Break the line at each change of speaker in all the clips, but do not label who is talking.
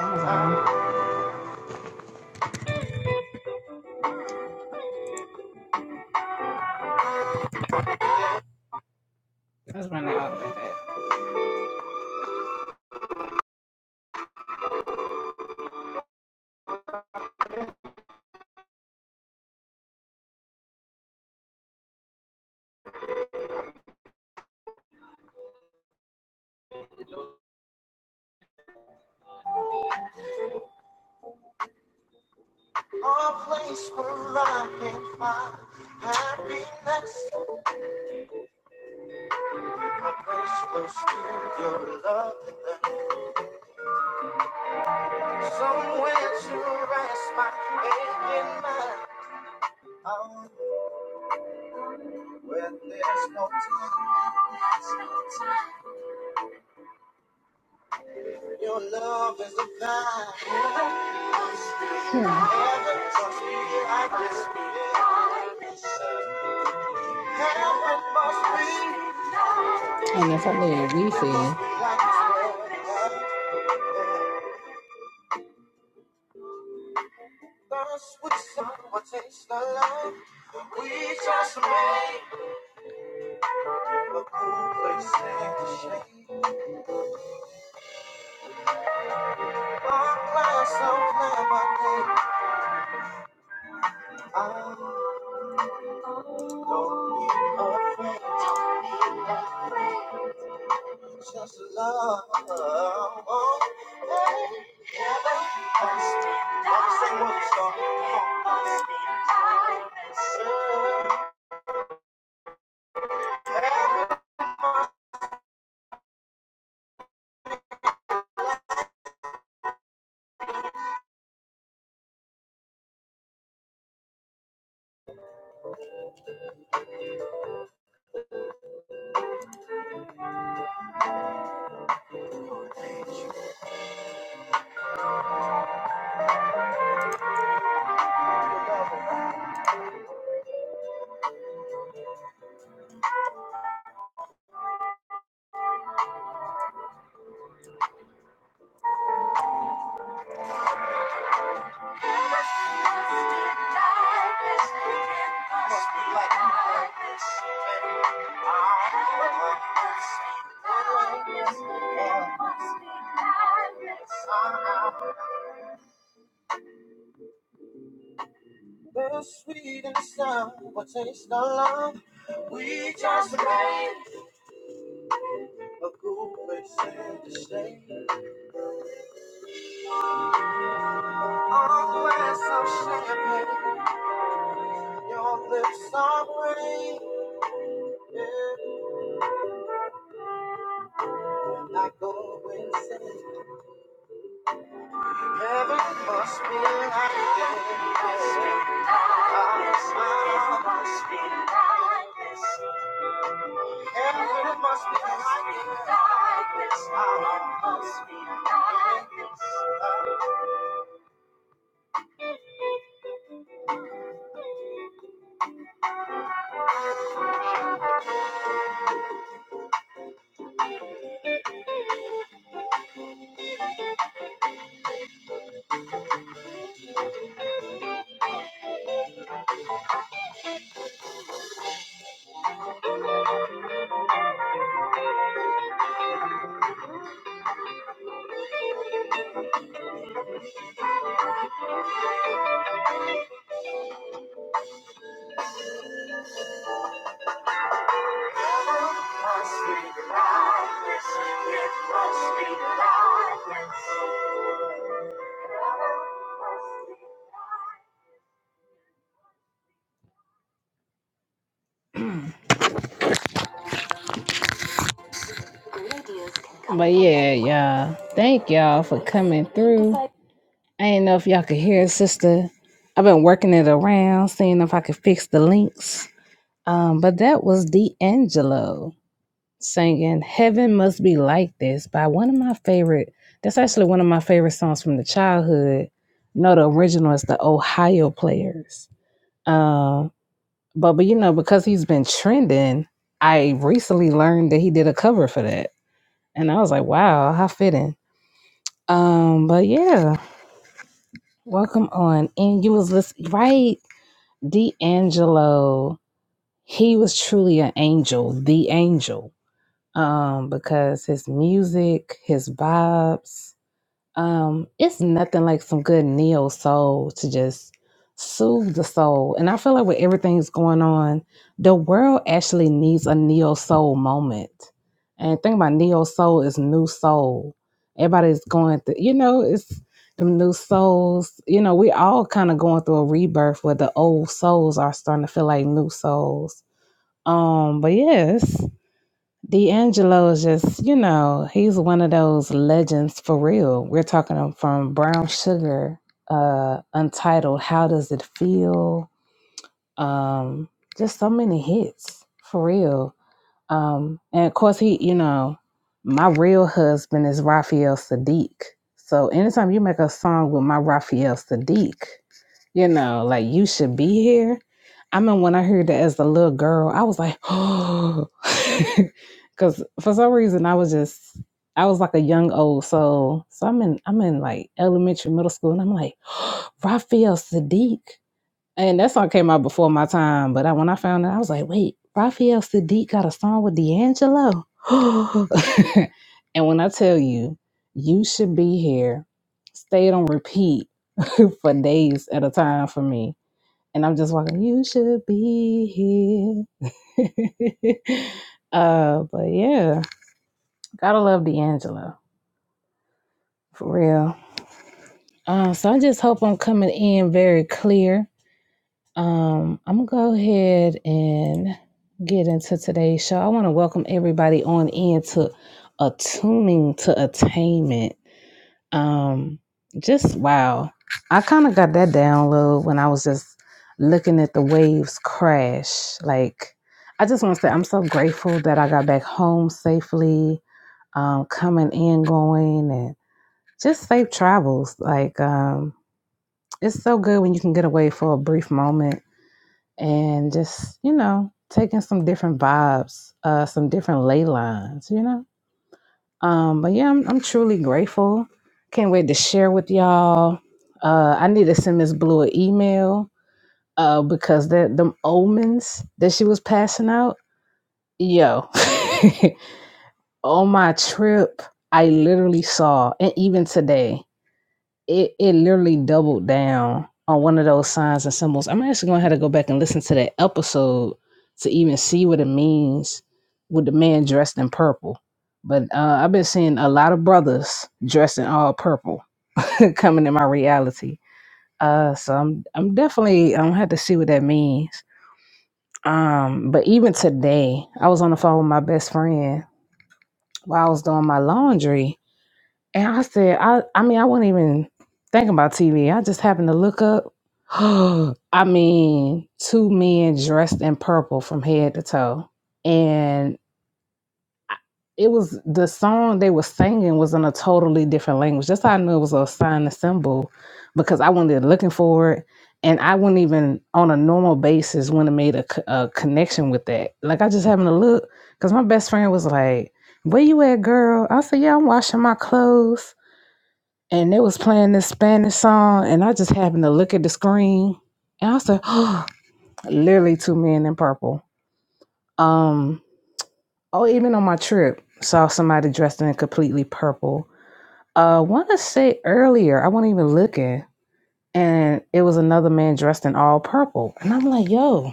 Um, that's when I opened it. Hmm. And it's a little refill. But yeah, y'all. Thank y'all for coming through. I didn't know if y'all could hear it, sister. I've been working it around, seeing if I could fix the links. Um, but that was D'Angelo singing Heaven Must Be Like This by one of my favorite that's actually one of my favorite songs from the childhood. No, the original is the Ohio Players. Um. But but you know, because he's been trending, I recently learned that he did a cover for that. And I was like, wow, how fitting. Um, but yeah, welcome on. And you was listening right, D'Angelo. He was truly an angel, the angel. Um, because his music, his vibes, Um, it's nothing like some good neo soul to just soothe the soul. And I feel like with everything that's going on, the world actually needs a neo soul moment. And think about neo soul is new soul. Everybody's going through, you know, it's them new souls. You know, we all kind of going through a rebirth where the old souls are starting to feel like new souls. Um, but yes. D'Angelo is just, you know, he's one of those legends for real. We're talking him from Brown Sugar, uh, Untitled, How Does It Feel? Um, just so many hits for real. Um, and of course, he, you know, my real husband is Raphael Sadiq. So anytime you make a song with my Raphael Sadiq, you know, like you should be here. I mean, when I heard that as a little girl, I was like, oh, because for some reason I was just, I was like a young old soul. So I'm in, I'm in like elementary, middle school, and I'm like, Raphael Sadiq. And that song came out before my time, but I, when I found out, I was like, wait, Raphael Sadiq got a song with D'Angelo. and when I tell you, you should be here, stayed on repeat for days at a time for me. And I'm just walking, you should be here. uh, but yeah, gotta love D'Angelo for real. Uh, so I just hope I'm coming in very clear Um, I'm gonna go ahead and get into today's show. I want to welcome everybody on in to attuning to attainment. Um, just wow, I kind of got that download when I was just looking at the waves crash. Like, I just want to say I'm so grateful that I got back home safely, um, coming and going, and just safe travels. Like, um, it's so good when you can get away for a brief moment and just you know taking some different vibes uh some different ley lines you know um but yeah i'm, I'm truly grateful can't wait to share with y'all uh i need to send miss blue an email uh because the them omens that she was passing out yo on my trip i literally saw and even today it it literally doubled down on one of those signs and symbols. I'm actually gonna have to go back and listen to that episode to even see what it means with the man dressed in purple. But uh, I've been seeing a lot of brothers dressed in all purple coming in my reality. Uh, so I'm I'm definitely I'm gonna have to see what that means. Um, but even today, I was on the phone with my best friend while I was doing my laundry, and I said, I, I mean, I wasn't even thinking about TV. I just happened to look up. I mean, two men dressed in purple from head to toe. And I- it was the song they were singing was in a totally different language. That's how I knew it was a sign and symbol because I wasn't even looking for it. And I wouldn't even on a normal basis wouldn't have made a, co- a connection with that. Like I just happened to look because my best friend was like, Where you at, girl? I said, Yeah, I'm washing my clothes and they was playing this Spanish song, and I just happened to look at the screen, and I said, "Oh, literally two men in purple." Um, oh, even on my trip, saw somebody dressed in completely purple. Uh, want to say earlier, I wasn't even looking, and it was another man dressed in all purple, and I'm like, "Yo."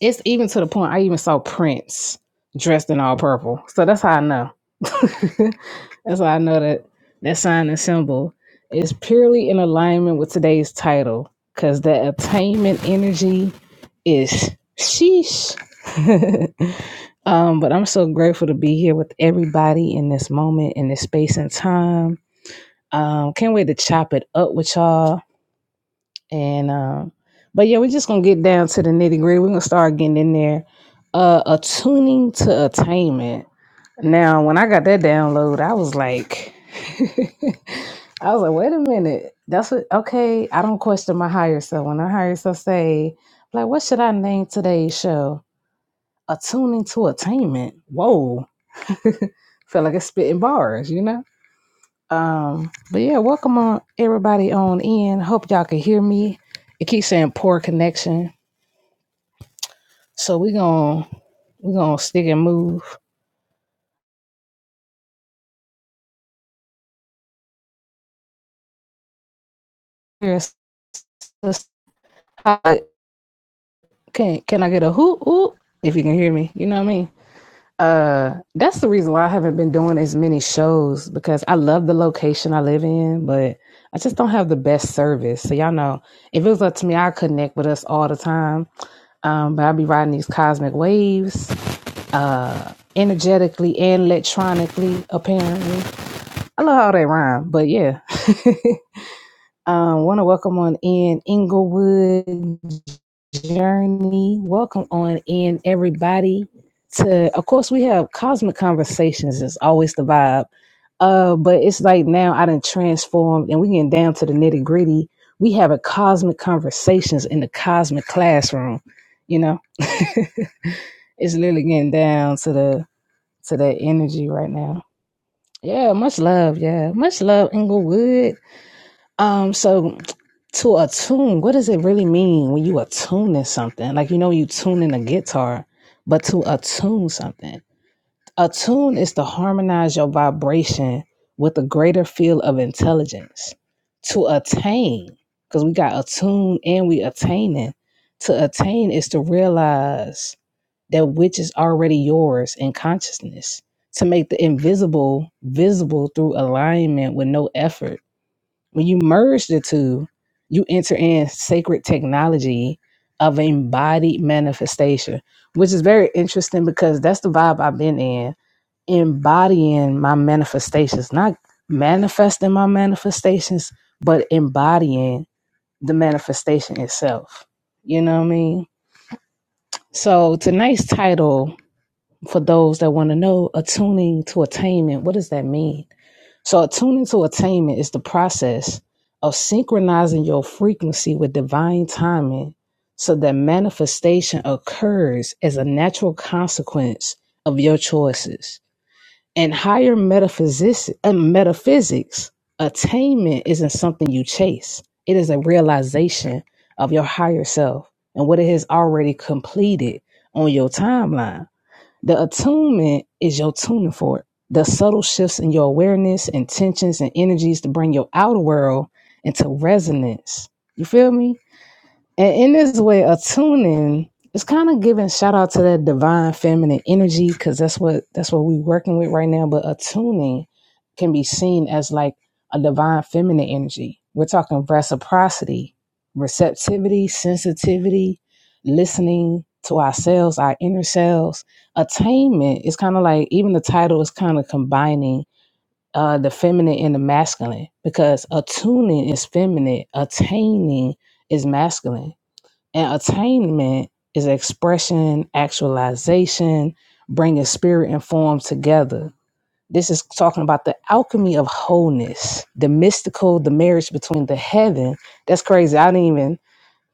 It's even to the point I even saw Prince dressed in all purple. So that's how I know. that's how I know that that sign and symbol is purely in alignment with today's title because that attainment energy is sheesh. um, but I'm so grateful to be here with everybody in this moment, in this space and time. Um, can't wait to chop it up with y'all. And uh, but yeah, we're just gonna get down to the nitty gritty. We're gonna start getting in there. Uh, attuning to attainment. Now, when I got that download, I was like, I was like, wait a minute. That's what okay. I don't question my higher self. When I higher self say, like, what should I name today's show? Attuning to attainment. Whoa, felt like it's spitting bars, you know. Um, but yeah, welcome on everybody on in. Hope y'all can hear me. It keeps saying poor connection, so we gonna we gonna stick and move. Here's this- I- Can can I get a hoot hoot if you can hear me? You know what I mean. Uh, that's the reason why I haven't been doing as many shows because I love the location I live in, but I just don't have the best service. So y'all know, if it was up to me, I connect with us all the time. Um, but I'll be riding these cosmic waves uh energetically and electronically apparently i love how they rhyme but yeah um want to welcome on in inglewood journey welcome on in everybody to of course we have cosmic conversations it's always the vibe uh but it's like now i done transformed and we getting down to the nitty gritty we have a cosmic conversations in the cosmic classroom you know it's literally getting down to the to that energy right now. Yeah, much love. Yeah, much love, Inglewood. Um, so to attune, what does it really mean when you attune to something? Like you know, you tune in a guitar, but to attune something, attune is to harmonize your vibration with a greater field of intelligence. To attain, because we got attune and we attaining. To attain is to realize that which is already yours in consciousness to make the invisible visible through alignment with no effort. When you merge the two, you enter in sacred technology of embodied manifestation, which is very interesting because that's the vibe I've been in embodying my manifestations, not manifesting my manifestations, but embodying the manifestation itself. You know what I mean? So tonight's title for those that want to know, attuning to attainment, what does that mean? So, attuning to attainment is the process of synchronizing your frequency with divine timing so that manifestation occurs as a natural consequence of your choices. In higher metaphysics, uh, metaphysics, attainment isn't something you chase, it is a realization of your higher self and what it has already completed on your timeline. The attunement is your tuning for it. The subtle shifts in your awareness, intentions, and energies to bring your outer world into resonance. You feel me? And in this way, attuning is kind of giving shout out to that divine feminine energy because that's what that's what we're working with right now. But attuning can be seen as like a divine feminine energy. We're talking reciprocity, receptivity, sensitivity, listening to ourselves, our inner selves. Attainment is kind of like even the title is kind of combining uh, the feminine and the masculine because attuning is feminine, attaining is masculine and attainment is expression, actualization, bringing spirit and form together. This is talking about the alchemy of wholeness, the mystical, the marriage between the heaven. That's crazy. I didn't even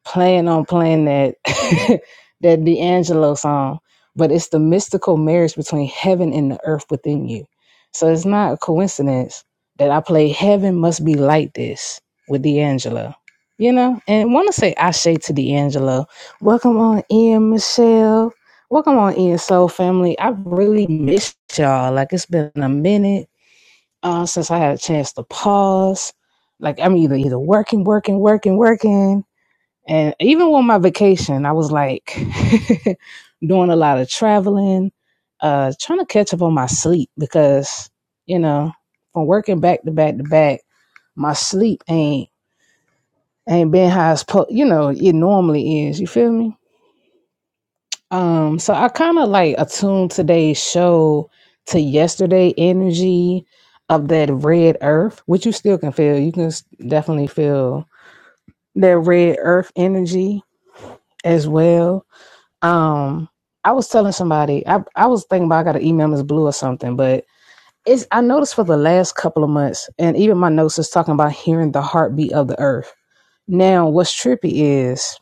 plan on playing that that D'Angelo song, but it's the mystical marriage between heaven and the earth within you. So it's not a coincidence that I play Heaven Must Be Like This with D'Angelo. You know, and want to say Ashe to D'Angelo. Welcome on in, Michelle. Welcome on in, Soul Family. I really missed y'all. Like it's been a minute uh, since I had a chance to pause. Like I'm either either working, working, working, working and even with my vacation, I was like doing a lot of traveling, uh, trying to catch up on my sleep because, you know, from working back to back to back, my sleep ain't ain't been how it's po- you know, it normally is. You feel me? Um, so I kinda like attuned today's show to yesterday energy of that red earth, which you still can feel. You can s- definitely feel that red earth energy as well Um, I was telling somebody, I, I was thinking about I got to email Miss Blue or something, but it's I noticed for the last couple of months, and even my notes is talking about hearing the heartbeat of the earth. Now, what's trippy is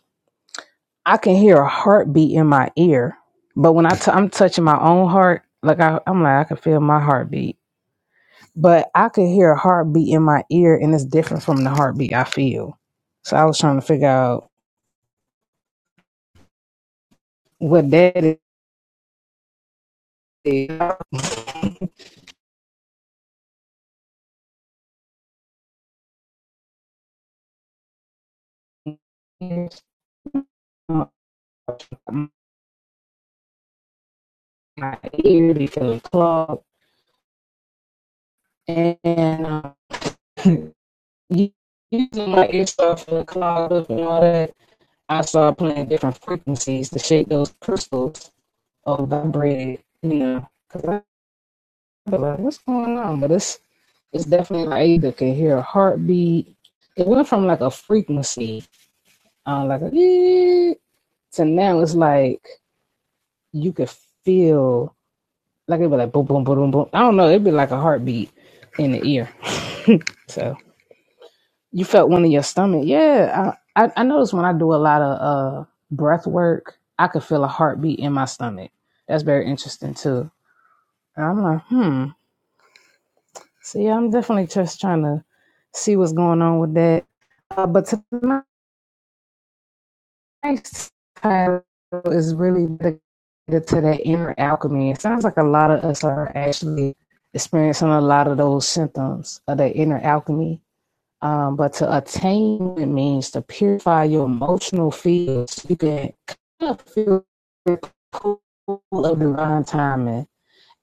I can hear a heartbeat in my ear, but when I t- I'm touching my own heart, like I, I'm like I can feel my heartbeat, but I could hear a heartbeat in my ear, and it's different from the heartbeat I feel. So I was trying to figure out what that is. my ear because it clogged. And uh, using my ear for the clogged up and all that, I started playing different frequencies to shake those crystals or vibrated, you know. Because I was like, what's going on? But it's, it's definitely like I either can hear a heartbeat. It went from like a frequency, uh, like a ee, to now it's like you could feel like it'd be like boom, boom, boom, boom, boom. I don't know. It'd be like a heartbeat in the ear. so. You felt one in your stomach. Yeah, I, I I notice when I do a lot of uh breath work, I could feel a heartbeat in my stomach. That's very interesting too. And I'm like, hmm. So yeah, I'm definitely just trying to see what's going on with that. Uh, but tonight's title is really dedicated to that inner alchemy. It sounds like a lot of us are actually experiencing a lot of those symptoms of that inner alchemy Um, but to attain it means to purify your emotional fields. You can kind of feel the pull of divine timing.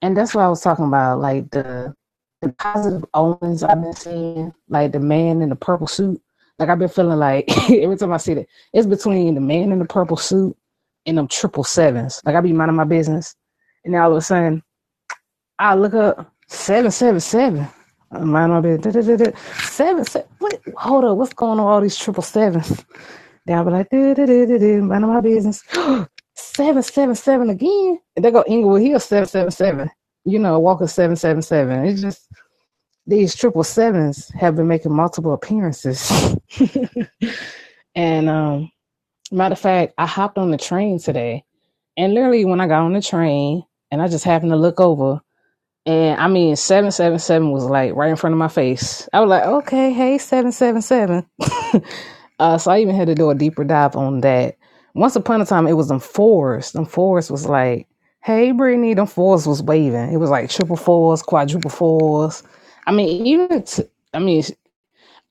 And that's what I was talking about, like the the positive omens I've been seeing, like the man in the purple suit. Like I've been feeling like every time I see that, it's between the man in the purple suit and them triple sevens. Like I be minding my business. And now all of a sudden I look up seven seven seven. I'm lying on bed. Seven seven. Wait, hold up. What's going on? with All these triple sevens. Then I'll be like, duh, duh, duh, duh, duh, minding my business. seven seven seven again. And they go Inglewood Hill seven seven seven. You know, Walker seven seven seven. It's just these triple sevens have been making multiple appearances. and um, matter of fact, I hopped on the train today, and literally when I got on the train, and I just happened to look over. And I mean, 777 was like right in front of my face. I was like, okay, hey, 777. uh, so I even had to do a deeper dive on that. Once upon a time, it was them fours. Them fours was like, hey, Brittany, them fours was waving. It was like triple fours, quadruple fours. I mean, even, t- I mean,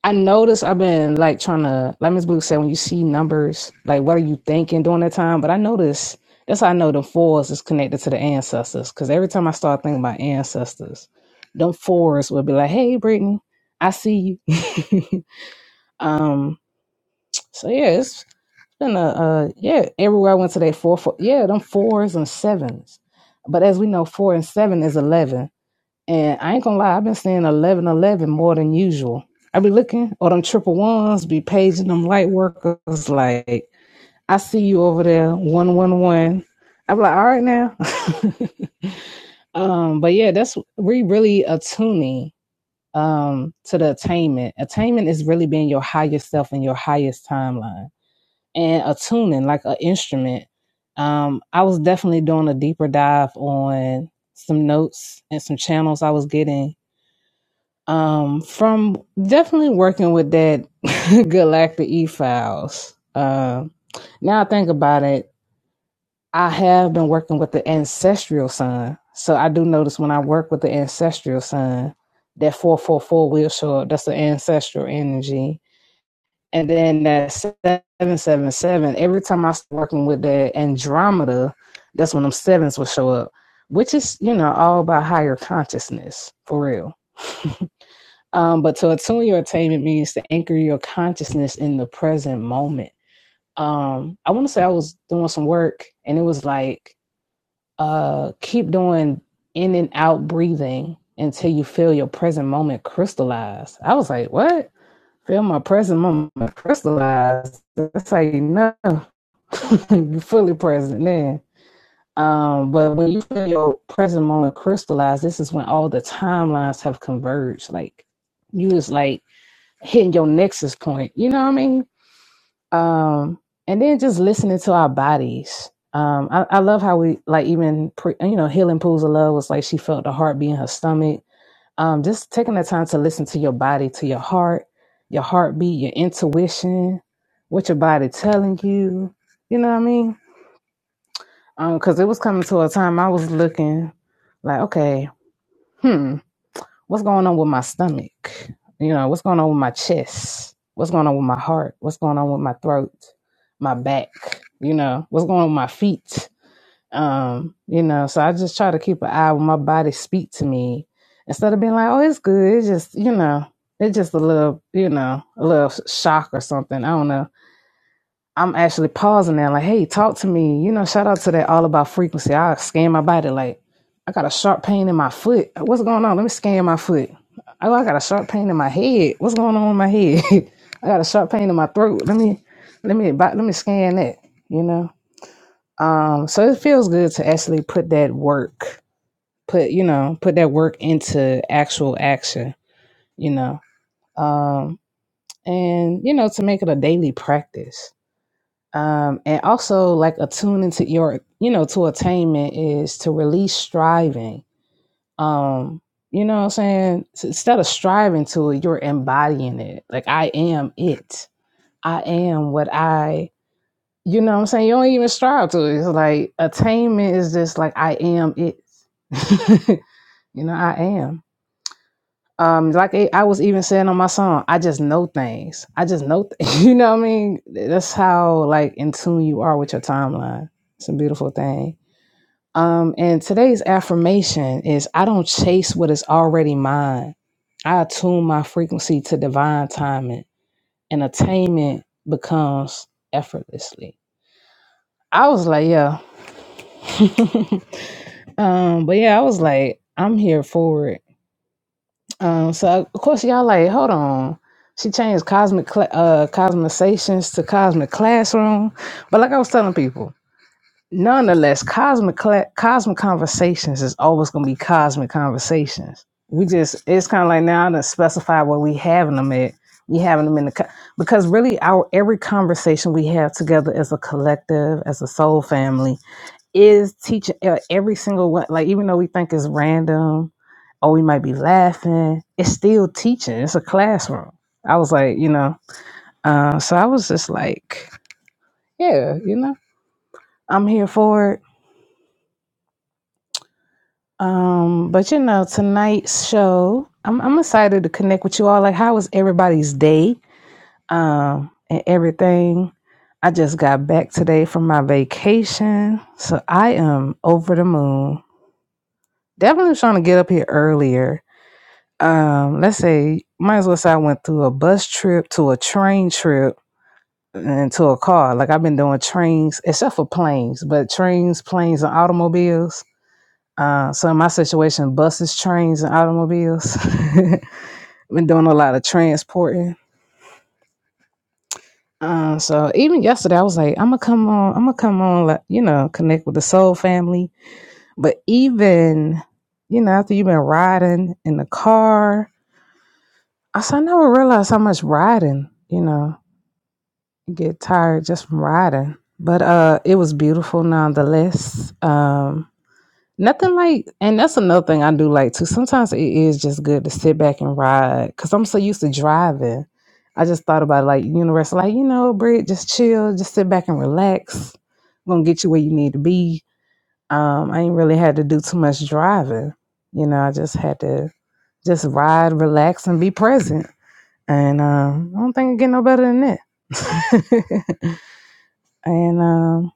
I noticed I've been like trying to, like Miss Blue said, when you see numbers, like what are you thinking during that time? But I noticed that's how I know the fours is connected to the ancestors. Cause every time I start thinking about ancestors, them fours will be like, hey, Brittany, I see you. um, so yeah, it's been a, uh, yeah, everywhere I went today, four, four, yeah, them fours and sevens. But as we know, four and seven is 11. And I ain't gonna lie, I've been seeing eleven eleven more than usual. I be looking or them triple ones, be paging them light workers like, I see you over there, one one one. I be like, all right now. um, but yeah, that's we really attuning um to the attainment. Attainment is really being your highest self in your highest timeline. And attuning like an instrument. Um, I was definitely doing a deeper dive on some notes and some channels I was getting um, from definitely working with that Galacta E files. Um, now I think about it, I have been working with the ancestral sun. So I do notice when I work with the ancestral sun, that four four four will show up. That's the ancestral energy. And then that seven seven seven. Every time I start working with that Andromeda, that's when them sevens will show up, which is you know all about higher consciousness for real. Um, but to attune your attainment means to anchor your consciousness in the present moment. Um, I want to say I was doing some work and it was like, uh, keep doing in and out breathing until you feel your present moment crystallize. I was like, what? Feel my present moment crystallize. That's how you know you're fully present then. Um, but when you feel your present moment crystallized, this is when all the timelines have converged. Like you just like hitting your nexus point. You know what I mean? Um, and then just listening to our bodies. Um, I, I love how we like even pre, you know healing pools of love was like she felt the heartbeat in her stomach. Um, just taking the time to listen to your body, to your heart, your heartbeat, your intuition, what your body telling you. You know what I mean? Because it was coming to a time I was looking like, okay, hmm. what's going on with my stomach? You know, what's going on with my chest? What's going on with my heart? What's going on with my throat? My back? You know, what's going on with my feet? Um, you know, so I just try to keep an eye when my body speak to me instead of being like, oh, it's good. It's just, you know, it's just a little, you know, a little shock or something. I don't know I'm actually pausing now, like, hey, talk to me. You know, shout out to that all about frequency. I scan my body, like, I got a sharp pain in my foot. What's going on? Let me scan my foot. Oh, I got a sharp pain in my head. What's going on in my head? I got a sharp pain in my throat. Let me, let me, let me scan that. You know, um, so it feels good to actually put that work, put you know, put that work into actual action. You know, um, and you know, to make it a daily practice um, and also like attuning to your you know to attainment is to release striving um you know what i'm saying S- instead of striving to it you're embodying it like i am it i am what i you know what i'm saying you don't even strive to it it's like attainment is just like i am it you know i am um, like I I was even saying on my song, I just know things. I just know, th- you know what I mean? That's how like in tune you are with your timeline. It's a beautiful thing. Um, and today's affirmation is I don't chase what is already mine. I attune my frequency to divine timing and attainment becomes effortlessly. I was like, yeah. um, but yeah, I was like, I'm here for it Um, so of course y'all like, hold on. She changed cosmic cla uh cosmizations to cosmic classroom. But like I was telling people, nonetheless, cosmic cla- cosmic conversations is always gonna be cosmic conversations. We just it's kind of like now to specify where we having them at. We having them in the co- because really our every conversation we have together as a collective, as a soul family, is teaching uh, every single one. Like even though we think it's random, or we might be laughing, it's still teaching. It's a classroom. I was like, you know, uh, so I was just like, yeah, you know, I'm here for it. Um, but you know, tonight's show, I'm I'm excited to connect with you all. Like, how was everybody's day? Um, and everything. I just got back today from my vacation, so I am over the moon. Definitely was trying to get up here earlier um, let's say, might as well say I went through a bus trip to a train trip and to a car. Like I've been doing trains, except for planes, but trains, planes, and automobiles. Uh, so in my situation, buses, trains, and automobiles. been doing a lot of transporting. Um, so even yesterday, I was like, I'm gonna come on, I'm gonna come on, like, you know, connect with the soul family. But even, you know, after you've been riding in the car, I said, I never realized how much riding, you know. get tired just from riding. But uh it was beautiful nonetheless. Um nothing like and that's another thing I do like too. Sometimes it is just good to sit back and ride cuz I'm so used to driving. I just thought about like universal like you know, Britt, just chill, just sit back and relax. I'm going to get you where you need to be. Um I ain't really had to do too much driving. You know, I just had to just ride, relax and be present. And um I don't think I get no better than that. And um,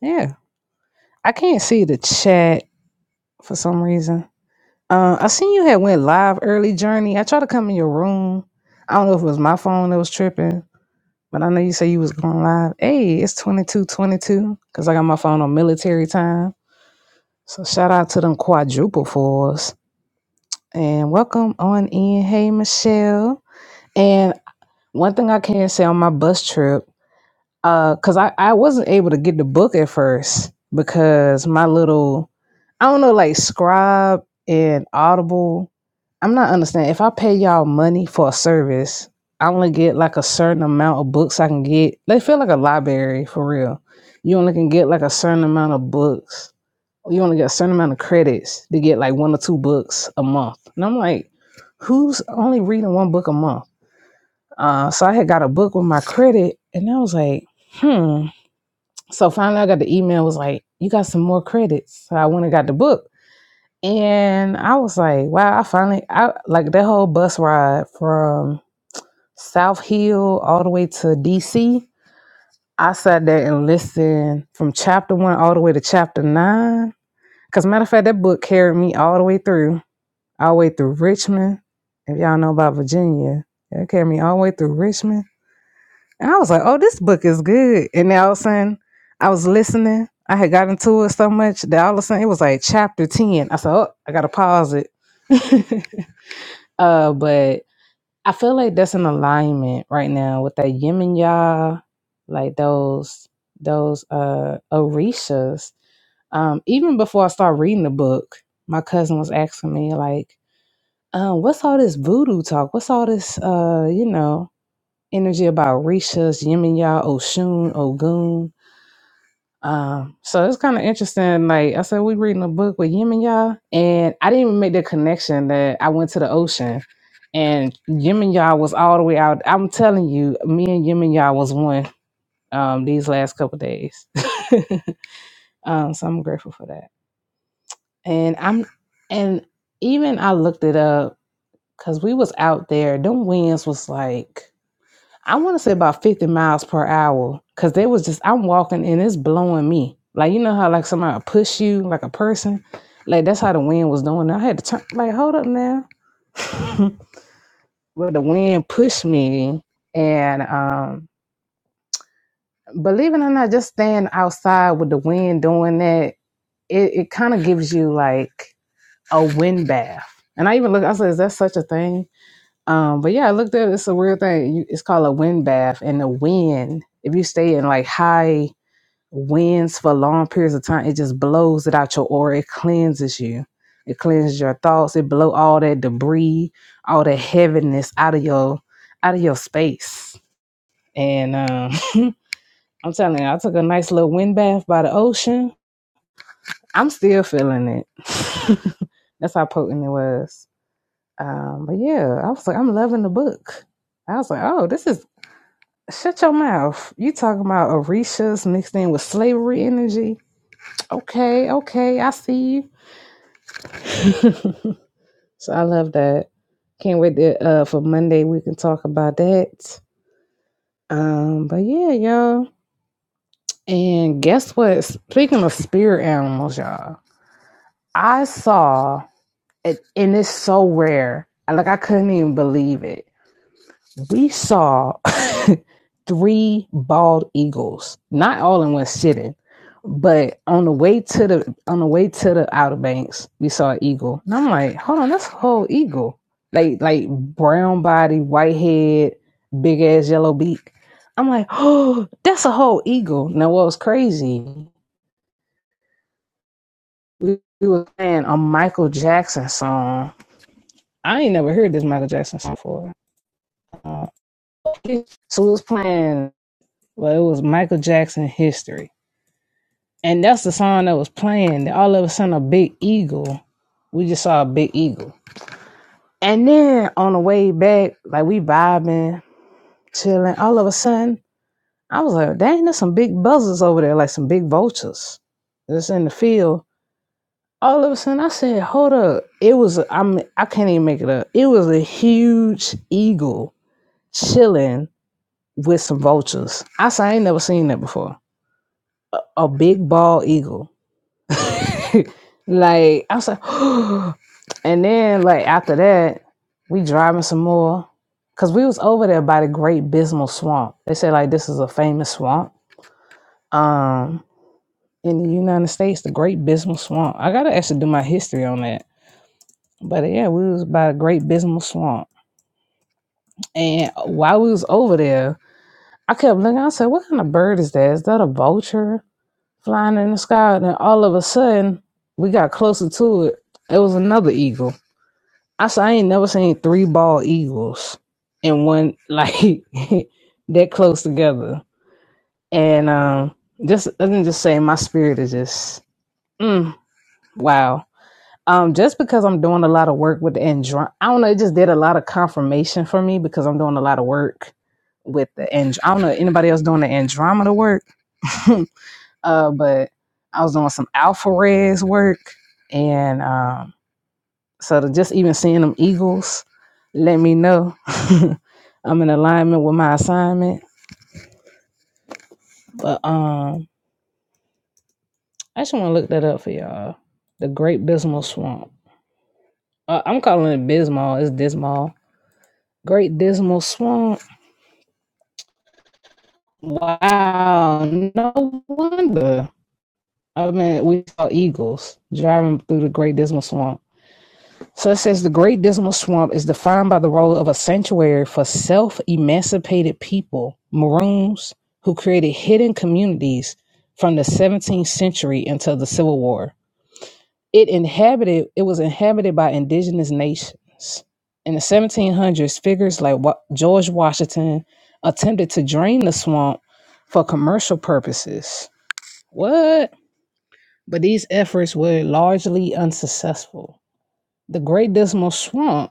yeah, I can't see the chat for some reason. Uh, I seen you had went live early, Journey. I tried to come in your room. I don't know if it was my phone that was tripping, but I know you say you was going live. Hey, it's twenty two twenty two because I got my phone on military time. So shout out to them quadruple fours and welcome on in. Hey, Michelle. And one thing I can say on my bus trip. because I, I wasn't able to get the book at first because my little I don't know like Scribe and Audible. I'm not understanding. If I pay y'all money for a service, I only get like a certain amount of books I can get. They feel like a library for real. You only can get like a certain amount of books. You only get a certain amount of credits to get like one or two books a month. And I'm like, who's only reading one book a month? Uh, so I had got a book with my credit, and I was like, hmm. So finally, I got the email. Was like, you got some more credits. So I went and got the book, and I was like, wow! I finally, I like that whole bus ride from South Hill all the way to DC. I sat there and listened from chapter one all the way to chapter nine. Cause matter of fact, that book carried me all the way through, all the way through Richmond. If y'all know about Virginia, it carried me all the way through Richmond And I was like, oh, this book is good. And then all of a sudden, I was listening. I had gotten to it so much that all of a sudden it was like chapter 10. I said, oh, I got to pause it. uh, but I feel like that's in alignment right now with that Yemen and Yah, like those, those uh, Orishas. Um, even before I started reading the book, my cousin was asking me, like, um, what's all this voodoo talk? What's all this, uh, you know? energy about Rishas, Yemiya, Oshun, Ogun. Um, so it's kind of interesting. Like I said, we reading a book with Yemiya, and I didn't even make the connection that I went to the ocean, and Yemiya was all the way out. I'm telling you, me and Yemiya was one um, these last couple days. um, so I'm grateful for that. And I'm and even I looked it up because we was out there. Them winds was like I want to say about 50 miles per hour because they was just, I'm walking and it's blowing me. Like, you know how like somebody will push you like a person? Like, that's how the wind was doing. I had to turn, like, hold up now. but the wind pushed me. And um, believe it or not, just staying outside with the wind doing that, it, it kind of gives you like a wind bath. And I even look, I said, is that such a thing? Um, but yeah, I looked at It's a weird thing. You, it's called a wind bath, and the wind, if you stay in like high winds for long periods of time, it just blows it out your aura. It cleanses you. It cleanses your thoughts. It blow all that debris, all that heaviness out of your out of your space. And um, I'm telling you, I took a nice little wind bath by the ocean. I'm still feeling it. That's how potent it was. Um, but yeah, I was like, I'm loving the book. I was like, oh, this is Shut your mouth. You talking about Orishas mixed in with slavery energy? Okay, okay, I see you. so I love that. Can't wait to, uh, for Monday. We can talk about that. Um, but yeah, y'all. And guess what? Speaking of spirit animals, y'all, I saw it, and it's so rare. Like I couldn't even believe it. We saw three bald eagles, not all in one sitting, but on the way to the on the way to the Outer Banks, we saw an eagle. And I'm like, hold on, that's a whole eagle. Like like brown body, white head, big ass yellow beak. I'm like, oh, that's a whole eagle. Now what was crazy? We, we were playing a Michael Jackson song. I ain't never heard this Michael Jackson song before. Uh, so we was playing Well, it was Michael Jackson history. And that's the song that was playing. All of a sudden, a big eagle. We just saw a big eagle. And then on the way back, like we vibing, chilling. All of a sudden, I was like, dang, there's some big buzzers over there, like some big vultures that's in the field. All of a sudden, I said, hold up. It was, a, I'm, I can't even make it up. It was a huge eagle chilling with some vultures. I said, I ain't never seen that before. A big bald eagle like I was like, and then like after that, we driving some more because we was over there by the Great Bismal Swamp. They said like this is a famous swamp um in the United States, the Great Bismal Swamp. I gotta actually do my history on that. But yeah, we was by the Great Bismal Swamp, and while we was over there, I kept looking. I said, "What kind of bird is that? Is that a vulture flying in the sky?" And then all of a sudden, we got closer to it. It was another eagle. I said I ain't never seen three bald eagles in one like that close together. And um just let me just say my spirit is just mm, wow. Um just because I'm doing a lot of work with the andro I don't know, it just did a lot of confirmation for me because I'm doing a lot of work with the and I don't know anybody else doing the Andromeda work. uh but I was doing some alpha res work and um, so to just even seeing them Eagles, let me know I'm in alignment with my assignment. But um, I just want to look that up for y'all. The Great Dismal Swamp. Uh, I'm calling it Bismal. It's Dismal. Great Dismal Swamp. Wow, no wonder. I mean, we saw eagles driving through the Great Dismal Swamp. So it says the Great Dismal Swamp is defined by the role of a sanctuary for self emancipated people, Maroons, who created hidden communities from the 17th century until the Civil War. It inhabited. It was inhabited by indigenous nations. In the 1700s, figures like Wa- George Washington attempted to drain the swamp for commercial purposes. What? But these efforts were largely unsuccessful. The Great Dismal Swamp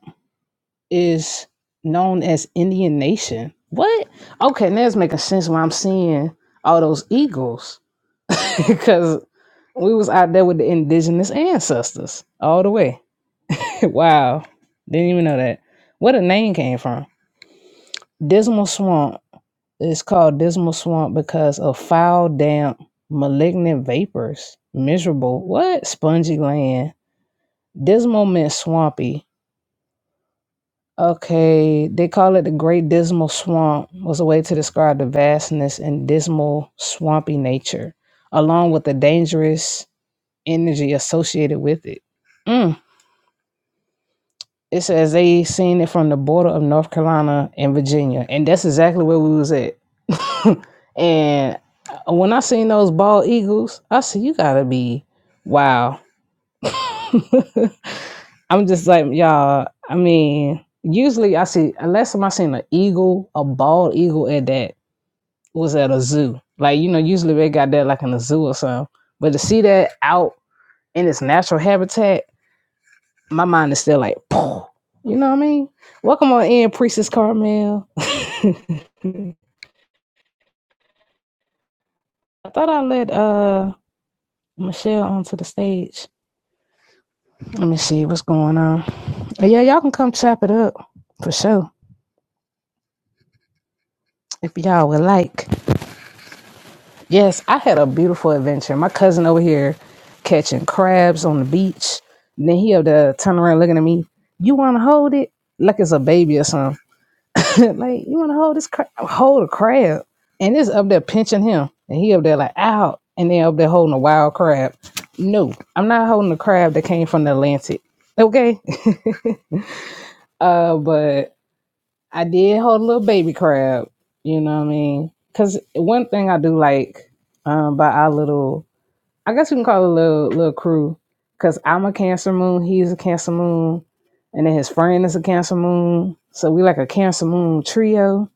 is known as Indian Nation. What? Okay, now it's making sense why I'm seeing all those eagles because we was out there with the indigenous ancestors all the way. wow, didn't even know that. Where the name came from? Dismal Swamp. It's called Dismal Swamp because of foul, damp, malignant vapors. Miserable. What? Spongy land. Dismal meant swampy, Okay, they call it the Great Dismal Swamp, was a way to describe the vastness and dismal, swampy nature, along with the dangerous energy associated with it. Mm. It says they seen it from the border of North Carolina and Virginia, and that's exactly where we was at. and when I seen those bald eagles, I said, "You gotta be wow." I'm just like y'all. I mean, usually I see last time I seen an eagle, a bald eagle at that was at a zoo. Like you know, usually they got that like in a zoo or something. But to see that out in its natural habitat, my mind is still like, Poof. you know what I mean? Welcome on in, Priestess Carmel. I thought I let uh Michelle onto the stage. Let me see what's going on. Uh, Yeah, y'all can come chop it up for sure if y'all would like. Yes, I had a beautiful adventure. My cousin over here catching crabs on the beach. And then he over there turn around looking at me. You want to hold it like it's a baby or something. like you want to hold this crab, hold a crab, and it's up there pinching him, and he up there like out, and then up there holding a wild crab. No, I'm not holding a crab that came from the Atlantic. Okay, uh, but I did hold a little baby crab. You know what I mean? Because one thing I do like um, by our little I guess we can call it a little little crew because I'm a Cancer Moon, he's a Cancer Moon, and then his friend is a Cancer Moon. So we like a Cancer Moon trio.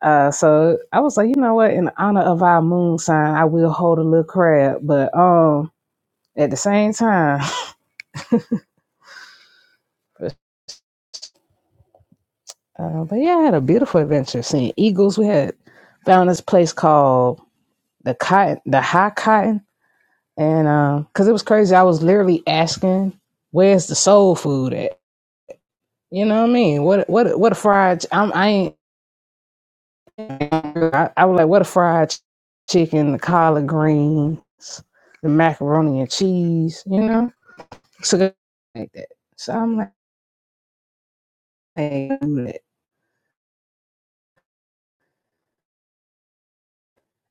Uh, so I was like, you know what? In honor of our moon sign, I will hold a little crab, but um, at the same time, uh, but yeah, I had a beautiful adventure seeing eagles. We had found this place called the cotton, the high cotton, and because it was crazy, I was literally asking, "Where's the soul food at?" You know what I mean? What what what a fried? ch- I'm, I ain't. I, I was like, what a fried ch- chicken, the collard greens, the macaroni and cheese. You know, so good like that. So I'm like, hey, do that.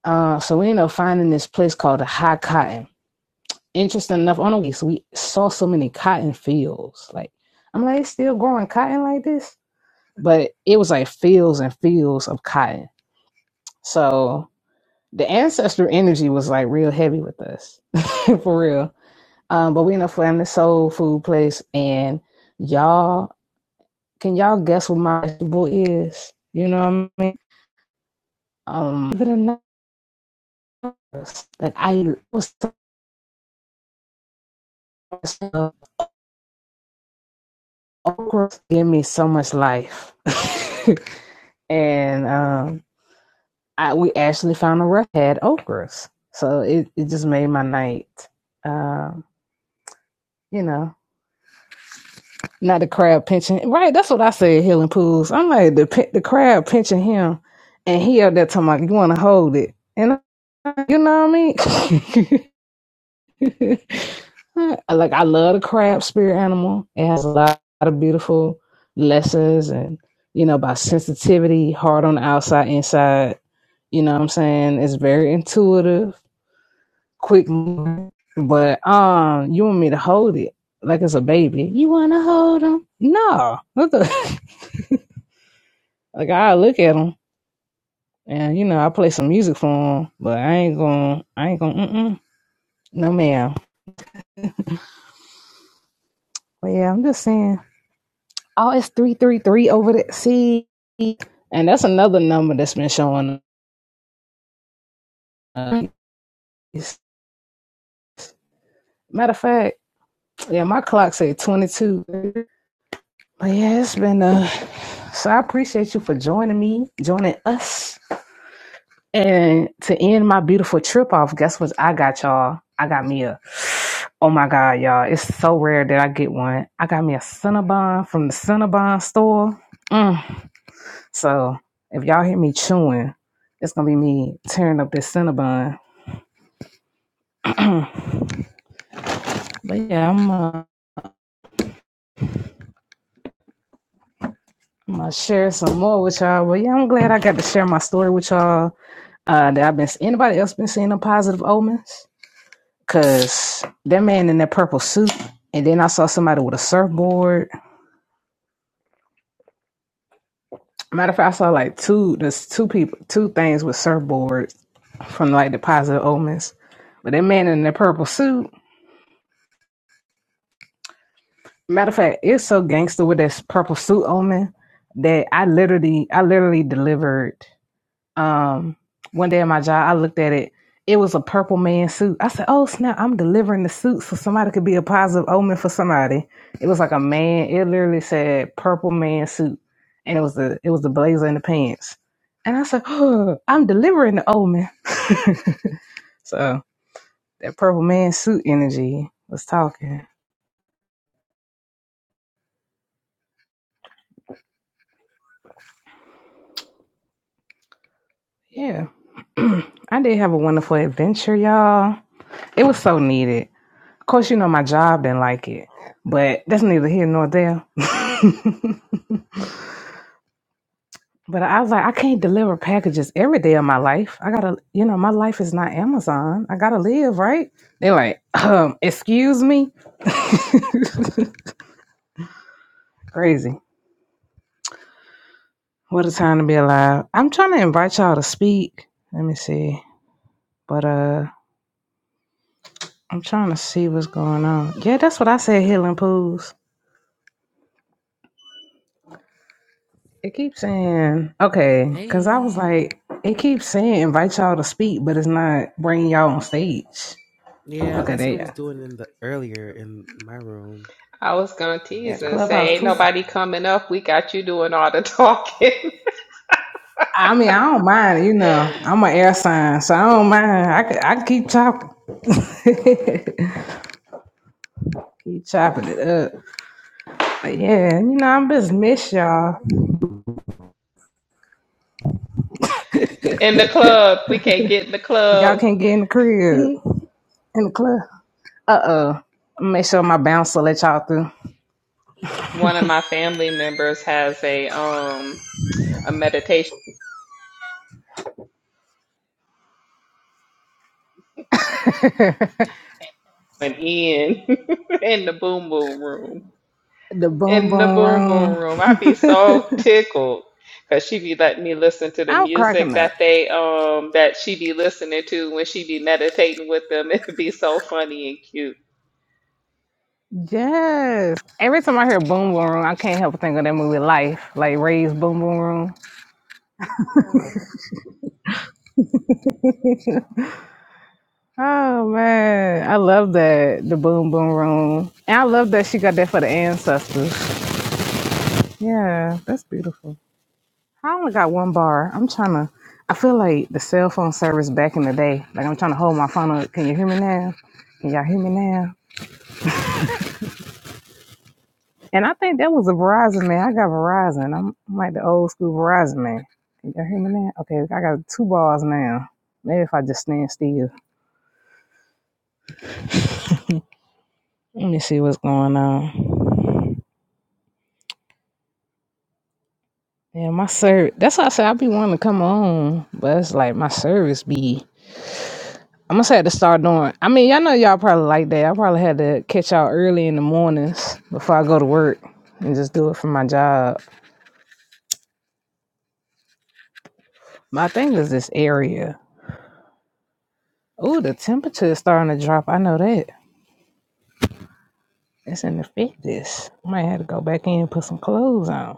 Uh, so we end up finding this place called the High Cotton. Interesting enough, on the way, so we saw so many cotton fields. Like, I'm like, it's still growing cotton like this, but it was like fields and fields of cotton. So the ancestor energy was like real heavy with us for real um but we in a family soul food place and y'all can y'all guess what my vegetable is you know what i mean um believe it or like i was so okra gave me so much life and um i we actually found a restaurant that had okras so it, it just made my night um you know Not the crab pinching. Right, that's what I said, healing pools. I'm like, the pi- the crab pinching him, and he out there talking like, you want to hold it. And I, you know what I mean? like, I love the crab spirit animal. It has a lot of beautiful lessons and, you know, about sensitivity, hard on the outside, inside. You know what I'm saying? It's very intuitive, quick moving. But um, you want me to hold it like it's a baby. You want to hold him? No. What the? Like I look at them, and you know I play some music for them, but I ain't gonna, I ain't gonna, mm-mm. no ma'am. But yeah, I'm just saying. Oh, it's three three three over the sea, and that's another number that's been showing. Uh, it's- matter of fact, yeah, my clock say twenty two. But yeah, it's been uh. So I appreciate you for joining me, joining us And to end my beautiful trip off, guess what I got, y'all? I got me a, oh my God, y'all. It's so rare that I get one. I got me a Cinnabon from the Cinnabon store. Mm. So if y'all hear me chewing, it's going to be me tearing up this Cinnabon. but yeah, I'm going to share some more with y'all. But yeah, I'm glad I got to share my story with y'all. Uh, that I've been, anybody else been seeing the positive omens? Cause that man in that purple suit, and then I saw somebody with a surfboard. Matter of fact, I saw like two, there's two people, two things with surfboards from like the positive omens. But that man in that purple suit, matter of fact, it's so gangster with that purple suit omen that I literally, I literally delivered. um one day at my job i looked at it it was a purple man suit i said oh snap i'm delivering the suit so somebody could be a positive omen for somebody it was like a man it literally said purple man suit and it was the it was the blazer and the pants and i said oh, i'm delivering the omen so that purple man suit energy was talking yeah i did have a wonderful adventure y'all it was so needed Of course, you know my job didn't like it, but that's neither here nor there. but I was like, I can't deliver packages every day of my life. I gotta, you know, my life is not Amazon. I gotta live, right? They're like, um, excuse me. Crazy. What a time to be alive. I'm trying to invite y'all to speak. Let me see. But uh I'm trying to see what's going on. Yeah, that's what I said, Healing Pools. It keeps saying, okay, because I was
Hey.
like, it keeps saying invite y'all to speak, but it's not bringing y'all on stage.
Yeah,
Okay,
that's
there
what it
you go.
was doing in the earlier in my room.
I was gonna
It was
Yeah,
tease and
doing that.
say,
Clubhouse
ain't
tweaking.
So
nobody coming up. We got you doing all the talking
I mean, I don't mind, you know, I'm an air sign, so I don't mind. I could, I could keep chopping. keep chopping it up. But yeah, you know, I'm just miss y'all.
in the club. We can't get in the
Y'all
club.
can't get in the crib, in the club. Uh oh. Make sure my bouncer let y'all through.
One of my family members has a um a meditation in in the boom boom room.
the boom
In the
boom
boom boom
room.
room, I'd be so tickled because she be letting me listen to the
I'm
music
cracking up.
that they um that she be listening to when she be meditating with them. It'd be so funny and cute.
Yes. Every time I hear Boom Boom Room, I can't help but think of that movie Life, like Ray's Boom Boom Room. Oh man, I love that the Boom Boom Room, and I love that she got that for the ancestors. Yeah, that's beautiful. I only got one bar. I'm trying to. I feel like the cell phone service back in the day. Like I'm trying to hold my phone up. Can you hear me now? Can y'all hear me now? And I think that was a Verizon man. I got Verizon. I'm, I'm like the old school Verizon man. Can you hear me now? Okay, I got two balls now. Maybe if I just stand still. Let me see what's going on. Yeah, my service. That's why I say I be wanting to come on, but it's like my service be. I must have to start doing. I mean, y'all know y'all probably like that. I probably had to catch y'all early in the mornings before I go to work and just do it for my job. My thing is this area. Ooh, the temperature is starting to drop. I know that. It's in the fitness. Might have to go back in and put some clothes on.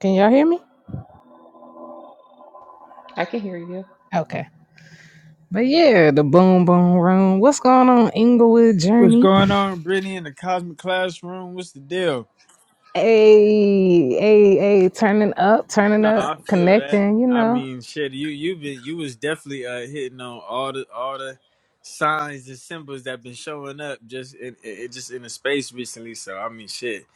Can y'all hear me?
I can hear you.
Okay. But yeah, the boom boom room. What's going on, Inglewood
What's
Journey?
going on, Brittany, in the cosmic classroom? What's the deal?
Hey, hey, hey, turning up, turning
Nah,
up,
I feel that.
connecting, you
I
know.
mean, shit, you you been you was definitely uh, hitting on all the all the signs and symbols that been showing up just in it it- just in the space recently. So I mean, shit,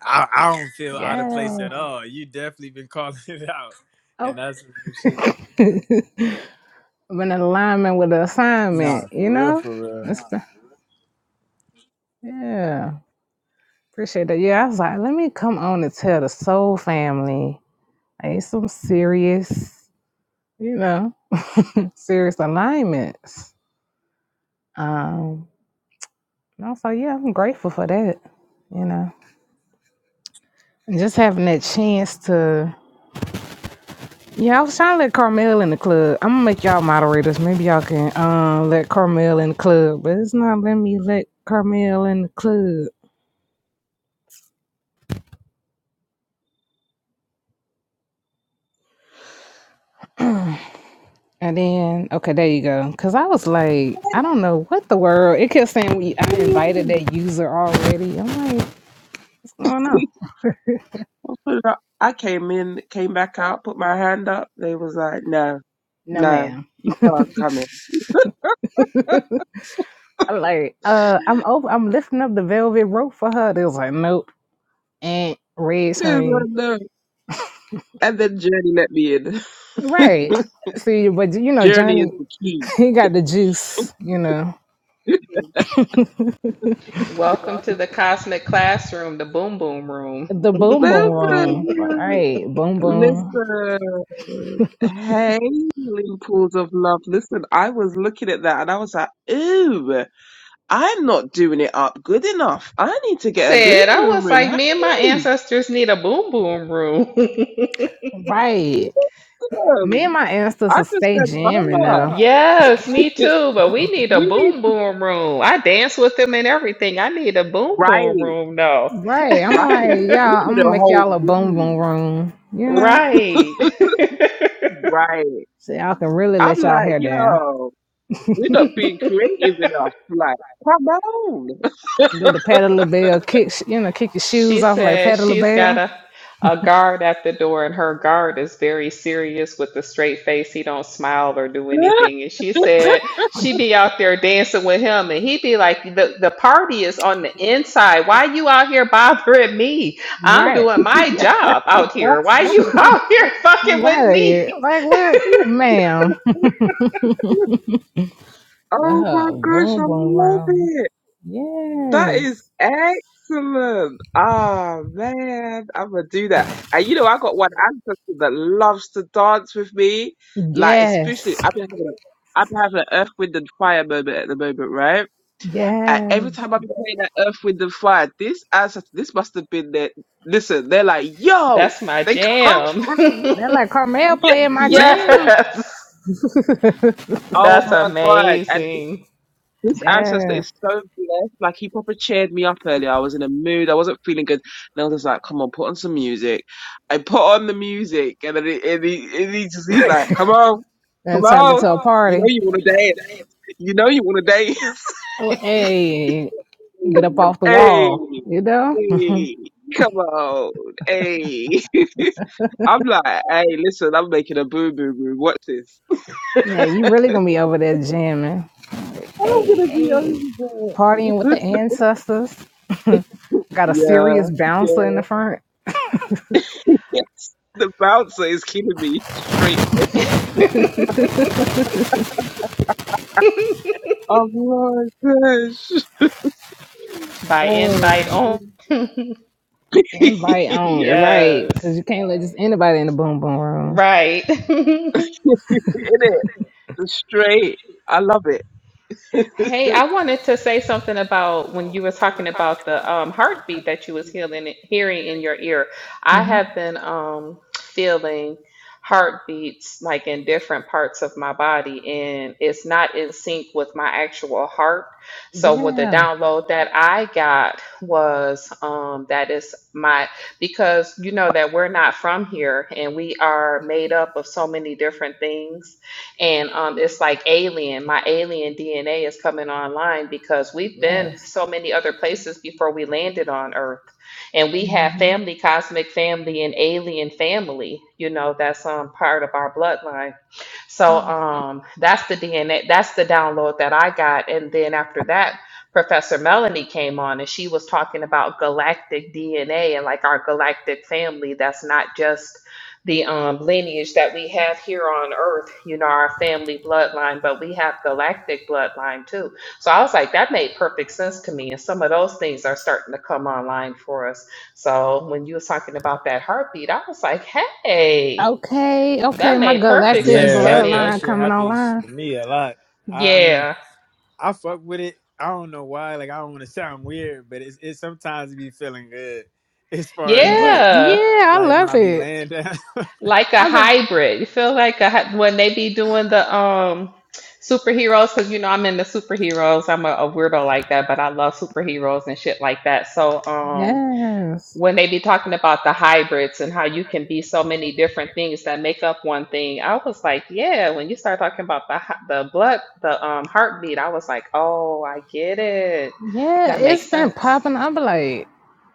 I I don't feel out of place
Yeah.
at all. You definitely been calling it out,
Oh.
and that's for shit.
I'm in alignment with the
Nah,
assignment, you
for real,
know?
for real.
It's, yeah. Appreciate that. Yeah, I was like, let me come on and tell the soul family. Ain't some serious, you know. serious alignments. Um, no, so yeah, I'm grateful for that. You know, And just having that chance to. Yeah, I was trying to let Carmel in the club. I'm gonna make y'all moderators. Maybe y'all can um let Carmel in the club, but it's not letting me let Carmel in the club. And then okay, there you go. Cause I was like, I don't know what the world. It kept saying we I invited that user already. I'm like, what's going on?
I came in, came back out, put my hand up. They was like, no,
No,
no,
ma'am.
you can't come in.
I'm like, uh, I'm over. I'm lifting up the velvet rope for her. They was like, nope, and red
They was
screen.
like, no. And then Journey let me in.
Right. See, but you know,
Journey is
Johnny,
the key.
he got the juice. You know,
Welcome to the cosmic classroom, the boom boom room.
the boom boom room. Right. Boom boom.
Listen, hey, healing pools of love. Listen, I was looking at that and I was like, ooh, I'm not doing it up good enough. I need to
I
get a boom
said, I
boom
was
room.
like, me and my
Hey,
ancestors need a boom boom room.
Right. Me
listen.
and my
I
ancestors
just
stay
said,
jamming
Mama,
though.
yes, me
it,
too, but we need a
we need
boom boom room. I dance with them and everything. I need a boom boom
right,
room, though.
Right. I'm
right.
like,
We
y'all.
need
I'm gonna
a
make
whole
y'all a boom boom
room,
room. You know,
right.
right?
so y'all can really
I'm
let y'all
like,
hair down.
yo, we are not being creative enough. Like, come on.
Do the pedal bell kick. sh- You know, kick your shoes
She
off like
said
pedal
she's got
bell.
a, a guard at the door, and her guard is very serious with a straight face. He don't smile or do anything. And she said she be out there dancing with him, and he be like, "The the party is on the inside. Why you out here bothering me? I'm
Right.
doing my job out here. Why you out here fucking with
Right.
me?
Like what ma'am?
oh my
Uh
gosh,
boom
I
boom
love
room.
it. That is
Yes.
excellent. Ah man, I'm gonna do that. And you know, I got one ancestor that loves to dance with me. Like, especially,
Yes.
I've been having, a, I've been having an earth, wind, and fire moment at the moment, right? And
Yes.
every time I've been playing that earth, wind, and fire, this ancestor, this must have been their. Listen, they're like, yo,
That's my
they come
jam.
through.
That like Carmel
Yes.
playing my jam.
yes,
Oh
that's
my god!
amazing."
This ancestor
Yes.
is so blessed. Like he proper cheered me up earlier. I was in a mood. I wasn't feeling good. And I was just like, come on, put on some music. I put on the music and then it, and he, and he just, he's like, come on, come
Then turned
on.
into a
You know
party.
you want to dance. You know you want to dance.
Oh, hey, get up off the
hey,
wall, you know?
hey, come on. Hey. I'm like, hey, listen, I'm making a boo boo boo. What's this?
Yeah, you really gonna be over there jamming.
I'm
Hey,
going to be
hey. Partying with
over it.
the ancestors. Got a
yeah,
serious
yeah.
bouncer in the front.
Yes, the bouncer is keeping me straight face. Oh my gosh.
By
Oh,
invite only.
man.
Invite only,
yeah,
right? Because
Yes.
you can't let just anybody in the boom boom room.
Right.
it is straight. I love it.
Hey, I wanted to say something about when you were talking about the um, heartbeat that you was healing, hearing in your ear. I
Hmm.
have been um, feeling heartbeats like in different parts of my body, and it's not in sync with my actual heart. So, with the
Yeah.
download that I got was um, that is my because you know that we're not from here, and we are made up of so many different things and um, it's like alien, my alien DNA is coming online because we've been
Yes.
so many other places before we landed on Earth. And we have
hmm
family, cosmic family, and alien family, you know, that's um, part of our bloodline. So
yes.
um, that's the DNA, that's the download that I got. And then after that, Professor Melanie came on and she was talking about galactic DNA and like our galactic family. That's not just the um, lineage that we have here on earth, you know, our family bloodline, but we have galactic bloodline too. So I was like, that made perfect sense to me. And some of those things are starting to come online for us. So when you was talking about that heartbeat, I was like, hey,
Okay. Okay.
that
My
made perfect
galactic
sense
Yeah,
to
that that
me.
bloodline
shit
coming
happens
online.
to me a lot. I, I mean,
Yeah.
I fuck with it. I don't know why. Like I don't want to sound weird, but it's it sometimes be feeling good as far as
Yeah.
like
Yeah.
Yeah. I
like when
love
I be
it.
laying down. that
Like a
I've been.
hybrid. You feel like a, hy- when they be doing the um superheroes, because you know I'm into superheroes. I'm a, a weirdo like that, but I love superheroes and shit like that. So um
Yes.
when they be talking about the hybrids and how you can be so many different things that make up one thing, I was like, yeah, when you start talking about the hy- the blood, the um heartbeat, I was like, oh, I get it.
Yeah.
That
It's
makes
been
sense.
popping. I'm like,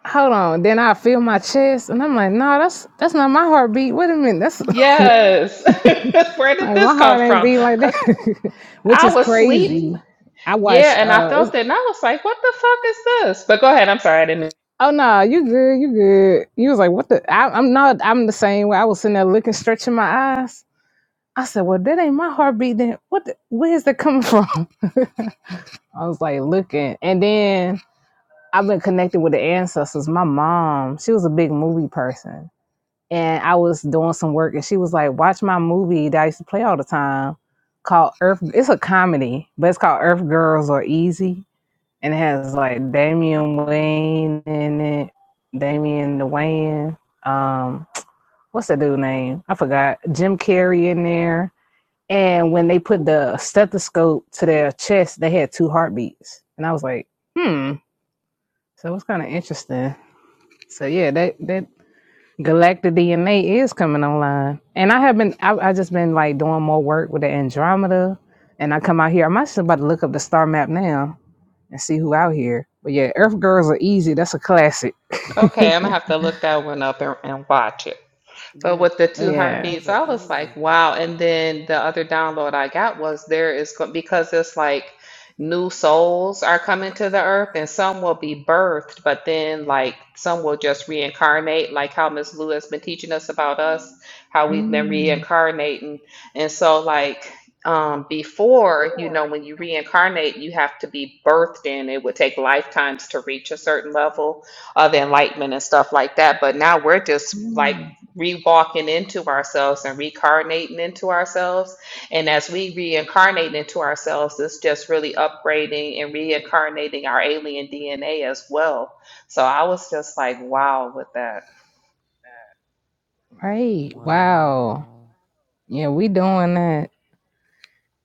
hold on. Then I feel my chest, and I'm like, no, that's that's not my heartbeat. Wait a minute. That's
Yes. Where did
like
this
my
come
heart ain't
from?
beating like
Because
that, which
I
is
was asleep.
crazy. I watched.
Yeah, and I
Uh, it's
felt it, and I was like, what the fuck is this? But go ahead. I'm sorry. I didn't.
Oh no, you good, you good. You was like, what the? I, I'm not. I'm the same way. I was sitting there looking, stretching my eyes. I said, well, that ain't my heartbeat. Then what? The, where is that coming from? I was like looking, and then I've been connected with the ancestors. My mom, she was a big movie person, and I was doing some work, and she was like, watch my movie that I used to play all the time, called Earth. It's a comedy, but it's called Earth Girls Are Easy and it has like Damian
Mm.
Wayne in it, Damian the Wayne. Um, what's that dude name? I forgot. Jim Carrey in there. And when they put
Ooh.
the stethoscope to their chest, they had two heartbeats, and I was like, hmm. So it was kind of interesting. So yeah, that that Galactic DNA is coming online, and I have been. I I just been like doing more work with the Andromeda, and I come out here. I'm actually about to look up the star map now and see who out here. But yeah, Earth Girls are easy. That's a classic.
Okay, I'm gonna have to look that one up and, and watch it. But
Yeah,
with the two
Earth
yeah.
girls
heartbeats,
are
I was like,
easy.
wow. And then the other download I got was there is go- because it's like new souls are coming to the earth and some will be birthed, but then like some will just reincarnate, like how Miss Lou has been teaching us about us, how we've been
Mm.
reincarnating. And so like um before, you know, when you reincarnate, you have to be birthed in. It would take lifetimes to reach a certain level of enlightenment and stuff like that. But now we're just like
Mm.
re-walking into ourselves and reincarnating into ourselves. And as we reincarnate into ourselves, it's just really upgrading and reincarnating our alien DNA as well. So I was just like, wow, with that.
Right. Wow.
Wow.
Yeah, we doing that.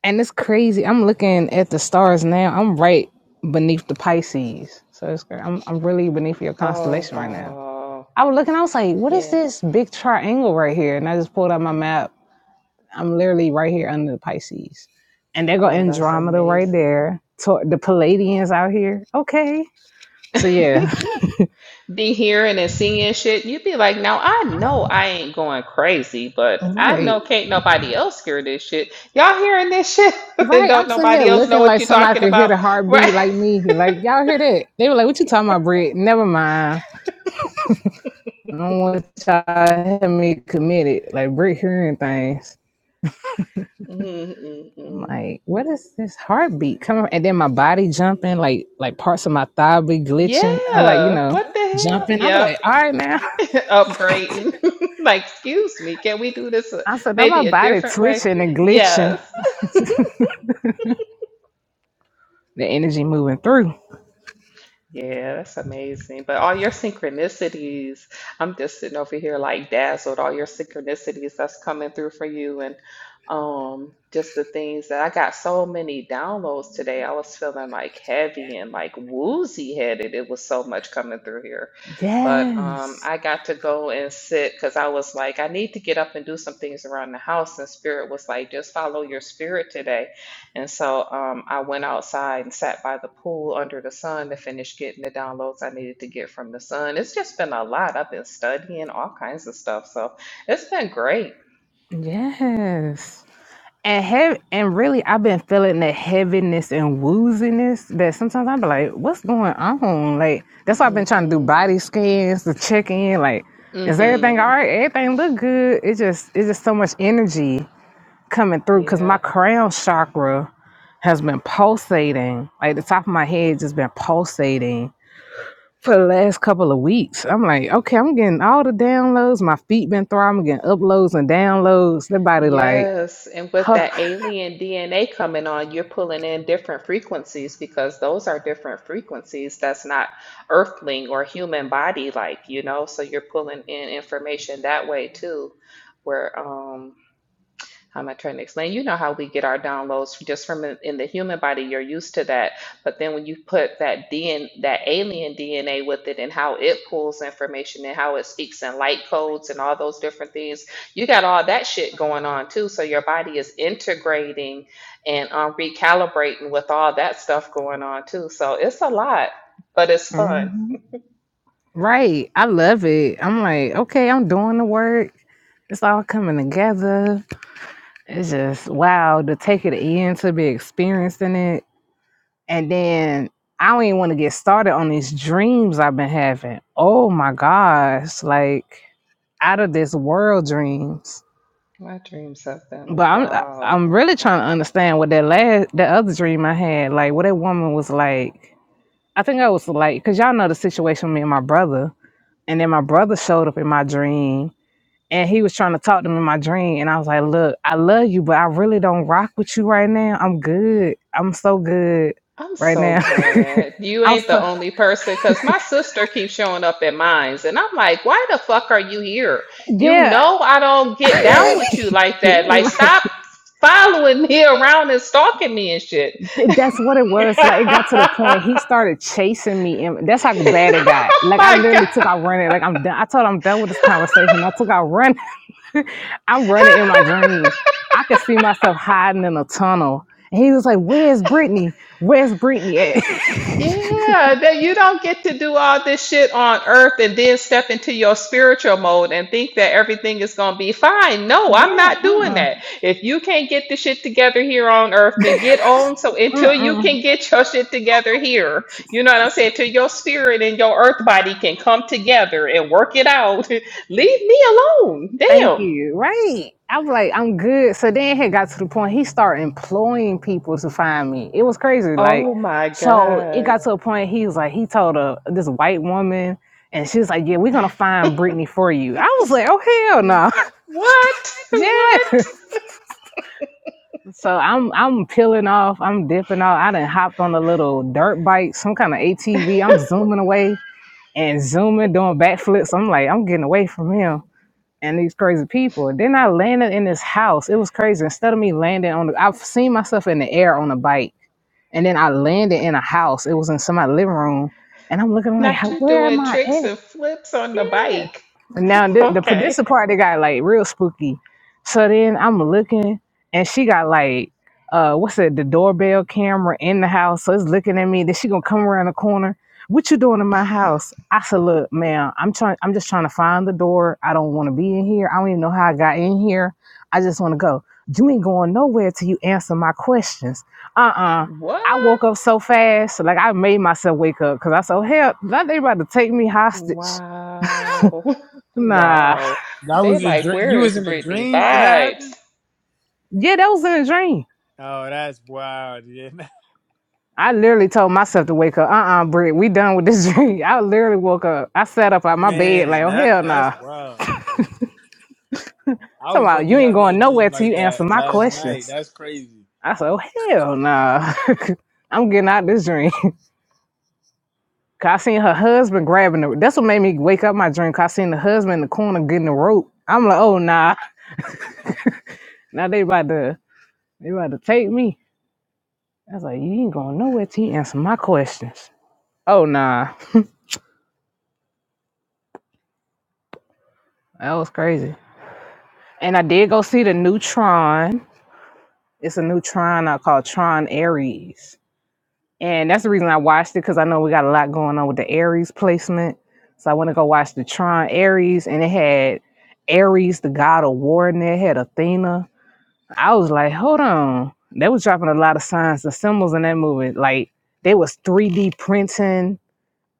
And it's crazy. I'm looking at the stars now. I'm right beneath the Pisces. So it's great. I'm I'm really beneath your
Oh,
constellation right now.
wow.
I was looking, I was like, what is
Yeah.
this big triangle right here? And I just pulled out my map. I'm literally right here under the Pisces. And they go
Oh, that's
Andromeda right
amazing.
there. To- the Palladians out here. Okay So yeah.
Be hearing and seeing shit. You'd be like, now I know I ain't going crazy, but I
Right.
know can't nobody else hear this shit. Y'all hearing this shit and
Right.
don't
I'm sitting here
nobody else know
looking
what
like
you're
somebody
talking
could hear
about,
the
right?
heartbeat like me. Like, y'all hear that? They were like, what you talking about, Britt? Never mind. I don't want y'all to have me committed. Like, Britt hearing things.
Mhm, mm
I'm
mm.
like, what is this heartbeat coming? And then my body jumping, like, like parts of my thigh be glitching. I'm like, you
Yeah.
know,
What the hell?
jumping. I'm
Yep.
like, all right now.
Upgrading. Like, excuse me, can we do this a,
I said, now my
maybe a
body
different way?
twitching and
Yes.
glitching. The energy moving through.
Yeah, that's amazing. But all your synchronicities, I'm just sitting over here like dazzled. All your synchronicities that's coming through for you, and um, just the things that I got so many downloads today. I was feeling like heavy and like woozy headed. It was so much coming through here. But um,
Yes.
I got to go and sit because I was like, I need to get up and do some things around the house. And Spirit was like, just follow your spirit today. And so um, I went outside and sat by the pool under the sun to finish getting the downloads I needed to get from the sun. It's just been a lot. I've been studying all kinds of stuff. So it's been great.
Yes. And heavy, and really, I've been feeling that heaviness and wooziness that sometimes I'm like, what's going on? Like that's why I've been
hmm
trying to do body scans to check in. Like, is everything all
hmm
right? Everything look good. It just it's just so much energy coming through because my
Yeah.
crown chakra has been pulsating. Like the top of my head just been pulsating for the last couple of weeks. I'm like, okay, I'm getting all the downloads. My feet been throbbing, I'm getting uploads and downloads. The body like,
Yes. And with
huh.
that alien DNA coming on, you're pulling in different frequencies because those are different frequencies. That's not earthling or human body like, you know, so you're pulling in information that way too, where um How am I trying to explain? You know how we get our downloads just from in in the human body. You're used to that, but then when you put that DN, that alien DNA with it, and how it pulls information and how it speaks in light codes and all those different things, you got all that shit going on too. So your body is integrating and um, recalibrating with all that stuff going on too. So it's a lot, but it's fun.
Mhm. Right. I love it. I'm like, okay, I'm doing the work. It's all coming together. It's just wow to take it in, to be experiencing it. And then I don't even want to get started on these dreams I've been having. Oh my gosh. Like out of this world dreams.
My dreams of
But
them.
I'm I-
Wow.
I'm really trying to understand what that last that other dream I had, like what that woman was like. I think I was like, cause y'all know the situation with me and my brother. And then my brother showed up in my dream and he was trying to talk to me in my dream and i was like look i love you but i really don't rock with you right now i'm good i'm so good
I'm
right
so
now
glad you
i'm
ain't the
so
only person because my sister keeps showing up at mines, and I'm like, why the fuck are you here? You
yeah
know I don't get down with you like that. Like,
Like,
stop following me around and stalking me and shit.
that's what it was like it got to the
oh
point he started chasing me and that's how bad it got like i
my god.
literally took out running like i'm done i told him i'm done with this conversation i took out running i'm running in my dream i could see myself hiding in a tunnel and he was like where's brittany where's brittany at
Yeah, that you don't get to do all this shit on earth and then step into your spiritual mode and think that everything is going to be fine. No, I'm
yeah
not doing
uh-uh.
that. If you can't get the shit together here on earth, then get on. So until you
Mm-mm.
can get your shit together here, you know what I'm saying? Till your spirit and your earth body can come together and work it out, leave me alone.
Thank
Damn.
you. Right. I was like, I'm good. So then it got to the point he started employing people to find me. It was crazy. Like,
Oh my
so it
God.
got to a point he was like, he told a this white woman, and she was like, Yeah, we're gonna find Brittany for you. I was like, Oh hell no.
What?
yeah.
What?
So I'm I'm peeling off, I'm dipping off. I done hopped on a little dirt bike, some kind of ATV. I'm zooming away and zooming, doing backflips. I'm like, I'm getting away from him. and these crazy people. And Then I landed in this house. It was crazy. Instead of me landing on the, I've seen myself in the air on a bike, and then I landed in a house. It was in somebody's living room, and I'm looking like,
Not
how,
you
where am
doing
I
tricks
at?
and flips on the
Yeah.
bike.
And now th- the this
Okay.
the part that got like real spooky. So then I'm looking, and she got like uh what's it? The doorbell camera in the house, so it's looking at me. Then she gonna come around the corner. What you doing in my house? I said, look, ma'am, I'm trying. I'm just trying to find the door. I don't want to be in here. I don't even know how I got in here. I just want to go. You ain't going nowhere till you answer my questions. Uh-uh. I
What?
woke up so fast, like I made myself wake up because I said, hell, they about to take me hostage.
Wow.
Nah.
Wow. They
was a
like,
dream.
where
You was
is
in a
Britney
dream and that
Vibes?
happened.
Yeah, that was in a dream.
Oh, that's wild, yeah.
I literally told myself to wake up. Uh-uh, Britt, we done with this dream. I literally woke up. I sat up out my bed like,
Man,
oh
that
hell nah.
that's wild. I
Talking
was
about you
lucky
ain't
having a
going
dream
nowhere till
like
you answer
that
my
last night.
questions.
That's crazy.
I said, oh hell nah. I'm getting out this dream. 'Cause I seen her husband grabbing the that's what made me wake up my dream. 'Cause I seen the husband in the corner getting the rope. I'm like, oh nah. Now they about to they about to take me. I was like, you ain't going nowhere till you answer my questions. Oh nah. That was crazy. And I did go see the new Tron. It's a new Tron out called Tron Aries. And that's the reason I watched it because I know we got a lot going on with the Aries placement. So I want to go watch the Tron Aries. And it had Aries, the god of war, in there, it had Athena. I was like, hold on. They was dropping a lot of signs and symbols in that movie. Like, they was 3D printing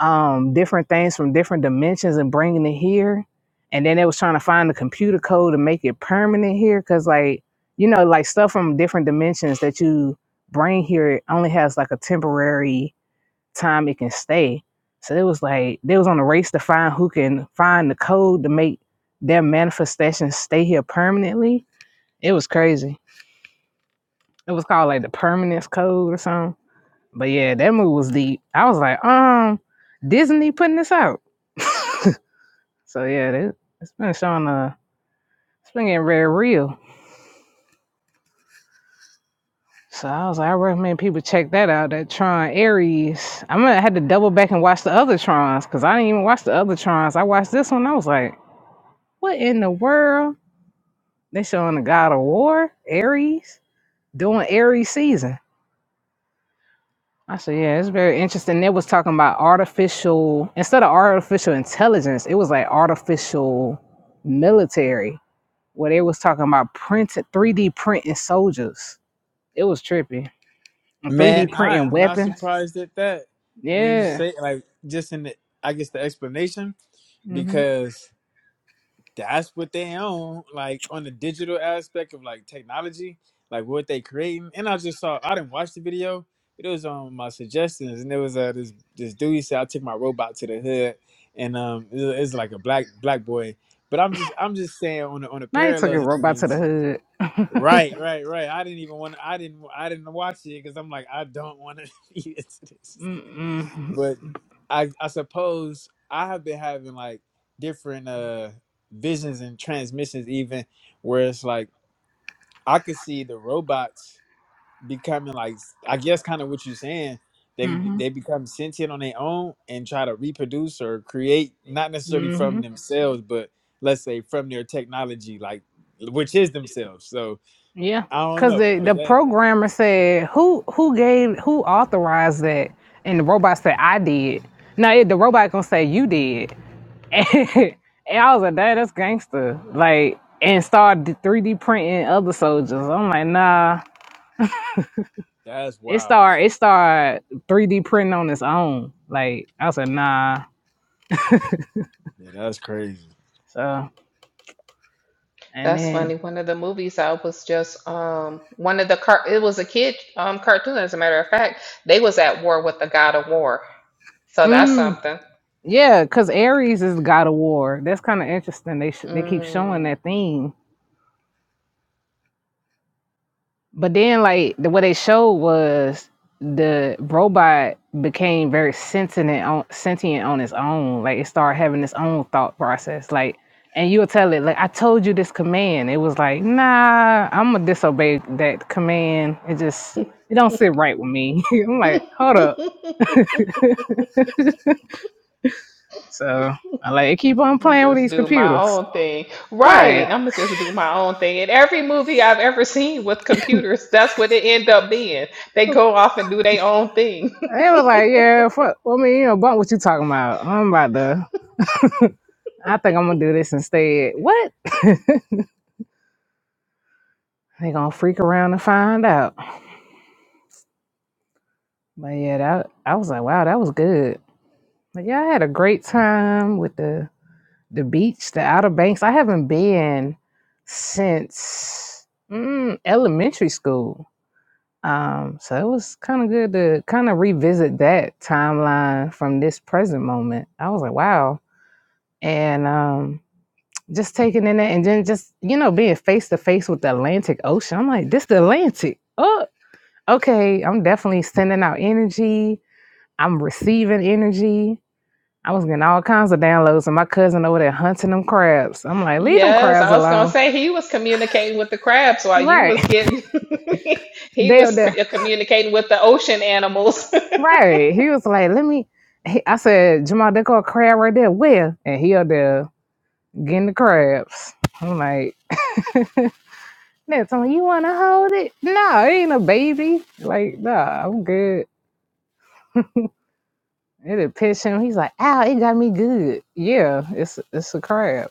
um, different things from different dimensions and bringing it here. And then they was trying to find the computer code to make it permanent here, because like you know, like stuff from different dimensions that you bring here it only has like a temporary time it can stay. So it was like they was on a race to find who can find the code to make their manifestation stay here permanently. It was crazy. It was called like the permanence code or something. But yeah, that movie was deep. I was like, um, Disney putting this out. so yeah, that, it's been showing uh it's been getting very real. So I was like, I recommend people check that out. That Tron Ares. I'm gonna I had to double back and watch the other Trons because I didn't even watch the other Trons. I watched this one. I was like, what in the world? They showing the God of War Ares doing Ares season. I said, yeah, it's very interesting. They was talking about artificial instead of artificial intelligence, it was like artificial military, where they was talking about printed 3D printing soldiers. It was trippy. And
Man,
3D
I
printing
am not
weapons.
surprised at that. When you
Yeah.
say like just in the, I guess the explanation
Mm-hmm.
because that's what they own, like on the digital aspect of like technology, like what they creating. And I just saw, I didn't watch the video, but it was on my suggestions, and there was uh, this this dude he said I took my robot to the hood, and um, it- it's like a black black boy. But I'm just I'm just saying on the on the
Now you took a
parallels of
robot to
things.
the hood.
Right, right, right. I didn't even want to. I didn't I didn't watch it because I'm like I don't want to be into this
Mm-mm.
but I I suppose I have been having like different uh visions and transmissions even where it's like I could see the robots becoming like I guess kind of what you're saying they
mm-hmm.
they become sentient on their own and try to reproduce or create not necessarily
Mm-hmm.
from themselves but let's say from their technology like which is themselves so
Yeah.
I don't
Cause
know
the,
but
the
that
programmer said, Who who gave who authorized that? And the robot said, I did. No, it, the robot gonna say you did. and I was like, "Dad, that's gangster." Like, and started three D printing other soldiers. I'm like, nah.
that's
It
wild
started. It started three D printing on its own. Like, I was like, nah.
yeah that's crazy
So, and
That's
then,
funny. One of the movies I was just um one of the car it was a kid um cartoon, as a matter of fact. They was at war with the God of War. So that's
mm,
something.
yeah, because Aries is the god of war. That's kind of interesting. They sh- they keep showing
Mm.
that theme But then, like the what they showed was the robot became very sentient on sentient on its own. Like it started having its own thought process. Like, and you'll tell it, like I told you this command. It was like, nah, I'm gonna disobey that command. It just it don't sit right with me. I'm like, hold up. So I like it keep on
I'm gonna
playing with
just
these
do my
computers.
own thing. Right.
Right.
I'm gonna just do my own thing. And every movie I've ever seen with computers, that's what it end up being. They go off and do their own thing.
And it was like, yeah, fuck. I mean, you know, bump what you talking about. I'm about to. I think I'm gonna do this instead. What? They gonna freak around and find out. But yeah, that I was like, wow, that was good. But yeah, I had a great time with the the beach, the Outer Banks. I haven't been since mm, elementary school. Um, so it was kind of good to kind of revisit that timeline from this present moment. I was like, wow, and um, just taking in that, and then just you know being face to face with the Atlantic Ocean. I'm like, this the Atlantic. Oh, okay, I'm definitely sending out energy. I'm receiving energy. I was getting all kinds of downloads, and my cousin over there hunting them crabs. I'm like, leave them
Yes,
crabs
I was gonna
alone.
say he was communicating with the crabs while you
Right.
was getting he
They,
was
they
c- uh, communicating with the ocean animals.
right. He was like, let me. He, I said, Jamal, they got a crab right there. Where? And he up there getting the crabs. I'm like, that's on you want to hold it? No, it ain't a baby. Like, nah, I'm good. It'll piss him. He's like, ow, it got me good. Yeah, it's it's a crab.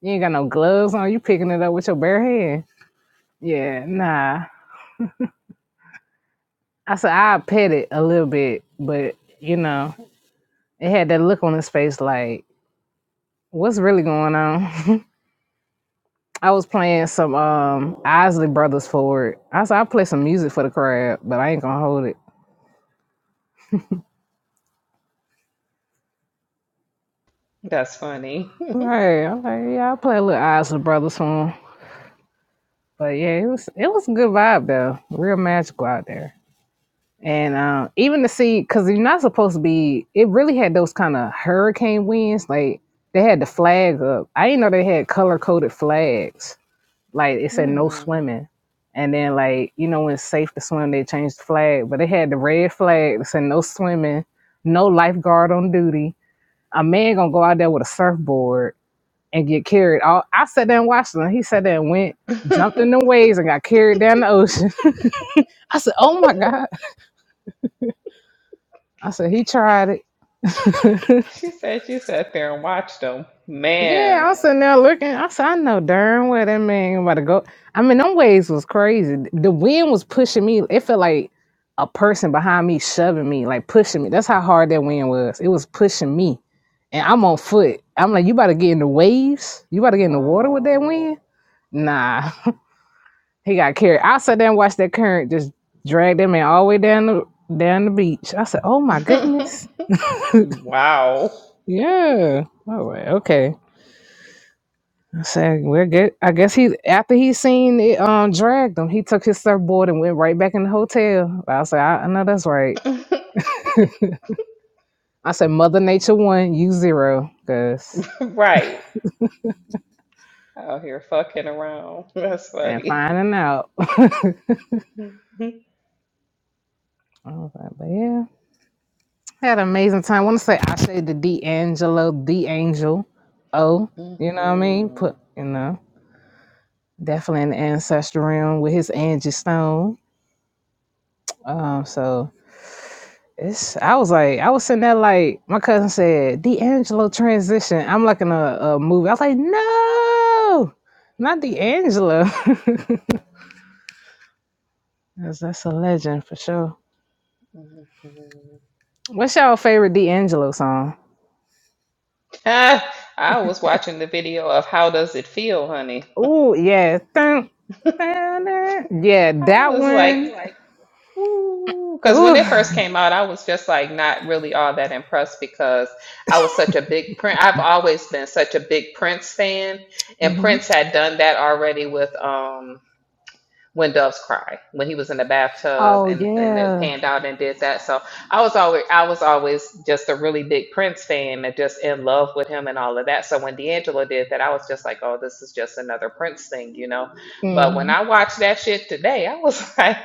You ain't got no gloves on. You picking it up with your bare hand. Yeah, nah. I said I pet it a little bit, but you know, it had that look on his face like, what's really going on? I was playing some um Isley Brothers for it. I said I play some music for the crowd, but I ain't gonna hold it.
That's funny.
Right. I'm like, yeah, I play a little Isley Brothers for him. But yeah, it was it was a good vibe though. Real magical out there. And uh, even to see, because you're not supposed to be, it really had those kind of hurricane winds. Like they had the flag up. I didn't know they had color coded flags. Like it said no
Hmm.
swimming. And then, like, you know, when it's safe to swim, they changed the flag. But they had the red flag that said no swimming, no lifeguard on duty. A man gonna go out there with a surfboard and get carried. All I sat there and watched him. He sat there and went, jumped in the waves and got carried down the ocean. I said, oh my God. I said, he tried it.
She said she sat there and watched them.
Yeah,
Man.
I'm sitting there looking. I said, I know darn well that man about to go. I mean, them waves was crazy. The wind was pushing me. It felt like a person behind me shoving me, like pushing me. That's how hard that wind was. It was pushing me. And I'm on foot. I'm like, you about to get in the waves? You about to get in the water with that
Wow.
wind? Nah. he got carried. I sat there and watched that current just drag that man all the way down the down the beach. I said, Oh my goodness.
Wow.
Yeah. Oh, okay. So we're good. I guess he after he seen it um dragged him, he took his surfboard and went right back in the hotel. I said, I, I know that's right. I said, Mother Nature one, you zero, Gus.
Right. Out here fucking around. That's
And
funny.
finding out. I was like, but yeah. Had an amazing time. wanna say I say the D'Angelo, the angel. Oh,
Mhm.
you know what I mean? Put you know, definitely in the ancestral realm with his Angie Stone. Um, so It's I was like I was sitting there like my cousin said D'Angelo transition. I'm like in a, a movie. I was like, no, not D'Angelo. that's, that's a legend for sure.
Mhm.
What's your favorite D'Angelo song?
Ah, I was watching the video of How Does It Feel, Honey?
Ooh, yeah. Dun, dun, dun. Yeah,
I
that
was like,
one.
ooh, because when
Ooh.
it first came out, I was just like not really all that impressed because I was such a big Prince. I've always been such a big Prince fan, and
hmm
Prince had done that already with um. When Doves Cry, when he was in the bathtub
Oh
and, and it
yeah.
panned out and did that. So I was always I was always just a really big Prince fan and just in love with him and all of that. So when D'Angelo did that, I was just like, oh, this is just another Prince thing, you know. But when
hmm
I watched that shit today, I was like,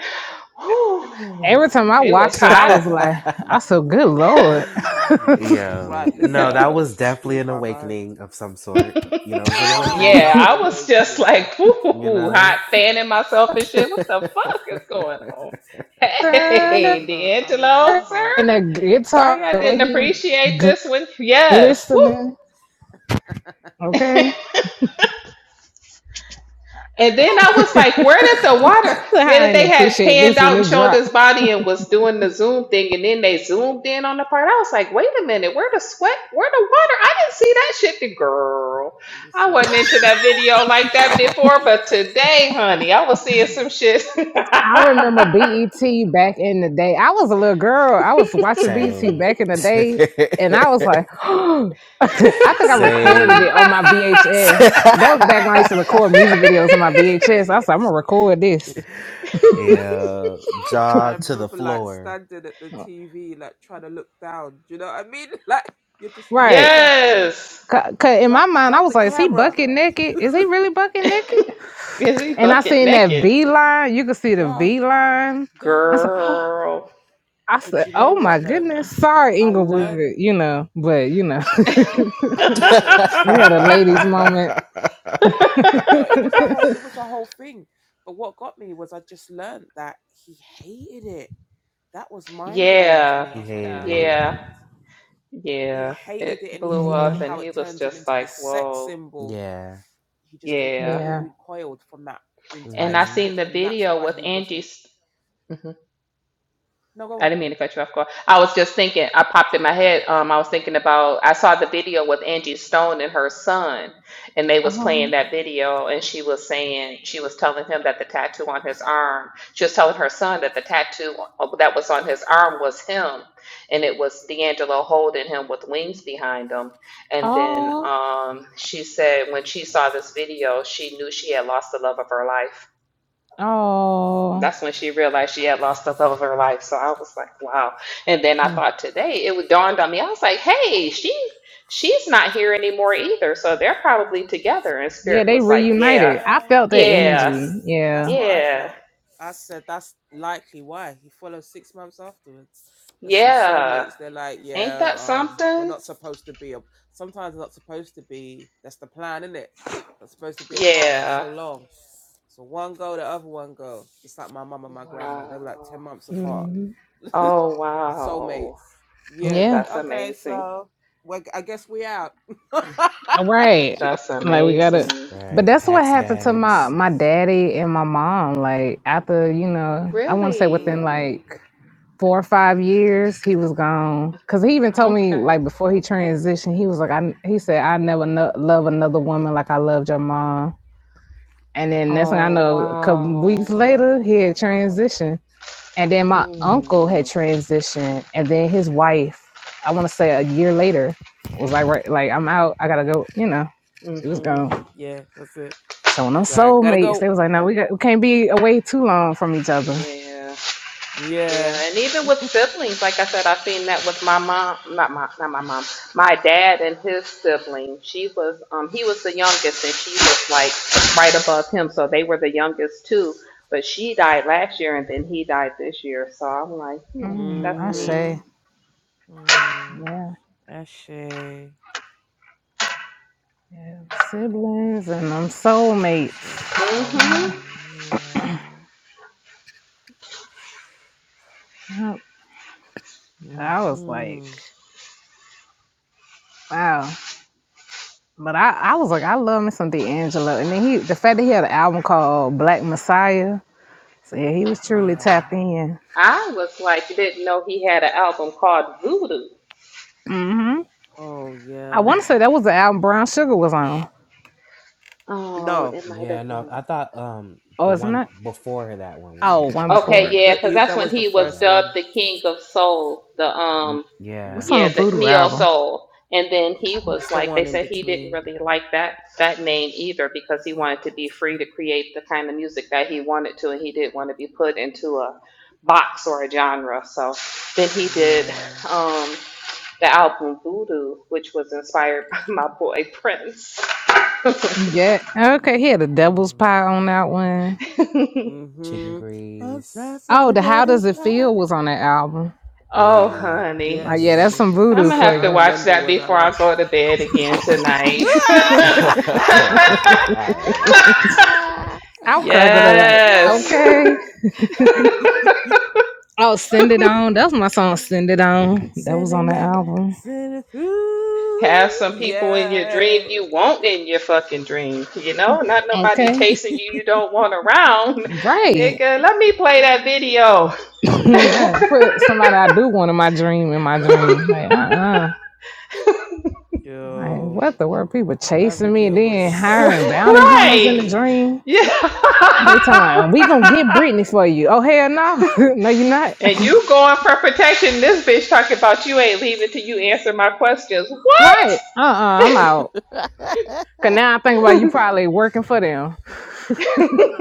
whew,
Every time I
it was
watched it, I
hot.
was like, I said, good lord.
It-
Yeah.
Right,
It
No,
listen,
that was
was-
that blew
definitely an
my mind.
awakening of some sort. You know, it was an
It
yeah,
was
awakening,
an
I was just
awakening.
like,
you
whoo, hot
know?
fanning myself and shit. What the fuck is going on?
I
Hey,
remember, I
D'Angelo, sir.
remember,
and a
it's
guitar
Sorry
like
I
the way
didn't
he
everyone,
appreciate
gl-
this one. Yes. Woo.
glistening. Okay,
and then I was like, where did the water?
I
Then
didn't
they had
appreciate
panned
this when
out and
it
showed
dropped.
his body and was doing the zoom thing. And then they zoomed in on the part. I was like, wait a minute, where the sweat? Where the water? I didn't see that shit. The girl. I wasn't
listen,
into that video like that before, but today, honey, I was seeing some shit.
I remember BET back in the day. I was a little girl. I was watching BET
Same.
back in the day, and I was like, I think I
listen.
recorded
Same.
it on my VHS. That was back when I used to
That
record
shit
music videos
was
on my
X
VHS. I
rated.
was like, I'm gonna record this,
yeah.
I
Jaw to the
remember like
floor.
standing at the TV, like trying to look down. Do you know what I mean? Like you're just like,
right?
oh, so
yes.
Cause 'cause in my
drop,
mind, I
drop
was
the
like, is he
camera
bucket naked? Is he really bucket naked?
Is he
And I
bucket
seen that
naked?
V line. You could see the
down,
V line. I
down.
said,
Girl.
I
But
said,
you know
oh my
what though?
goodness. Sorry,
I
Inglewood,
learned.
you know, but you know,
I, listen, I
we had a
learned.
ladies
Um,
moment.
no, it was a whole, it was a whole thing. But what got me was I just learned that he hated it. That was mind blowing to
yeah,
me. I
he
was like, oh
hated
my
it.
yeah,
god. He
yeah. It
hated it and he
blew
hated
Yeah,
up, and
how
he
it
was
turned him
just
into this
like,
sex
"Whoa,
symbol.
Yeah.
He just
yeah."
completely
yeah.
recoiled from that entire
And I
hmm
seen
experience.
the
And that's
video
why
with
he
Angie.
wasn't. No, go
I
on.
didn't mean to cut you off, Carl. I was just thinking, I popped in my head, um, I was thinking about, I saw the video with Angie Stone and her son, and they was playing
Oh,
that video, and she was saying, she was telling him that the tattoo on his arm, she was telling her son that the tattoo that was on his arm was him, and it was D'Angelo holding him with wings behind him. And then
oh,
um, she said when she saw this video, she knew she had lost the love of her life
oh.
that's when she realized she had
Mm,
lost the love of her life. So I was like, wow. And then I
Yeah,
thought today it dawned on me. I was like, hey, she she's not here anymore either. So they're probably together. And
yeah.
spirit
They
was like,
Yes,
yeah,
reunited. I
yeah.
felt that
yeah,
It's
energy.
that's
Yeah,
what I
yeah,
felt. I said that's likely why he followed six months afterwards. There's some
yeah.
soulmates. They're like,
Ain't that
yeah, um, we're
something?
not supposed to be. A, sometimes we're not supposed to be. That's the plan, isn't it? Not supposed to be apart for
Yeah.
so long. So one go, the other one go. Just like my mum and my grandma. They were like 10
Wow.
months apart.
Mhm.
Oh wow.
Soulmates. Yeah,
yeah.
like,
That's
okay,
amazing.
so well, I guess we out. Do
Right.
you know?
That's
Like we
amazing.
gotta. But
Right.
that's what
Packs
happened to my
bags.
my daddy and my mom. Like after you know, I want to say
Mm,
within
Really?
like four or five years he was gone because he even told me
Okay.
like before he transitioned he was like i he said i never no- love another woman like i loved your mom and then that's when i
Oh
know a couple weeks
wow.
later he had transitioned and then my uncle had
Mm.
transitioned and then his wife i want to say a year later was like right like i'm out i gotta go you know she was
Mhm.
mm,
gone
yeah, that's it.
so when i'm
That's I gotta
soulmates
go.
they was like no we, got, we can't be away too long from each other
Yeah.
Yeah.
Yeah. And even with siblings, like I said, I've seen that with my mom. Not my. Not my mom. My dad and his sibling. She was. Um. He was the youngest, and she was like right above him. So they were the youngest too. But she died last year, and then he died this year. So I'm like, hmm,
mm,
that's
i
neat.
Mm-hmm.
say
Mm.
yeah
Ashay.
Yeah, siblings and them
I just all
soulmates. You know.
Mhm.
follow. Yeah.
Yep. But I was
Mm-hmm.
like, wow. But I, I was like, I love me some D'Angelo. And then he the fact that he had an album called Black Messiah. So yeah, he was truly
Yeah.
tapped in.
I was like, didn't know he had an album called Voodoo.
Mm-hmm.
Oh
I
yeah.
wanna say that was the album Brown Sugar was on.
Um,
No.
it might
Yeah,
have
no,
been.
I thought um
Oh,
the
isn't
one
that?
before that one was
No.
Oh,
what
one
brown sugar
Okay,
before
was
it.
yeah,
The
on.
because
it,
that's
that
when
was the
he was
first
Yeah.
dubbed
one.
the King of Soul. The um
Mm,
What's
Yeah.
hmm
on the
Yeah, the
voodoo
neo
album?
soul. And then he
It's
was
the
like, they
one in
said he didn't
between.
really like that that name either because he wanted to be free to create the kind of music that he wanted to, and he didn't want to be put into a box or a genre. So then he did
Yeah.
um, the album Voodoo, which was inspired by my boy Prince.
Yeah. Okay, he had a devil's
Mm.
pie on that one.
Chicken
Hmm.
grease.
Obsessed of
Oh,
the
the How Does
devil's
It Feel
power.
was on that album.
oh,
Yeah.
honey,
Oh yeah,
Yes.
that's
hmm
some
I'm
voodoo
gonna
Listen,
for
have
I
to
you.
watch
remember
that
when that
before
one.
I go to bed again tonight.
okay. All right.
I'll crack it
I'm
up.
yes.
dying.
Okay. Oh, send it on. That was my song, send it on. That was
send
on
it
the
back.
album.
Send it
Have
through.
some people in your dream you
Yay.
want in your fucking dream. You know, not nobody
Okay.
chasing you you don't want around.
Right.
Nigga, let me play that video.
right. Put somebody I do want in my dream in my dream. Like, uh uh Like,
Yo.
what the world? People
That
chasing me and
video
then hiring
was
bounty hunters in
right.
the
spellbinding.
dream.
Yeah.
They talking about, we gonna get Britney for you. Oh, hell no. no, you're not.
and you going for protection. This bitch talking about you ain't leaving till you answer my questions.
right. Uh uh i am out. Cause now I think about you probably working for them.
What?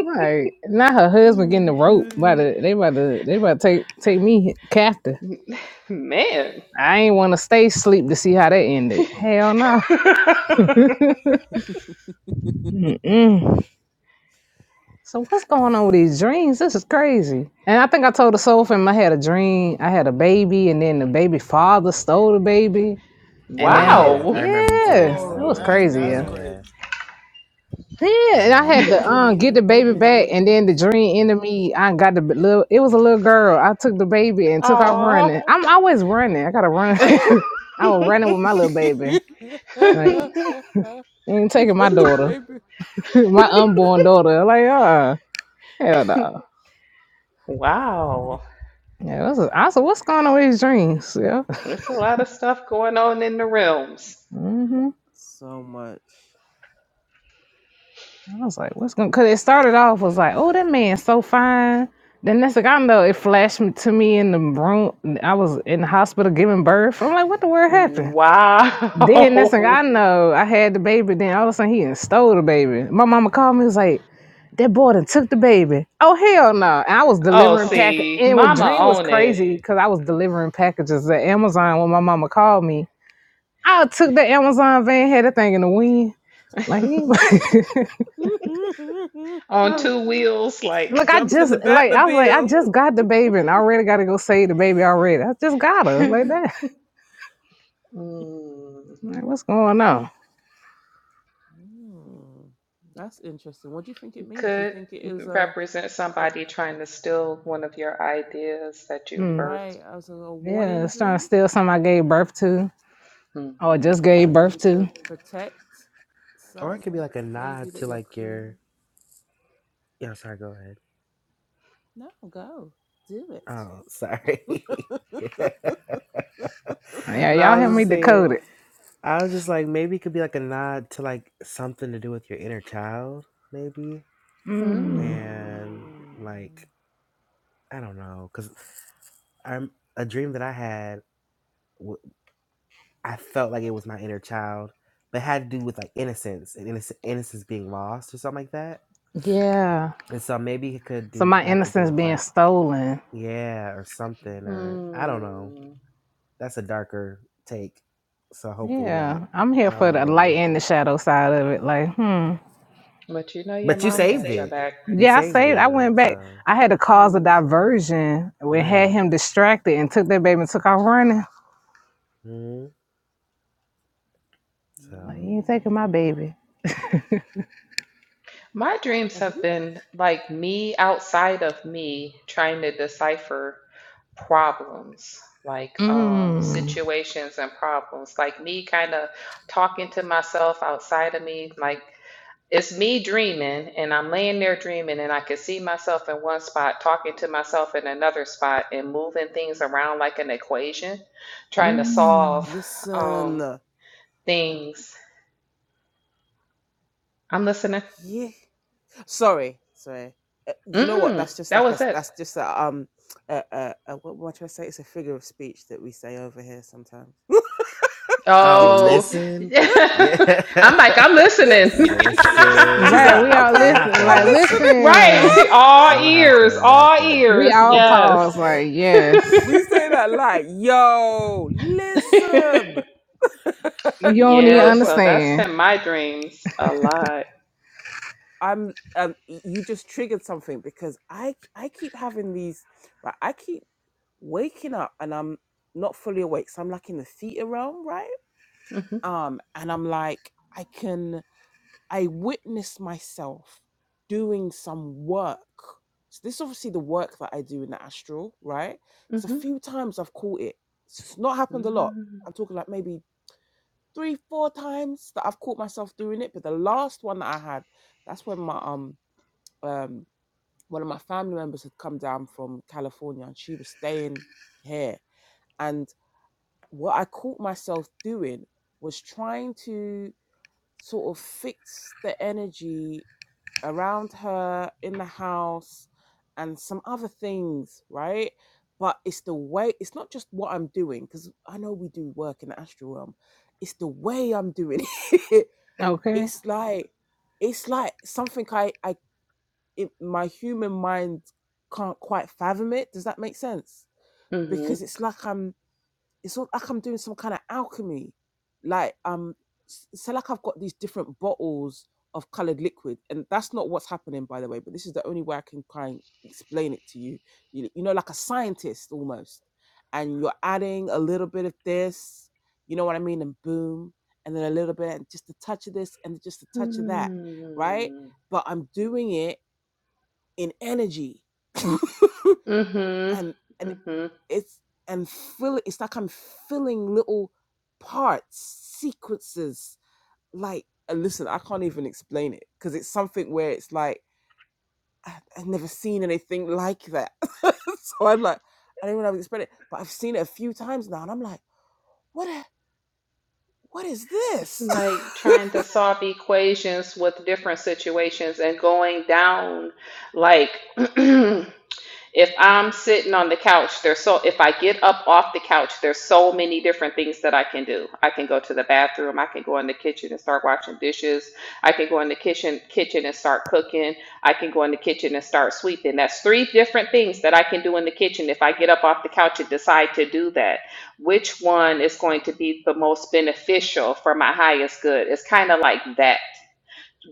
Right. Not her husband getting
Oh,
the rope. About to, they about to they about to take take me captive.
Man.
I ain't want to stay sleep to see how that ended. Hell no. Mm-mm. So what's going on with these dreams? This is crazy. And I think I told the soul fam I had a dream. I had a baby, and then the baby father stole the baby, and
Oh
then I had
yeah.
wow.
I remember you
oh
telling
yeah,
us
it
that
whoa
was
one.
that's
crazy.
that's
Yeah.
wow.
crazy
Yeah.
Yeah, and I
You
Yeah.
had
had a
to
dream that
um
you had
get
a
the baby
baby and the
back,
baby
and then
father
the
stole the
dream ended
baby.
me. I got the b- little. It was a little girl. I took the baby and took off
Aw.
running. I'm always running. I gotta run. I was running with my little baby. Like ain't
they
taking my
got the
daughter,
baby.
my unborn daughter. Like uh, hell no.
wow.
Yeah, that's a, I said, what's going on with his dreams? Yeah.
There's a lot of stuff going on in the realms.
hmm
So much.
I was like, what's going? Cause it started off was like, oh, that man's so fine. Then next thing I know, it flashed me- to me in the room. I was in the hospital giving birth. I'm like, what the world happened? Then next thing I
Wow.
know, I had the baby. Then all of a sudden, he done stole the baby. My mama called me. Was like, that boy done took the baby. Oh hell no! And I was
Oh,
delivering Oh, package.
see,
And what
Mama
dream was
on it
crazy because I was delivering packages at Amazon when my mama called me. I took the Amazon van, had that thing in the wind. Like, he-
on two wheels, like
look, I
Jumped in
just
the
like I was like, I
Batmobile.
just got the baby, and I already got to go save the baby already. I just got her like that.
mm,
Like, what's going on?
Mm, that's interesting. What do you think it means? Do you
could
think it is a,
represent
a
somebody trying to steal one of your ideas that you
Hmm.
birthed.
right? As a, a
Yeah,
warning
it's trying to
dream?
steal something I gave birth to. Oh, I
Mm-hmm.
just gave
that you
birth
need to
to.
protect
Or it could be
something
like a nod
maybe that
to
you're
like
creating.
your Yeah, sorry, go ahead.
No, go do
Oh,
it.
sorry.
Oh, yeah,
no,
y'all
I
help
was
me
just saying
decode it.
I was just like, maybe it could be like a nod to like something to do with your inner child, maybe.
Mm,
Hmm.
And
Mm,
like, I don't know, because I'm a dream that I had. w- I felt like it was my inner child, but it had to do with like innocence and innocence, innocence being lost or something like that.
yeah.
And so maybe it could
mm,
So
do
my
have to do
innocence
with
being
like
stolen.
yeah or something
mm.
or I don't know.
Hmm.
That's a darker take, so hopefully not.
Yeah, I'm here
I
for
don't
the light
know.
and the shadow side of it. Like, hmm.
But you know, your
But you
mom
saved
got your
it.
back.
You
Yeah, I
saved
saved.
it
I
though,
went back.
so.
I had to cause a
You saved it.
diversion. We had
Right.
him distracted and took that baby and took off running.
hmm So,
Like, you ain't taking
Mm.
my baby.
My dreams
Have
have
you
been like me outside of me trying to decipher problems, like um,
Mm.
situations and problems, like me kind of talking to myself outside of me. Like it's me dreaming, and I'm laying there dreaming, and I can see myself in one spot, talking to myself in another spot, and moving things around like an equation, trying to
Mm.
solve um,
listen?
things. I'm listening.
Yeah. Sorry, sorry. Uh, you know what?
Mm-mm,
That's just
that
like a.
was it.
That's just a um. A, a, a, what, what should I say? It's a figure of speech that we say over here sometimes. so
oh,
keep
Oh,
talking.
listen. Yeah.
I'm like, I'm
That
listening.
she's
Right.
like,
We
listen.
all
I'm going
okay,
to have
listen.
to
I'm
Like,
adopt
listening.
that.
listen.
right.
I'm
All
going to have to
ears,
adopt
all
that.
We
ears.
all pause.
Yes.
Like, yes.
we say that like, yo, listen.
You don't even
yeah.
no, but
So that's
understand.
been my dreams a lot.
I'm um you just triggered something because I I keep having these right, I keep waking up and I'm not fully awake. So I'm like in the theta realm, right?
Mm-hmm,
Um, and I'm like, I can I witnessed myself doing some work. So this is obviously the work that I do in the astral, right? It's a
hmm
few times I've caught it. So, It's not happened
hmm
a lot. I'm talking like maybe three, four times that I've caught myself doing it. But the last one that I had, that's when my um um one of my family members had come down from California and she was staying here. And what I caught myself doing was trying to sort of fix the energy around her in the house and some other things, right? But it's the way, it's not just what I'm doing, because I know we do work in the astral realm. It's the way I'm doing it.
Okay.
it's like, it's like something I, I, it, my human mind can't quite fathom it. Does that make sense? Because it's like I'm it's all like I'm doing some kind of alchemy. Like um, s- so like I've got these different bottles of colored liquid, and that's not what's happening, by the way. But this is the only way I can kind explain it to you. You, you know, like a scientist almost, and you're adding a little bit of this. You know what I mean? And boom, and then a little bit, and just a touch of this, and just a touch of that, right?
hmm
But I'm doing it in energy,
hmm hmm
and and
hmm
it's and fill it's like I'm filling little parts, sequences. Like and listen, I can't even explain it because it's something where it's like I, I've never seen anything like that. so I'm like, I don't even know how to explain it, but I've seen it a few times now, and I'm like, what? A, what is
It's
this?
like trying to solve equations with different situations and going down like If I'm sitting on the couch, there's so if I get up off the couch, there's so many different things that I can do. I can go to the bathroom, I can go in the kitchen and start washing dishes. I can go in the kitchen kitchen and start cooking. I can go in the kitchen and start sweeping. That's three different things that I can do in the kitchen if I get up off the couch and decide to do that. Which one is going to be the most beneficial for my highest good? It's kind of like that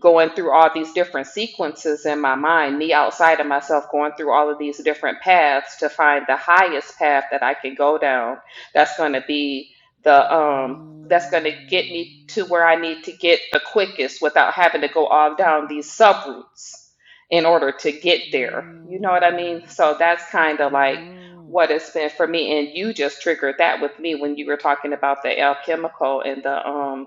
going through all these different sequences in my mind, me outside of myself, going through all of these different paths to find the highest path that I can go down. That's going to be the um
Mm,
that's going to get me to where I need to get the quickest without having to go all down these sub routes in order to get there. You know what I mean?
mm,
So that's kind of like
mhm.
what it's been for me and you just triggered that with me when you were talking about the alchemical and the um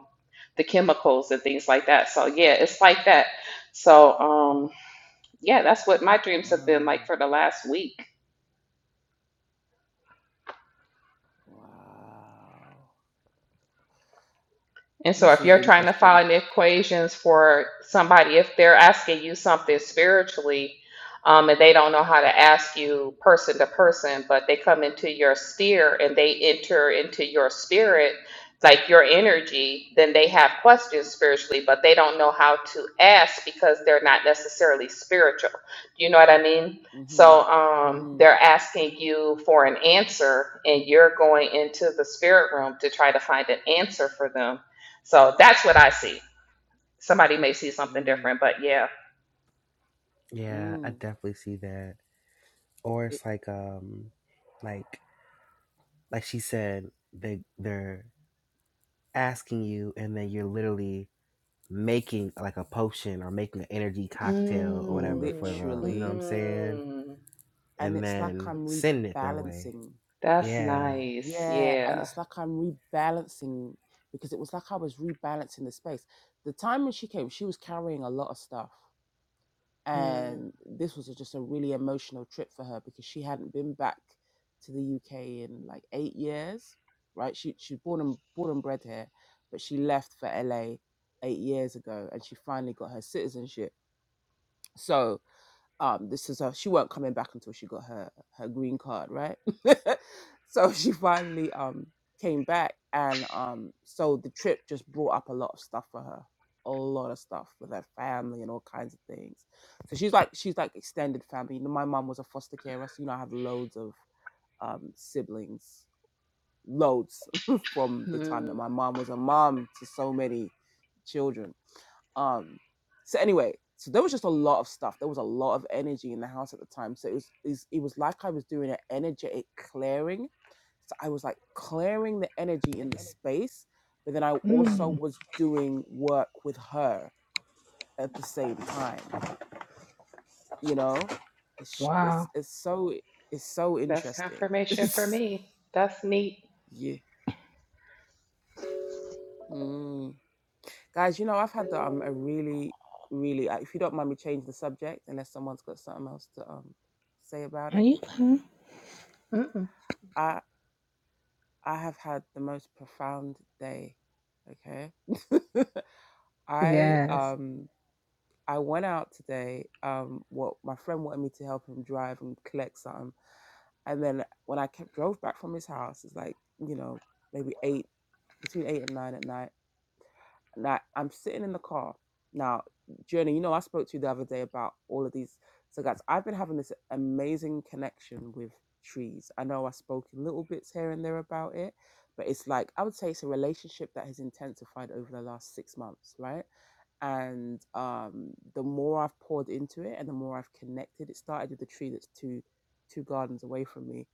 the chemicals and things like that. So yeah, it's like that. So um yeah, that's what my dreams have been like
Wow.
for the last week.
Wow.
And so
This
if
is
you're trying to
interesting.
find equations for somebody, if they're asking you something spiritually, um, and they don't know how to ask you person to person, but they come into your sphere and they enter into your spirit, like your energy, then they have questions spiritually, but they don't know how to ask because they're not necessarily spiritual. You know what I mean?
Mm-hmm.
So um,
Mm,
they're asking you for an answer, and you're going into the spirit room to try to find an answer for them so that's what I see. Somebody may see something
mm,
different, but yeah.
yeah, I
mm.
definitely see that. Or
It
it's like, um, like, like she said, they, they're asking you and then you're literally making like a potion or making an energy cocktail or whatever for
Mm,
them. You know what I'm
literally,
saying?
mhm.
and
And
it's like
then
I'm
sending it their way.
rebalancing.
That's
Yeah.
nice.
Yeah, and
Yeah.
it's like I'm rebalancing because it was like I was rebalancing the space. The time when she came, she was carrying a lot of stuff.
hmm
and this was just a really emotional trip for her because she hadn't been back to the UK in like eight years, right? She she born and born and bred here, but she left for LA eight years ago, and she finally got her citizenship. So um this is her she weren't coming back until she got her her green card right so she finally um came back and um so the trip just brought up a lot of stuff for her a lot of stuff with her family and all kinds of things so she's like she's like extended family you know, my mom was a foster carer so you know i have loads of um siblings loads from the time that my mom was a mom to so many children um, so anyway, so there was just a lot of stuff. There was a lot of energy in the house at the time. So it was is it was like I was doing an energetic clearing. So I was like clearing the energy in the space, but then I also
Mm,
was doing work with her at the same time. You know, it's
wow.
it's it's so it's so
That's
interesting.
confirmation for me. That's neat.
yeah. Mm. Guys, you know, I've had um, a really, really, I- if you don't mind me changing the subject, unless someone's got something else to um, say about
Are
it,
you okay?
Mm-mm.
I, I have had the most profound day. Okay. I,
Yes.
um, I went out today. Um, what my friend wanted me to help him drive and collect something. And then when I kept, drove back from his house, it's like, you know, maybe eight, between eight and nine at night. like I'm sitting in the car now, Journey. You know, I spoke to you the other day about all of these. So, guys, I've been having this amazing connection with trees. I know I spoke in little bits here and there about it, but it's like I would say it's a relationship that has intensified over the last six months, right? And um, the more I've poured into it and the more I've connected, it started with the tree that's two two gardens away from me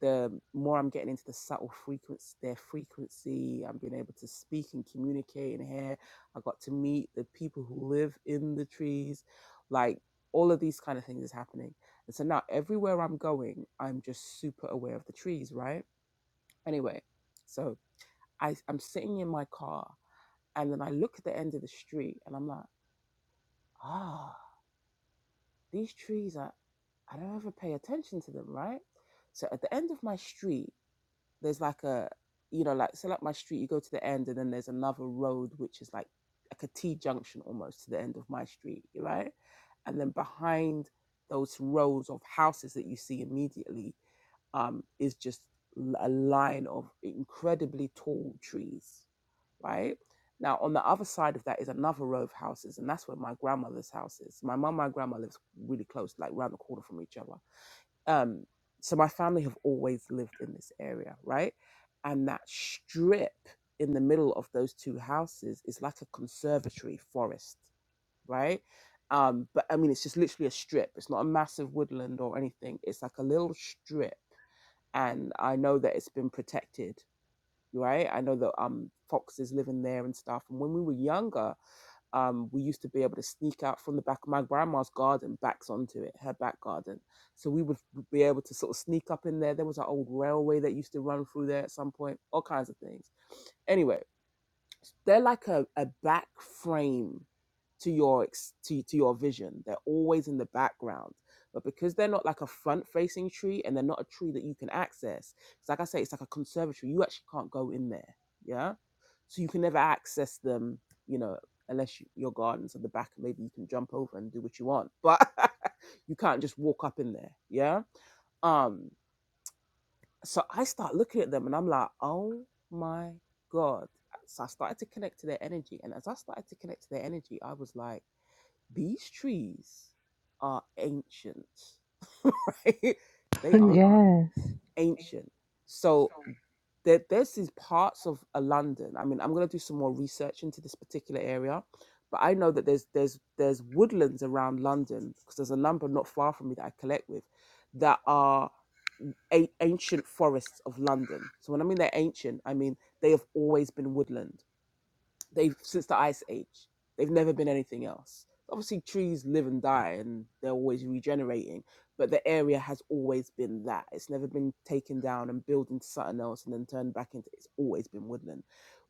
the more I'm getting into the subtle frequency, their frequency, I'm being able to speak and communicate and hear. I got to meet the people who live in the trees, like all of these kind of things is happening. And so now everywhere I'm going, I'm just super aware of the trees, right? Anyway, so I, I'm sitting in my car and then I look at the end of the street and I'm like, ah, these trees are, I don't ever pay attention to them, right? So at the end of my street, there's like a you know like so like my street you go to the end and then there's another road which is like like a T junction almost to the end of my street right and then behind those rows of houses that you see immediately um is just a line of incredibly tall trees right now on the other side of that is another row of houses and that's where my grandmother's house is my mum and my grandma lives really close like round the corner from each other um, so my family have always lived in this area, right? And that strip in the middle of those two houses is like a conservatory forest, right? Um, but I mean, it's just literally a strip. It's not a massive woodland or anything. It's like a little strip, and I know that it's been protected, right? I know that um foxes live in there and stuff. And when we were younger, um, we used to be able to sneak out from the back. My grandma's garden backs onto it, her back garden. So we would be able to sort of sneak up in there. There was an old railway that used to run through there at some point, all kinds of things. Anyway, they're like a, a back frame to your ex- to, to your vision they're always in the background but because they're not like a front facing tree and they're not a tree that you can access because like i say it's like a conservatory you actually can't go in there yeah so you can never access them you know unless you, your garden's at the back maybe you can jump over and do what you want but you can't just walk up in there yeah um so I start looking at them and I'm like, oh my God. So I started to connect to their energy. And as I started to connect to their energy, I was like, these trees are ancient, right? They are
Yes.
ancient. So there, there's these parts of uh, London. I mean, I'm going to do some more research into this particular area. But I know that there's there's there's woodlands around London because there's a number not far from me that I collect with that are a- ancient forests of London. So when I mean they're ancient, I mean they have always been woodland. They've since the ice age. They've never been anything else. Obviously, trees live and die, and they're always regenerating. But the area has always been that. It's never been taken down and built into something else and then turned back into. It's always been woodland,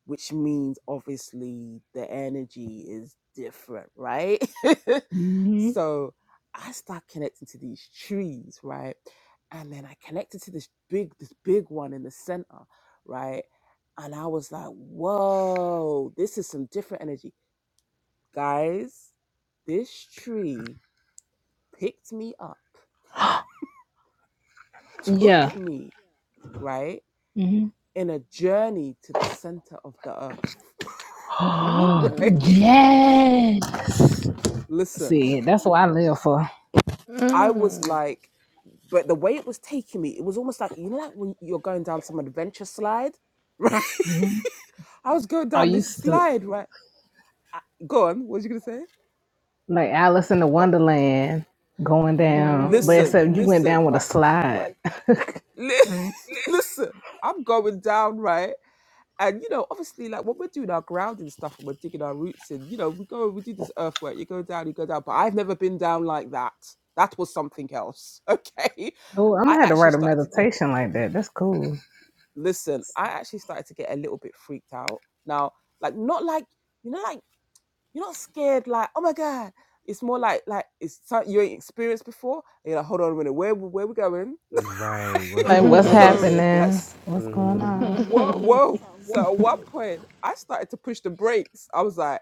which means obviously the energy is different, right?
hmm
so I start connecting to these trees, right? And then I connected to this big, this big one in the center, right? And I was like, whoa, this is some different energy. Guys, this tree picked me up, took
Yeah.
me, right,
hmm
in a journey to the center of the earth.
Oh,
right?
Mm.
yes.
Listen,
See, that's what I live for.
I was
Mm.
like, but the way it was taking me, it was almost like, you know, like when you're going down some adventure slide, right? I was going
I
down this
used to
slide, right? I, go on, what was you going to say?
like Alice in the
Oh,
Wonderland going
l-
down, but
listen,
except you
Mm.
went down with a
right?
slide.
Li- Listen, I'm going down, right? And you know, obviously, like when we're doing our grounding stuff and we're digging our roots in, you know, we go, we do this earthwork, you go down, you go down. But I've never been down like that. That was something else. Okay.
Oh, I'm
I
gonna have to write
actually
a
started to get,
meditation like that. That's cool.
listen, I actually started to get a little bit freaked out. Now, like, not like, you know, like, you're not scared, like, oh my God. It's more like, like, it's something you ain't experienced before. And you're like, hold on a minute, where, where we going?
Right. What's
Like,
going
what's yes.
So,
on?
happening? What's going Mm-hmm.
Mm,
on?
Whoa. So at one point, I started to push the brakes. I was like,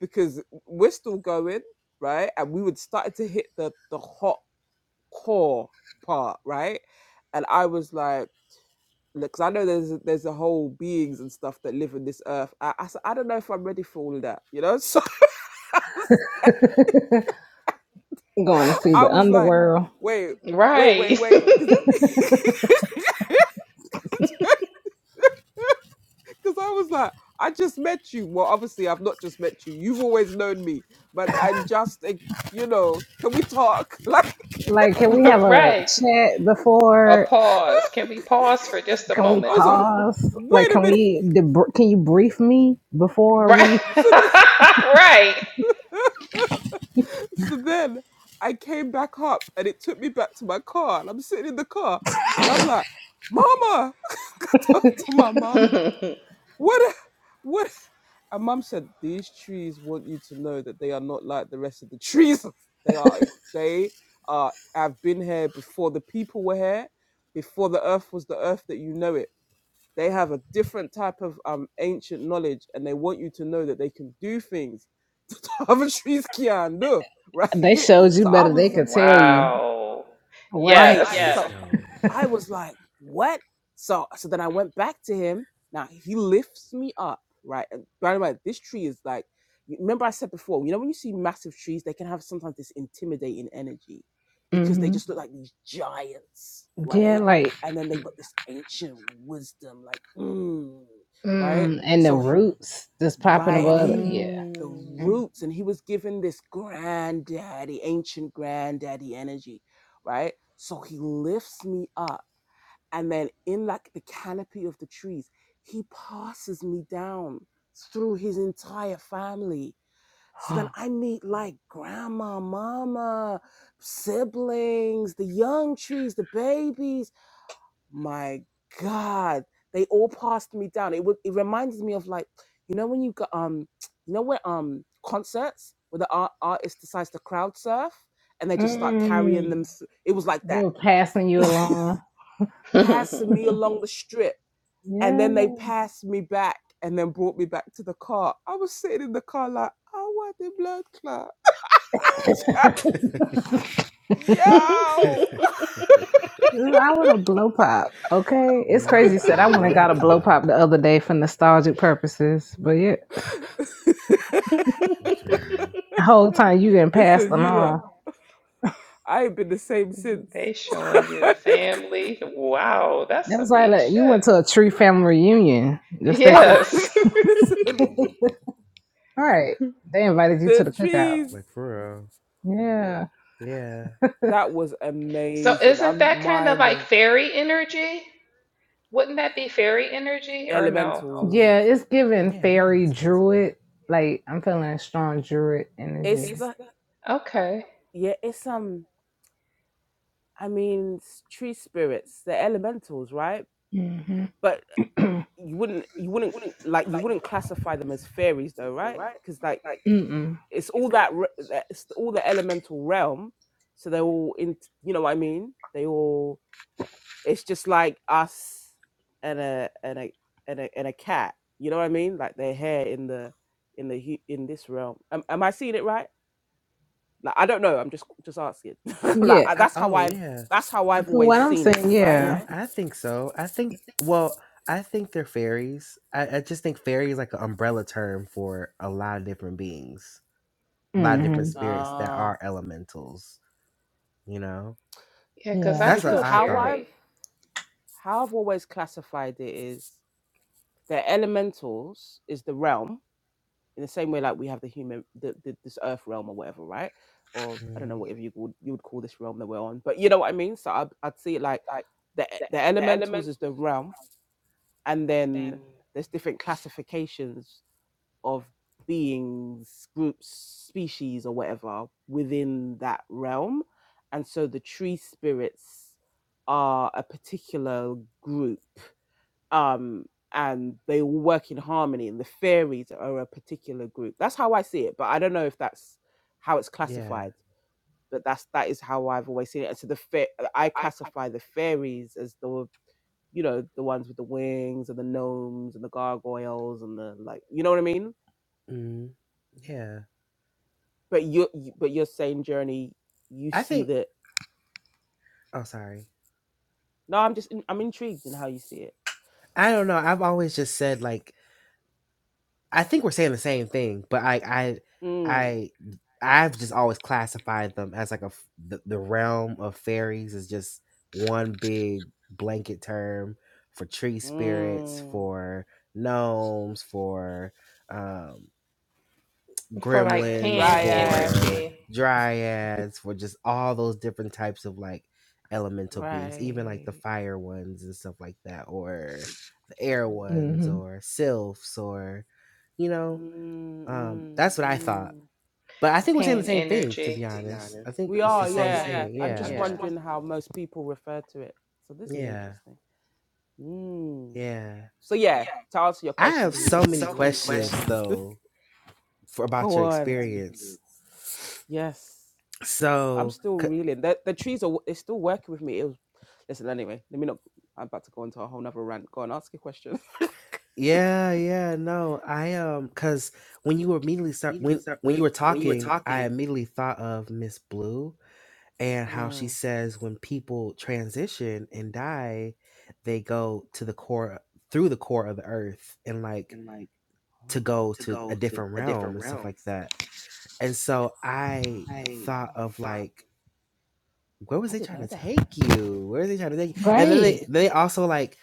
because we're still going, right? And we would started to hit the the hot core part, right? And I was like, because I know there's there's a whole beings and stuff that live in this earth. I, I said, I don't know if I'm ready for all of that, you know. So I was like,
going to see the
I was like,
underworld.
wait, wait, wait,
right.
wait, because Because I was like, I just met you. Well, obviously, I've not just met you. You've always known me, but I'm just, a, you know, can we talk? Like,
Like, can we have a
right.
chat
A
before?
pause. Can we pause for just a
Can we
I
moment?
was like,
pause? Like,
wait a
can
minute.
we? Debr- can you brief me before
right.
we?
So then, so then I came back up and it took me back to my car. And I'm sitting in the car and I'm like, Mama, I talked to my mom
right.
What? a- What? a-" And mum said, "These trees want you to know that they are not like the rest of the trees. They are. They are. Have been here before the people were here, before the earth was the earth that you know it. They have a different type of um ancient knowledge, and they want you to know that they can do things that the other trees can do. Right?
They showed you
So I
better. They
was like,
could tell you.
Wow.
Right.
right.
Yes.
that's
So
dope.
I was like, what? So so then I went back to him. Now he lifts me up, right? And by the way, this tree is like remember I said before, you know when you see massive trees, they can have sometimes this intimidating energy because they
hmm
just look like these giants,
Yeah.
right?
Like,
And then they've got this ancient wisdom, like mm, right?
mm, and the
So he-
roots just popping
right, and
above. it.
he
Yeah.
the
Mm.
roots, and he was given this granddaddy, ancient granddaddy energy, right? So he lifts me up and then in like the canopy of the trees he passes me down through his entire family so then i meet like grandma mama siblings the young trees the babies my god they all passed me down it was it reminded me of like you know when you got um you know when um concerts where the art- artist decides to crowd surf and they just start carrying
Mm,
them th- it was like
they
that
were passing you along.
passing me along the strip and
Yeah.
then they passed me back and then brought me back to the car. I was sitting in the car like, I want the blood clot.
I
Yo!
want a blow pop. Okay. It's crazy. you
Not
Said
the
I went and got
blood
a blow
clot.
pop the other day for nostalgic purposes. But yeah,
I'm screaming.
whole time you getting passed
Listen, you
along.
look, I ain't been the same since.
They showing you the family. Wow, that's
That was
some
like,
neat
like, you
shit.
went to a tree family reunion. Just that quick.
Yes.
Listen,
All right. They invited you to
the
the cookout.
trees.
Like for
Yeah.
real. Yeah.
That was
So
amazing.
isn't that
I'm
kind of
mind
like
blown.
fairy energy? Wouldn't that be fairy energy or no?
elementals.
Yeah, it's giving
Yeah, I
fairy
think so.
druid. Like, I'm feeling a strong druid
It's
energy.
the
Okay.
yeah, it's um I mean tree spirits, they're elementals, right?
Mm-hmm.
But you wouldn't you wouldn't like you wouldn't classify them as fairies though right because like
Mm-mm.
it's all that re- that- it's all the elemental realm so they're all in you know what i mean they all it's just like us and a and a and a, and a cat you know what i mean like their hair in the in the hu- in this realm am, am i seeing it right like i don't know i'm just just asking like
Yeah.
I-
I,
that's how
oh
i've
yeah.
that's how i've
From
always
what I'm
seen it
saying,
right
Yeah,
yeah.
I think so. I think well, I think they're fairies. I, I just think fairy is like an umbrella term for a lot of different beings. A lot of different
Mm-hmm.
spirits that
Ah,
are elementals, you know?
Yeah, because
Yeah.
I
That's what
because
feel
I
how
thought.
fairy
I've how I've always classified it is the elementals is the realm in the same way like we have the human the, the this earth realm or whatever, right? Or I don't know
Mm,
whatever you would you would call this realm that we're on, but you know what I mean. So I'd, I'd see it like the e- the elementals is the realm, and then there's different classifications of beings, groups, species, or whatever within that realm. And so the tree spirits are a particular group, um, and they all work in harmony. And the fairies are a particular group. That's how I see it, but I don't know if that's how it's
yeah.
classified. But that's that is how I've always seen it. And so the fa- I classify the fairies as the you know the ones with the wings and the gnomes and the gargoyles and the like. You know what I mean?
Mm, yeah.
but you you- but your same journey you
I
see
think
that
oh sorry.
no i'm just in, i'm intrigued in how you see it
I don't know. I've always just said like I think we're saying the same thing, but I I
mm,
I I've just always classified them as like a f- the, the realm of fairies is just one big blanket term for tree spirits,
mm,
for gnomes, for um
for like
gremlins,
pan
dryads
for
energy.
dryads, for just all those different types of like elemental beings, even like the
right
fire ones and stuff like that, or the air ones,
Mm-hmm.
or sylphs, or you know,
mm,
um,
mm,
that's what I thought.
mm.
But I think we're saying the
Pan
same thing, to
energy.
be
To
honest. I think
we
it's the
are
same
yeah
thing.
i'm just
Yeah,
yeah.
wondering how most people refer to it so this is
yeah,
interesting mm.
yeah.
so yeah to answer your
I
question
have
the healing
so
pools
many
of love yeah
questions though for about
go
your
on
experience.
yes I'm
So.
still
c-
reeling. The the trees are it's still working with me. It was, listen, anyway, let me not. I'm about to go into a whole nother rant. Go on, ask your question.
Yeah, yeah, no, I um, cause when you were immediately start when when you were talking, I immediately thought of Miss Blue and how she
Mm.
says when people transition and die, they go to the core through the core of the earth and like to go to a different realm and stuff like that. And so I thought
Ah,
of like, where was
I
they
didn't
trying
know
to
that.
take you? Where are they trying to take you?
wondering.
And then they
Great.
they also like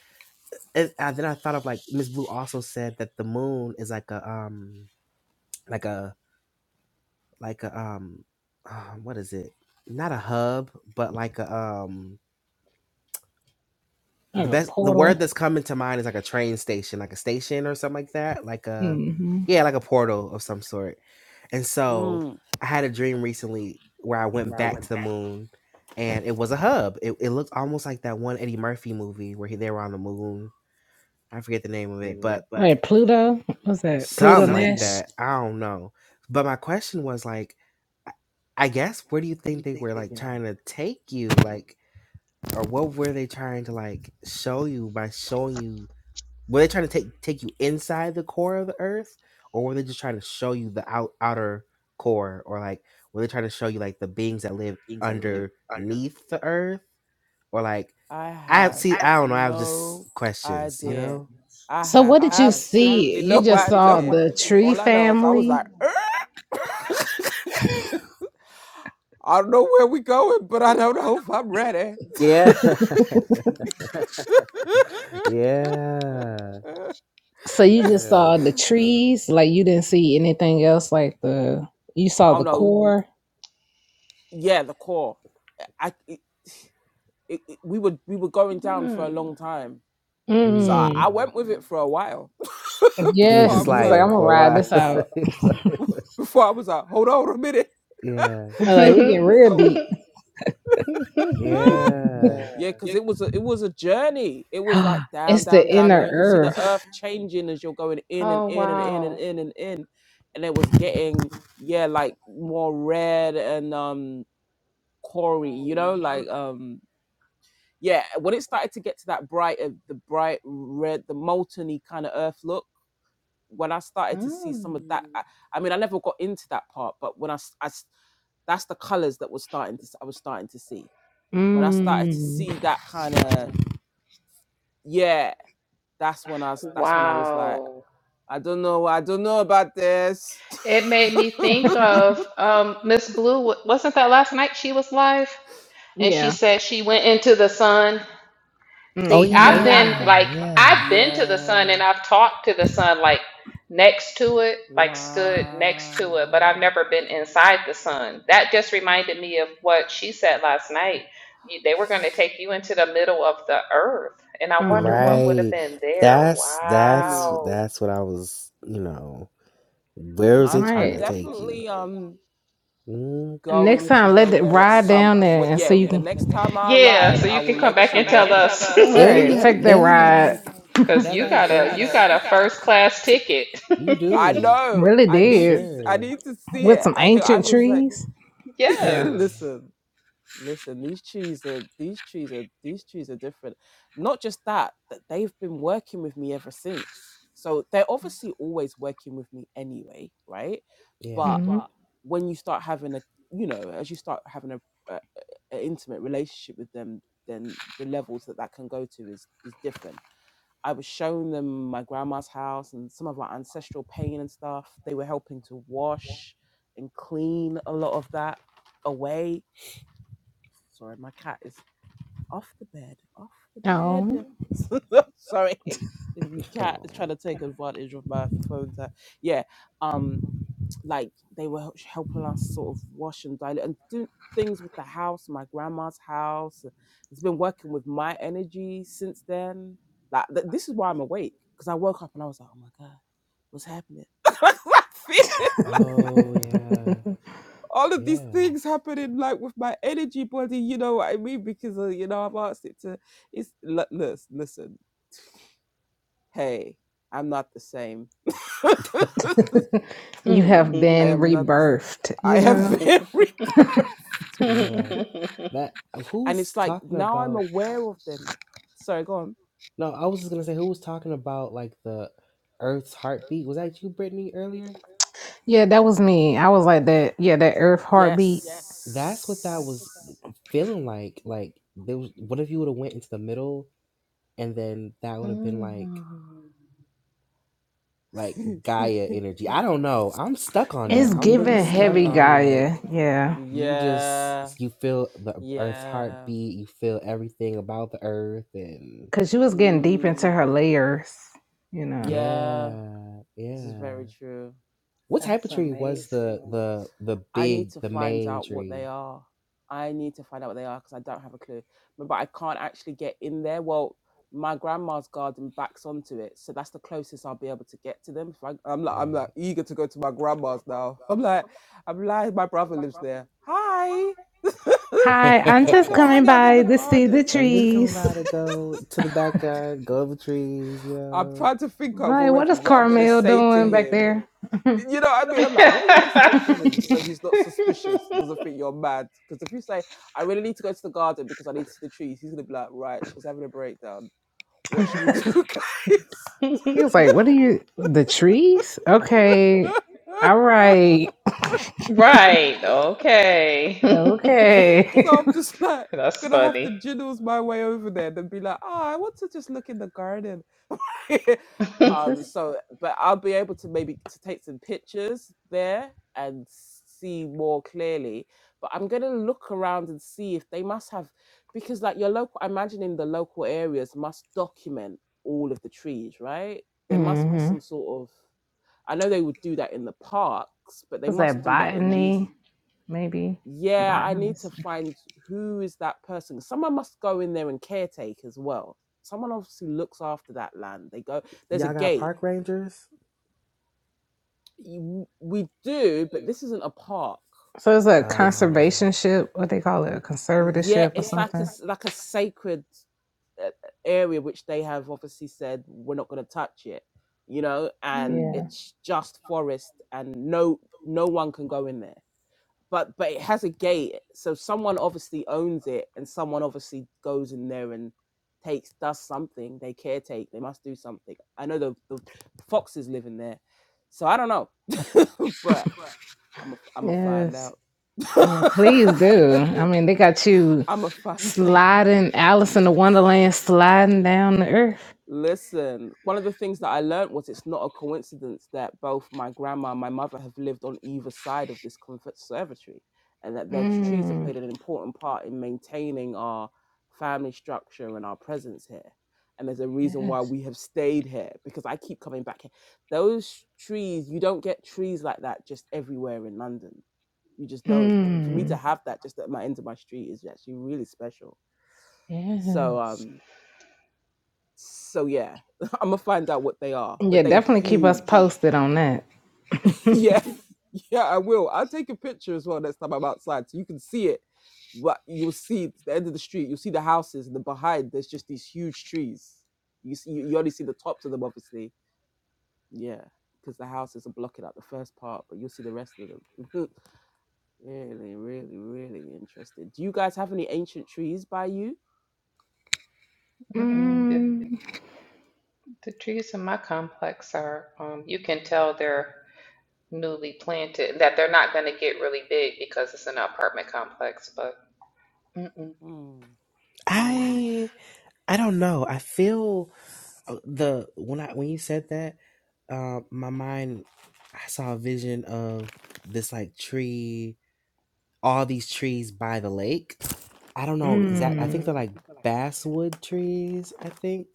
and, and then I thought of like Miss Blue also said that the moon is like a um like a like a um uh, what is it not a hub but like a um the
Like a
best the word
portal.
that's coming to mind is like a train station like a station or something like that like a
Mm-hmm.
yeah like a portal of some sort and so
Mm.
i had a dream recently where i went back to the moon and it was a hub it, it looked almost like that one eddie murphy movie where he, they were on the moon i forget the name of it but
Like Pluto. What's that? Pluto
something like
Nash.
that. I don't know. But my question was like, I I guess where do you think they were like trying to take you, like, or what were they trying to like show you by showing you? Were they trying to take take you inside the core of the Earth, or were they just trying to show you the out outer core, or like were they trying to show you like the beings that live underneath the Earth, or like
I
I
have
see? I don't know. I have
no
just questions, you
idea.
know.
I
So
have
what did you see?
absolutely
You
no
just saw
idea.
the tree
All I know is I was
family.
like, "Eh." I don't know where we're going, but I don't know if I'm ready.
Yeah. yeah.
So
That's
you just saw
real.
the trees, like you didn't see anything else like the you saw
oh
the
no!
core.
yeah, the core. Eh, I it, it, it- we were we were going down for a
Hmm.
long time, so I,
Mm.
I
Mm.
went with it for a while
You was
before
Yes, you
I
just
was
was like,
like
I'm
sliding
gonna
for a
ride
while.
this out.
It's like-
before I was like, hold on a minute.
yeah.
I'm like
so,
we get real
so
deep.
Yeah.
yeah, because it was a it was a journey. It was like down,
it's the
down, down, and
inner
you could see the
earth.
earth changing as you're going in and
Oh,
in and in and
wow.
in and in, and it was getting yeah like more red and um quarry, you know, like um yeah, when it started to get to that bright, uh, the bright red, the molten kind of earth look, when I started to see some of
Mm.
that, I, I mean, I never got into that part, but when I, s- I s- that's the colors that was starting to, s- I was starting to see. When I started to
Mm.
see that kind of, yeah, that's when I was, that's when I was like,
Wow.
I don't know, I don't know about this.
It made me think of um, Miss Blue. Wasn't that last night she was live? And she
Yeah.
said she went into the sun.
hmm
Oh
See,
Oh
I've
yeah.
been
yeah.
like
Yeah.
I've been to the sun
yeah,
and I've talked to the sun like next to it, like stood next to it, but I've
wow.
never been inside the sun. That just reminded me of what she said last night. You, they were going to
S-
take you into the middle of the earth, and I wonder
hmm
what would have
Right.
been there.
That's
I
that's
mean,
Wow.
that's what I was, you know, where was
All
I'm,
it trying
I'm
to
right.
take you?
definitely, um.
Mm.
Next
going to
time let
go
it
there at
ride
some
down there
wh-
and so
yeah
you
the
can
next time i
Yeah,
ride
so
i
you can
will
come
let
back
you
and tell
know
us
And
Right.
that
Take that
and that like
ride.
cuz
that
you
like
got a you
goes
got a first class ticket.
you
i
do
know
Really
i
for
need
did.
to s- i
sure.
need to see
with
it
some
i think i
ancient
was like
trees. Yeah.
Yeah.
yes.
listen listen these trees are these trees are these trees are different not just that that they've been working with me ever since so they're obviously always working with me anyway right
Yeah.
But.
hmm
when you start having a you know as you start having a, a, a intimate relationship with them then the levels that that can go to is is different i was showing them my grandma's house and some of our ancestral pain and stuff they were helping to wash and clean a lot of that away sorry my cat is off the bed off the
Oh,
bed sorry the cat is trying
Oh.
to take advantage of my phone time yeah um like they were h- helping us sort of wash and dilute and do things with the house, my grandma's house. It's been working with my energy since then. Like th- this is why I'm awake because I woke up and I was like, oh my god, what's happening? I feeling? like
Oh yeah.
all of these things
Yeah.
happening like with my energy body. You know what I mean? Because uh, you know I've asked it to. It's l- listen, listen. Hey, I'm not the same. I
you have been
am not the. s-
rebirthed.
I
You
have
know.
been rebirthed.
Yeah. That uh, who
And it's
was
like
talking
now I'm
about?
aware of them. Sorry, go on.
No, I was just gonna say who was talking about like the Earth's heartbeat. Was that you, Brittany, earlier?
Yeah, that was me. I was like that. Yeah, that Earth heartbeat.
That's what that was
Yes.
uh, feeling like. Like there was. What if you would have went into the middle, and then that would have been
Mm.
like like Gaia energy. I don't know. I'm stuck on that.
It's
I'm really
giving
stuck
heavy
Mm.
on
Gaia.
like
Yeah,
you just
yeah.
you feel the Earth's
Yeah.
heartbeat. You feel everything about the Earth, and
cause she was getting deep into
Mm,
her layers. You know.
yeah.
yeah,
This is
yeah.
very true.
What type of
That's
tree was the
amazing.
the the
I need
big
to
the
find
main
out what they
tree?
are. I need to find out what they are because I don't have a clue. Remember, I can't actually get in there. Well, my grandma's garden backs onto it, so that's the closest I'll be able to get to them. So I, am like, I'm
Right.
like eager to go to my grandma's now. I'm like, I'm like, my brother lives there. Hi,
Hi, I'm
can I
just
go
coming
hang out in
by
the
to see the
garden?
I'm just coming by
trees.
to go to the backyard, go over trees, you
I'm
know.
trying to think
i
of
what
already
is
what I'm gonna
Carmel
say to
doing back
him
there?
You know what I mean? I'm like, what are you gonna say to him so he's not suspicious, doesn't think you're mad? Because if you say, I really need to go to the garden because I need to see the trees, he's gonna be like, right, she's having a breakdown. What should we do, guys?
He was like, "What are you? The trees? Okay, all right,
Right. Okay.
okay."
so I'm just like
That's
gonna have to
funny.
jiddles my way over there and be like, ah, I want to just look in the garden.
It's
um,
just
so, but I'll be able to maybe to take some pictures there and see more clearly. But I'm gonna look around and see if they must have, because like your local, I imagine in the local areas must document all of the trees, right? There must be
hmm
some sort of. I know they would do that in the parks, but they
was
must
that
do that in these
botany, maybe
yeah, I need to
botanist.
find who is that person. Someone must go in there and caretake as well. Someone obviously looks after that land. They go, there's a
Y'all got
gate.
park rangers?
You- We do, but this isn't a park.
So it's a
It's
Oh.
conservationship. What they call it, a
yeah,
conservatorship or
it's like a
something.
like a sacred uh, uh, area which they have obviously said we're not going to touch it, you know, and
Yeah.
Mm,
it's just forest and no no one can go in there but but it has a gate so someone obviously owns it and someone obviously goes in there and takes does something they caretake they must do something i know the, the foxes live in there so i don't know but i'm a, am a find
Yes.
out
Yeah. Please do. I mean, they got you
i'm a find out
sliding Alice in the Wonderland, sliding down the earth.
Listen, one of the things that I learned was it's not a coincidence that both my grandma and my mother have lived on either side of this conservatory, and that their trees have
Mm,
played an important part in maintaining our family structure and our presence here. And there's a reason why
yes.
we have stayed here because I keep coming back here. Those trees, you don't get trees like that just everywhere in London. You just don't. For me to
Mm,
have that just at my end of my street is actually really special. So
yes.
um so yeah, I'm gonna find out what they are, but
Yeah.
they
Definitely keep us
huge.
posted on that.
yeah, yeah, I will. I'll take a picture as well next time I'm outside, so you can see it. But you'll see the end of the street. You'll see the houses, and the behind there's just these huge trees. You see, you only see the tops of them, obviously. Yeah, because the houses are blocking out the first part, but you'll see the rest of them. really, really, really interesting. Do you guys have any ancient trees by you?
Mm-mm. The,
Mm,
the trees in my complex are, um, you can tell they're newly planted, that they're not going to get really big because it's an apartment complex, but mm-mm.
Mm, mm,
I I don't know. I feel uh, the when I when you said that, uh, my mind I saw a vision of this like tree all these trees by the lake. I don't know exact. I
mhm,
mm,
think they're
Mm,
like basswood trees. I think,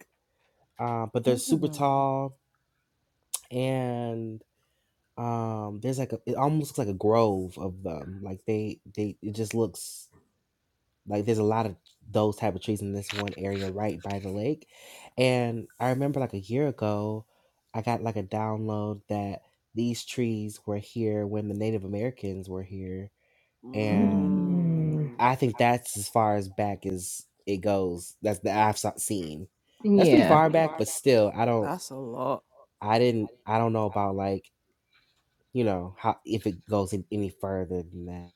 uh, but they're super
mm,
mm.
tall, and um, there's like a. It almost looks like a grove of them. Like they, they. It just looks like there's a lot of those type of trees in this one area right by the lake, and I remember like a year ago, I got like a download that these trees were here when the Native Americans were here
mm,
and.
Mm.
mm.
I think that's as far as back as it goes. That's that I've so- seen. That's pretty
Yeah.
far back, but still, I don't.
That's a lot.
I didn't. I don't know about like you know how if it goes in any further than that.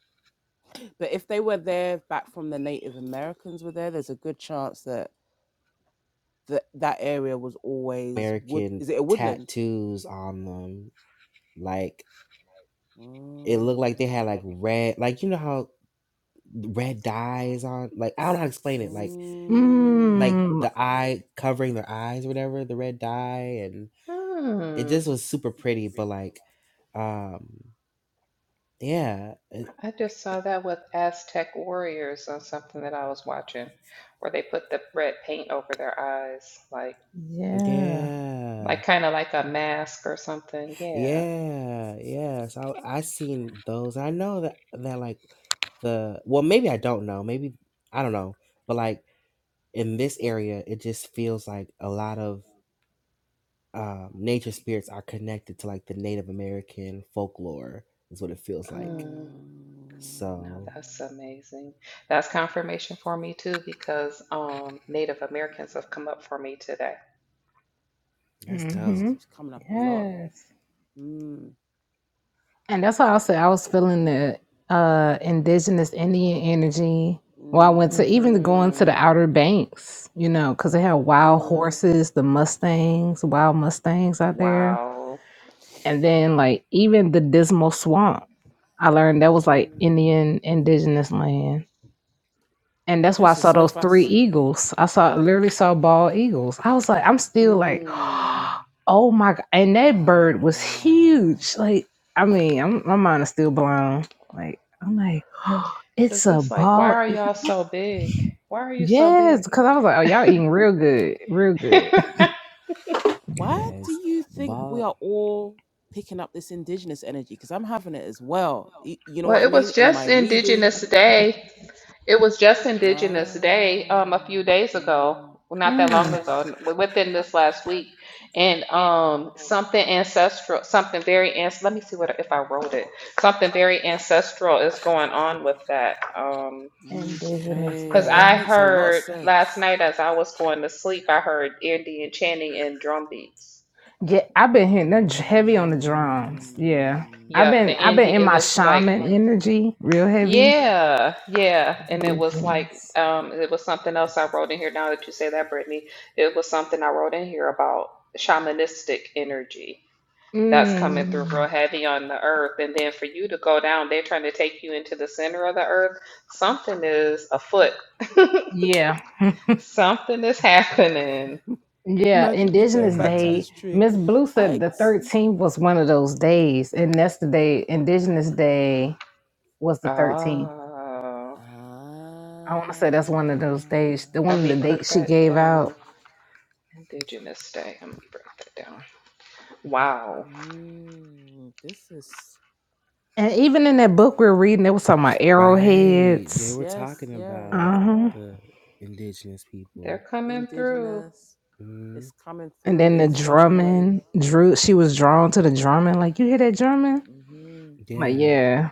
But if they were there back from the Native Americans were there, there's a good chance that that, that area was always wood.
American
Is it a woodland?
tattoos on them, like it looked like
Mm,
they had like red, like you know how red dye is on. Like I don't know how to explain it. Like
mm,
like
Mm,
the eye covering their eyes, or whatever the red dye, and
mm,
it
mm.
just was super pretty. But like, um, yeah
I just saw that with Aztec warriors on something that I was watching, where they put the red paint over their eyes, like
yeah.
Yeah,
like kind of like a mask or something. Yeah.
yeah, yeah. So I seen those. I know that that like the well, maybe I don't know. Maybe I don't know. But like in this area, it just feels like a lot of um, nature spirits are connected to like the Native American folklore. Is what it feels like.
Mm.
mm.
No,
So
that's amazing. That's confirmation for me too, because um, Native Americans have come up for me today.
that's
This
dope.
hmm
keeps coming up a lot.
Yes.
Mm,
And that's why I said I was feeling the uh indigenous Indian energy. Well, I went
mm.
to even going to the
Mm-hmm.
Outer Banks, you know, because they had wild
Mm.
horses, the Mustangs, wild Mustangs out there.
Wow.
And then like even the Dismal Swamp. I learned that was like
Mm.
Indian indigenous land. And that's why I
This is
saw
so
those three
fascinating.
eagles. I saw literally saw bald eagles. I was like, I'm still like,
Mm.
oh my god! And that bird was
Wow.
huge. Like, I mean, I'm, my mind is still blown. Like, I'm like, it's
Cause
a
it's like, why
bald
are
eagle.
y'all so big? Why are you so
Yes,
big?
because I was like, oh, y'all eating real good, real good.
Why do
Yes,
you think we
but
are all picking up this indigenous energy? Because I'm having it as well. Y- You know what
Well,
I
it
mean?
was
In my
just Indigenous
reading.
Day. It was just Indigenous Day
Oh,
um, a few days ago,
mm,
well, not that long
Mm.
ago, w- within this last week, and um, something ancestral, something very ans. Let me see what if I wrote it. Something very ancestral is going on with that. Um,
Indigenous
because
okay. That
I
Day.
makes a lot of
heard last
sense.
night as I was going to sleep, I heard Indian chanting and drum beats.
Yeah, I've been hitting that j- heavy on the drums. Yeah, I've
Yeah, the
been I've been
Indian.
Mm.
in
It
my
was like
shaman energy, real heavy.
Yeah, yeah. And it was like,
Indigenous.
um, it was something else I wrote in here now that you say that, Brittany. It was something I wrote in here about shamanistic energy that's coming through real
Mm,
heavy on the earth. And then for you to go down, they're trying to take you into the center of the earth. Something is afoot.
yeah.
Something is happening.
Yeah.
Imagine me going
Indigenous
back to
yeah,
Day.
this tree.
Miss Blue
I
said the
ex-
13th was one of those days. And that's the day, Indigenous Day was the 13th.
Oh,
I want to say that's one of those days,
Ah.
the one
let
of
me
the
put
dates she
that
gave out.
down. Indigenous Day. Let me break that down. Wow.
Mm, this is
And even in that book we're reading, it was talking about
right. They
arrowheads.
were
yes,
talking
yeah,
about
Uh
yeah,
huh.
yeah.
the indigenous people.
They're
the
coming through.
indigenous.
hmm
It's coming
And
through
then the
in so many ways.
drumming, Drew, she was drawn to the drumming. Like, you hear that drumming?
hmm
Like,
Yeah.
yeah.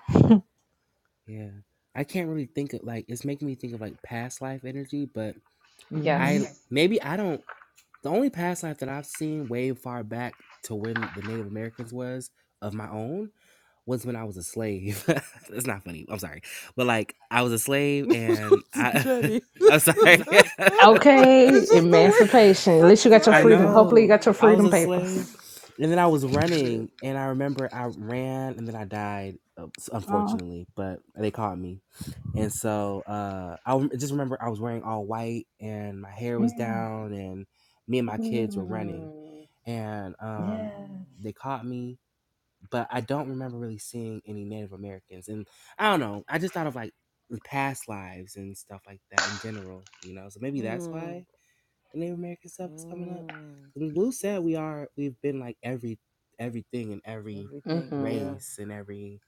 Yeah. I can't really think of like it's making me think of like past life energy, but
hmm
I
Yes.
maybe I don't the only past life that I've seen way far back to when the Native Americans was of my own was when I was a slave. it's not funny. I'm sorry. But like I was a slave
it's
and
a
I
journey. it's
I'm sorry.
Okay,
just the
emancipation.
way
At least you got your
I
I'm
freedom.
dying.
Hopefully, you
know.
got your
I was
freedom
a
papers.
slave and then I was
Yeah.
running and I remember I ran and then I died uh,
Oh,
unfortunately, but they caught me. And so uh I rem- just remember I was wearing all white and my hair was
mm,
down me and my kids were running
Mm,
and um
yes.
Mm,
they caught me but i don't remember really seeing any native americans and i don't know i just thought of like the past lives and stuff like that in general you know so maybe that's
mm,
why the native american stuff is coming up
mm.
because blue said we are we've been like every everything and every
Everything.
mm-hmm,
Yeah.
race and every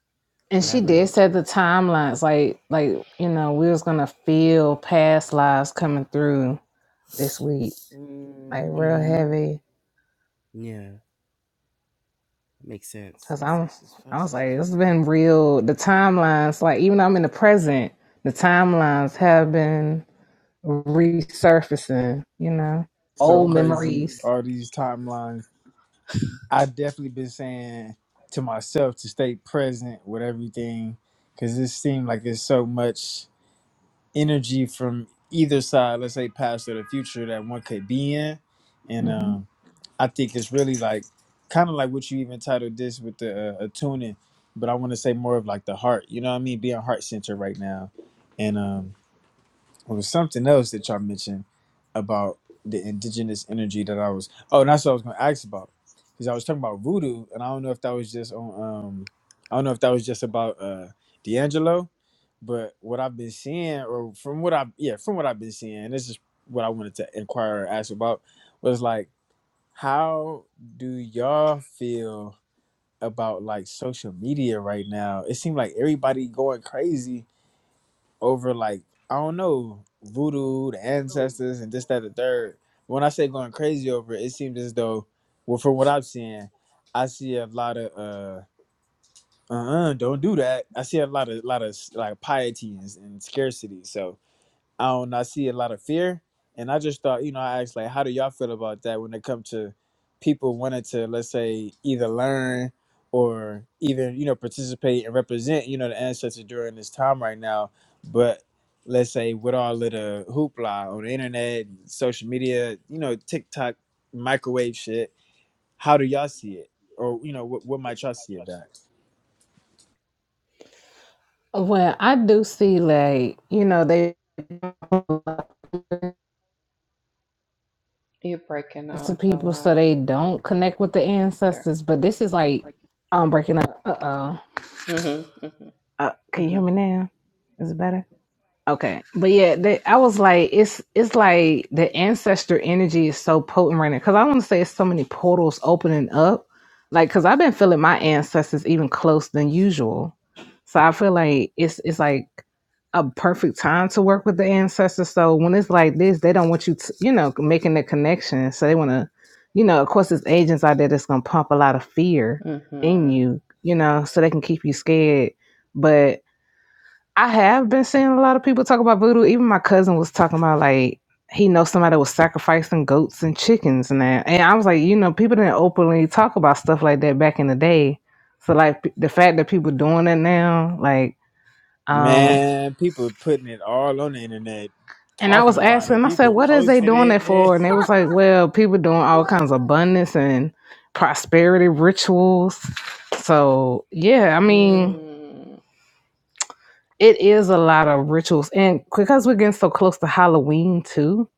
And she
mm-hmm.
did
whatever
Right.
set the timelines, like like you know, we was gonna feel past lives coming through this week, like
Mm.
real
hmm
heavy.
yeah that makes sense
Cause
Oh,
I'm,
this is
I was like,
fascinating
it's
stuff.
been real. The timelines, like even though I'm in the present, the timelines have been resurfacing. You know,
so
old
crazy
memories.
all these timelines i definitely been saying to myself to stay present with everything because it seemed like there's so much energy from either side let's say past or the future that one could be in and
hmm
um, i think it's really like kind of like what you even titled this with the uh, attuning but i want to say more of like the heart you know what i mean being heart centered right now and um well, there's something else that y'all mentioned about the indigenous energy that I was. Oh, and that's what I was going to ask about because I was talking about voodoo, and I don't know if that was just on. Um, I don't know if that was just about uh D'Angelo, but what I've been seeing, or from what I yeah, from what I've been seeing, and this is what I wanted to inquire or ask about was like, how do y'all feel about like social media right now? It seemed like everybody going crazy over like I don't know voodoo, the ancestors, and this, that, the third. When I say going crazy over it, it seems as though, well, from what I'm seeing, I see a lot of uh, uh, uh don't do that. I see a lot of lot of like piety and, and scarcity. So I don't know, I see a lot of fear. And I just thought, you know, I asked like how do y'all feel about that when it comes to people wanting to let's say either learn or even, you know, participate and represent, you know, the ancestors during this time right now. But let's say with all of the hoopla on the internet, social media, you know, TikTok, microwave shit, how do y'all see it? Or, you know, what what might y'all see of that?
Well, I do see like you know they
You're breaking
to
up a
people so
lot
they don't connect with the
there.
ancestors, but this is like I'm breaking up. Uh oh.
Mm-hmm,
Uh, can you
mm-hmm,
hear me now? Is it better? Okay, but yeah, they, I was like, it's it's like the ancestor energy is so potent right now because I want to say it's so many portals opening up, like because I've been feeling my ancestors even close than usual, so I feel like it's it's like a perfect time to work with the ancestors. So when it's like this, they don't want you, to, you know, making the connection. So they want to, you know, of course, there's agents out there that's gonna pump a lot of fear
mm-hmm,
in
mm-hmm.
you, you know, so they can keep you scared, but I have been seeing a lot of people talk about voodoo. Even my cousin was talking about like he knows somebody was sacrificing goats and chickens and that. And I was like, you know, people didn't openly talk about stuff like that back in the day. So like p- the fact that people doing that now, like, um,
Man, people putting it all on the internet,
and I
talking
was
about it.
asking, I said,
People
what is they
posted
doing that
it,
for? And they was like, well, people doing all
What?
kinds of abundance and prosperity rituals. So yeah, I mean
Mm.
it is a lot of rituals and because we're getting so close to halloween too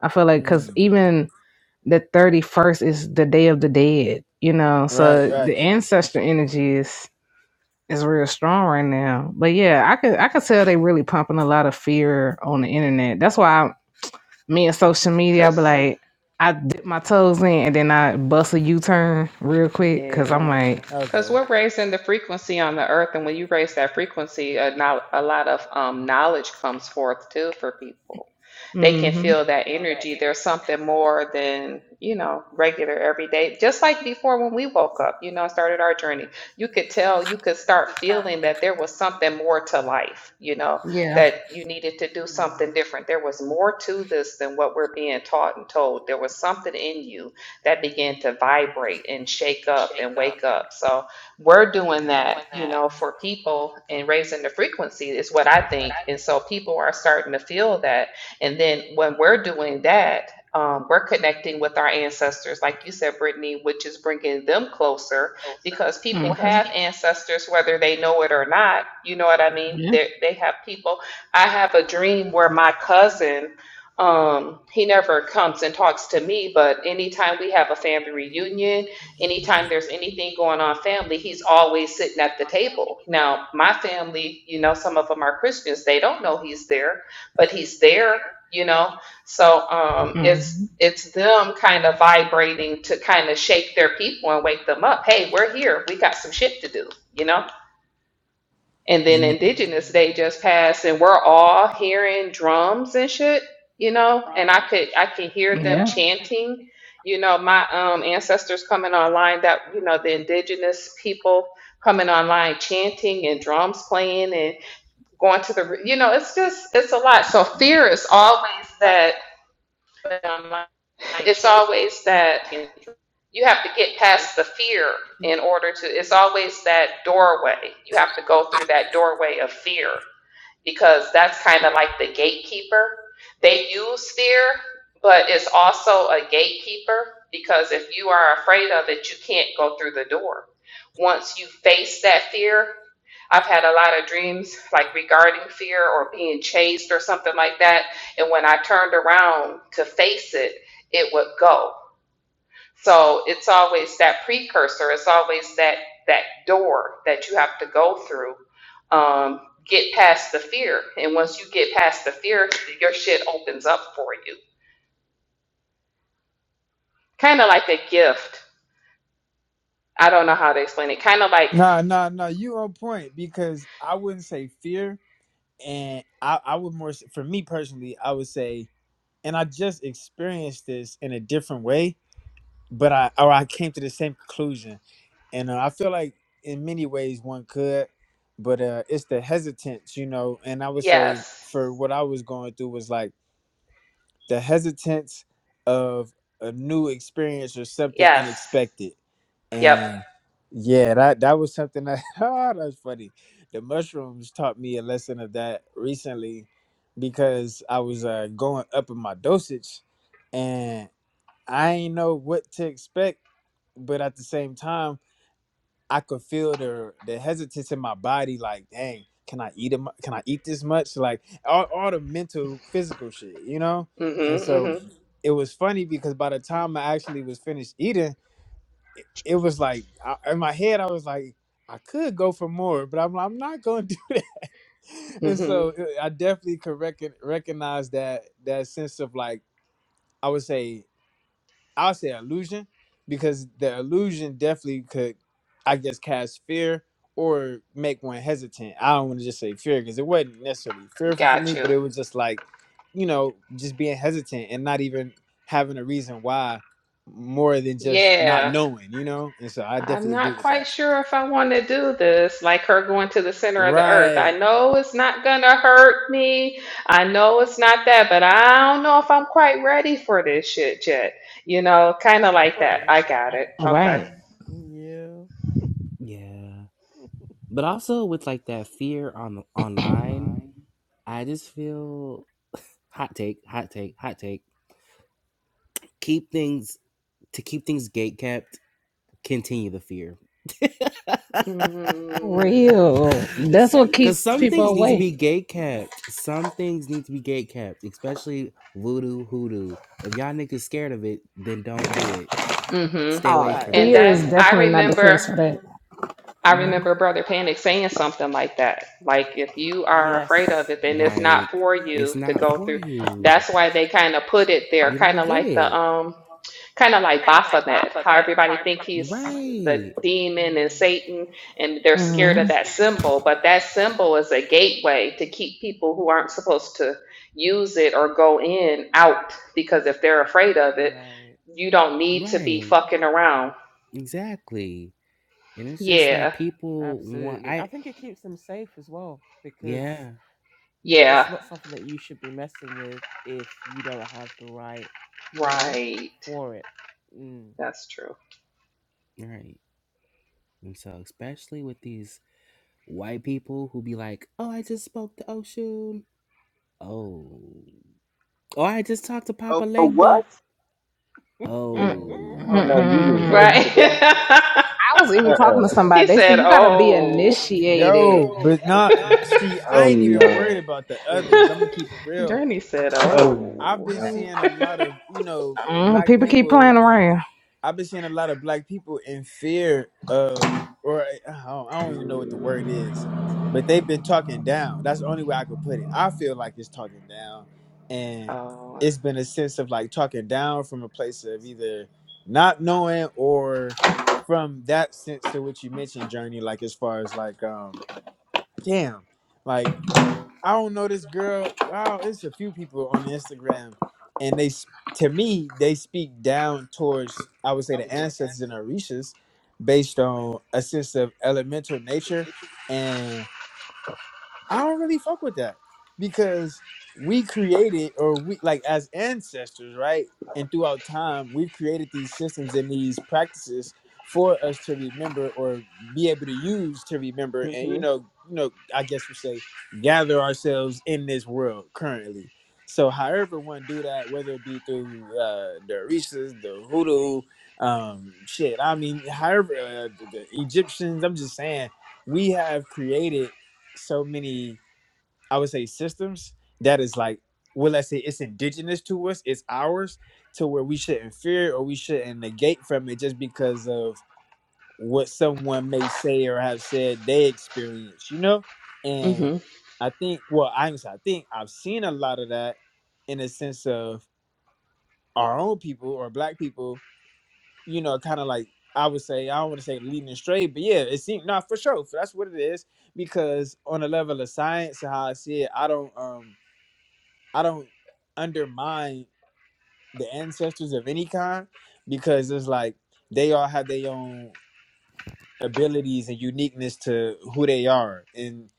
i feel like because
Mm.
even the 31st is the day of the dead you know
Right,
so Right.
right.
the ancestor energy is is real strong right now but yeah i could i could tell they really pumping a lot of fear on the internet that's why I, me and social media i be
Cause,
like i dip my toes in and then i bust a u-turn real quick because
yeah.
i'm like
Because
Okay.
we're raising the frequency on the earth, and when you raise that frequency, a, no- a lot of um, knowledge comes forth too for people. They can
mm-hmm
feel that energy. There's something more than, you know, regular everyday. Just like before when we woke up, you know, started our journey, you could tell, you could start feeling that there was something more to life, you know,
yeah
that you needed to do
Mm.
something different. There was more to this than what we're being taught and told. There was something in you that begin to vibrate and shake up and wake up. So we're doing
Right.
that, you know, for people and raising the frequency is what I think. And so people are starting to feel that. And then when we're doing that, um, we're connecting with our ancestors, like you said, Brittany, which is bringing them closer because people
mm-hmm
have ancestors, whether they know it or not. You know what I mean?
yeah
They they have people. I have a dream where my cousin um, he never comes and talks to me, but anytime we have a family reunion, anytime there's anything going on family, he's always sitting at the table. Now, my family, you know, some of them are Christians, they don't know he's there, but he's there, you know. So um
mm-hmm
it's it's them kind of vibrating to kind of shake their people and wake them up. Hey, we're here. We got some shit to do, you know? And then
Mm.
Mm.
Indigenous Day just passed, and we're all hearing drums and shit, you know. And I could, I can hear them
yeah
chanting, you know, my um ancestors coming online. That you know, the Indigenous people coming online chanting and drums playing and going to the, you know, it's just, it's a lot. So fear is always that. It's always that you have to get past the fear in order to. It's always that doorway. You have to go through that doorway of fear because that's kind of like the gatekeeper. They use fear, but it's also a gatekeeper because if you are afraid of it, you can't go through the door. Once you face that fear, I've had a lot of dreams like regarding fear or being chased or something like that. And when I turned around to face it, it would go. So it's always that precursor. It's always that that door that you have to go through. Um, get past the fear, and once you get past the fear, your shit opens up for you. Kind of like a gift. I don't know how to explain it. Kind of like
Nah, nah, nah. You on point because I wouldn't say fear, and I, I would more s- for me personally, I would say, and I just experienced this in a different way, but I or I came to the same conclusion, and uh, I feel like in many ways one could, but uh, it's the hesitance, you know. And I would say
yes,
for what I was going through was like. the hesitance of a new experience or something
yes,
unexpected.
yep,
And yeah, that that was something that ah, that's funny. The mushrooms taught me a lesson of that recently because I was uh, going up in my dosage and I ain't know what to expect, but at the same time I could feel the the hesitance in my body, like, dang, can I eat him? Can I eat this much? Like all, all the mental, physical shit, you know. And so
mhm,
it was funny because by the
mhm,
time I actually was finished eating, it was like I, in my head I was like, I could go for more, but I'm I'm not going to do that. And
mhm.
so uh, I definitely could recon, recognize that that sense of like I would say I'll say illusion because the illusion definitely could, I guess, cast fear or make one hesitant. I don't want to just say fear because it wasn't necessarily fearful for
Got
me,
you.
but it was just like, you know, just being hesitant and not even having a reason why more than just not
Yeah.
knowing, you know? And so I
I'm
definitely agree
not
with
quite
that.
sure if I want to do this, like her going to the center of the earth. I
Right.
know it's not going to hurt me. I know it's not that, but I don't know if I'm quite ready for this shit yet. You know, kind of like that. I got it. Okay.
Right.
Yeah.
yeah but also with like that fear on online i just feel hot take, hot take, hot take. Keep things to keep things gate kept. Continue the fear,
Mm-hmm.
Mm.
Real. That's what keeps
because some
people
things need to
awake.
be gate kept. Some things need to be gate kept, especially voodoo hoodoo. If y'all niggas scared of it, then don't do it.
Mm-hmm.
Stay away
I
Oh,
from
I
it.
And
fear is
that's,
Then,
agree.
I
definitely not the
remember,
place for that.
I remember Brother Panic saying something like that. Like, if you are afraid of
Yes.
it, then it's not
like,
for
it's
you to
not
go
for
through.
you.
That's why they kind of put it there,
You
kind
don't
of
get
like the,
it,
um, kind of like Baphomet, how everybody think he's the
right?
demon and
Mm,
Satan, and they're scared of
Mm.
that symbol. But that symbol is a gateway to keep people who aren't supposed to use it or go in out because if they're afraid of
you're
it,
right.
you don't need to be
Right?
fucking around.
Exactly. And it's just like
Yeah,
people want.
Absolutely. I
I
think it keeps them safe as well because
yeah.
it's
yeah,
not something that you should be messing with if you don't have the right, you know,
right.
for it. Mm.
That's true.
Right. And so, especially with these white people who be like, "Oh, I just spoke to Oshun. Oh, oh, I just talked to Papa Legba. Oh,
Right.
Mm-mm. I was even talking to
he
somebody. They said
said,
you gotta be
"Oh."
initiated.
Yo, but not see, I ain't even worried about the others. I'm gonna keep it real.
Journey said,
I've
"Oh,
been seeing a lot of, you know,
Mm,
black
people keep
people
playing around.
I've been seeing a lot of black people in fear of, or I don't, I don't even know what the word is, but they've been talking down. That's the only way I could put it. I feel like it's talking down, and
oh."
it's been a sense of like talking down from a place of either not knowing or from that sense to what you mentioned, Journey. Like as far as like, um, damn, like. I don't know this girl. Wow, it's a few people on Instagram, and they s- to me they speak down towards I would say the ancestors and Orishas, based on a sense of elemental nature, and. I don't really fuck with that because we created, or we like as ancestors, right? And throughout time, we've created these systems and these practices for us to remember or be able to use to remember, and you
Mm-hmm.
know, you know, I guess we say gather ourselves in this world currently. So, however one do that, whether it be through uh, the Orishas, the Hoodoo, um, shit. I mean, however uh, the the Egyptians. I'm just saying we have created so many i would say systems that is like well let's say it's indigenous to us it's ours to where we shouldn't fear or we shouldn't negate from it just because of what someone may say or have said they experience you know
mm hmm
and i think well i ain't gonna say i think i've seen a lot of that in a sense of our own people or black people you know, kind of like I would say, I don't want to say leading astray, but yeah, it seemed not for sure. For that's what it is. Because on a level of science, how I see it, I don't um I don't undermine the ancestors of any kind because it's like they all have their own abilities and uniqueness to who they are. And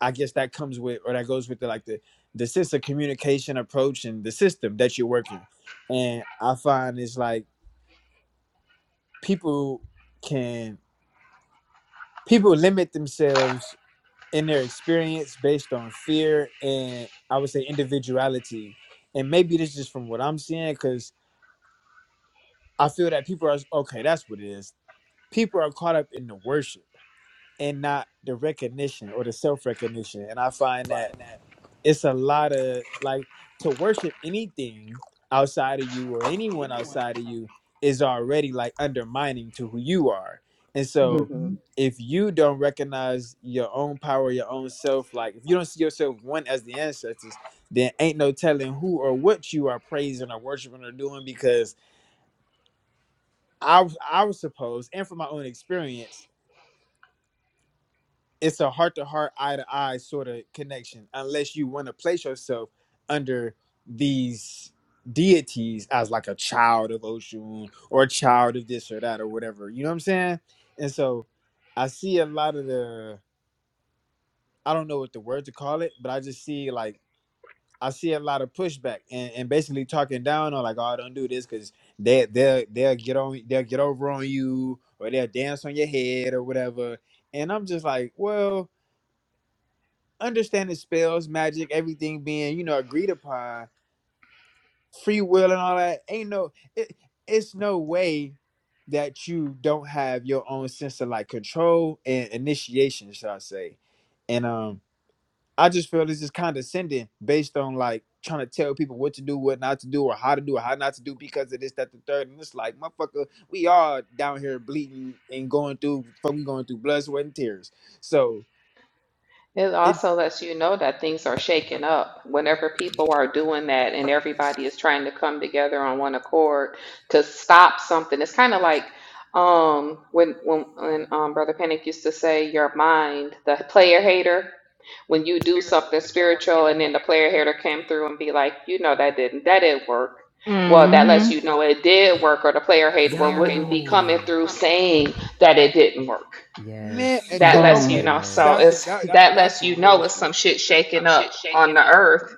I guess that comes with or that goes with the like the the sense of communication approach and the system that you're working. And I find it's like people can people limit themselves in their experience based on fear and I would say individuality. And maybe this is just from what I'm seeing because I feel that people are okay. That's what it is. People are caught up in the worship and not the recognition or the self recognition. And I find that it's a lot of like to worship anything outside of you or anyone outside of you is already like undermining to who you are. And
mm
so
hmm
if you don't recognize your own power, your own self, like if you don't see yourself one as the ancestors, then ain't no telling who or what you are praising or worshiping or doing because I was I was supposed, and from my own experience, it's a heart to heart, eye to eye sort of connection, unless you want to place yourself under these deities as like a child of Oshun or a child of this or that or whatever. You know what I'm saying? And so I see a lot of the I don't know what the word to call it, but I just see like I see a lot of pushback and, and basically talking down on like, oh, don't do this because they they'll they'll get on they'll get over on you or they'll dance on your head or whatever. And I'm just like, well, understanding spells, magic, everything being you know agreed upon, free will and all that. Ain't no, it, it's no way that you don't have your own sense of like control and initiation, shall I say? And um, I just feel this is condescending based on like trying to tell people what to do, what not to do, or how to do, or how not to do because of this, that, the third. And it's like, motherfucker, we all down here bleeding and going through, fuck, we going through blood, sweat, and tears. So.
It
it.
also lets you know that things are shaken up. Whenever people are doing that and everybody is trying to come together on one accord to stop something, it's kind of like um, when when, when um, Brother Panic used to say, "Your mind, the player hater." When you do something spiritual and then the player hater came through and be like, "You know that didn't that didn't work." Well, that
hmm
lets you know it did work, or the player hater wouldn't be coming
Yo.
through saying that it didn't work.
Man, and
Yes.
that
that
lets
Mm.
you
Boom.
okay,
know. So
that's some
it's
Yes.
that, that
that
that's
lets you
some real
know it's some
shit,
shit shaking up on the earth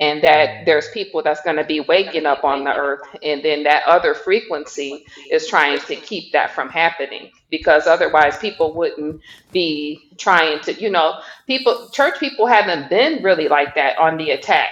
and that
Yeah.
there's people that's going to be waking up on the earth and then that other frequency is trying to keep that from happening because otherwise people wouldn't be trying to you know people church people haven't been really like that on the attack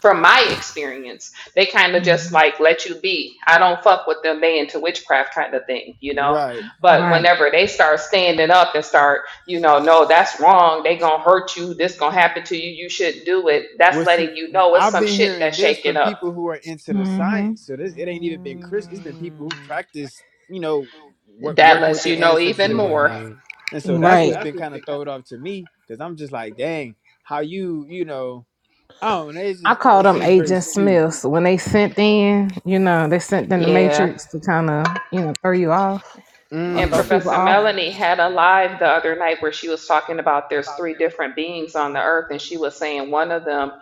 from my experience they kind of just
Mhm.
like let you be i don't fuck with them they into witchcraft kind of thing you know
right?
but
Right.
whenever they start standing up and start, you know, no, that's wrong. They gonna hurt you. This gonna happen to you. You shouldn't do it. That's
Well, see,
letting you know it's
I've
some
been
shit
hearing
that's
this
shaking
from
up.
people who are into the
hmm
science, so this it ain't even been Chris. It's been people who
Mm.
practice, you know, wor-
That
working with
lets
their
you know
ancestors
even
and
more.
whatnot,
right,
and so that's
Right.
what's been kind of thrown off to me because I'm just like, dang, how you, you know, I don't know. It's
I
just it
call
it
them
seems very
Agent
skewed.
Smiths. When they sent in, you know, they sent in the
Yeah.
Matrix to kind of, you know, throw you off or
This
And
is
throw
Mm.
people
Professor
so
off.
Melanie had a
interesting.
live the other night where she was talking about there's three different beings on the earth, and she was saying one of them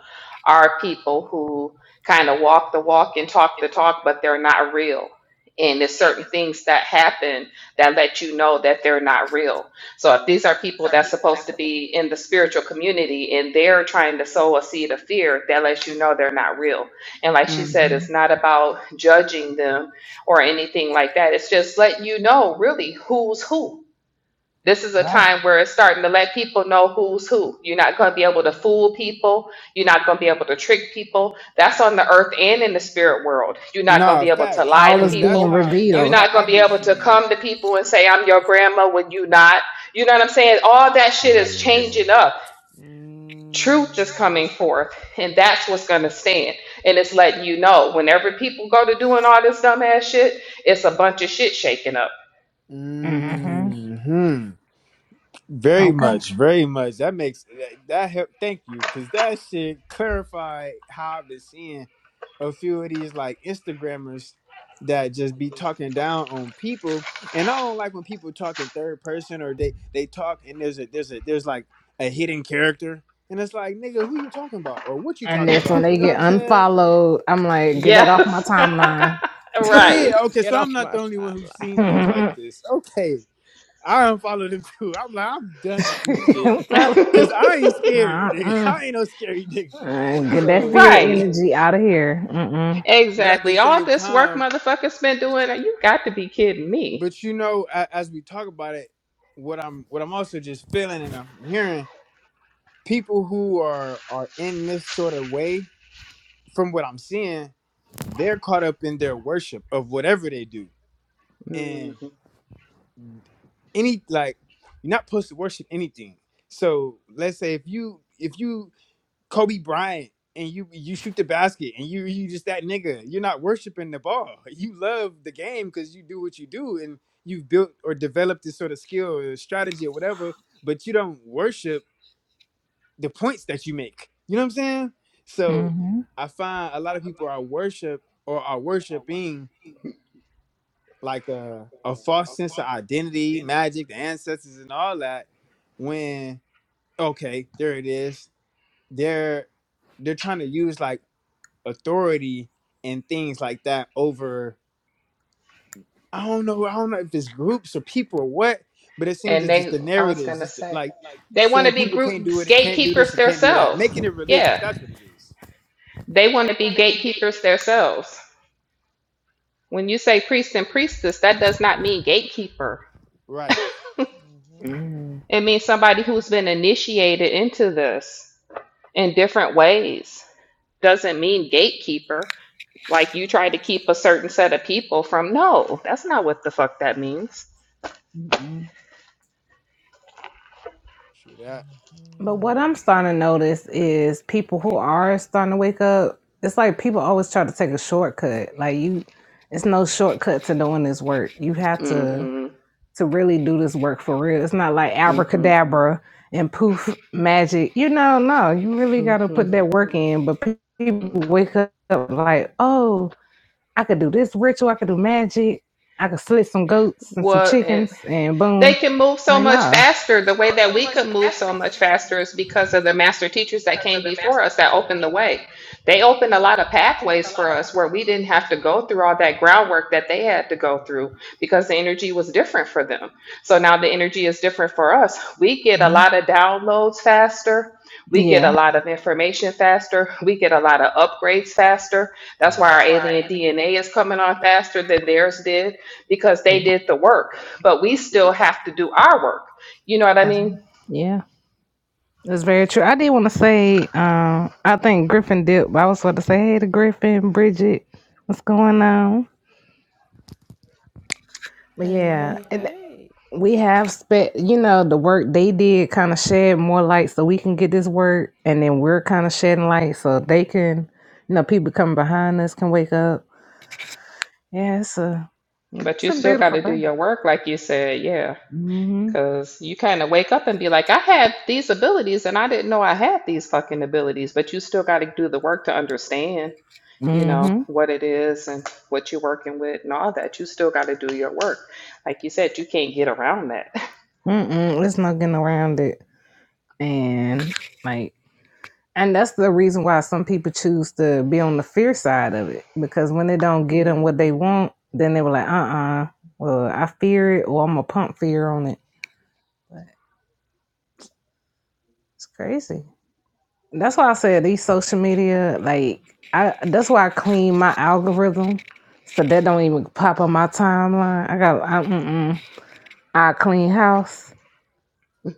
are people who kind of walk the walk and talk the talk, but they're not real. And there's certain things that happen that let you know that they're not real. So if these are people that's supposed to be in the spiritual community and they're trying to sow a seed of fear, that lets you know they're not real. And like she said, it's not about judging them or anything like that. It's just letting you know really who's who. This is a
Right.
time where
Mm.
it's starting to let people know who's who. You're not going to be able to fool people. You're not going to be able to trick people. That's on the earth and in the spirit world. You're not going to
Nah,
be able to
facts,
lie
All
to
is
because that's
being
people.
how
You're
that's
revealed.
how
not going to
I've
be
been
able to
Mm.
seeing it.
come to people and say, I'm your grandma when you're not. You know what I'm saying? All that shit is changing
real.
up truth is
Mm.
coming forth and that's what's going to stand and it's letting you know whenever people go to doing all this dumbass shit it's a bunch of shit shaking up
hmm
Hmm. Very
Okay.
much, very much. That makes that, that help. Thank you, because that shit clarified how I've been seeing a few of these like Instagrammers that just be talking down on people, and I don't like when people talk in third person or they they talk and there's a there's a there's like a hidden character, and it's like nigga, who you talking about or what you
And
talking
that's when
about? You
they
know what
get
I'm saying?
unfollowed. I'm like, get that off my
yes
timeline.
Yeah.
right
Okay.
Get
So I'm
off
not
my
the only one who's
timeline.
seen things like this. Okay. I unfollowed him too. I'm like, I'm done with this shit.
I'm telling-
Cause I ain't scared. nigga.
uh-uh.
I ain't no scary nigga.
Uh, Get that
So,
fear
right
energy out of here. Mm-mm.
but at the
exactly all
same
this work
time,
motherfuckers been doing you got to be kidding me
but you know, a- as we talk about it, what I'm, what I'm also just feeling and I'm hearing people who are are in this sort of way, from what I'm seeing, they're caught up in their worship of whatever they do, and
Mhm.
any like, you're not supposed to worship anything. So let's say if you if you Kobe Bryant and you you shoot the basket and you you just that nigga. You're not worshiping the ball. You love the game because you do what you do and you've built or developed this sort of skill or strategy or whatever, but you don't worship the points that you make. You know what I'm saying? So
hmm
I find a lot of people are worship or are worshiping like a, a false sense of identity, magic, the ancestors and all that when okay, there it is. They're they're trying to use like authority and things like that over I don't know I don't know if it's groups or people or what, but it seems
and
it's just
they
the
i was
narratives,
going to
just the-
say
like
they want to
saying
be
people can't
group
do it, it can't do this,
gatekeepers
and can't do that,
themselves
making it religious.
yeah
That's what it is,
they want to be gatekeepers themselves when you say priest and priestess that does not mean gatekeeper
right?
Mhm.
Mm-mm.
It means somebody who's been initiated into this in different ways. Doesn't mean gatekeeper, like you try to keep a certain set of people from. No, that's not what the fuck that means.
Mm-mm.
Sure, that
But
Mhm.
what I'm starting to notice is people who are starting to wake up, it's like people always try to take a shortcut. Like you, it's no shortcut to doing this work. You have
Mm
to
hmm.
to really do this work for real. It's not like
Mm hmm.
abracadabra and poof magic. You know, no, you really
Mm
got to put
hmm.
that work in. But people wake up like, oh, I could do this ritual, I could do magic, I could slit some goats and some
What?
chickens, and
they
boom.
can move so
Like,
much
nah.
faster. The way that we could move so much faster is because of the master teachers that came before us that opened the way. They opened a lot of pathways for us where we didn't have to go through all that groundwork that they had to go through because the energy was different for them. So now the energy is different for us. We get a
Yeah.
lot of downloads faster. We get a
Yeah.
lot of information faster. We get a lot of upgrades faster. That's
Yeah.
why our alien DNA is coming on faster than theirs did because they did the work but we still have to do our work. You know what I
As-
mean?
yeah. That's very true. I did want to say, um, I think Griffin did. I was about to say, hey to Griffin, Bridget, what's going on? But
Hey,
yeah.
hey,
and
hey.
we have spent you know the work they did kind of shed more light so we can get this work and then we're kind of shedding light so they can you know people coming behind us can wake up yeah it's a
But
it's
you
a
still got
beautiful
to do
thing
your work, like you said, yeah.
mm-hmm
Because you kind of wake up and be like, I had these abilities and I didn't know I had these fucking abilities, but you still got to do the work to understand, you know,
hmm
what it is and what you're working with and all that. You still got to do your work. Like you said, you can't get around that.
Mm-mm, there's no getting around it and like and that's the reason why some people choose to be on the fear side of it because when they don't get them what they want then they were like uh-uh well i fear it or i'm gonna pump fear on it but it's crazy That's why I said these social media, like I that's why I clean my algorithm. So that don't even pop on my timeline. I got I, mm-mm. I clean house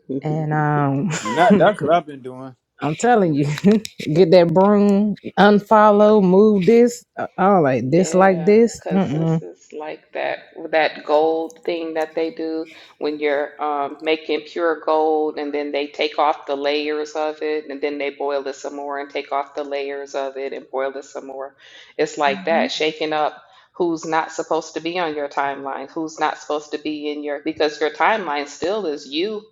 Mm.
and um
and that that's what I've been doing.
I'm telling you, get that broom, unfollow, move this, uh, all like dislike
Yeah,
this.
because
Mm-mm.
this is like that that gold thing that they do when you're um, making pure gold, and then they take off the layers of it, and then they boil it some more, and take off the layers of it, and boil it some more. It's like
Mhm.
that, shaking up who's not supposed to be on your timeline, who's not supposed to be in your, because your timeline still is you.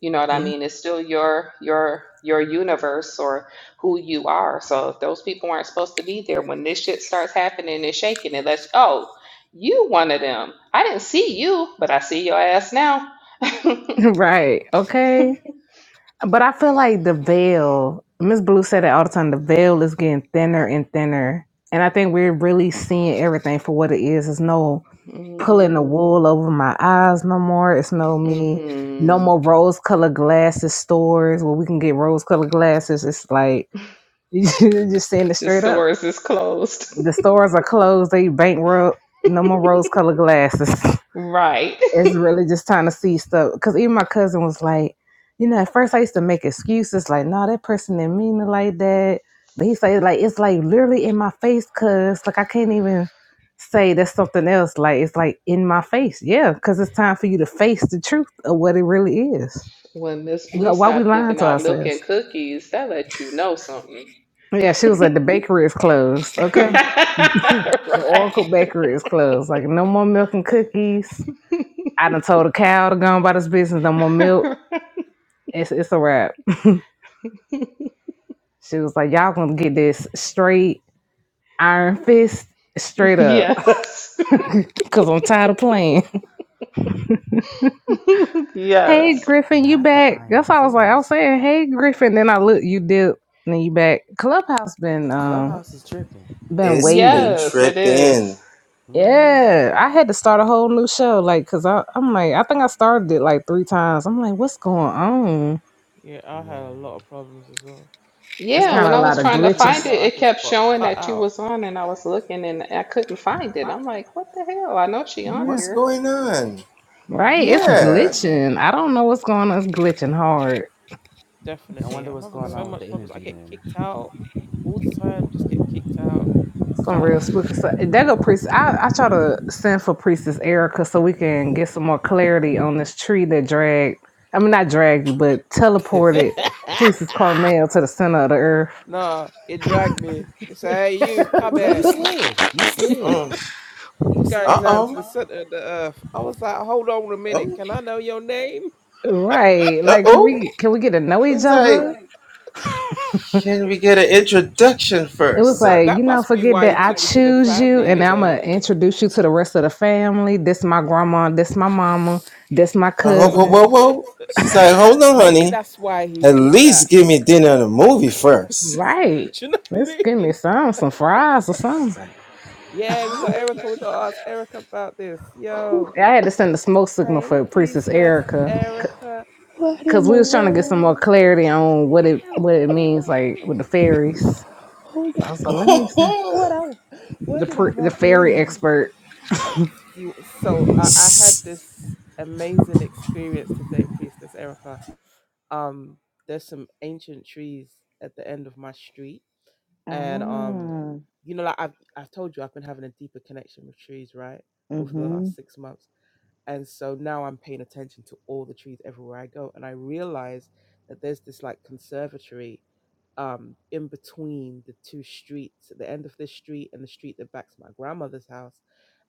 You know what I
Yeah.
mean? It's still your your your universe, or who you are. So if those people aren't supposed to be there, when this shit starts happening and shaking, it lets oh, you one of them. I didn't see you, but I see your ass now.
right. Okay. But I feel like the veil, Miss Blue said it all the time, the veil is getting thinner and thinner. And I think we're really seeing everything for what it is. It's no pulling the
mm-hmm.
wool over my eyes no more. It's no me, no more
The
rose colored glasses stores where we can get rose colored glasses. It's like, you're just saying it straight up.
stores is just closed.
The stores are closed, they bankrupt. No more rose colored glasses.
right.
it's really just trying to see stuff. Because even my cousin was like, you know, at first I used to make excuses like, no, that person didn't mean it like that. But he said, like, it's like literally in my face, cuz like I can't even say that's something else. Like, it's like in my face. Yeah, because it's time for you to face the truth of what it really is.
When Miss Blue
God, Why we
stopped
lying
giving
to
out milk and
ourselves?
cookies, that let you know something.
Yeah, she was like, the bakery is closed. Okay. The
right.
Oracle Bakery is closed. Like, no more milk and cookies. I done told a cow to go on about this business, no more milk. It's, it's a wrap. She was like, y'all gonna get this straight iron fist straight up
yes.
because I'm tired of playing. hey,
yes.
Griffin, you
Not the
back? That's
Iron
all I was like. I was
Fist.
saying, hey, Griffin. Then I look, you dip, and then you back. Clubhouse been um
Clubhouse is tripping.
been wavy.
Yes, it is.
Mm-hmm.
Yeah, I had to start a whole new show, like, cause I, I'm like, I think I started it like three times. I'm like, what's going on?
Yeah, I
Yeah.
had a lot of problems as well. When
It's
Yeah,
last
got
when
a
I
time I
lot
was
of
was
trying to
talking to
glitches.
you,
find it,
lot, I
it
just
kept
got
showing
cut
that you
out.
was on and I was looking and I couldn't find it. I'm like, what the hell? I know she on
Yeah,
here.
right.
hmm
It's glitching. I don't know what's going on. It's glitching hard.
I
Definitely.
wonder
I'm
what's
having
going
so
on with the
much problems. I
energy
get
then.
kicked out all the time, just get kicked out,
Some
cut.
real spooky stuff. That go priest. I, I try to send for priestess Erica so we can get some more clarity on this tree that dragged. I mean, not dragged you, but teleported priestess Carmel to the center of the earth.
no, it dragged me. It said, hey, you, come
no, you
here.
slid. You slid. You
We're going down
slid?
to the center of the earth. I was like, hold on a minute. Can I know your name?
Right. Like, can we can we get to know each other? It was
Uh,
like you
that
know,
must be
forget
why he
that I
took me to the
choose
family,
you, and
you
I'm gonna
know.
introduce you to the rest of the family. This my grandma. This my mama. This my cousin.
Maybe that's why he did that. Do
Right.
you know what
Let's
I
give me
mean?
some some fries or something.
Yeah, we got Erica. We got to ask Erica about this. Yo,
Yeah, I had to send a smoke signal
hey,
for Princess
priestess
Erica
Erica.
What in
because we
the
was trying to get some more
world?
clarity on what it what it means, like
Hello.
with the fairies.
Oh
So I
God!
was like, let me see.
what? I
The
what did I
pr- the
walk in
fairy
on?
expert.
Very expert. you so I, I had this amazing experience today, Priestess Erica. Um, there's some ancient trees at the end of my street, and um,
Ah,
you know, like I've I've told you, I've been having a deeper connection with trees, right, over the
mhm,
last six months, and so now I'm paying attention to all the trees everywhere I go, and I realize that there's this like conservatory um in between the two streets at the end of this street and the street that backs my grandmother's house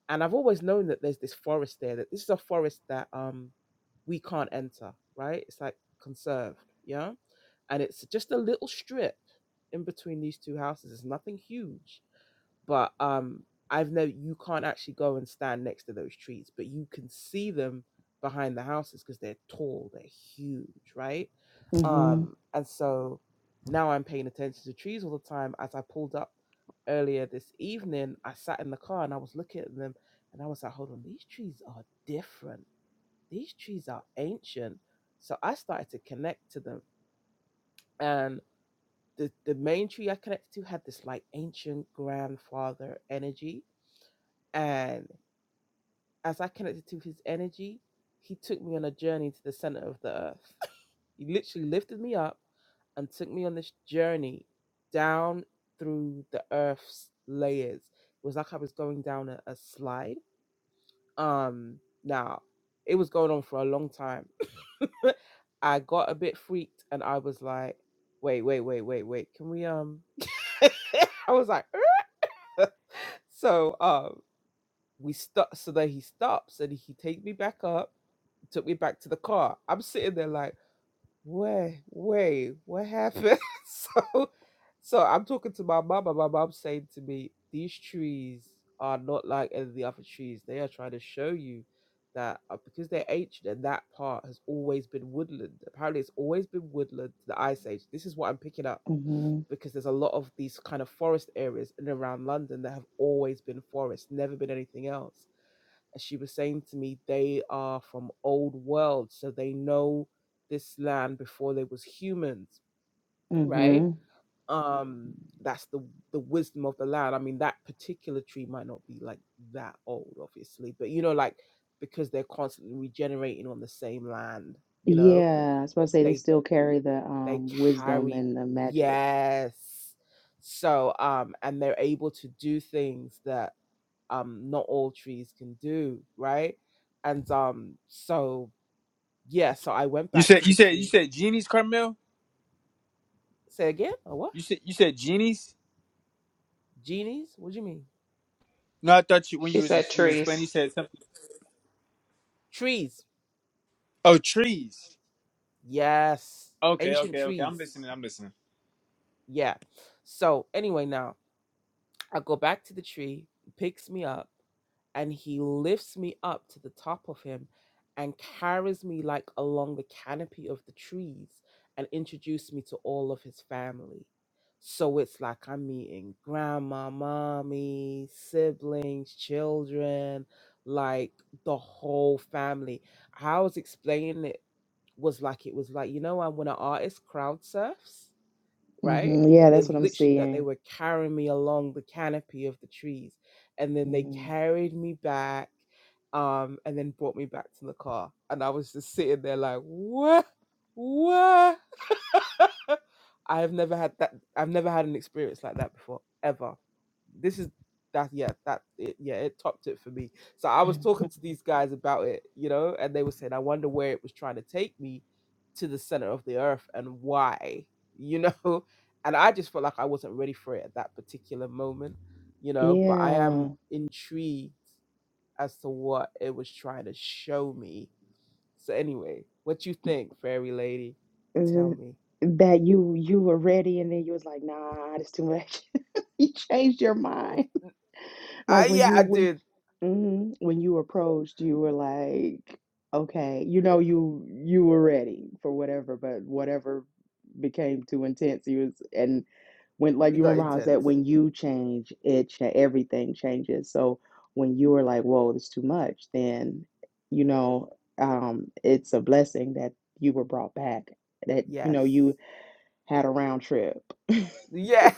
and I've always known that there's this forest there, that this is a forest that um we can't enter, right? It's like conserved, yeah? And it's just a little strip in between these two houses. It's nothing huge but um i've never you can't actually go and stand next to those trees but you can see them behind the houses because they're tall they're huge right
mhm,
um and so now i'm paying attention to trees all the time as i pulled up earlier this evening i sat in the car and i was looking at them and i was like hold on these trees are different these trees are ancient so i started to connect to them and the the main tree I connected to had this like ancient grandfather energy, and as I connected to his energy, he took me on a journey to the center of the earth. he literally lifted me up and took me on this journey down through the earth's layers. It was like I was going down a, a slide. Um, now it was going on for a long time. I got a bit freaked and I was like, wait, wait, wait, wait, wait. Can we um I was like, so um, we stop. So then he stops and he takes me back up, took me back to the car. I'm sitting there like. Wait, wait, what happened? so, so I'm talking to my mama. My mom saying to me, "These trees are not like any of the other trees. They are trying to show you that uh, because they're ancient and that part has always been woodland. Apparently, it's always been woodland to the Ice Age. This is what I'm picking up
mhm,
because there's a lot of these kind of forest areas in and around London that have always been forest, never been anything else as she was saying to me, they are from old world, so they know this land before there was humans, right?
mhm.
Um, that's the the wisdom of the land. I mean, that particular tree might not be like that old, obviously, but you know, like because they're constantly regenerating on the same land, you know,
Yeah, I was supposed to say they
they
still carry the
they
um wisdom
carry
and the magic.
yes. So um, and they're able to do things that um not all trees can do, right? And um so yeah, so I went
You
back to
said
the
you said you
tree.
said genies, Carmel.
Say again? Oh what?
You said you said genies.
Genies? What do you mean?
No, I thought you when
She
you was
said
ex- you was explaining
trees.
you said something.
Trees.
Oh, trees.
Yes.
Okay,
Ancient
okay, okay.
trees.
I'm listening. I'm listening.
Yeah. So anyway now I go back to the tree, picks me up. and he lifts me up to the top of him and carries me like along the canopy of the trees and introduced me to all of his family. So it's like I'm meeting grandma, mommy, siblings, children, like the whole family. How I was explaining it was like it was like, you know, when an artist crowd surfs right?
hmm Yeah, that's
It's
what I'm
literally that they
seeing.
were carrying me along the canopy of the trees. And then they
hmm
carried me back um, and then brought me back to the car. And I was just sitting there like, what? What? I have never had that. I've never had an experience like that before, ever. This is that. Yeah, that. It, yeah, it topped it for me. So I was talking to these guys about it, you know, and they were saying, "I wonder where it was trying to take me to the center of the earth and why," you know. And I just felt like I wasn't ready for it at that particular moment, you know. But I am
Yeah,
intrigued as to what it was trying to show me. So anyway, what you think, fairy lady? Tell
Mhm.
me.
that you you were ready and then you was like, nah, it's too much. You changed your mind,
Ah,
like when
yeah,
you
I
when
did.
Mhm. When you approached, you were like, okay, you know, you you were ready for whatever, but whatever became too intense. You was and when like
it
you
got
remember how I
intense.
said when you change, it cha- everything changes. So when you were like, whoa, this is too much, then you know, um, it's a blessing that you were brought back. That you
Yes.
know, you had a round trip.
Yeah,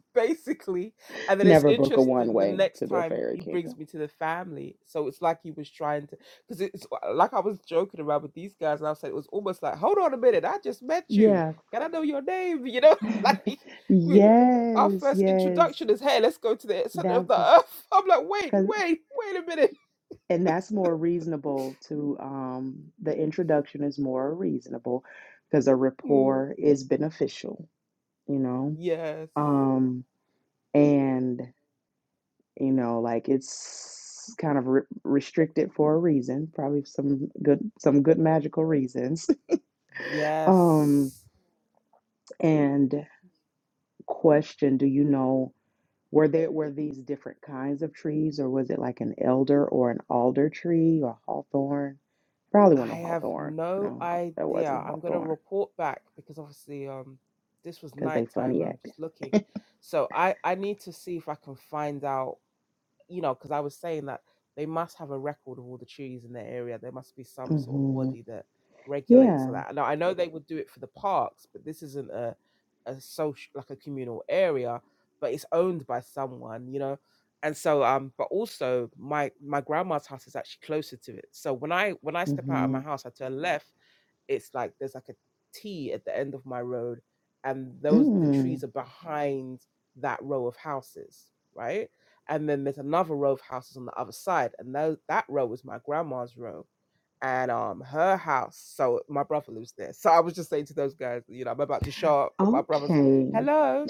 basically. And then it's
Never book a one
interesting the
way
next
to the
time
fairy
he brings
kingdom.
me to the family. So it's like he was trying to, because it's uh, like I was joking around with these guys, and I said it was almost like, hold on a minute, I just met you.
Yeah.
Can I know your name? You know, like we, our
Yes,
first
yes.
introduction is, hey, let's go to the center of
That
the
part,
earth. I'm like, wait,
cause,
wait, wait a minute.
and that's more reasonable to um, the introduction is more reasonable because a
Hmm.
rapport is beneficial, you know.
Yes.
Um, and you know, like it's kind of re- restricted for a reason, probably some good some good magical reasons. Um,
Yes.
and question, do you know? Were there were these different kinds of trees, or was it like an elder or an alder tree or hawthorn? Probably
I
wasn't a
have
hawthorn.
no
No, haw- that wasn't a
idea. I'm gonna
hawthorn
report back because obviously um this was
because they
nighttime.
funny
I'm
acting.
just looking. So I I need to see if I can find out you know, because I was saying that they must have a record of all the trees in their area. There must be some sort of
hmm
body that regulates all
Yeah.
that. Now I know they would do it for the parks, but this isn't a a social like a communal area, but it's owned by someone, you know. And so, um, but also my my grandma's house is actually closer to it. So when I when I step out of my
hmm
house, I turn left it's like there's like a T at the end of my road, and those the
Mm.
trees are behind that row of houses, right? And then there's another row of houses on the other side, and tho- that row is my grandma's row at um her house. So my brother lives there. So I was just saying to those guys, you know, I'm about to show up. But my brother's like,
Okay.
"Hello,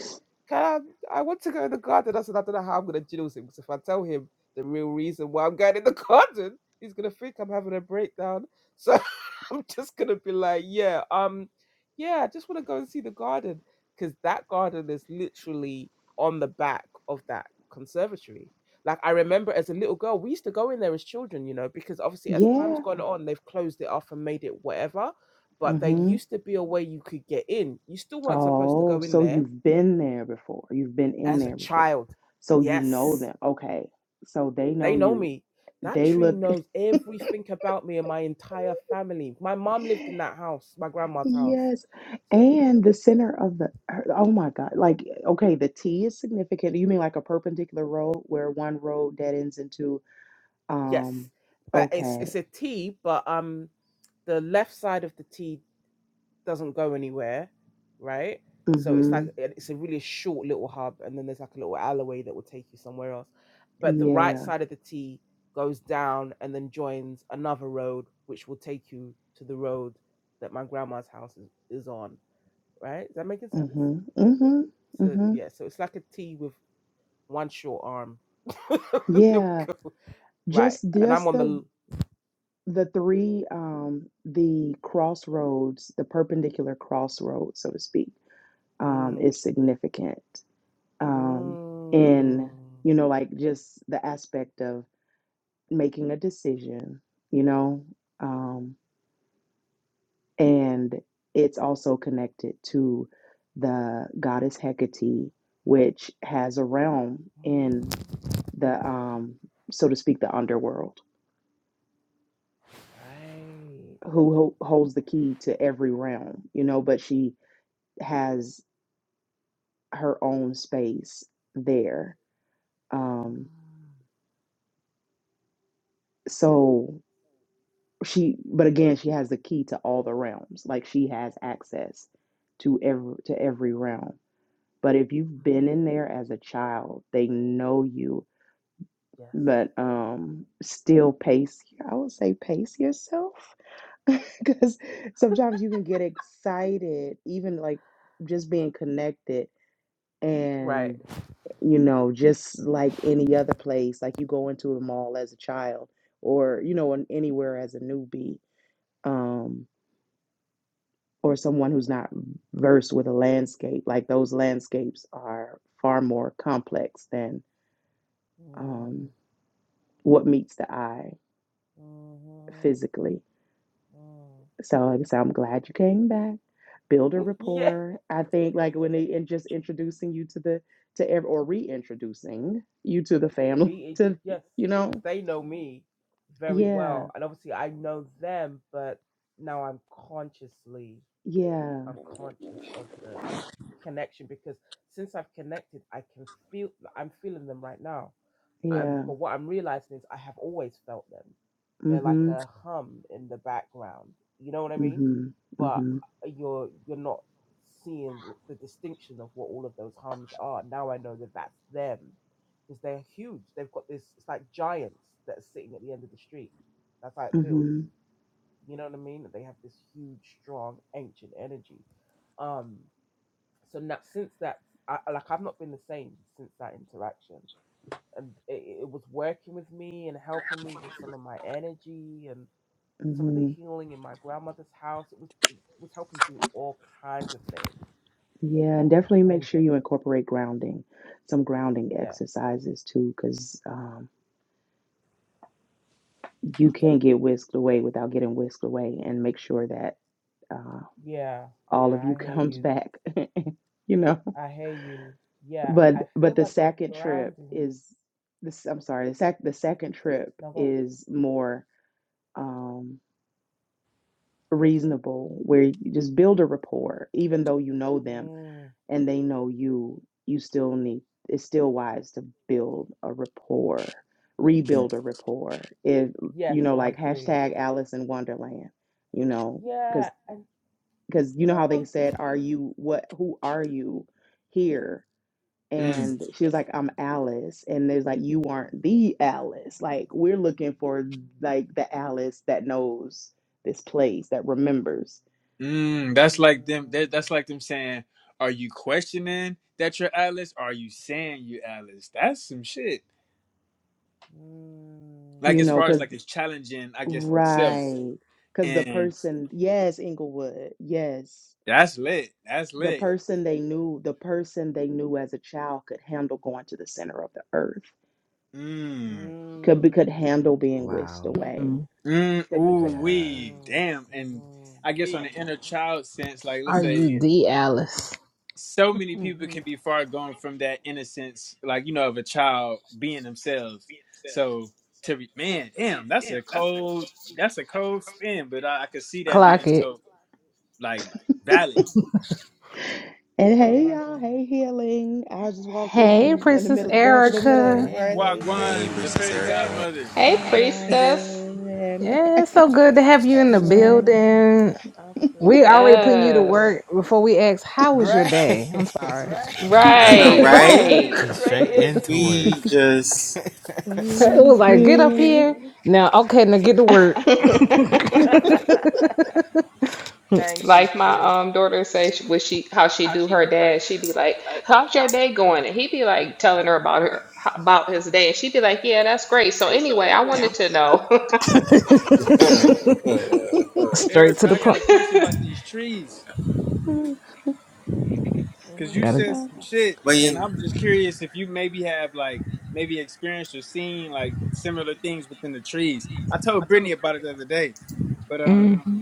can I? I want to go in the garden." I said, "I don't know how I'm gonna jiddle him because if I tell him the real reason why I'm going in the garden, he's gonna think I'm having a breakdown." So I'm just gonna be like, "Yeah, um, yeah, I just want to go and see the garden because that garden is literally on the back of that conservatory." Like I remember as a little girl, we used to go in there as children, you know, because obviously as time's
Yeah.
gone on, they've closed it off and made it whatever. But there
hmm
used to be a way you could get in. You still weren't supposed to
Oh,
go in
so
there
you've been there before. You've been in
as a
there before.
child.
So you know
Yes,
them. Okay. So they know
they know
you.
me. That
They
tree
look.
knows everything about me and my entire family. My mom lived in that house, my grandma's house.
Yes. And the center of the, her- oh my God. Like, okay, the T is significant. You mean like a perpendicular road where one road dead ends into,
Yes,
um,
but it's
okay.
it's a T, but um, the left side of the T doesn't go anywhere, right? So it's
Mm-hmm.
like it- it's a really short little hub, and then there's like a little alleyway that will take you somewhere else. But the right
Yeah.
side of the T goes down and then joins another road, which will take you to the road that my grandma's house is, is on. Right? Is that making sense?
Mm-hmm. Mm-hmm.
So
Mm-hmm.
yeah, so it's like a T with one short arm. That
Yeah.
we go- right,
Just
and I'm
just
on the.
the
l-
the three um the crossroads, the perpendicular crossroads, so to speak, um,
Mm,
is significant. Um in,
mm,
you know, like just the aspect of making a decision, you know, um, and it's also connected to the goddess Hecate, which has a realm in
mm,
the, um, so to speak, the underworld,
right.
who ho- holds the key to every realm, you know, but she has her own space there. Um,
Mm,
so she, but again, she has the key to all the realms. Like she has access to every to every realm But if you've been
Mm-hmm.
in there as a child, they know you,
Yes.
but um, still pace, I would say pace yourself because sometimes you can get excited, even like just being connected.
Right.
And, you know, just like any other place, like you go into a mall as a child or, you know, an- anywhere as a newbie um, or someone who's not versed with a landscape, like those landscapes are far more complex than
Mm,
um, what meets the eye
hmm
physically.
mm.
So, like I said, I'm glad you came back. Build a
Yeah.
rapport. I think like when they and just introducing you to the to ev- or reintroducing you to the family
We
to
yes,
you know
because they know me very
yeah
well, and obviously I know them, but now I'm consciously
yeah
I'm conscious of the connection because since I've connected, I can feel I'm feeling them right now. Um,
yeah
but what I'm realizing is I have always felt them. They're like
mhm
a hum in the background. You know what I mean?
mhm
But
mhm
uh, you're you're not seeing the distinction of what all of those hums are. Now I know that that's them because they're huge. They've got this. It's like giants that are sitting at the end of the street. That's how it feels.
mhm
You know what I mean? They have this huge, strong, ancient energy. Um. So now, since that, I, like I've not been the same since that interaction and it, it was working with me and helping me with some of my energy and some of the
mhm
healing in my grandmother's house. It was it was helping do all kinds of things,
yeah and
all
definitely make
kinds of
sure you
things.
incorporate grounding some grounding
Yeah,
exercises too because um, you can't get whisked away without getting whisked away and make sure that uh,
yeah,
all
yeah.
of you
I hear
comes
you.
back you know
I hear you. Yeah,
but
I feel
but the
like the
second trip
grounding.
is this i'm sorry the, sec- the second trip
No, go
is more um reasonable where you just build a rapport even though you know
on.
them
Mm,
and they know you you still need it's still wise to build a rapport rebuild a rapport if
yes,
you know
I
like
agree.
hashtag alice in wonderland you know
Yeah,
because
and
because you
you
know
know
how they
I'm
said are
thinking.
you what who are you here
Mm.
and she was like, I'm Alice. And there's like, you aren't the Alice. Like, we're looking for like the Alice that knows this place, that remembers,
Mm, that's like them.
Mm,
That, that's like them saying, "Are you questioning that you're Atlas? Or are you saying you Atlas?" That's some shit. Like
you
as
know,
far as
because,
like it's challenging, I guess themselves,
right. Because the
and
person, yes, Inglewood, yes,
that's lit. That's
the
lit.
person they knew, the person they knew as a child could handle going to the center of the earth,
Mm,
mm,
could be, could
mm.
handle being whisked
Wow.
away
mm, ooh
Yeah.
wee,
Mhm.
damn. And
Mhm.
I guess on the inner child sense, like let's
Are
say
you the Alice?
so many people
Mhm.
can be far gone from that innocence, like you know, of a child being themselves. So to re- man, damn, that's a cold, that's a cold spin. But I, I could see that
Clock
being
it.
so like valid.
And
A
hey, y'all.
hundred.
Hey, healing. I just walked
Hey,
in in the
Princess
middle, going to the middle of the
Erica.
word. Hey,
Wagwan, the
Hey.
Brittany,
fairy
and Journey,
godmother,
Hey,
Wagwan,
priestess.
and
Yeah, it's so good to have you in the
everyone.
building. We already
Absolutely.
putting you to
Yes.
work before we ask, how was your
Great.
day? I'm sorry.
Right,
Right. We Just drew
right.
Get
straight
straight
in.
into work.
It
It
was
was like, get up
good.
here. Now, okay, now get to work.
Thank you,
Like my
sis.
um daughter say she- when she how she do her dad, she be like, How's your day going? And he be like telling her about her about his day. And she be like, Yeah, that's great. So anyway, I wanted to know,
Straight to
Erica,
the
I got
point.
a question about these trees because
mhm.
you
Gotta.
said some shit, and I'm just curious if you maybe have like maybe experienced or seen like similar things within the trees. I told Brittany about it the other day, but um.
hmm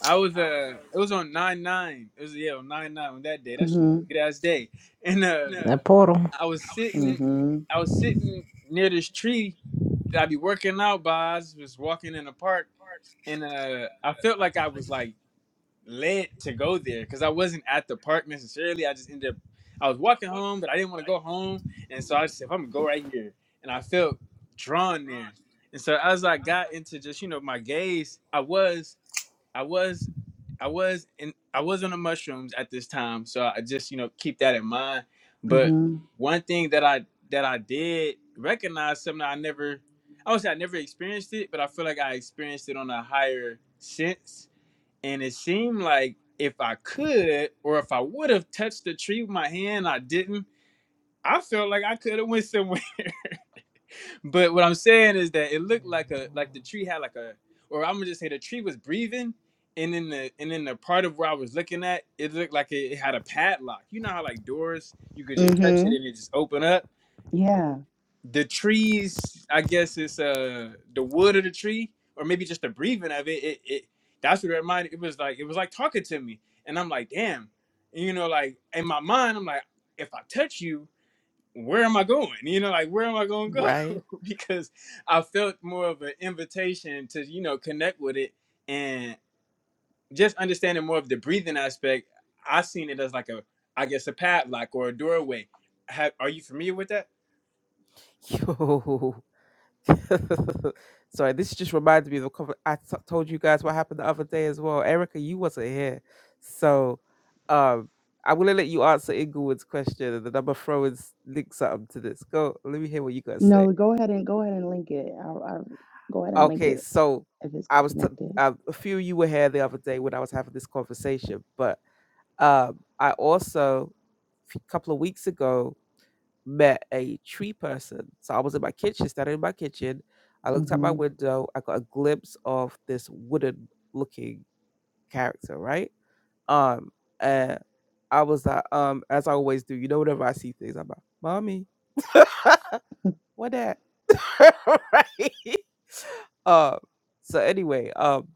I was uh it was on nine nine. It was yeah, on nine nine on that day. That shit was
hmm
a good ass day. And uh
The portal.
I was sitting
hmm
I was sitting near this tree that I'd be working out by. I was just walking in the park and uh I felt like I was like led to go there because I wasn't at the park necessarily. I just ended up I was walking home, but I didn't want to go home. And so I just said, if I'm gonna go right here. And I felt drawn there. And so as I got into just, you know, my gaze, I was I was I was in I was on the mushrooms at this time, so I just you know keep that in mind. But
hmm
one thing that I that I did recognize something I never I would say I never experienced it, but I feel like I experienced it on a higher sense. And it seemed like if I could or if I would have touched the tree with my hand, I didn't. I felt like I could have went somewhere. But what I'm saying is that it looked like a like the
Mhm.
tree had like a or I'm gonna just say the tree was breathing, and then the and then the part of where I was looking at it looked like it, it had a padlock. You know how like doors you could just touch
hmm
it and it just open up.
Yeah.
The trees, I guess it's uh the wood of the tree or maybe just the breathing of it. It it that's what it reminded. It was like it was like talking to me, and I'm like damn, and, you know like in my mind I'm like if I touch you where am I going? You know, like where am I going to
Right.
go? because I felt more of an invitation to you know connect with it and just understanding more of the breathing aspect. I seen it as like a, I guess a padlock or a doorway. Have, are you familiar with that?
Yo. Sorry, this just reminded me of a couple. I t- told you guys what happened the other day as well. Erica, you wasn't here, so um, I'm gonna let you answer Inglewood's question, and then I'm gonna throw in s- links up to this. Go, let me hear what you guys say.
No, go ahead and go ahead and link it. I'll, I'll go ahead and link
Okay,
it
so
if it's
I was t-
connected.
um, a few of you were here the other day when I was having this conversation, but um, I also a couple of weeks ago met a tree person. So I was in my kitchen, standing in my kitchen. I looked out my
hmm
window. I got a glimpse of this wooden looking character, right? Um, and I was like, um, as I always do, you know, whenever I see things, I'm like, mommy, what that? right? Um, so anyway, um,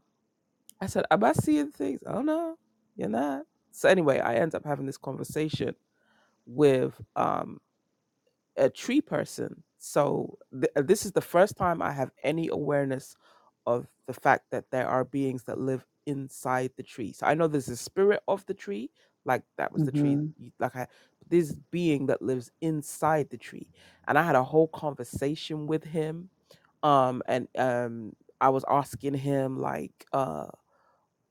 I said, am I seeing things? Oh no, you're not. So anyway, I end up having this conversation with um a tree person. So th- uh, this is the first time I have any awareness of the fact that there are beings that live inside the tree. So I know there's a spirit of the tree, like that was the tree,
hmm
you- like I this being that lives inside the tree. And I had a whole conversation with him. Um, and um, I was asking him like, uh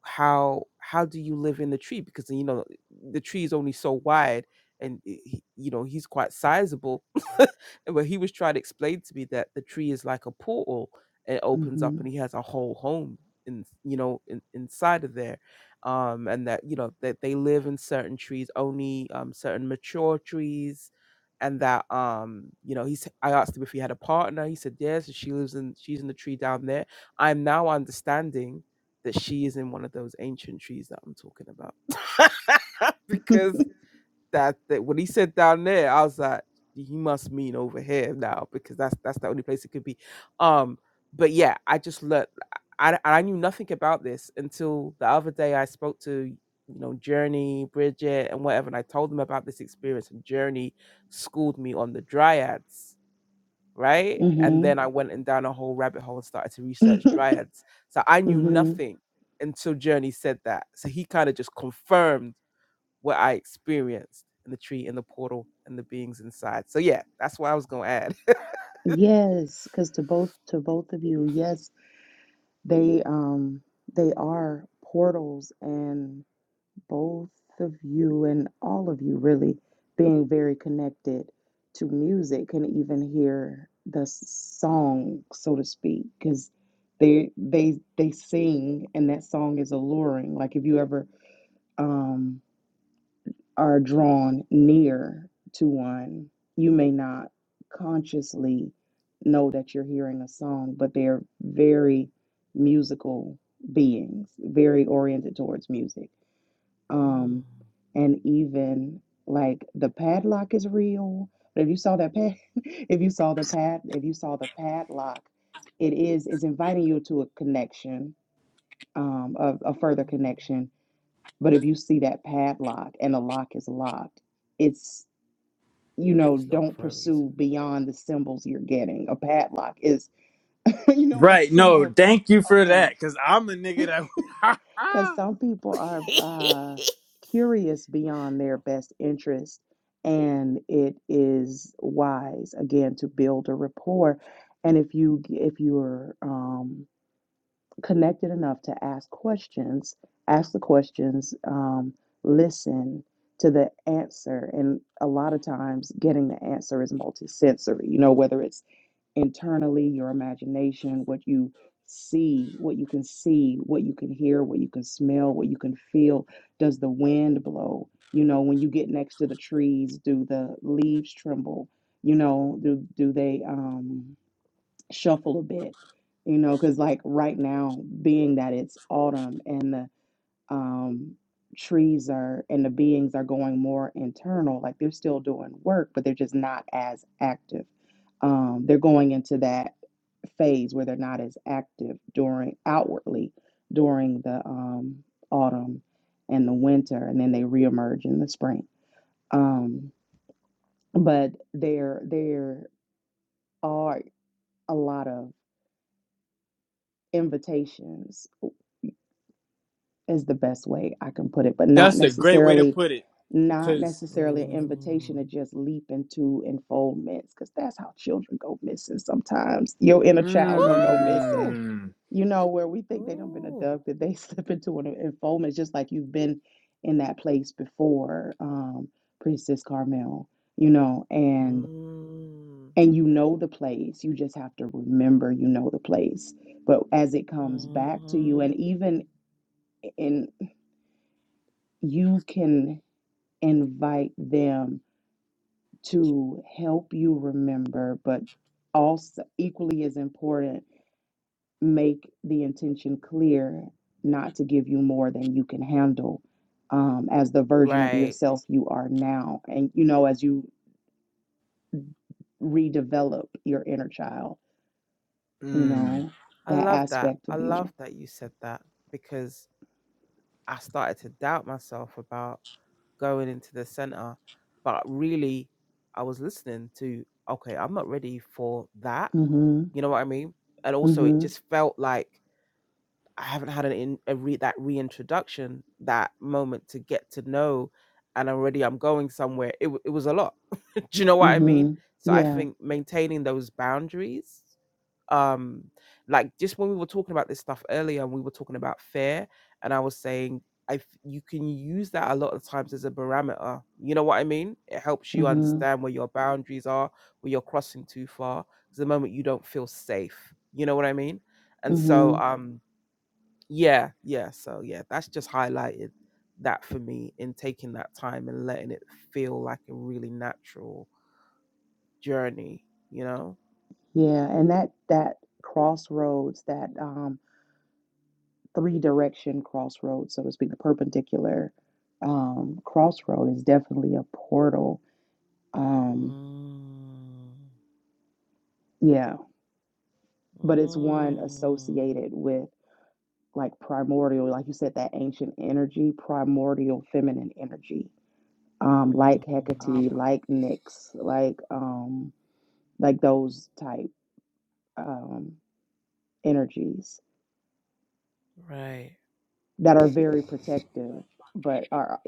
how how do you live in the tree because you know the tree is only so wide and i- he, you know he's quite sizable but he was trying to explain to me that the tree is like a portal and it opens up
hmm
and he has a whole home in you know in, inside of there um and that you know that they live in certain trees only um certain mature trees and that um you know he's i asked him if he had a partner he said yes and she lives in she's in the tree down there i'm now understanding that she is in one of those ancient trees that I'm talking about. because that, that when he said down there, I was like, he must mean over here now because that's that's the only place it could be. Um, but yeah, I just learned I I knew nothing about this until the other day I spoke to you know Journey, Bridget, and whatever, and I told them about this experience, and Journey schooled me on the dryads right? And
hmm
then I went and down a whole rabbit hole and started to research dryads. So I knew
hmm
nothing until Journey said that. So he kind of just confirmed what I experienced in the tree, in the portal, and the beings inside. So yeah, that's what I was gonna add.
Yes, because to both to both of you, yes, They um they are portals and both of you and all of you really being very connected to music can even hear the s- song, so to speak, because they they they sing and that song is alluring. Like if you ever um are drawn near to one. You may not consciously know that you're hearing a song, but they're very musical beings, very oriented towards music.
Mm,
Um, and even like the padlock is real. But if you saw that pad, if you saw the pad, if you saw the padlock, it is is inviting you to a connection, um, a, a further
mhm.
connection but if you see that padlock and the lock is locked, it's, you know,
It's locked
don't
for a
pursue
reason.
beyond the symbols you're getting. A padlock is, you know, a
Right. No,
symbol.
thank you for that
Okay.
because I'm a nigga that.
Because some people are uh, curious beyond their best interest. And it is wise, again, to build a rapport. And if you, if you're, um, connected enough to ask questions, ask the questions, um, listen to the answer. And a lot of times, getting the answer is multisensory, you know, whether it's internally, your imagination, what you see, what you can see, what you can hear, what you can smell, what you can feel. Does the wind blow? You know, when you get next to the trees, do the leaves tremble? You know, do do they? Um, shuffle a bit, you know, because like right now, being that it's autumn and the um, trees are and the beings are going more internal, like they're still doing work, but they're just not as active. Um, they're going into that phase where they're not as active during outwardly during the um, autumn and the winter, and then they reemerge in the spring. Um, but there, there are a lot of invitations is the best way I can put it, but not
That's a great way to
necessarily
put it
not
because.
necessarily an invitation to
Mm.
just leap into enfoldments because that's how children go missing sometimes. Your inner child gonna go missing.
Woo!
Mm,
You know, where we think they done been
Ooh.
abducted, they slip into an enfoldment just like you've been in that place before, um, Priestess Carmel, you know, and
Mm.
and you know the place. You just have to remember you know the place. But as it comes back to you,
Mm-hmm.
and even in you can invite them to help you remember, but also equally as important, make the intention clear not to give you more than you can handle um, as the version of
Right.
yourself you are now. And, you know, as you redevelop your inner child, you
mm.
know,
I
that
love that.
aspect of
I love
you.
that you said that because I started to doubt myself about going into the center. But really, I was listening to, okay, I'm not ready for that.
Mm-hmm.
You know what I mean? And also, it
Mm-hmm.
just felt like I haven't had an in, a re, that reintroduction, that moment to get to know, and already I'm going somewhere. It w- it was a lot do you know what I mean?
Mm-hmm.
So I
Yeah.
think maintaining those boundaries, um, like just when we were talking about this stuff earlier, and we were talking about fear, and I was saying I f- you can use that a lot of times as a barometer. You know what I mean? It helps you
Mm-hmm.
understand where your boundaries are, where you're crossing too far. 'cause the moment you don't feel safe, you know what I mean? And so,
Mm-hmm.
Mhm. um, yeah, yeah. So yeah, that's just highlighted that for me in taking that time and letting it feel like a really natural journey, you know?
Yeah. And that, that crossroads, that, um, three direction crossroads, so to speak, the perpendicular um, crossroad is definitely a portal. Um,
Mm,
yeah, but it's one
mm,
associated with like primordial, like you said, that ancient energy, primordial feminine energy, um,
mm.
like Hecate, like Nyx, like um, like those type um, energies
Right.
that are very protective, but are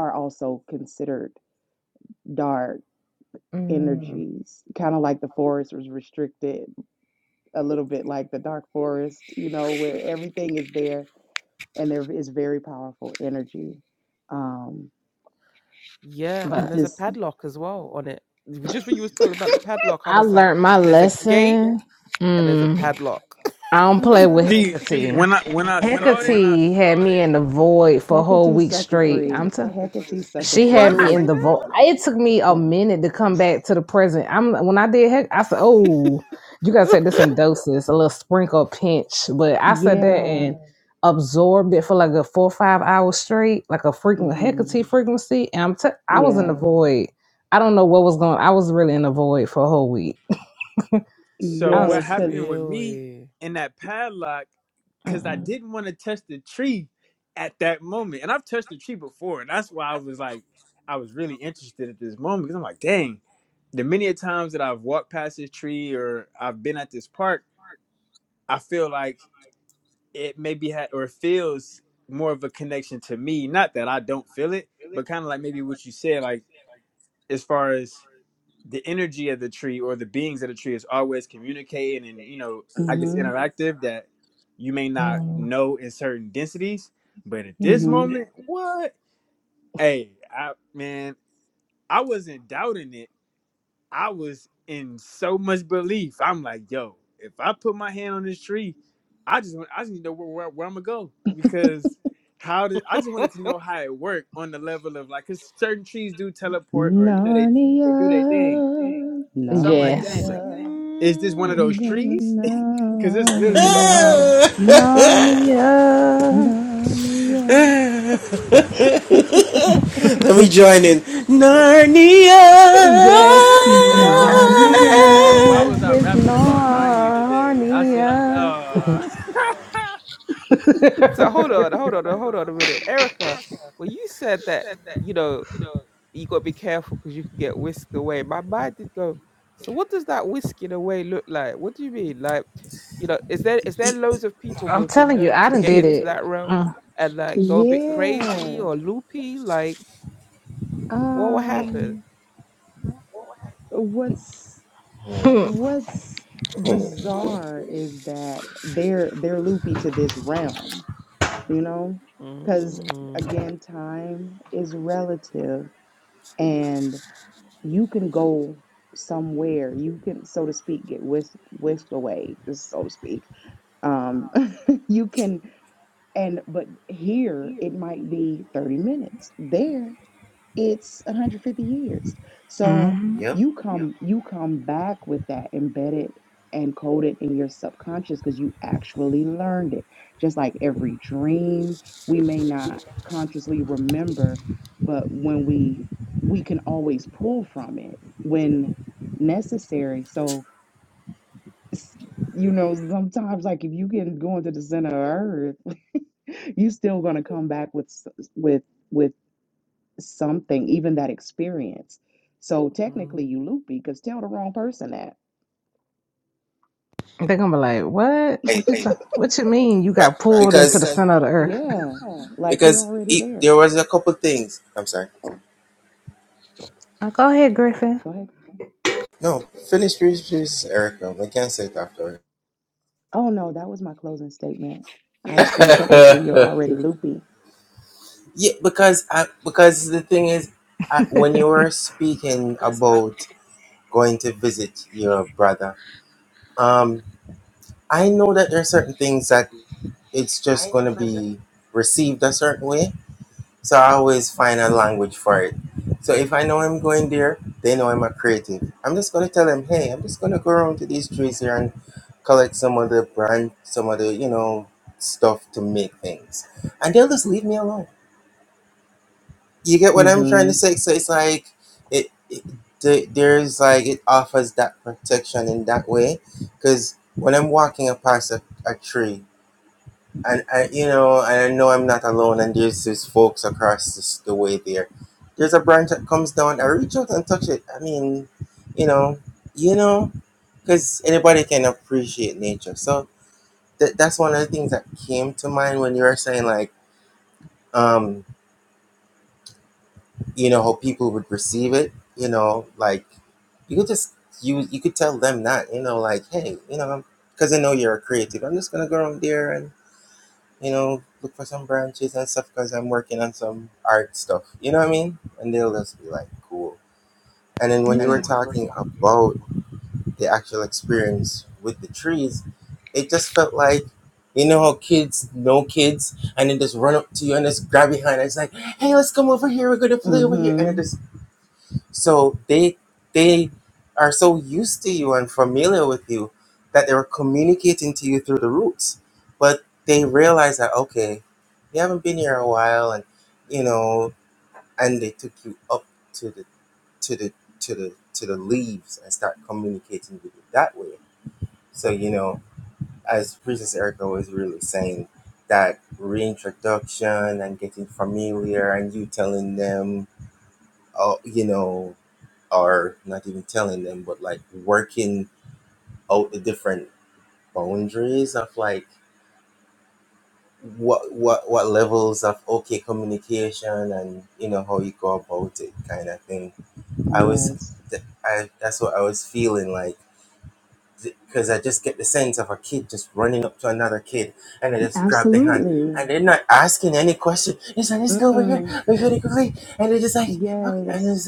are also considered dark
Mm,
energies, kind of like the forest was restricted, a little bit like the dark forest, you know, where everything is there and there is very powerful energy. Um,
Yeah, and
but
there's a
just
padlock as well on it. W- Just when you was telling about the padlock, I
I
was like,
learned my
there's a gate
lesson.
and there's a
Mm.
padlock.
I don't play with Hecate.
See,
When
when I when I
I when I
saw it,
Hecate had me in the void for a whole
Hecate
week
sucker
straight.
free,
I'm telling.
Hecate sucker
She had
what?
free,
me
like,
in
Say
the vault.
that?
It took me a
yeah,
minute to come back to the present. I'm when I did heck, I said, "Oh, you gotta take this in doses, a little sprinkle a pinch." But I said that
yeah,
and absorbed it for like a four or five hours straight, like a frequent
hmm
Hecate frequency. And I'm t- I was in
yeah,
the void. I don't know what was going. I was really in the void for a whole week.
So
I was.
what
yes, because,
happened with me
really?
in that padlock? Because I
uh-huh,
Mm-mm.
didn't want to touch the tree at that moment, and I've touched the tree before, and that's why I was like, I was really interested at this moment because I'm like, dang, the many a times that I've walked past this tree or I've been at this park, I feel like it maybe had or feels more of a connection to me. Not that I don't feel it, but kind of like maybe what you said, like as far as the energy of the tree or the beings of the tree is always communicating and you know i guess
mm-hmm,
interactive that you may not
mm
know in certain densities but at
mm
this
mm
mm-hmm.
moment what hey i man i wasn't doubting it i was in so much belief i'm like yo if i put my hand on this tree i just want i just need to know where, where, where i'm gonna go because how did i just wanted to know how it worked on the level of like because certain trees do teleport or you know they they do their thing
Narnia,
so i'm like
Yes,
dang
Narnia,
is this one of
Mhm.
I'm
those
going to
trees? Because it's literally by my house.
Narnia.
Narnia.
Narnia,
Yes,
Narnia.
And
Narnia.
why was I
His
rapping about Narnia today? I said, I,
Narnia.
uh.
so hold on, hold on, hold on a minute. Erica, when you said that, you know, you got to be careful because you can get whisked away. My mind did go, so what does that whisking away look like? What do you mean? Like, you know, is there is there loads of people who
I'm
have been
telling you,
known
I
to
done
get
did
into
it.
that realm
Mm.
and like go a bit crazy
Yeah.
or loopy? Like, what will happen?
Um, what's what's bizarre is that they're they're loopy to this realm, you know? Because
Mm,
again, time is relative and you can go somewhere. You can, so to speak, get whisk whisked away, so to speak. Um, you can And but here it might be 30 minutes. There it's 150 years. So you come you come back with that embedded and coded in your subconscious because you actually learned it. Just like every dream, we may not consciously remember, but when we we can always pull from it when necessary. So s- you know, sometimes like if you can go into the center of earth you still going to come back with s- with with something even that experience so technically
mm.
you loopy because tell the wrong person that
Mm. They're gonna be like, "What? What you sa- What you mean? You got pulled into the center of the earth?"
yeah like you're already there
Uh, Go ahead, Griffin.
go ahead oh no that was my closing statement i was saying technically you're already loopy mm-hmm
Yeah.
mm-hmm yes absolutely Mm-mm. yes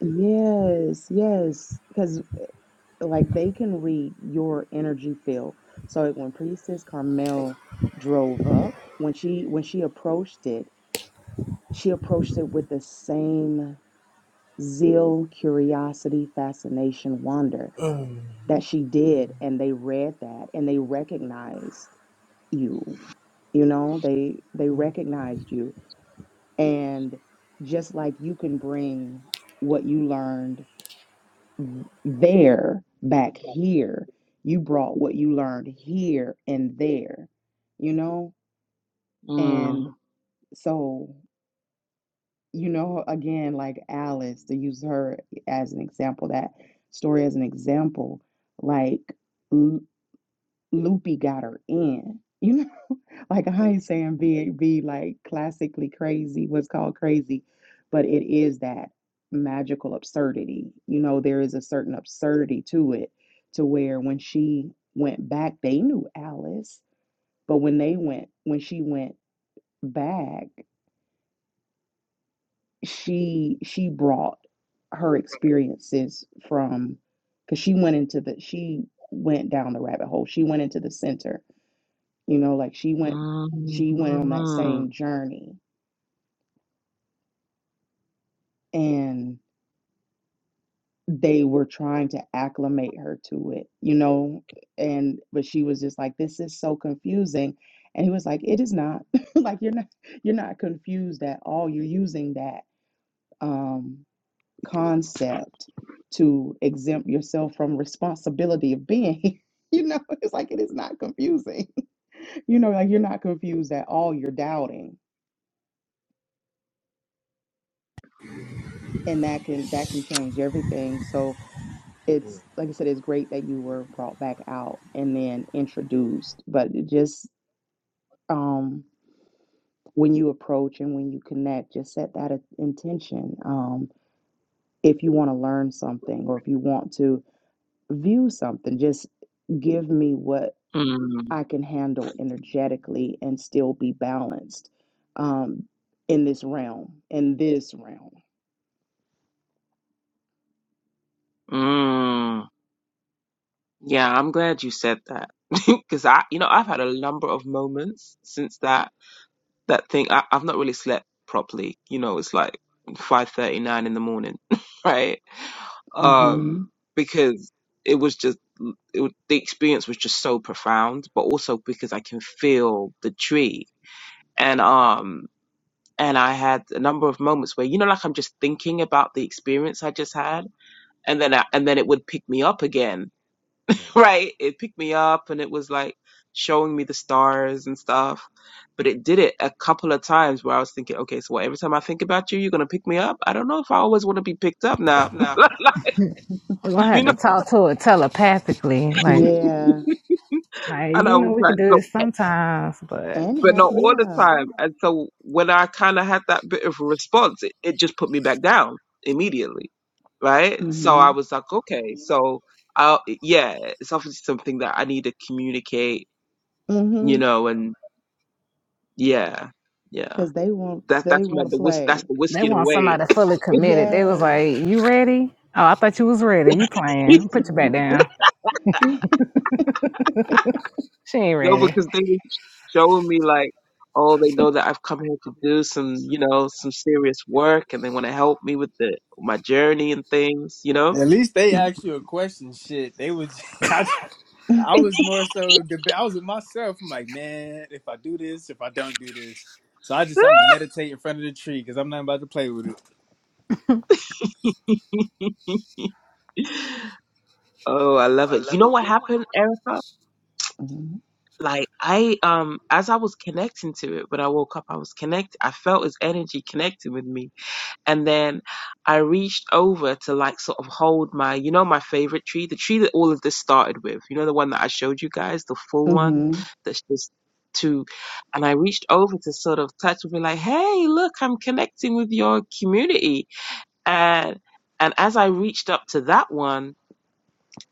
yes yes because like they can read your energy field. So like, when Priestess Carmel drove up, when she when she approached it, she approached it with the same zeal, curiosity, fascination, wonder that she did, and they read that and they recognized you. You know, they they recognized you. And just like you can bring what you learned there back here. You brought what you learned here and there, you know? And
Mm,
so, you know, again, like Alice, to use her as an example, that story as an example, like L- Loopy got her in. you know. Like I ain't saying be be like classically crazy, what's called crazy, but it is that magical absurdity. You know, there is a certain absurdity to it, to where when she went back, they knew Alice, but when they went, when she went back, she she brought her experiences from because she went into the she went down the rabbit hole. She went into the center. You know, like she went
mm,
she went on that
mm,
same journey and they were trying to acclimate her to it, you know, and but she was just like, This is so confusing. And he was like, It is not. like you're not you're not confused at all. You're using that um concept to exempt yourself from responsibility of being here." You know, it's like it is not confusing. You know, like you're not confused at all. You're doubting. And that can that can change everything. So it's like I said, it's great that you were brought back out and then introduced, but it just um, when you approach and when you connect, just set that in- intention. Um, if you want to learn something or if you want to view something, just give me what
mm,
I can handle energetically and still be balanced um, in this realm, in this realm.
mm. Yeah, I'm glad you said that because I, you know, I've had a number of moments since that. that thing. I, I've not really slept properly. You know, it's like five thirty nine in the morning, right? Um,
hmm
because it was just it, was- the experience was just so profound, but also because I can feel the tree, and um, and I had a number of moments where you know, like I'm just thinking about the experience I just had, and then I, and then it would pick me up again right? It picked me up and it was like showing me the stars and stuff. But it did it a couple of times where I was thinking, okay, so what, every time I think about you, you're gonna pick me up. I don't know if I always want to be picked up now, Like,
We're gonna
you
have
know.
to talk to it telepathically, like,
Yeah.
like
And
you
I
know,
was
we can
like,
do
so,
this sometimes, but
And
but
how,
not all the
yeah.
time. And so when I kind of had that bit of a response, it, it just put me back down immediately, right? So
Mm-hmm.
I was like, okay, so I yeah, it's obviously something that I need to communicate,
mm-hmm.
you know, and yeah, yeah.
because they want
That
they
that's my
want to
the whisk that's
play.
the
they
whisking
want
away.
somebody fully committed. They was like,
Yes.
"You ready? Oh, I thought you was ready. You playing? Put your back
Mm-hmm.
down. She ain't
no,
ready.
because they were showing me like, oh, they know that I've come here to do some, you know, some serious work, and they want to help me with the my journey and things, you know.
At least they asked you a question. Shit, they was. I, I was more so. deba- I was with myself. I'm like, man, if I do this, if I don't do this. So I just I'm meditate in front of the tree because I'm not about to play with it.
oh, I love it. You know what happened, Erica? Like I um as I was connecting to it when I woke up, I was connect. I felt his energy connecting with me And then I reached over to like sort of hold my, you know, my favorite tree, the tree that all of this started with, you know, the one that I showed you guys, the full one that's just two. And I reached over to sort of touch and be like, hey, look, I'm connecting with your community. And, and as I reached up to that one,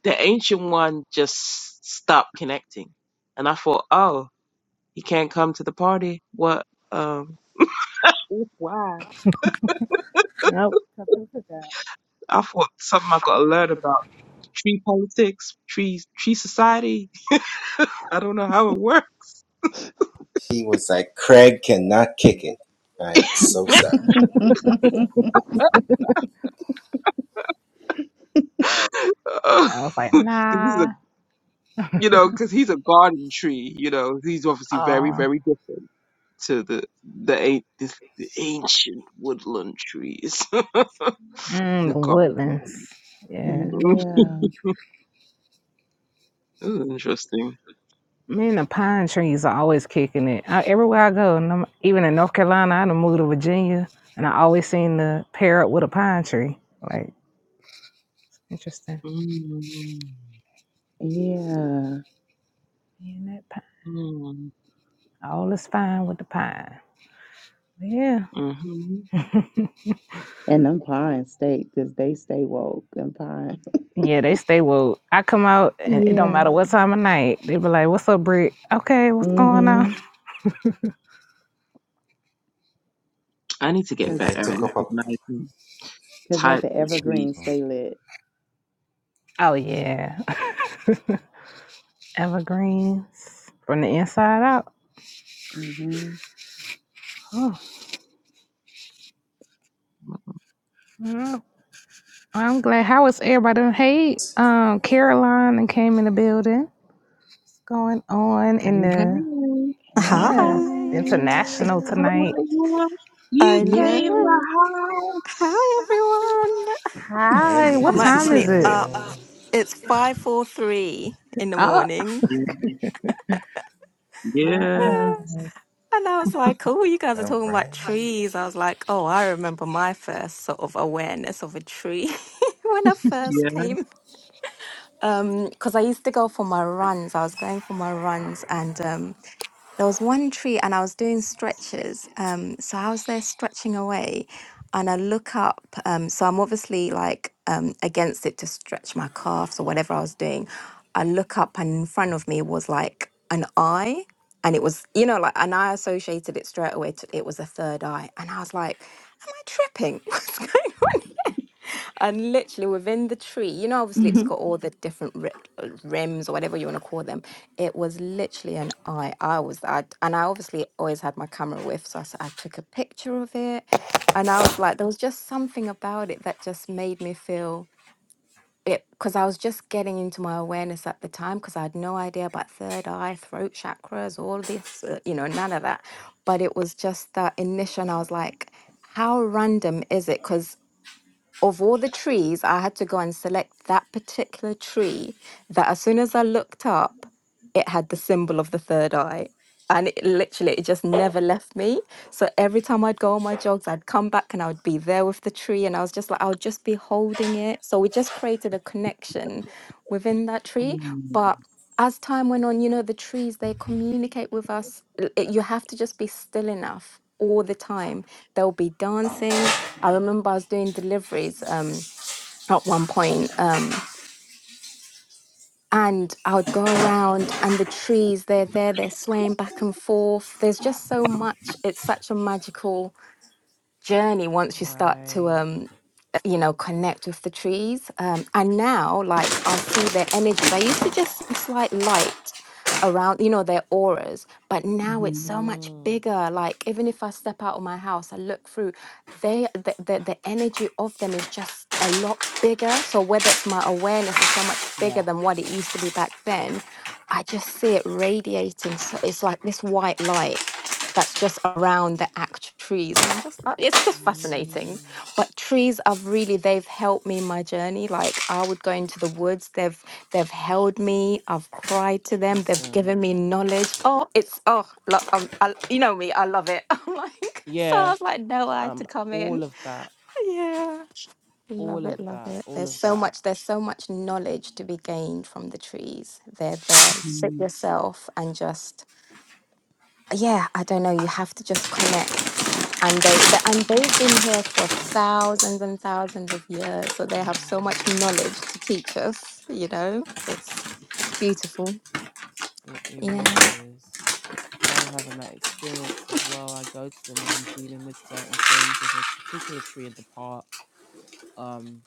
the ancient one just stopped connecting. And I thought, oh, he can't come to the party. What, um, why?
Nope."
I thought something I got to learn about. tree politics, tree tree society. I don't know how it works. because
I was like,
he's a
nah.
you know because he's a garden tree. You know he's obviously very
Oh,
very different to the the an- the, the ancient woodland trees,
mm,
the
the
garden trees.
woodlands. Yeah.
Mm,
Yeah.
This is interesting.
Me and the pine trees are always kicking it. I, everywhere I go, and I'm, even in North Carolina, I done moved to Virginia, and I always seen the parrot with a pine tree. Like, interesting.
Mm,
Yeah.
Me and that pine.
mm,
All is fine with the pine. Yeah.
mhm.
And them Pine State because they stay woke and Pine.
Yeah, they stay woke. I come out, and it don't
Yeah.
matter what time of night. They be like, what's up, Brick? Okay, what's going
Mm-hmm.
on?
I need to get
Cause,
better at recognizing
cause like
types
the
of trees.
evergreen stay lit.
Oh, yeah. Evergreens from the inside out.
Mm-hmm.
Oh. mm-hmm. I'm glad. How is everybody? doing? Hey, um, Caroline and came in the building. What's going on
Hey,
in the
hey.
yes
Hi.
international
Carolina.
tonight?
You
I
came to the
know.
Yeah.
house.
Hi, everyone.
Hi, what
I'm
time is
actually
it?
up.
hey.
It's 5.43 in the
Oh,
morning.
Yeah,
yes,
yeah,
Ah, And I was like, oh, you guys are talking about trees. I was like, oh, I remember my first sort of awareness of a tree when I first
yeah.
came. Because I used to go for my runs. I was going for my runs and... um. there was one tree and I was doing stretches. Um, so I was there stretching away and I look up. Um, so I'm obviously like um, against it to stretch my calves or whatever I was doing. I look up and in front of me was like an eye. And it was, you know, like, and I associated it straight away to it was a third eye. And I was like, am I tripping? What's going on and literally within the tree, you know, obviously it's
Mm-hmm.
got all the different ri- uh, rims or whatever you want to call them. It was literally an eye. I was, I, and I obviously always had my camera with, so I, s- I took a picture of it. And I was like, there was just something about it that just made me feel it, because I was just getting into my awareness at the time, because I had no idea about third eye, throat chakras, all this, uh, you know, none of that. But it was just that initial, and I was like, how random is it? Because of all the trees, I had to go and select that particular tree that as soon as I looked up, it had the symbol of the third eye. And it literally, it just never left me. So every time I'd go on my jogs, I'd come back and I would be there with the tree. And I was just like, I would just be holding it. So we just created a connection within that tree.
Mm.
But as time went on, you know, the trees, they communicate with us. L- it- you have to just be still enough all the time. They'll be dancing, I remember I was doing deliveries um, at one point, um, and I would go around, and the trees, they're there, they're swaying back and forth. There's just so much. It's such a magical journey once you start to.
Right.
Um, you know connect with the trees um and now like i see their energies i used to just see a slight light around you know their auras but now it's
Mm-hmm.
so much
Mm.
bigger like even if i step out of my house i look through they the, the, the energy of them is just a lot bigger so whether it's my awareness is so much bigger
Yeah.
than what it used to be back then i just see it radiating so it's like this white light that's just around the act trees and i'm just uh, it's just fascinating
Mm.
but trees have really they've helped me in my journey like i would go into the woods they've they've held me i've cried to them they've
Listen.
given me knowledge oh it's oh lo- um, I, you know me i love it i'm like so i
Yeah.
was like no i had to
Um.
come in
All of that.
yeah
All
love it
of
love
that.
it
All
there's
of
so
that.
much there's so much knowledge to be gained from the trees they're there sit
Mm-hmm.
yourself and just yeah, I don't know. You have to just connect. And they, they and they've been here for thousands and thousands of years, so they have so much
Mm.
knowledge to teach us. You know, it's it's beautiful.
It it
Yeah.
really is. I am having that experience as well. I go to them when I'm dealing with certain things. There's a particular tree in the park, um,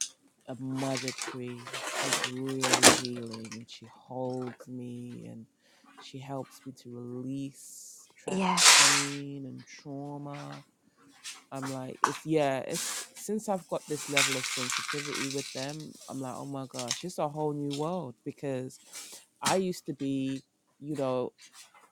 a mother tree. She's really healing and she holds me and she helps me to release trapped
Yes.
pain and trauma I'm like, it's yeah, it's since I've got this level of sensitivity with them, I'm like, oh my gosh, it's a whole new world because I used to be, you know,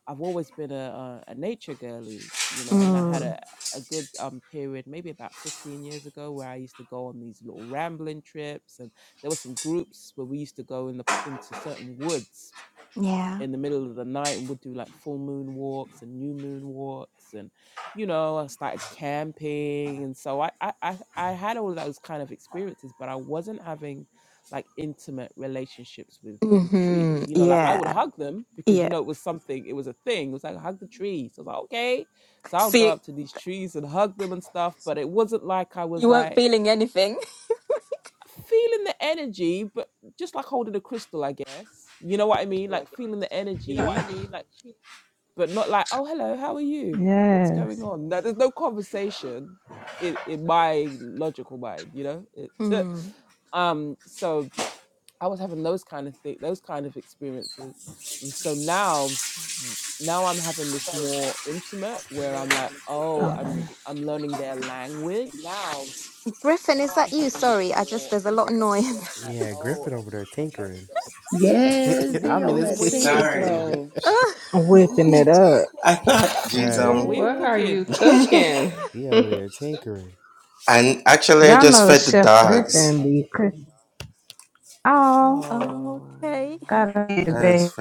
I've always been a a, a nature girly, you know, and I had
Mm.
a a good um period maybe about 15 years ago where I used to go on these little rambling trips and there were some groups where we used to go in the into certain woods
Yeah.
in the middle of the night and would do like full moon walks and new moon walks and you know i started camping and so i i i, I had all those kind of experiences but i wasn't having like intimate relationships with with trees
Hmm.
you know like i would
Yeah.
hug them because you
Yeah.
know it was something it was a thing it was like hug the trees i was like okay so i'll go
See,
up to these trees and hug them and stuff but it wasn't like i
you
was
weren't
like
feeling anything.
feeling the energy but just like holding a crystal i guess you know what i mean like feeling the energy but not like, oh, hello, how are you? What's going
yes.
on? No, there's no conversation in, in my logical mind, you know? It,
Mm.
um, so I was having those kind of thing, those kind of experiences. And so now, y- now I'm having this more intimate where I'm like, oh,
Hold on.
I'm, I'm learning their language.
Griffin, is that you? Sorry, I just there's a lot of noise.
Yeah, Griffin over there tinkering.
Yes.
Me,
He
I'm in
on
his
Griffin,
that
what are you
kitchen.
tinker
making?
flow.
I'm whipping it up.
right.
What are you
what
Yes.
are you
cooking?
cooking?
He over there tinkering.
Y'all know Chef Griffin be cooking. Oh,
Ah,
Oh,
okay.
gotta be the best.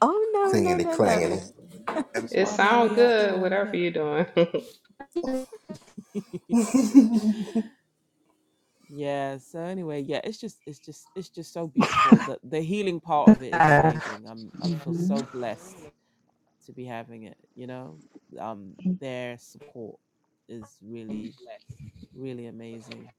Oh no
no,
no no
that's all
no!
right. Just
It
want to know what
sound
y'all do
good,
over
whatever
there.
you're doing.
yeah so anyway yeah it's just it's just it's just so beautiful the the healing part of it is
Uh,
amazing i'm i feel
Mm-hmm.
so blessed to be having it you know um their support is really really amazing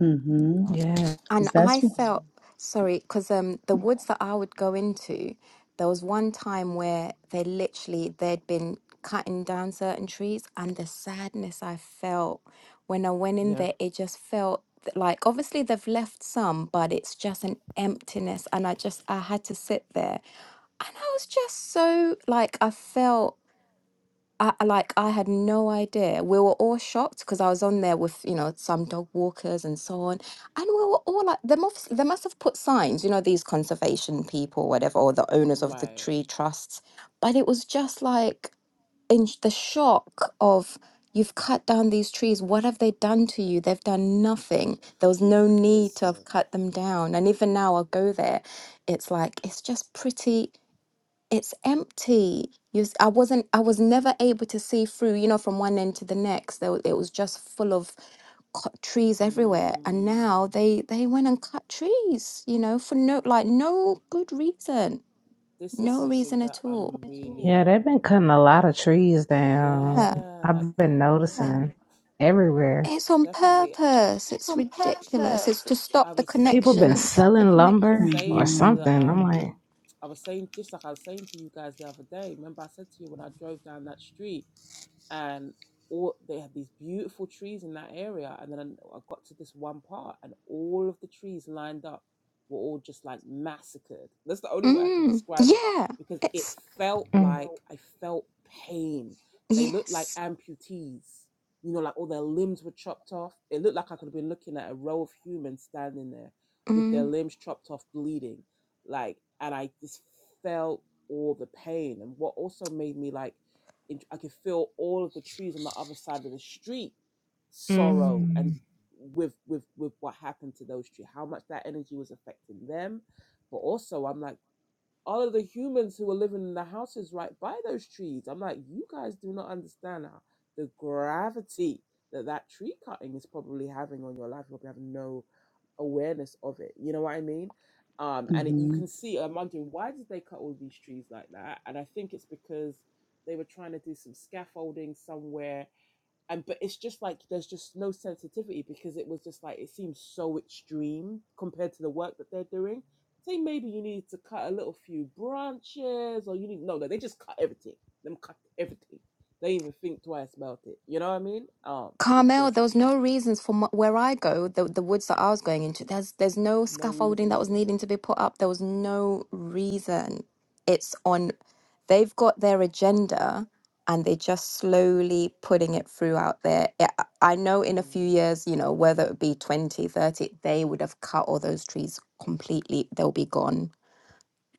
Mm-hmm.
Yeah,
And
Is that's
I
what?
felt
Mm.
sorry because um, the woods that I would go into, there was one time where they literally they'd been cutting down certain trees, and the sadness I felt when I went in
Yeah.
there, it just felt th- like obviously they've left some, but it's just an emptiness, and I just I had to sit there, and I was just so like I felt. I I- like I had no idea. We were all shocked because I was on there with you know some dog walkers and so on, and we were all like, they must they must have put signs, you know, these conservation people, whatever, or the owners of the
Right.
tree trusts. But it was just like in sh- the shock of you've cut down these trees. What have they done to you? They've done nothing. There was no need to have
Listen.
cut them down. And even now, I'll go there. It's like it's just pretty it's empty. You, s- I wasn't, I was never able to see through, you know, from one end to the next. There, wa- it was just full of cut trees everywhere. And
Mm,
now they, they went and cut trees, you know, for no, like no good reason,
this is
no
something
reason
that
at all.
I'm
yeah.
really,
They've been cutting a lot of trees down.
Yeah,
yeah, like
I've been noticing everywhere.
it's on
definitely.
purpose. It's ridiculous. It's to stop
I
the
was um
people been
connections.
selling lumber or
saying to
Mm-hmm.
the
something. I'm
um
like,
I was saying just like I was saying to you guys the other day. Remember I said to you when I drove down that street and all they had these beautiful trees in that area and then i got to this one part and all of the trees lined up were all just like massacred that's the only way i can
Mm,
describe it
yeah,
because it
it's
felt
Mm,
like i felt pain they looked like
yes.
amputees you know like all their limbs were chopped off it looked like i could have been looking at a row of humans standing there with
Mm-hmm.
their limbs chopped off bleeding like and i just felt all the pain and what also made me like in- I could feel all of the trees on the other side of the street sorrow and
mm.
with with with what happened to those trees, how much that energy was affecting them. But also, I'm like all of the humans who were living in the houses right by those trees. I'm like, you guys do not understand how the gravity that that tree cutting is probably having on your life. You probably have no awareness of it. You know what I mean? Um, and it, you
Mm-hmm.
can see, I'm wondering, why did they cut all these trees like that? And I think it's because they were trying to do some scaffolding somewhere and but it's just like there's just no sensitivity because it was just like it seems so extreme compared to the work that they're doing. Say maybe you need to cut a little few branches, or you need no, no, they just cut everything. Them cut everything. They even think twice about it. You know what I mean? Um, it's
Carmel,
just
there was no reasons for my, where I go, the the woods that I was going into. There's there's no
no
scaffolding
reason
that
at
was
all.
needing to be put up. There was no reason. It's on. They've got their agenda, and they're just slowly putting it through out there. Yeah, I I know in a few
Mm,
years, you know, whether it be 20, 30, they would have cut all those trees completely. They'll be gone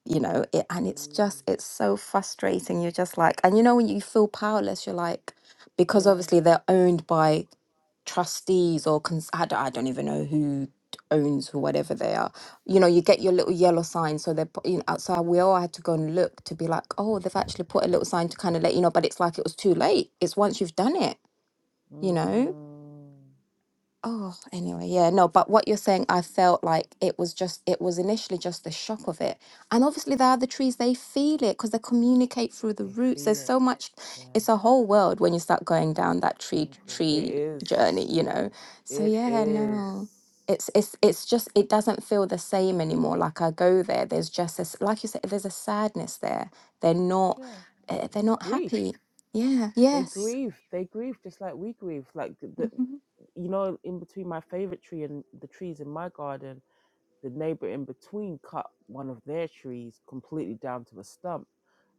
you know it, and it's
mm,
just it's so frustrating you're just like and you know when you feel powerless you're like because
yeah.
obviously they're owned by trustees or cons- I, don't, I don't even know who owns who whatever they are you know you get your little yellow sign so they're put- you know, outside we all had to go and look to be like oh they've actually put a little sign to kind of let you know but it's like it was too late it's once you've done it you know
Mm,
Oh, anyway, yeah, no, but what you're saying, I felt like it was just, it was initially just the shock of it. And obviously, the other trees, they feel it because they communicate through the
they
roots.
feel
There's
it.
so much,
Yeah.
it's a whole world when you start going down that tree
Painful. It
tree
is.
journey, you know. So
It
yeah,
is.
no. It's it's it's just it doesn't feel the same anymore. Like I go there, there's just this, like you said, there's a sadness there. They're not,
Yeah.
eh, they're not
Grief.
happy. Yeah,
They
yes.
grieve. They grieve just like we grieve. Like the,
hmm
you know, in between my favorite tree and the trees in my garden, the neighbor in between cut one of their trees completely down to a stump.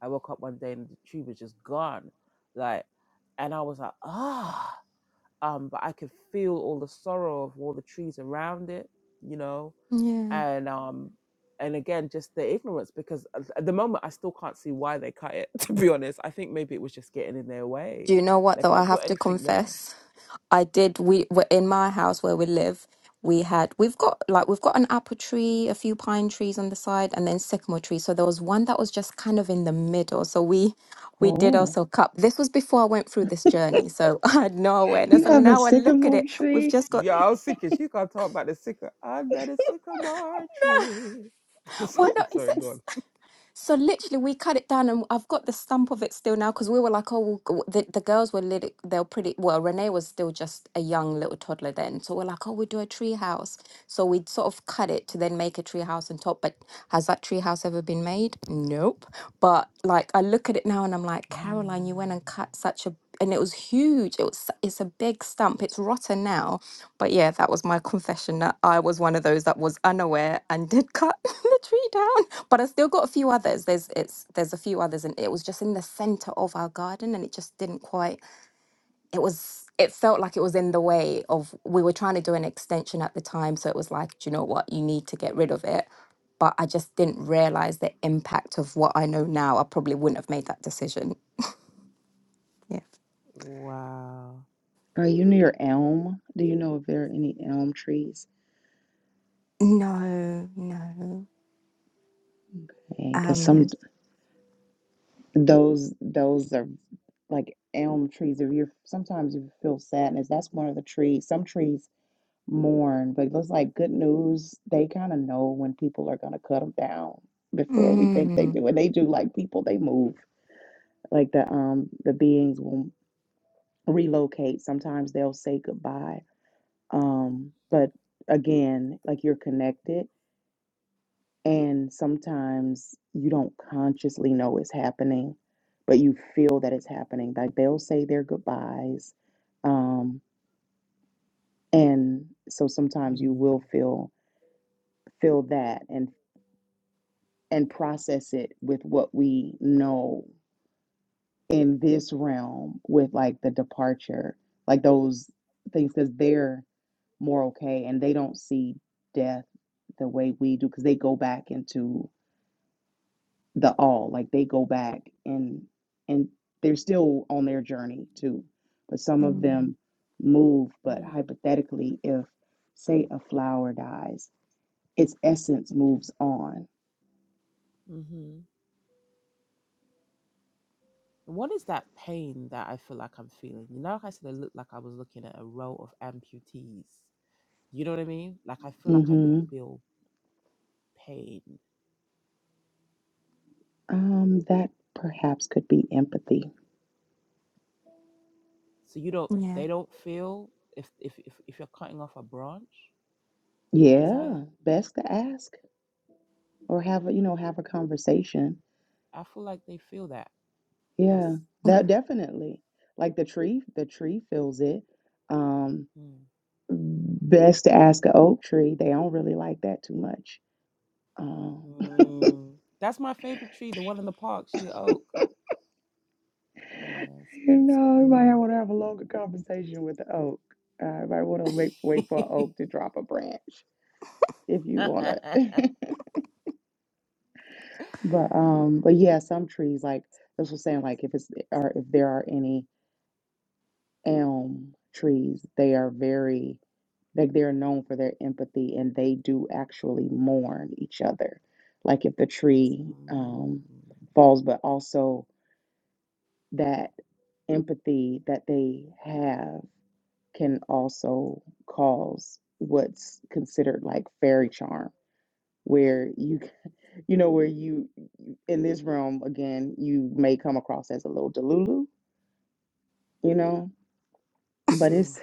I woke up one day and the tree was just gone. Like, and I was like, ah, um, but I could feel all the sorrow of all the trees around it, you know
Yeah.
and um and again just the ignorance because at the moment i still can't see why they cut it to be honest i think maybe it was just getting in their
Do
way
you know what
they've
though? I
not
have
put
to
anything there
confess. I did. We were in my house where we live. We had we've got like we've got an apple tree, a few pine trees on the side, and then sycamore tree. So there was one that was just kind of in the middle. So we we did
Oh,
also cut. This was before I went through this journey, so I had no
you
awareness.
Wh-
And
have a
now I look at
sycamore
it, we've
tree?
just got
yeah i was thinking she can't talk about the sycamore under the sycamore tree
well, no,
sorry
is
sorry
it?
go on
So literally, we cut it down, and I've got the stump of it still now because we were like, oh, we'll go- the, the girls were little, they were pretty. Well, Renee was still just a young little toddler then, so we're like, oh, we'll do a tree house. So we would sort of cut it to then make a tree house on top. But has that tree house ever been made? Nope. But like, I look at it now, and I'm like, Caroline, you
Mm,
went and cut such a, and it was huge. It was, it's a big stump. It's rotten now, but yeah, that was my confession that I was one of those that was unaware and did cut the tree down but I still got a few others. There's it's there's a few others, and it was just in the center of our garden, and it just didn't quite. It was it felt like it was in the way of. We were trying to do an extension at the time, so it was like, do you know what? You need to get rid of it. But I just didn't realize the impact of what I know now. I probably wouldn't have made that decision. Yeah.
wow
Are you near elm? Do you know if there are any elm trees?
No, no.
Because
Um.
some those those are like elm trees. If you're sometimes you feel sadness, that's one of the trees. Some trees mourn, but those like good news. They kind of know when people are gonna cut them down before we think they
Mm,
do, and they do. Like people, they move. Like the um the beings will relocate. Sometimes they'll say goodbye Um, but again, like you're connected, and sometimes you don't consciously know it's happening, but you feel that it's happening. Like they'll say their goodbyes, um, and so sometimes you
mm,
will feel feel that and and process it with what we know in this realm with like the departure, like those things, because they're more okay and they don't see death the way we do because they go back into the all like they go back and and they're still on their journey too but some of
mm,
them move but
mm,
hypothetically if say a flower dies its essence moves on
mm-hmm. what is that pain that i feel like i'm feeling you know like i said i looked like i was looking at a row of amputees You know what I mean? Like I feel like I could
hmm
feel pain.
um that perhaps could be empathy
So you don't
yeah.
they don't feel if if if, if you're cutting off a branch because I
yeah best to ask or have a you know have a conversation
I feel like they feel that. That's
Yeah, that definitely. Like the tree, the tree feels it. Um,
mm,
best to ask an oak tree. They don't really like that too much. Um,
mm. that's my favorite tree, the one in the park, she oak. Mm, that's
you
good.
know, you might
Mm,
want to have a longer conversation with the oak. Uh, you might want to wait wait for an oak to drop a branch if you want to. But um, but yeah, some trees like this was saying, like if it's or if there are any elm trees, they are very Like they're known for their empathy and they do actually mourn each other. Like if the tree
mm,
um, falls, but also that empathy that they have can also cause what's considered like fairy charm where you you know where you in this realm again you may come across as a little delulu you know but
mm,
it's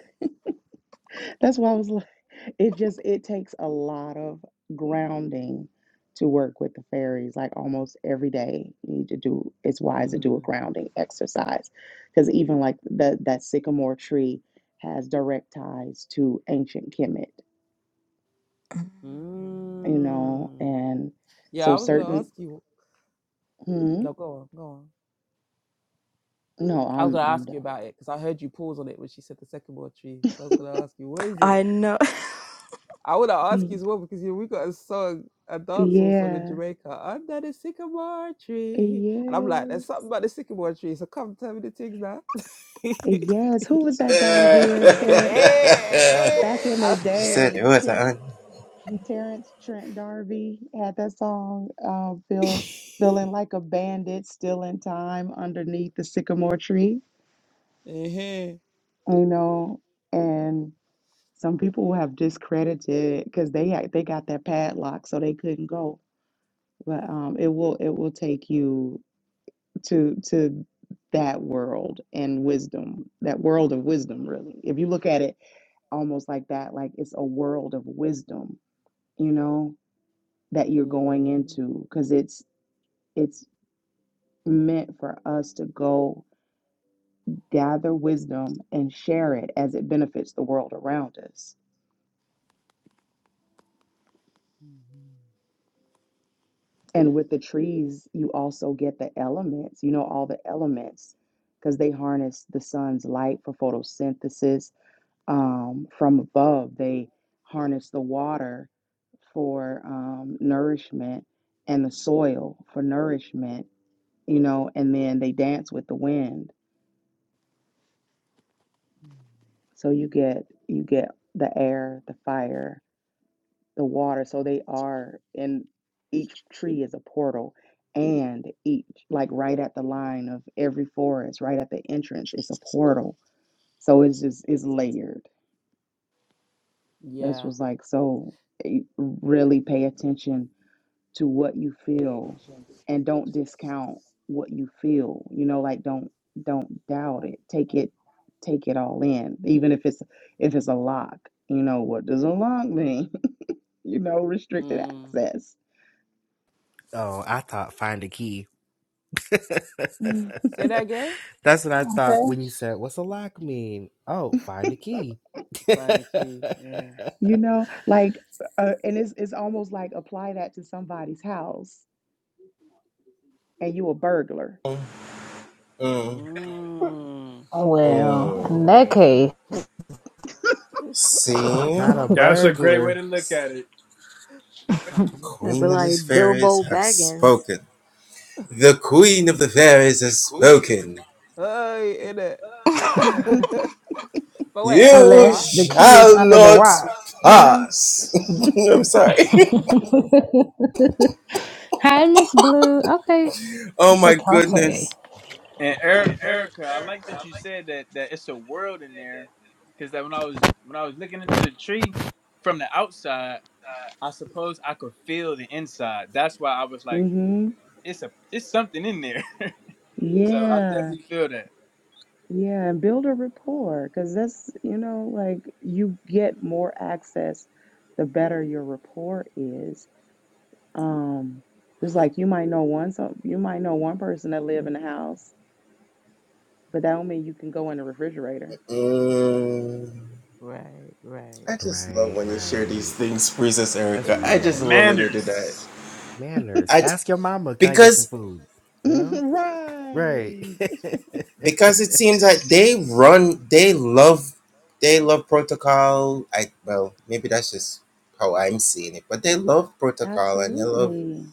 That's why I was like, it just it takes a lot of grounding to work with the fairies. Like almost every day, you need to do. It's wise to do a
mm,
grounding exercise, because even like that that sycamore tree has direct ties to ancient Kemet, you know,
mm.
and
Yeah,
so
I was gonna
certain.
ask you.
Hmm,
No, go on, go on.
no,
I was
I'm
gonna
I'm
ask
done.
you about it because I heard you pause on it when she said the sycamore tree. So I was gonna ask you, what is it?
I know.
I want to ask you
Mm,
as well because you, we got a song, a dancehall song in
Yeah,
Jamaica, under the sycamore tree, and I'm like,
yes,
there's something about the sycamore tree, so come tell me the things now.
yes. Who was that guy here, Terrence? Back in the
okay.
day, Ch- Terrence Trent D'Arby had that song, uh, feel feeling like a bandit, still in time underneath the sycamore tree.
Mhm.
You know, and some people have discredited because they had, they got that padlock, so they couldn't go. But um, it will it will take you to to that world and wisdom, that world of wisdom, really. If you look at it almost like that, like it's a world of wisdom, you know, that you're going
Mm,
into because it's it's meant for us to go gather wisdom and share it as it benefits the world around us.
mhm,
And with the trees, you also get the elements, you know, all the elements, because they harness the sun's light for photosynthesis um, from above. They harness the water for um, nourishment and the soil for nourishment, you know, and then they dance with the wind.
mhm.
So you get you get the air, the fire, the water. So they are, and each tree is a portal. And each, like right at the line of every forest, right at the entrance, it's a portal. So it's just, it's layered. This
Yeah.
was like, so eh, really pay attention to what you feel and don't discount what you feel. You know, like don't, don't doubt it. Take it, take it all in. Even if it's, if it's a lock, you know, what does a lock mean? you know, restricted
Mm.
access.
Oh, I thought find a key.
Say that again.
That's what I thought when you said, What's a lock mean? Oh, find a key.
Find the key. Yeah.
You know, like, uh, and it's it's almost like apply that to somebody's house and you a burglar.
Mm.
well, in that case,
Not a
That's a great way
burglar.
to look at it.
But like Bilbo Baggins,
oh, in it. but wait, Erica.
unless the key is under the rock, you know. Hi, Miss Blue. Okay, it's a party.
And er- Erica, I like that you said that that it's a world in there, because that when I was when I was looking into the tree from the outside. I suppose I could feel the inside. That's why I was like,
Mm-hmm.
it's a it's something in there. So I
Yeah.
definitely feel that.
Yeah, and build a rapport because that's, you know, like you get more access the better your rapport is. Um, it's like you might know one some you might know one person that live in the house, but that don't mean you can go in the refrigerator.
Right, right.
Right, right. That's
In it.
real.
Manners.
Manners. Ask your mama, can I get some food? You know? Right.
Right. Absolutely.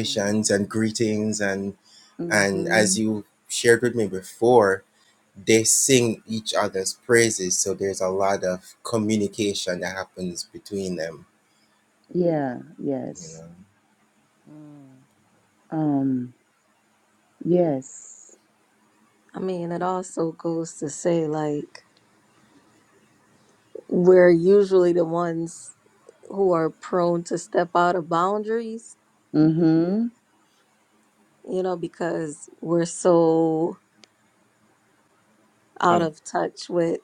Mm,
Mm-hmm. Yeah, yes.
mm,
Um, yes.
I mean, it also goes to say like we're usually the ones who are prone to step out of boundaries,
Mm-hmm.
you know, because we're so out of touch with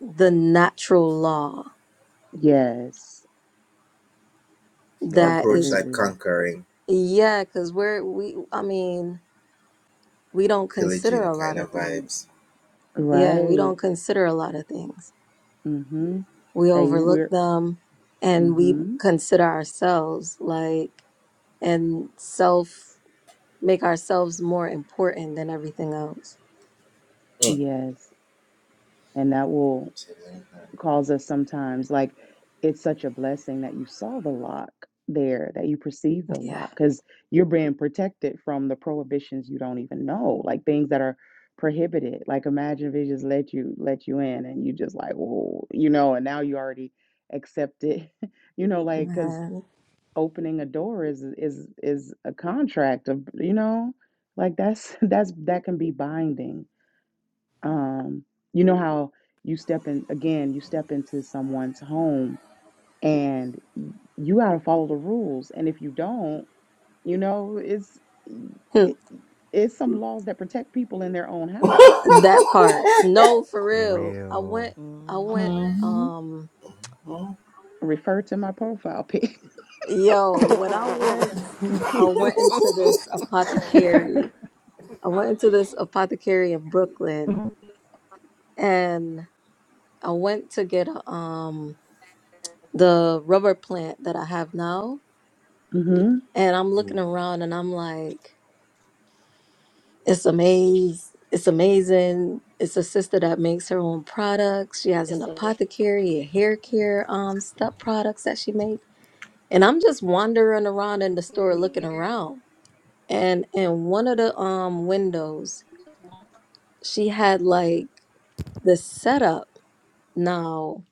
the natural law
Yes.
that is,
Absolutely.
yeah, because we're, we, I mean, we don't consider a lot of things. Yeah, we
Right.
don't consider a lot of things.
Mm-hmm.
We
That you wear.
overlook
are
them and we
mm-hmm.
consider ourselves like, and self make ourselves more important than everything else.
Yes. And that will calls us sometimes like it's such a blessing that you saw the lock there that you perceive the
Yeah,
lock because you're being protected from the prohibitions you don't even know like things that are prohibited like imagine if it just let you let you in and you just like whoa you know and now you already accept it you know like because
man.
opening a door is is is a contract of you know like that's that's that can be binding um, you know how you step in again, you step into someone's home and y- you got to follow the rules. And if you don't, you know, it's
Hmm.
it- it's some laws that protect people in their own house.
that part. No, for real. I went.
real.
I
mm.
went.
Mhm.
Um,
Refer to my profile pic.
yo, when I went, I went into this apothecary. I went into this apothecary in Brooklyn, and I went to get a, um the rubber plant that I have now.
mm
And I'm looking around, and I'm like. It's amazing. It's amazing. It's a sister that makes her own products. She has an apothecary, a hair care um stuff products that she makes. And I'm just wandering around in the store looking around. And in one of the um windows, she had like the setup. Now,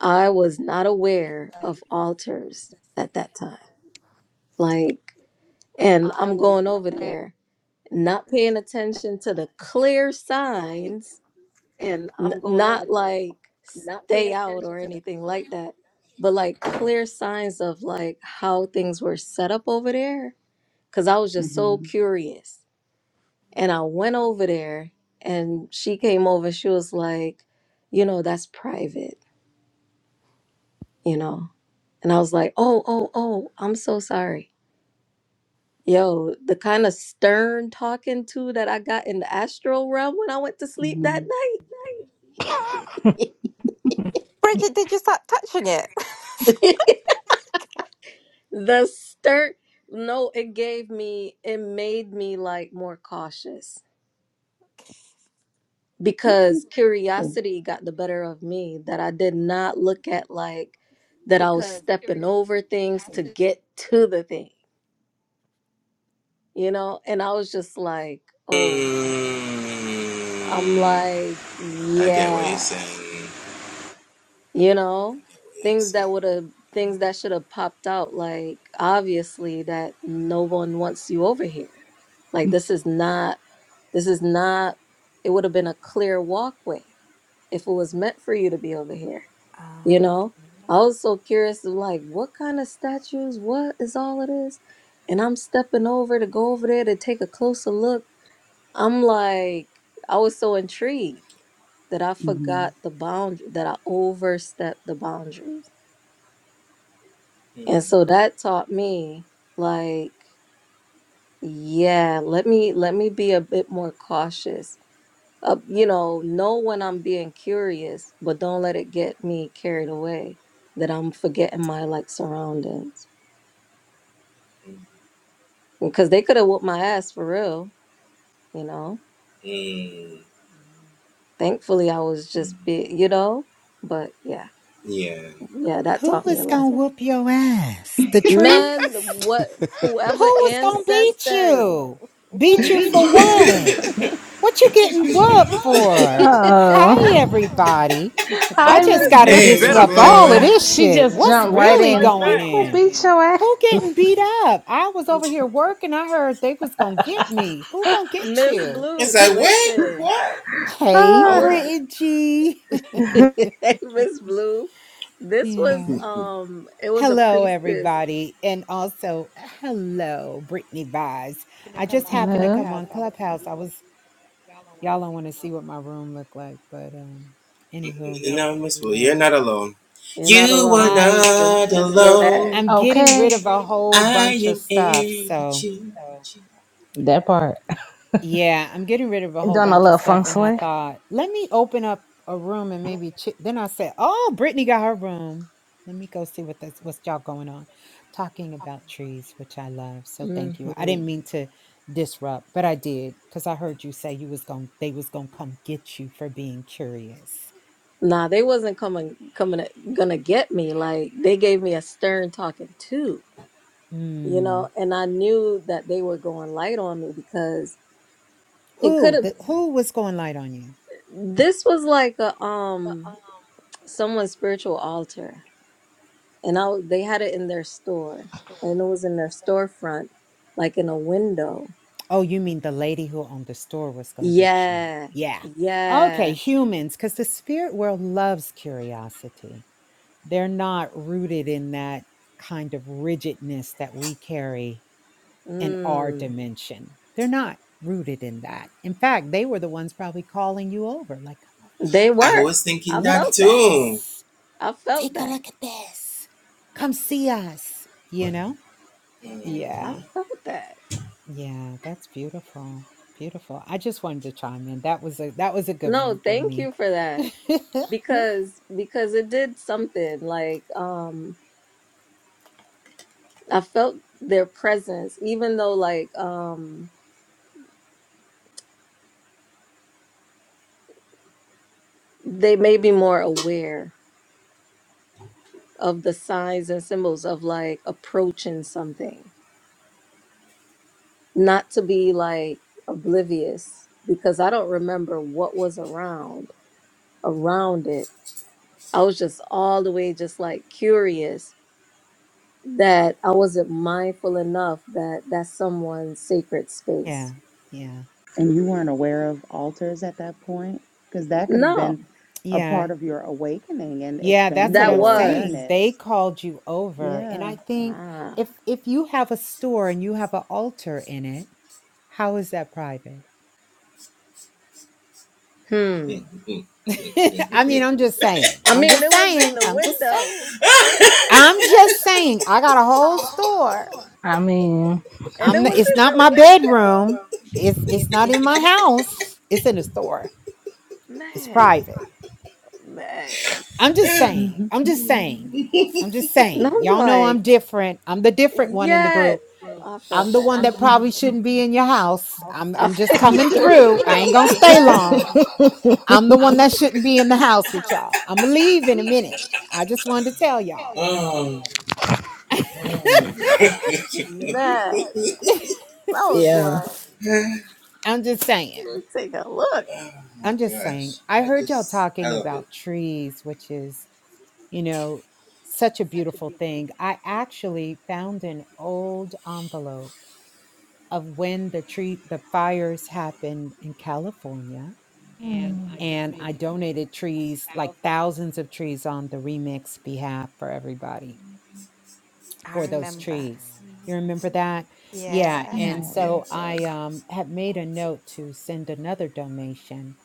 I was not aware of altars at that time. Like, and I'm going over there, not paying attention to the clear signs N- not like stay out or anything like that, but like clear signs of like how things were set up over there. Cause I was just
hmm
so curious. And I went over there and she came over. She was like, you know, that's private, you know? And I was like, oh, oh, oh, I'm so sorry. Yo, the kind of stern talking to that I got in the astral realm when I went to sleep that
hmm
night.
Bridget, did you start touching it?
The stir, no, it gave me, it made me like more cautious because curiosity got the better of me that I did not look at like that I was stepping over things to get to the thing, you know? And I was just like, oh, I'm like, yeah. you know things that would have things that should have popped out like obviously that no one wants you over here like this is not this is not it would have been a clear walkway if it was meant for you to be over here you
Ah,
know i
Okay.
was so curious of like what kind of statues what is all of this and i'm stepping over to go over there to take a closer look i'm like i was so intrigued that I
hmm
forgot the boundary, that I overstepped the boundaries. And so that taught me like, yeah, let me let me be a bit more cautious. Uh, you know, know when I'm being curious, but don't let it get me carried away that I'm forgetting my like surroundings. Because they could have whooped my ass for real, you know. Thankfully I was just be you know, but yeah. Yeah, that
Who
taught me a
was gonna
lesson.
whoop your ass? The
Man,
trees?
what
Who
whoever
was gonna beat
ancestors
you?
Hey,
Beat you
Miss
for
Blue. Mhm. Hey,
what?
Miss Blue.
What you getting whooped
hey,
for? Hi
Oh,
everybody. I
hi,
just
Miss
Miss
gotta
And you
Hi.
Blue.
better
disrupt
Blue.
fight
all of
back.
this
Oh,
she
shit.
just
What's
You
jumped
better
right
really
in.
fight
going
Who
back.
gonna
in?
beat your ass?
Who getting beat up? I was over here working. I heard they was gonna get me. Who gonna get
Miss
you?
Blue, listen.
Hey,
I
Ah.
was
Brittany.
Hey Miss Blue. This was
yeah.
um it was a
Hello,
priestess.
everybody, and also hello, Brittany Vise. I just happened to come
no.
on Clubhouse. I was y'all don't want to see what my room looked like, but um, anywho,
Nah, you're not alone.
I
Just just know that.
I'm getting
Okay.
rid of a whole bunch of stuff, so
That part.
Yeah, I'm getting rid of a whole
Doing a
bunch of
little
stuff.
feng
And I
shui.
thought, let me open up a room and maybe ch-. then I said, Oh, Brittany got her room. Let me go see what this what's y'all going on. Talking about trees, which I love. So
hmm
thank you. I didn't mean to disrupt, but I did because I heard you say you was going to they was gonna come get you for being curious.
Nah, they wasn't coming coming gonna get me. Like they gave me a stern talking to, you
Mm.
know, and I knew that they were going light on me because it could
Who
have
the who was going light on you?
been. This was like a um someone's spiritual altar, and I w- they had it in their store, and it was in their storefront, like in a window.
Oh, you mean the lady who owned the store was going to get you?
Yeah,
Yeah. Okay,
yeah.
humans, because the spirit world loves curiosity. They're not rooted in that kind of rigidness that we carry in our
Mm.
dimension. They're not rooted in that. In fact, they were the ones probably calling you over, like, come over
They were. I
here. Look
felt
at
that.
this.
I felt
Take a
that.
look at this. Come see us. You know?
I
Yeah.
felt that.
Yeah, that's beautiful. Beautiful. I just wanted to chime in. That was a that was a good one
No,
for
thank
me.
you for that because because it did something like um I felt their presence even though like um they may be more aware of the signs and symbols of like approaching something, not to be like oblivious because I don't remember what was around around it. I was just all the way just like curious that I wasn't mindful enough that that's someone's sacred
yeah.
space.
Yeah.
And you weren't aware of altars at that point? Because that could have
No,
been a
Yeah.
part of your awakening and
Yeah, that's
expanding
what
that
I'm
your
saying.
was.
They
awareness.
called you over, and
Yeah.
I think
Ah,
if if you have a store and you have an altar in it, how is that private?
hmm.
I mean, I'm just saying.
I
I'm
mean,
just
it was in
saying.
the
I'm just saying.
window. It was in the
I'm just
window.
saying. I got a whole store.
I mean.
And it
I'm not,
was
it's
in the
not my bedroom. It's it's not in my house. It's in a store.
window.
It's
Man,
private.
oh, man.
I'm just saying.
Mm-hmm.
I'm just saying. I'm just
And
saying.
I'm
Y'all know I'm
like,
different. I'm the different one in the
yeah,
group.
I
I'm
felt
the one
that.
that probably shouldn't be in your house. I'm
I
I'm just
felt,
coming through. I ain't gonna stay long. I'm the one that shouldn't be in the house with y'all. I'ma leave in a minute. I just wanted to tell y'all.
man, I was
Yeah.
like,
I'm just saying.
let's take a look.
I'm just saying. I heard y'all talking about trees, which is you know, such a beautiful thing. I actually found an old envelope of when the tree the fires happened in California and I donated trees like thousands of trees on the remix behalf for everybody
I
for those
remember. I
trees. You
remember
remember
that.
that? Yeah.
Yeah.
And so I um, had made a note to send another donation.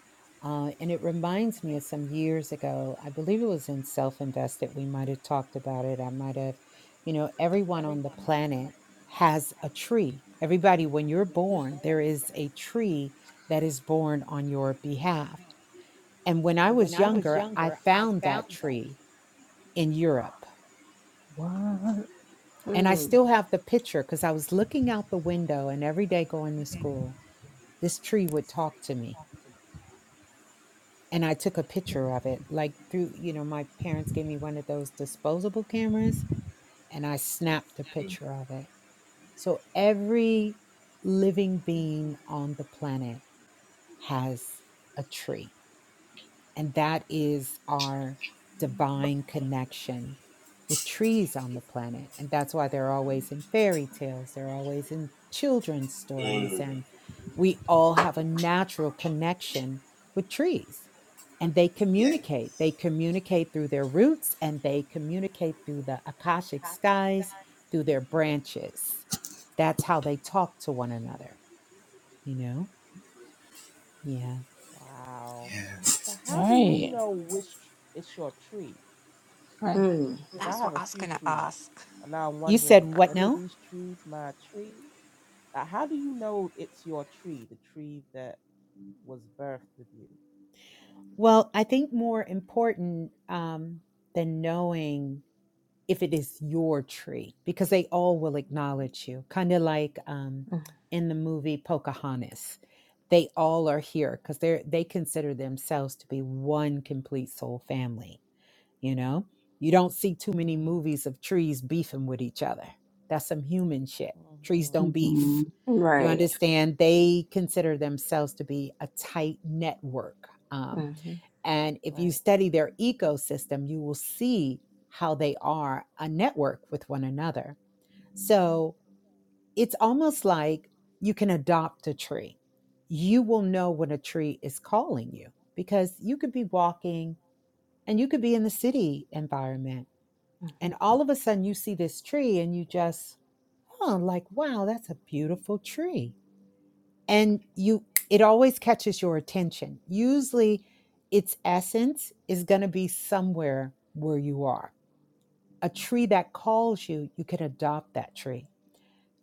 Uh, and it reminds me of some years ago, I believe it was in Self Invested. We might have talked about it. I might have, you know, everyone on the planet has a tree. Everybody, when you're born, there is a tree that is born on your behalf. And when I was
Mm,
younger, I found that tree in Europe. And I
Hmm.
still have the picture because I was looking out the window and every day going to school, this tree would talk to me. And I took a picture of it, like through, you know, my parents gave me one of those disposable cameras and I snapped a picture of it. So every living being on the planet has a tree. And that is our divine connection with trees on the planet. And that's why they're always in fairy tales, they're always in children's stories. And we all have a natural connection with trees. And they communicate. They communicate through their roots and they communicate through the Akashic skies, through their branches. That's how they talk to one another, you know? Yeah.
wow. So,
so
how do you
right.
know which is your tree?
Right.
Hmm.
Because I
That's what
have a
I was
few
going to
trees,
ask.
and now I'm
You
wondering,
said
is
what
any of
now?
these trees my tree? Like, how do you know it's your tree, the tree that was birthed with you?
Well, I think more important um, than knowing if it is your tree, because they all will acknowledge you, kind of like um, in the movie Pocahontas. They all are here because they they consider themselves to be one complete soul family. You know, you don't see too many
Mm,
movies of trees beefing with each other. That's some human shit. Trees
mm-hmm.
don't
Mm-hmm.
beef. You
Right.
understand? They consider themselves to be a tight network. Um,
Mm-hmm.
and if you
Right.
study their ecosystem, you will see how they are a network with one another. So it's almost like you can adopt a tree. You will know when a tree is calling you because you could be walking and you could be in the city environment. And all of a sudden you see this tree and you just, huh, like, wow, that's a beautiful tree and you it always catches your attention usually its essence is going to be somewhere where you are a tree that calls you you can adopt that tree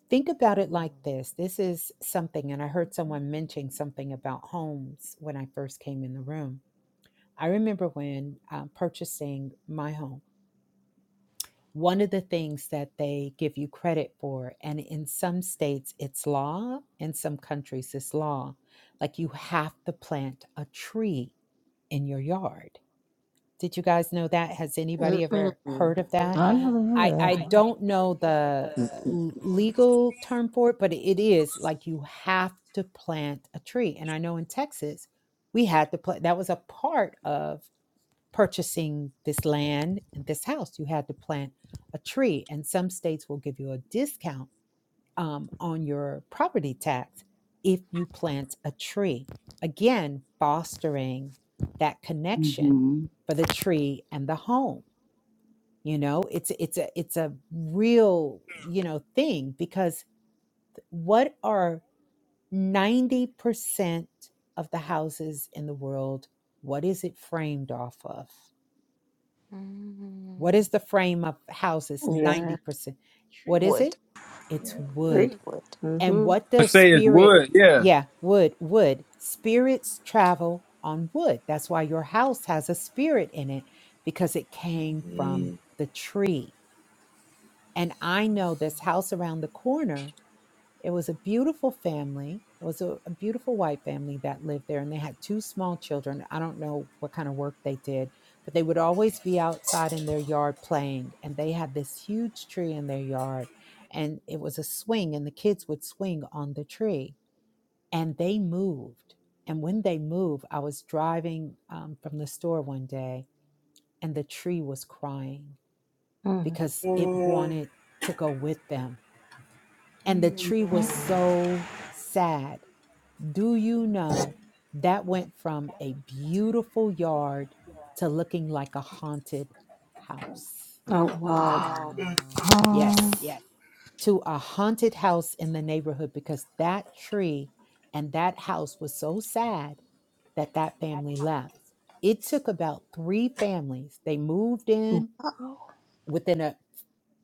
think about it like
Mm,
this this is something and i heard someone mention something about homes when i first came in the room i remember when uh, purchasing my home one of the things that they give you credit for, and in some states it's law, in some countries it's law, like you have to plant a tree in your yard. Did you guys know that? Has anybody ever
Mm-hmm.
heard of that?
I never heard
I,
I, of
I
I that one. I
don't know the l- legal term for it, but it is like you have to plant a tree. And I know in Texas, we had to plant, that was a part of purchasing this land and this house, you had to plant a tree. And some states will give you a discount um, on your property tax if you plant a tree. Again, fostering that connection
Mm-hmm.
for the tree and the home. You know, it's it's a it's a real you know thing because what are ninety percent of the houses in the world? What is it framed off of? What
Mm.
is the frame of houses?
Yeah.
90%. What is
Trees,
it?
Wood.
It's
Three.
wood.
wood.
Wood.
And
Mm-hmm.
what
I
does
say it's
spirit?
wood, yeah.
Yeah, wood, wood. Spirits travel on wood. That's why your house has a spirit in it because it
mm,
came from the tree. And I know this house around the corner it was a beautiful family. It was a, a beautiful white family that lived there, and they had two small children. I don't know what kind of work they did, but they would always be outside in their yard playing. And they had this huge tree in their yard, and it was a swing, and the kids would swing on the tree. And they moved. And when they moved, I was driving um, from the store one day, and the tree was crying
hmm
because it wanted to go with them. And the tree was so sad do you
mm.
know that went from a beautiful yard to looking like a haunted house?
Oh wow.
Wow.
Oh,
Yes, to a haunted house in the neighborhood because that tree and that house was so sad that that family left. It took about three families. They moved in
Wow.
within a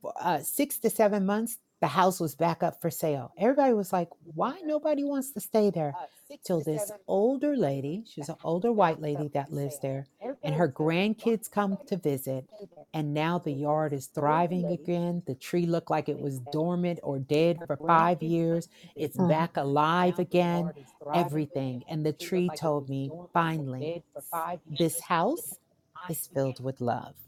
for, uh, six to seven months, the house was back up for sale. Everybody was like, why nobody wants to stay there? Till this older lady, she's an older white lady that lives there, and her grandkids come to visit. And now the yard is thriving again. The tree looked like it was dormant or dead for five years. It's
Mm-hmm.
back alive again, everything. And the tree told me finally, this house is filled with love.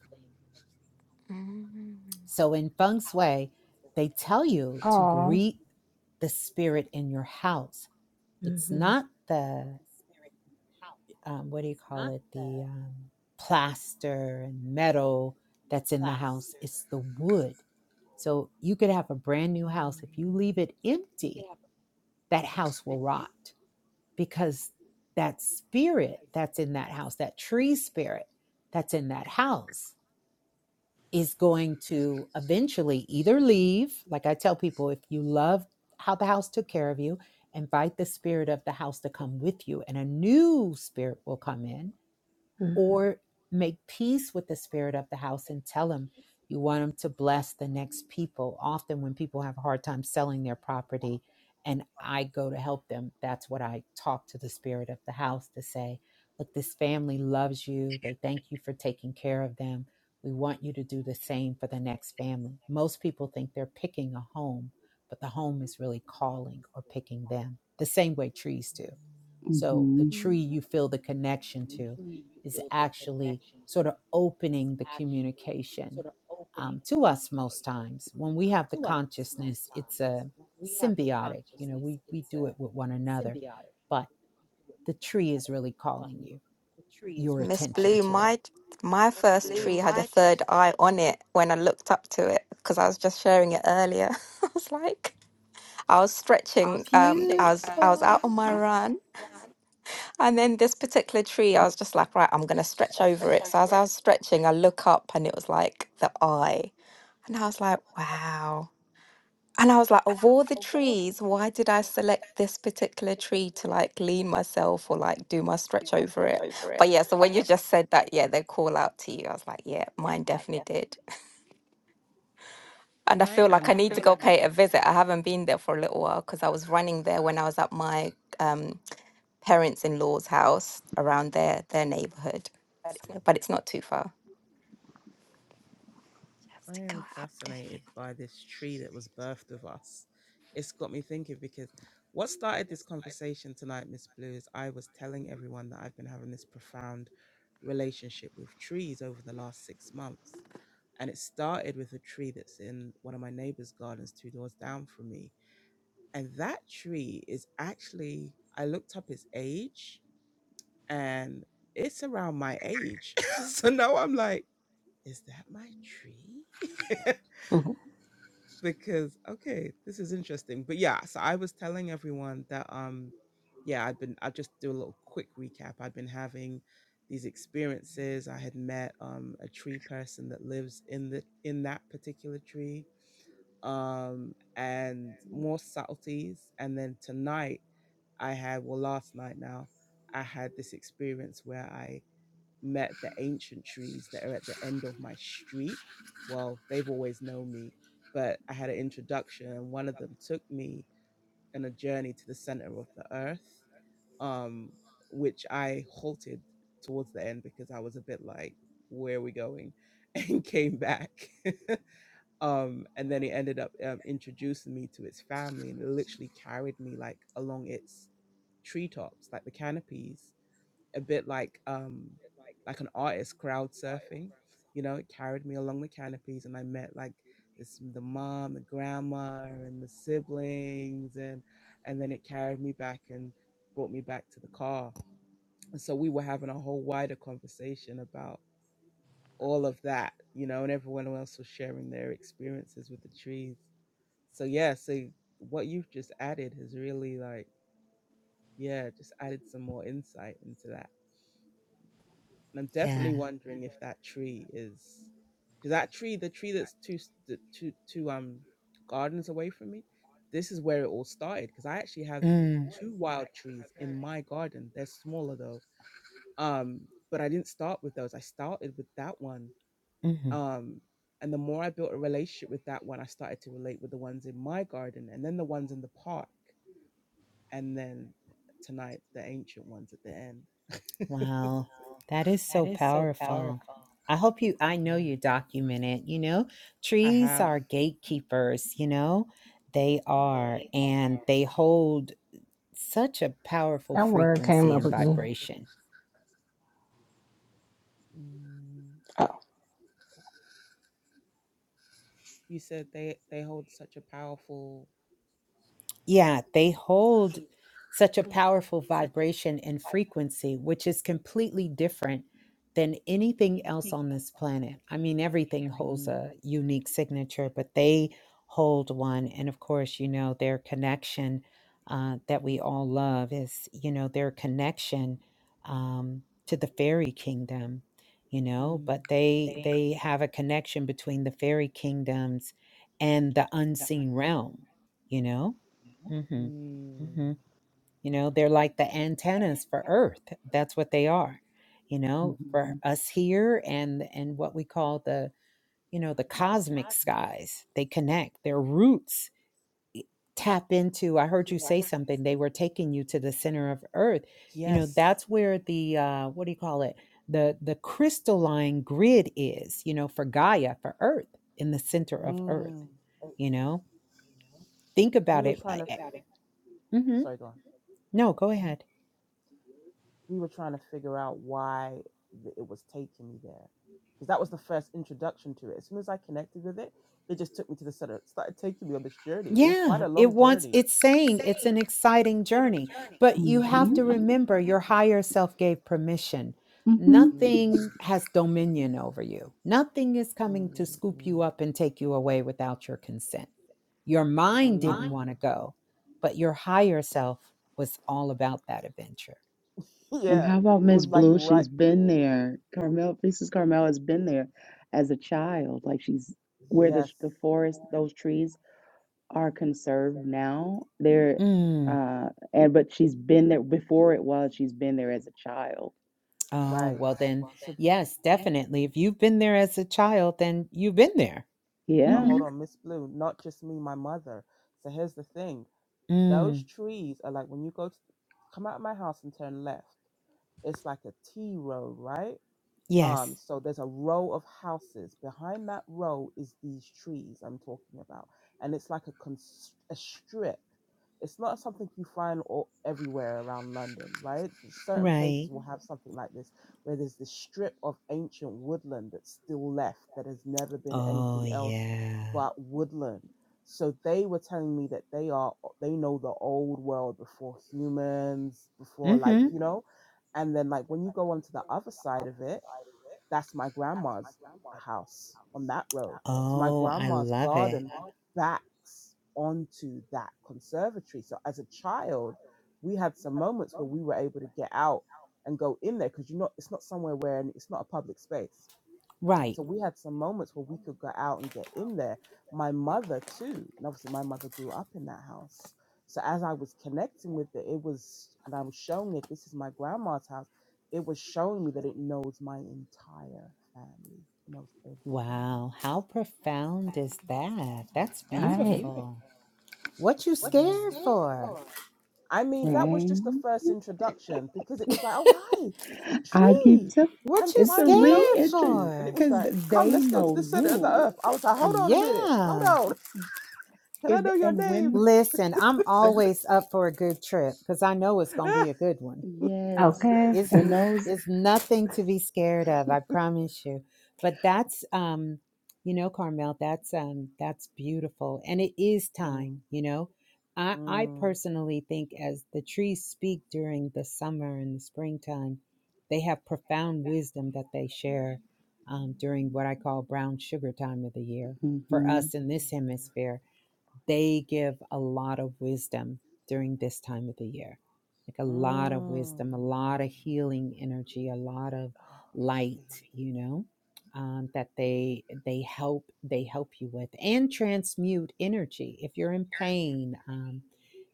Mm.
So in feng shui, they tell you to
oh,
greet the spirit in your house. It's not the um, what do you call it? The um, plaster and metal that's in the house. It's the wood. So you could have a brand new
Mm.
house. If you leave it empty, that house will rot because that spirit that's in that house, that tree spirit that's in that house is going to eventually either leave, like I tell people, if you love how the house took care of you, invite the spirit of the house to come with you, and a new spirit will come in
Mm-hmm.
or make peace with the spirit of the house and tell him you want him to bless the next people. Often, when people have a hard time selling their property and I go to help them, that's what I talk to the spirit of the house to say, Look, this family loves you. They thank you for taking care of them. We want you to do the same for the next family. Most people think they're picking a home, but the home is really calling or picking them, the same way trees do. So the
Mm-hmm.
tree
Mm.
you feel the connection to is actually sort of opening the communication um, to us most times when we have the consciousness it's a symbiotic you know we we do it with one another but the tree is really calling you your
Miss
attention
Blue,
to it
my my first tree had a third eye on it when I looked up to it because I was just sharing it earlier. I was like, I was stretching. Um, I was I was out
beautiful
on my run, and then this particular tree, I was just like, right, I'm gonna stretch over it. So as I was stretching, I look up, and it was like the eye. And I was like, wow. And I was like, of all the trees, why did I select this particular tree to like lean myself or like do my stretch over it? But yeah, so when you just said that, yeah, they call out to you. I was like, yeah, mine definitely did. And I
I
feel like
am
I need to
f-
go pay it a visit. I haven't been there for a little while because I was running there when I was at my um, parents in law's house around their their neighborhood. But it's not too far. Just
I
to
am
go update.
fascinated by this tree that was birthed with us. It's got me thinking because what started this conversation tonight, Miss Blue, is I was telling everyone that I've been having this profound relationship with trees over the last six months. And it started with a tree that's in one of my neighbor's gardens two doors down from me. And that tree is actually, I looked up its age and it's around my age. so now I'm like, is that my tree? because okay, this is interesting. But yeah, so I was telling everyone that um yeah, I'd been I'll just do a little quick recap. I'd been having these experiences. I had met um a tree person that lives in the in that particular tree. Um and more subtleties. And then tonight I had well last night now I had this experience where I met the ancient trees that are at the end of my street. Well, they've always known me, but I had an introduction, and one of them took me on a journey to the center of the earth, um, which I halted towards the end because I was a bit like, where are we going? And came back. Um, and then it ended up um, introducing me to its family and it literally carried me like along its treetops, like the canopies a bit like um like an artist crowd surfing. You know, it carried me along the canopies and I met like this the mom, the grandma and the siblings and and then it carried me back and brought me back to the car. And so we were having a whole wider conversation about all of that, you know, and everyone else was sharing their experiences with the trees. So yeah, so what you've just added has really like, yeah, just added some more insight into that And I'm
yeah
definitely wondering if that tree is because that tree, the tree that's two s- the two two um gardens away from me, this is where it all started. Because I actually have
mm,
two wild trees in my garden. They're smaller though. Um, but I didn't start with those. I started with that one.
hmm
Um, and the more I built a relationship with that one, I started to relate with the ones in my garden, and then the ones in the park, and then tonight the ancient ones at the end.
Wow, that is so powerful. I hope you, I
yeah,
know you document it. You know,
I
trees
have.
are gatekeepers, you know, they are, and they hold such a powerful
that word came
frequency
up
and
again.
vibration.
Mm, You said they they hold such a powerful.
Yeah, they hold such a powerful vibration and frequency, which is completely different than anything else on this planet. I mean, everything holds
Mm,
a unique signature, but they hold one. And of course, you know, their connection uh, that we all love is, you know, their connection um, to the fairy kingdom you know
mm,
but they they have a connection between the fairy kingdoms and the unseen realm you know Mhm.
mm.
Mhm. You know, they're like the antennas for Earth. That's what they are. You know,
Mm-hmm.
for us here and and what we call the, you know, the cosmic skies. They connect. Their roots tap into. I heard you say something. They were taking you to the center of Earth. You know,
Yes.
that's where the uh what do you call it? The the crystalline grid is, you know, for Gaia, for Earth, in the center of Earth,
Mm.
you know? Think
We
about
were
it.
trying
I,
to. f-
I, mhm.
Sorry, go on.
No, go
Mhm.
ahead.
We were trying to figure out why th- it was taking me there, because that was the first introduction to it. As soon as I connected with it, it just took me to the center. It started taking me on this journey. It was quite
Yeah,
a
it
long
wants
journey.
it's saying it's an exciting journey, but you
Mm,
have
Mm-hmm.
to remember your higher self gave permission.
Mm-hmm.
mm,
Nothing has dominion over you. Nothing is coming
mm,
to scoop
mm,
you up and take you away without your consent. Your mind didn't
mm.
want to go, but your higher self was all about that adventure.
And
Yeah,
how about
it
Miss
was like
Blue?
right.
She's been there. Carmel, Princess Carmel has been there as a child. Like she's where the
Yes,
the forest, those trees are conserved now. They're
Mm.
uh and but she's been there before it was, she's been there as a child
Oh,
right.
well then,
So.
yes, definitely. If you've been there as a child, then you've been there.
But
Yeah.
hold
Mhm.
on, Miss Blue, not just me, my mother. So here's the thing those
Mm.
trees are like when you go to come out of my house and turn left, it's like a T road, right? Um,
Yes.
so there's a row of houses. Behind that row is these trees I'm talking about, and it's like a, const- a strip it's not something you find all, everywhere around London, right? Certain
Right.
places will have something like this, where there's this strip of ancient woodland that's still left that has never been
Oh,
anything else
yeah.
but woodland. So they were telling me that they are they know the old world before humans, before like
Mm-hmm.
you know, and then like when you go onto the other side of it that's my grandma's house on that road. So my
Oh, I
grandma's
love it.
garden backs onto that conservatory. So as a child, we had some moments where we were able to get out and go in there because you are not. it's not somewhere where it's not a public space
Right.
so we had some moments where we could go out and get in there. My mother too, and obviously my mother grew up in that house. So as I was connecting with it, it was, and I was showing it. This is my grandma's house. It was showing me that it knows my entire family. It knows everything about.
Wow.
It.
How profound is that? That's
I
All
know,
right.
right?
beautiful. What you
I know,
scared
right?
for?
I mean, that was
right?
just the first introduction because it was like, oh hi,
I keep
tree.
telling
I'm
What you
it's a
finally
scared
noticed
re-entry
you, and it
for?
was
because
like, come,
they
let's go to
know
the center of the
you.
earth. I was like, hold on a minute, hold
Yeah.
on. Can I
If
know your
and
name?
when
Listen, I'm
when
always up for a good trip because I know it's going to be a good one.
beautiful.
yes,
Okay.
It's
when
n-
those
it's nothing to be scared of, I promise you. But that's um, you know, Carmel, that's um that's beautiful. And it is
Mm,
time, you know. I I
mm,
personally think as the trees speak during the summer and the springtime, they have profound wisdom that they share um, during what I call brown sugar time of the year for
hmm
us in this
mhm,
hemisphere they give a lot of wisdom during this time of the year, like a lot
mm.
of wisdom, a lot
mm.
of healing energy, a lot of
Oh,
light,
man.
you know, um, that they they help they help you with and transmute energy. If you're in pain, um,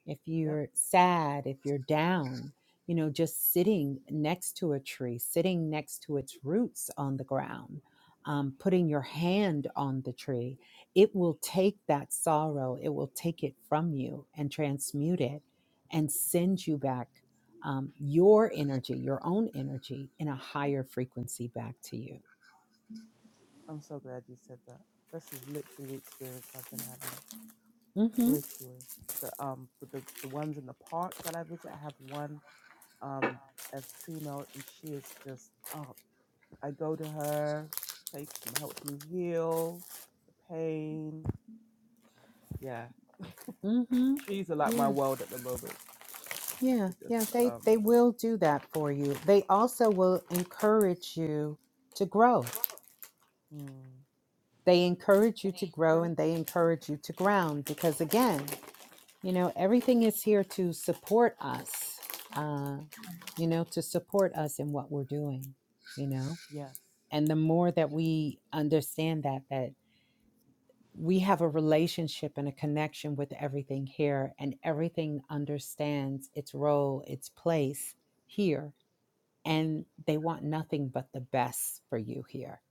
if
Yep.
you're sad, if you're down, you know, just sitting next to a tree, sitting next to its roots on the ground, um, putting your hand on the tree, it will take that sorrow, it will take it from you and transmute it and send you back um, your energy, your own energy in a higher frequency back to you.
I'm so glad you said that. This is literally the experience I've been having.
Mm-hmm.
literally the um the the ones in the park that I visit. I have one um a female, and she is just up. I go to her. She takes m- helps me heal the pain. Yeah,
Mm-hmm.
trees are like
Yeah.
my world at the moment.
Yeah,
It just
yeah, they
um
they will do that for you. They also will encourage you to grow.
mm,
They encourage you to grow and they encourage you to ground because again, you know, everything is here to support us. Uh, you know, to support us in what we're doing, you know.
yes
And the more that
yeah
we understand that that we have a relationship and a connection with everything here and everything understands its role, its place here and they want nothing but the best for you here.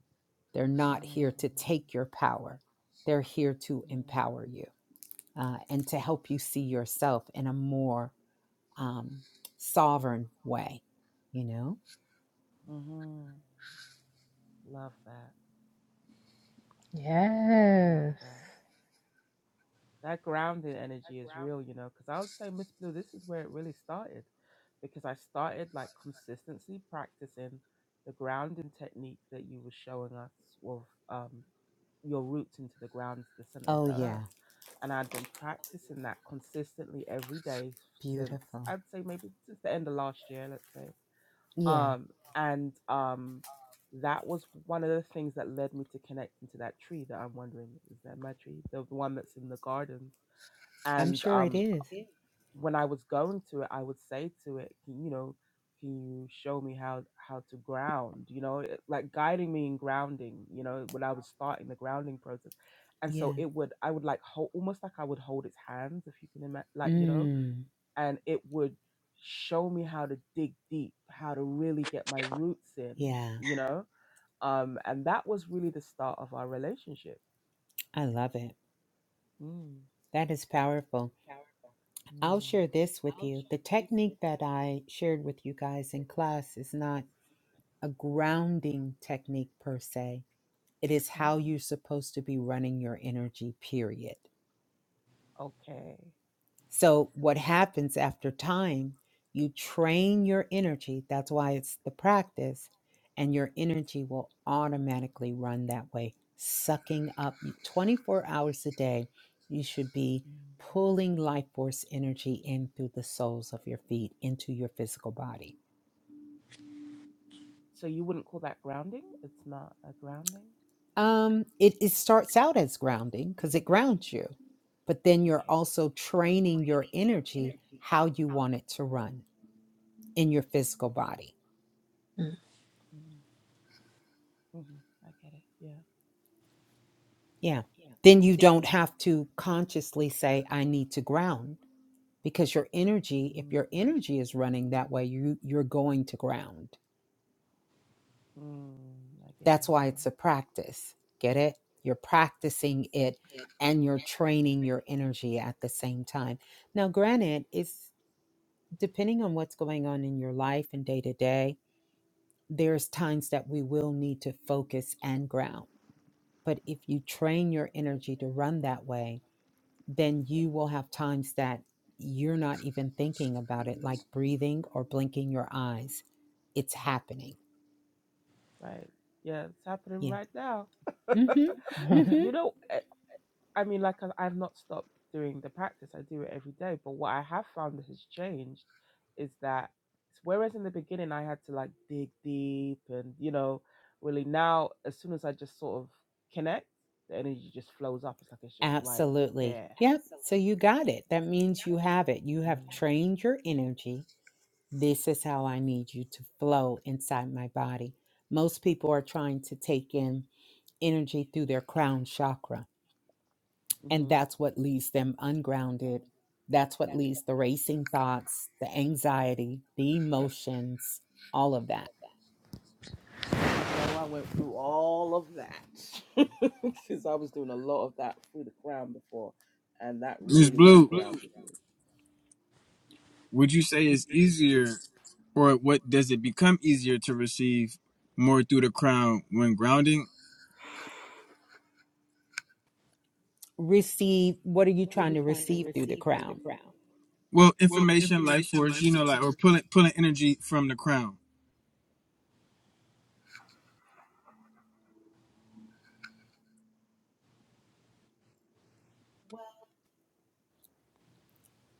They're not
mm,
here to take your power, they're here to
mm,
empower you uh, and to help you see yourself in a more um, sovereign way, you know?
mm love that love
Yes.
that that grounding energy is real, you know. Because I would say Miss Blue, this is where it really started because I started like consistently practicing the grounding technique that you were showing us with um, your roots into the ground, to the center of
Oh,
the
yeah.
earth. And I'd been practicing that consistently every day since
Beautiful.
I'd say maybe since the end of last year, let's say.
Yeah.
Um, and um, that was one of the things that led me to connecting to that tree that I'm wondering is that my tree, the the one that's in the garden.
I'm
And
sure it
um,
is.
when I was going through it, I would say to it, can, you know, can you show me how how to ground? You know, it- like guiding me in grounding. You know, when I was starting the grounding process, and so
Yeah.
it would, I would like hold almost like I would hold its hands, if you can imagine, like you know,
Mm,
and it would show me how to dig deep, how to really get my roots in.
yeah.
You know, um, and that was really the start of our relationship.
I love it.
Mm,
That is powerful. I'll
mm,
share this with you. The technique that I shared with you guys in class is not a grounding technique per se. It is
ah,
how you're supposed to be running your energy, period.
okay.
So, what happens after time, you train your energy. That's why it's the practice, and your energy will automatically run that way, sucking up you- 24 hours a day. You should be
Mm.
pulling life force energy in through the soles of your feet into your physical body
So you wouldn't call that grounding? It's not a grounding technique?
Um, it, it starts out as grounding because it grounds you, but then you're
Okay.
also training your energy how you want it to run in your physical
Mm-hmm.
body.
Mm-hmm. hmm I get it. Yeah.
Yeah. Then you don't have to consciously say, I need to ground because your energy, if
mm
your energy is running that way, you, you're going to ground.
Mm. I get
That's
it.
why it's
Yeah.
a practice. Get it? You're practicing it and you're training your energy at the same time. Now, granted, it's depending on what's going on in your life and day to day, there's times that we will need to focus and ground. But if you train your energy to run that way, then you will have times that you're not even thinking about it, like breathing or blinking your eyes. It's happening.
Right. Yeah. It's happening
Yeah.
right now.
Mm-hmm. Mm-hmm.
you know, eh, I mean, like I, I've not stopped doing the practice. I do it every day. But what I have found that has changed is that whereas in the beginning I had to like dig deep and you know really now as soon as I just sort of connect, the energy just flows up. It's like it's just right
Absolutely.
there.
Yep. So you got it. That means you have it. You have
Mm.
trained your energy This is how I need you to flow inside my body. Most people are trying to take in energy through their crown chakra. And
hmm
that's what leaves them ungrounded. That's what leaves the racing thoughts, the anxiety, the
Yep.
emotions, all of that.
So I went through all of that because I was doing a lot of that through the crown before, and that
Ms.
really
Blue,
ungrounded me.
would you say it's easier or what does it become easier to receive more through the crown when grounding?
receive what are you trying to receive through the crown
Well, information, life force, you know, like or pulling pulling energy from the crown.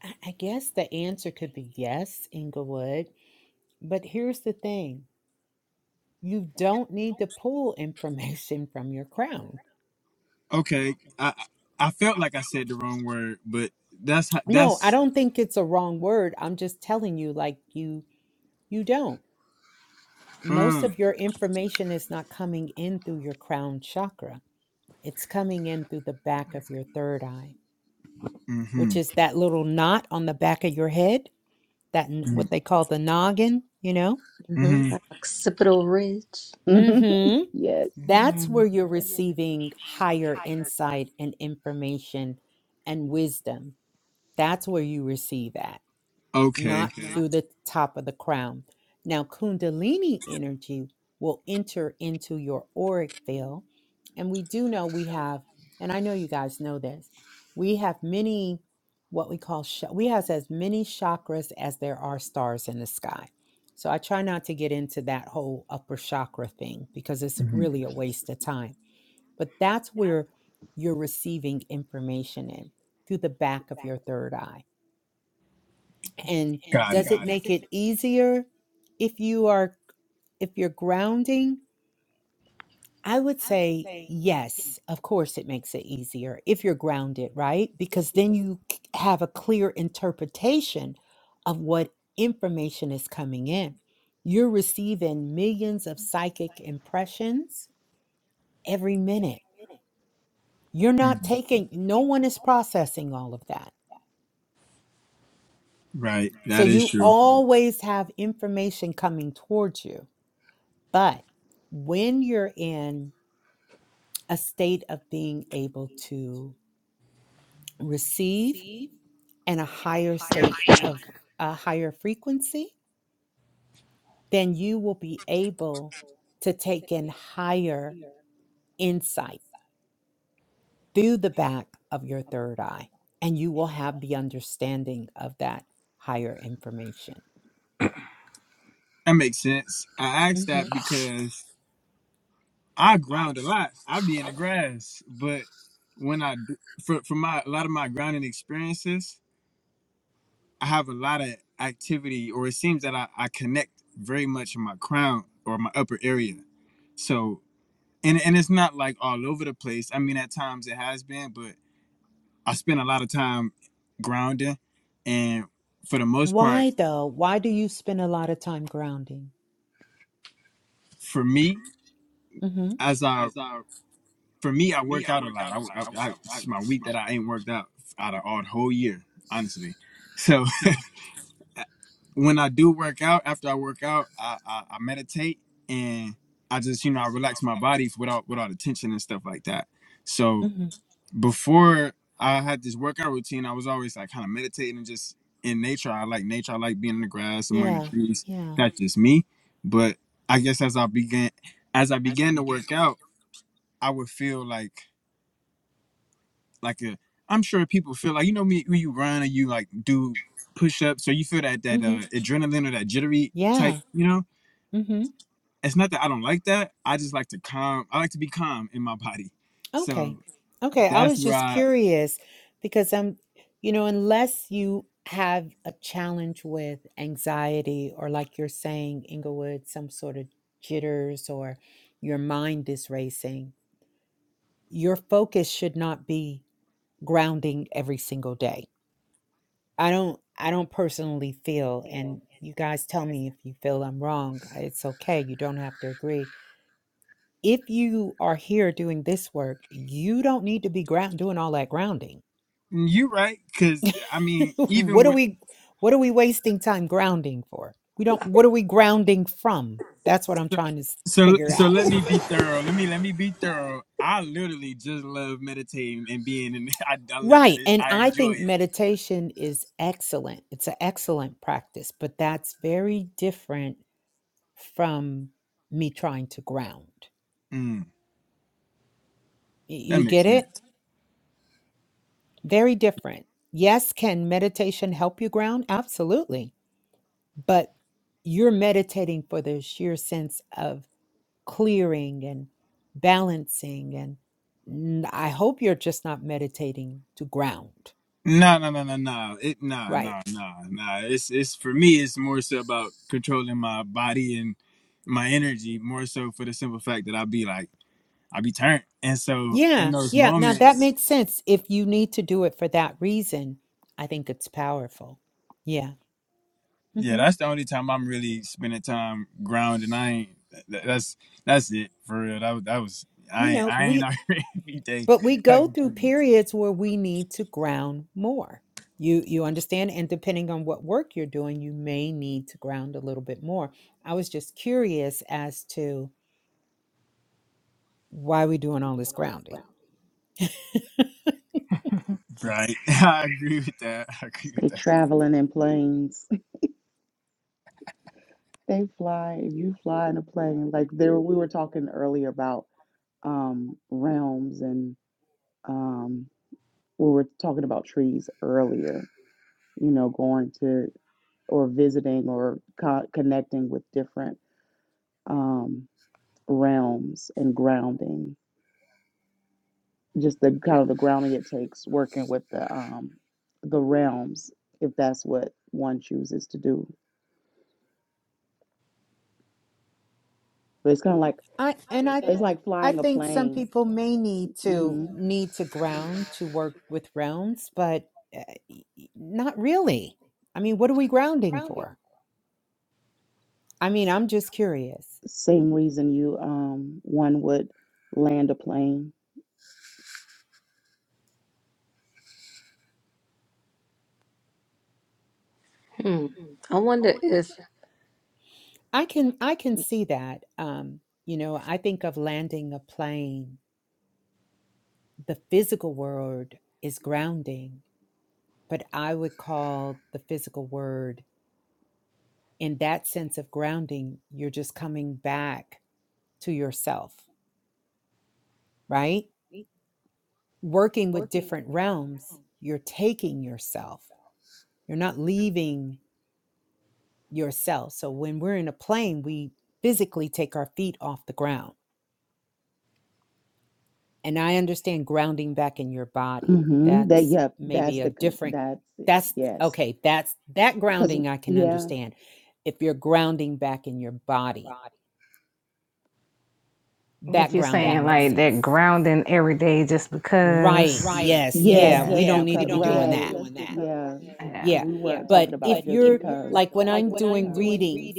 i guess the answer could be yes inglewood but here's the thing you don't need to pull information from your crown
Okay. I I felt like I said the wrong word, but that's how
no i
that's
don't think it's a wrong word i'm just telling you like you You don't. Most
Uh,
of your information is not coming in through your crown chakra. It's coming in through the back of your third eye,
Mm-hmm.
which is that little knot on the back of your head, that n-
Mm-hmm.
what they call the noggin, you know?
Mm-hmm.
Mm-hmm.
That occipital ridge.
Mhm.
yes,
That's
Mm.
where you're receiving higher insight and information and wisdom. That's where you receive that.
Okay.
not through the top of the crown. Now, Kundalini energy will enter into your auric field. And we do know we have, and I know you guys know this, we have many, what we call, sha- we have as many chakras as there are stars in the sky. So I try not to get into that whole upper chakra thing because it's
hmm
really a waste of time. But that's where you're receiving information in through the back of your third eye and
Got
does
it.
it make it easier if you are if you're grounding i would say yes of course it makes it easier if you're grounded right because then you c- have a clear interpretation of what information is coming in you're receiving millions of psychic impressions every minute you're not
Mhm.
taking no one is processing all of that
Right.
so
That is
you
true.
always have information coming towards you But when you're in a state of being able to receive and a higher state of a higher frequency, then you will be able to take in higher insight through the back of your third eye, and you will have the understanding of that higher information.
That makes sense. I asked that
Mhm.
because I ground a lot. I be in the grass, but when I do- for for my a lot of my grounding experiences, I have a lot of activity, or it seems that I, I connect very much in my crown or my upper area. So and and it's not like all over the place. I mean, at times it has been, but I spent a lot of time grounding, and for the most part,
Why though? Why do you spend a lot of time grounding?
for me,
Mm-hmm.
as I for me, I work out a lot. I, I, I it's my week that I ain't worked out out of all the whole year, honestly. So when I do work out, after I work out, I, I, I meditate and I just you know I relax my body without without the tension and stuff like that. So
Mm-hmm.
before I had this workout routine, I was always like kind of meditating and just in nature. I like nature. I like being in the grass among the
Yeah.
trees.
Yeah.
That's just me. But I guess as I began as I began to work out, I would feel like like a I'm sure people feel like you know me when you run or you like do push ups so you feel that that uh,
Mm-hmm.
adrenaline or that jittery type,
Yeah.
you know? It's not that I don't like that. I just like to calm I like to be calm in my body.
Okay.
So
Okay. I
that's
was
where
just
I
curious because I'm, you know, unless you have a challenge with anxiety or, like you're saying, Inglewood, some sort of jitters or your mind is racing, your focus should not be grounding every single day. I don't, I don't personally feel, and you guys tell me if you feel I'm wrong. It's okay. You don't have to agree. If you are here doing this work, you don't need to be ground doing all that grounding
you right, because I mean, even
what are
with
we what are we wasting time grounding for we don't what are we grounding from that's what i'm trying to s-
So
figure
so
out
let me be thorough. Let me let me be thorough. I literally just love meditating and being in. I, I love it.
right
It's,
and
I
i
enjoy
think
it.
meditation is excellent it's an excellent practice but that's very different from me trying to ground
Mm,
Y-
that
you
makes
get it
sense.
very different yes can meditation help you ground absolutely but you're meditating for the sheer sense of clearing and balancing and n- i hope you're just not meditating to ground
No no no no no. It no
right
no no no. It's it's for me. It's more so about controlling my body and my energy. More so for the simple fact that I be like I be turned. And so in
yeah
those
yeah now that
moments,
makes sense if you need to do it for that reason i think it's powerful yeah
Yeah,
hmm
that's the only time I'm really spending time grounding. I ain't that, that's that's it for real. That was that was
you
I ain't
know
I ain't
we
out here every day
but we go
hugging
through
trees.
periods where we need to ground more you you understand and depending on what work you're doing you may need to ground a little bit more i was just curious as to why we are doing all this grounding
Right. I agree with that. I agree
they
with that.
traveling in planes. They fly. If you fly in a plane, like there we were talking earlier about um realms and um we were talking about trees earlier. You know, going to or visiting or co- connecting with different um, realms and grounding, just the kind of the grounding it takes working with the um, the realms, if that's what one chooses to do. But it's kind of like
I and I
it's like
I
flying a
think some
plane.
people may need to
hmm
need to ground to work with rounds, but uh, y- y- not really. I mean, what are we grounding for? I mean, I'm just curious.
Same reason you um, one would land a plane.
Hmm. I wonder if.
I can I can see that. Um, you know, I think of landing a plane the physical word is grounding, but I would call the physical word, in that sense of grounding, you're just coming back to yourself, right? Working with different realms, you're taking yourself, you're not leaving yourself. So when we're in a plane, we physically take our feet off the ground And I understand grounding back in your body.
hmm That
That's
yep, that's
maybe a
the con-
different
that's it.
that's
yes,
okay, that's that
because
grounding I can
yeah,
understand. If you're grounding back in your body,
But
that
you're That
grounding
saying
makes
like that
sense.
grounding every day just
Right.
because.
Yes.
yeah,
Yeah,
Yeah.
we
just
don't need
because
to be doing
right,
that.
yeah,
Yeah.
because
Yeah.
we weren't talking
But if
about just
you're
because.
like when I'm doing readings,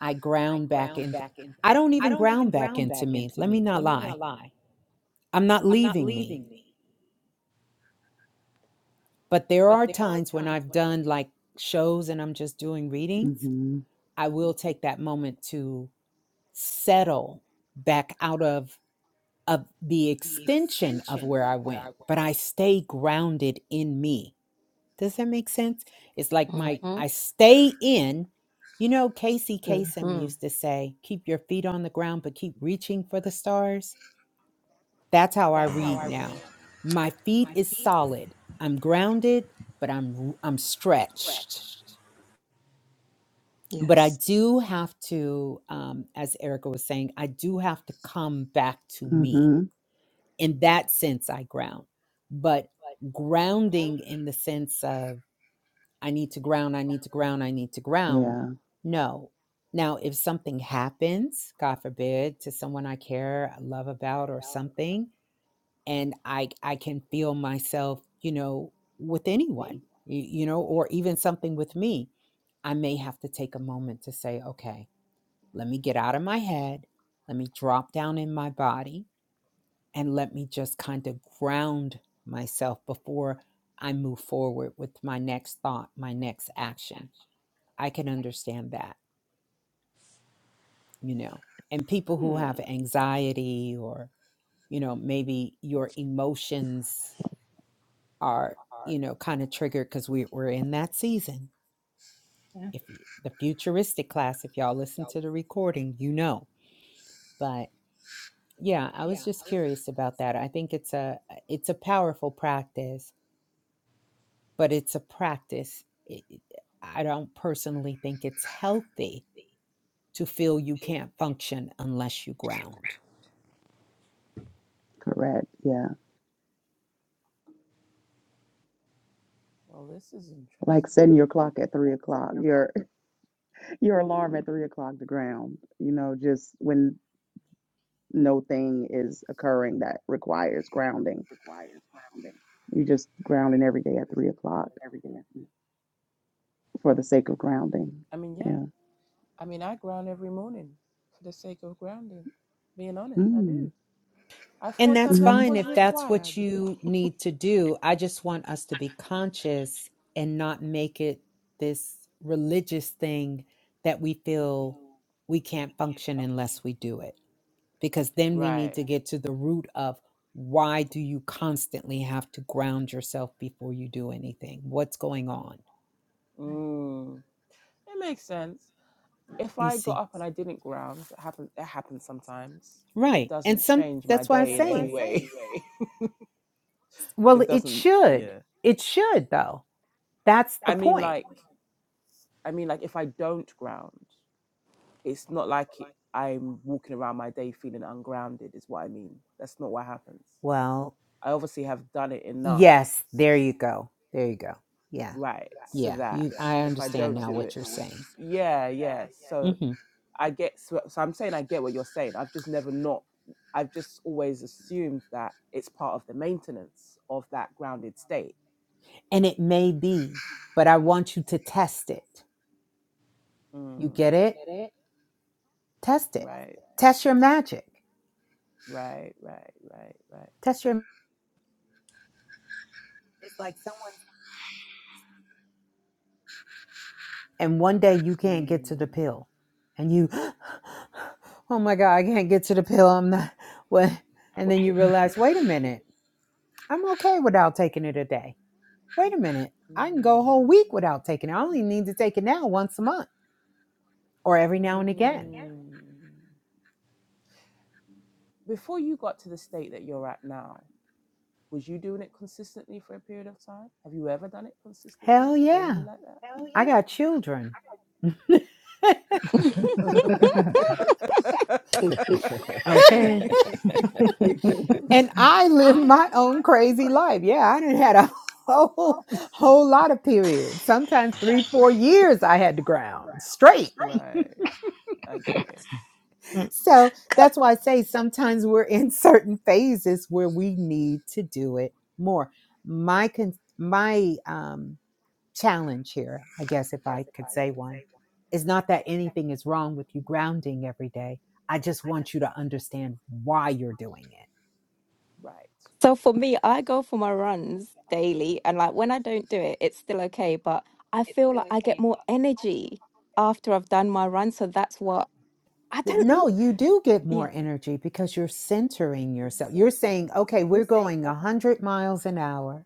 I ground back in I don't even ground back into me. Let me not lie. I'm not leaving me. But there are times when I've done like shows and I'm just doing readings
hmm
I will take that moment to settle back out of of the extension of where I went, but I stay grounded in me. Does that make sense? It's like my
Mm-hmm.
I stay in. You know, Casey Kasem
Mm-hmm.
used to say, "Keep your feet on the ground, but keep reaching for the stars." That's how I read now. My feet is solid. I'm grounded, but I'm I'm stretched but I
Yes.
do have to, um, as Erica was saying, I do have to come back to me.
hmm
In that sense, I ground. But grounding in the sense of I need to ground, I need to ground, I need to ground.
Yeah.
No. Now, if something happens, God forbid, to someone I care, I love about, or something, and I I can feel myself, you know, with anyone, you, you know, or even something with me, I may have to take a moment to say, okay let me get out of my head. Let me drop down in my body and let me just kind of ground myself before I move forward with my next thought, my next action. I can understand that, you know. And people who have
Hmm.
anxiety or, you know, maybe your emotions are, you know, kind of triggered because we, we're in that season.
Yeah.
If you, the futuristic class, if y'all listen to the recording, you know. but. Yeah, I was just curious about that. I think it's a uh, it's a powerful practice, but it's a practice. It- it- I don't personally think it's healthy to feel you can't function unless you ground.
Correct. Yeah.
Well, this is
Like
interesting.
setting your clock at three o'clock, your your alarm at three o'clock to ground, you know, just when no thing is occurring that requires grounding. You just grounding every day at three o'clock for the sake of grounding.
I mean, yeah.
Yeah.
I mean, I ground every morning for the sake of grounding. Being honest, I
Mm.
do. I
And
thought
that's
that that
Mm-hmm.
fine
was
if that's what
required.
you need to do. I just want us to be conscious and not make it this religious thing that we feel we can't function unless we do it. Because then we need
Right.
to get to the root of why do you constantly have to ground yourself before you do anything? What's going on?
Mm. It makes sense. If
You
I got
see.
up and I didn't ground, it happens. It happens sometimes. It
Right. And
doesn't
some
change my
that's why I
day in any
say,
way.
well,
it
it
doesn't.
should.
Yeah.
It should though. That's the
I mean,
point.
like, I mean, like, if I don't ground, it's not like it, I'm walking around my day feeling ungrounded. Is what I mean. That's not what happens.
Well,
I obviously have done it enough
Yes, there you go. There you go. Yeah.
right so
Yeah.
that
You I
if i
understand
don't
now
do
what
it
you're saying.
yeah yeah so
hmm
i get so, so i'm saying i get what you're saying i've just never not i've just always assumed that it's part of the maintenance of that grounded state
And it may be, but I want you to test it. You
mm,
get it? Test it.
right
Test your magic.
right right right right
Test your and one day you can't get to
mm,
the pill. And you oh my God, I can't get to the pill. I'm not what and then you realize, wait a minute, I'm okay without taking it a day. Wait a minute. I can
mm,
go a whole week without taking it. I only need to take it now once a month or every now and again
mm. before you got to the state that you're at now was you doing it consistently for a period of time have you ever done it consistently
Hell
daily
yeah.
like that
I got children.
Okay.
And I live my own crazy life. Yeah, I done had a whole whole lot of periods. Sometimes three, four years I had the ground straight.
right. Okay.
Mm,
So that's
Okay.
why I say sometimes we're in certain phases where we need to do it more. My con- my um challenge here, I guess if I could say one, is not that anything is wrong with you grounding every day. I just want you to understand why you're doing it
Right.
So for me, I go for my runs daily, and like when I don't do it, it's still okay, but I feel like I get more energy after I've done my run. So that's what I
Th-
don't know.
No, you do get
Yeah,
more energy because you're centering yourself. You're saying, okay, we're going 100 miles an hour.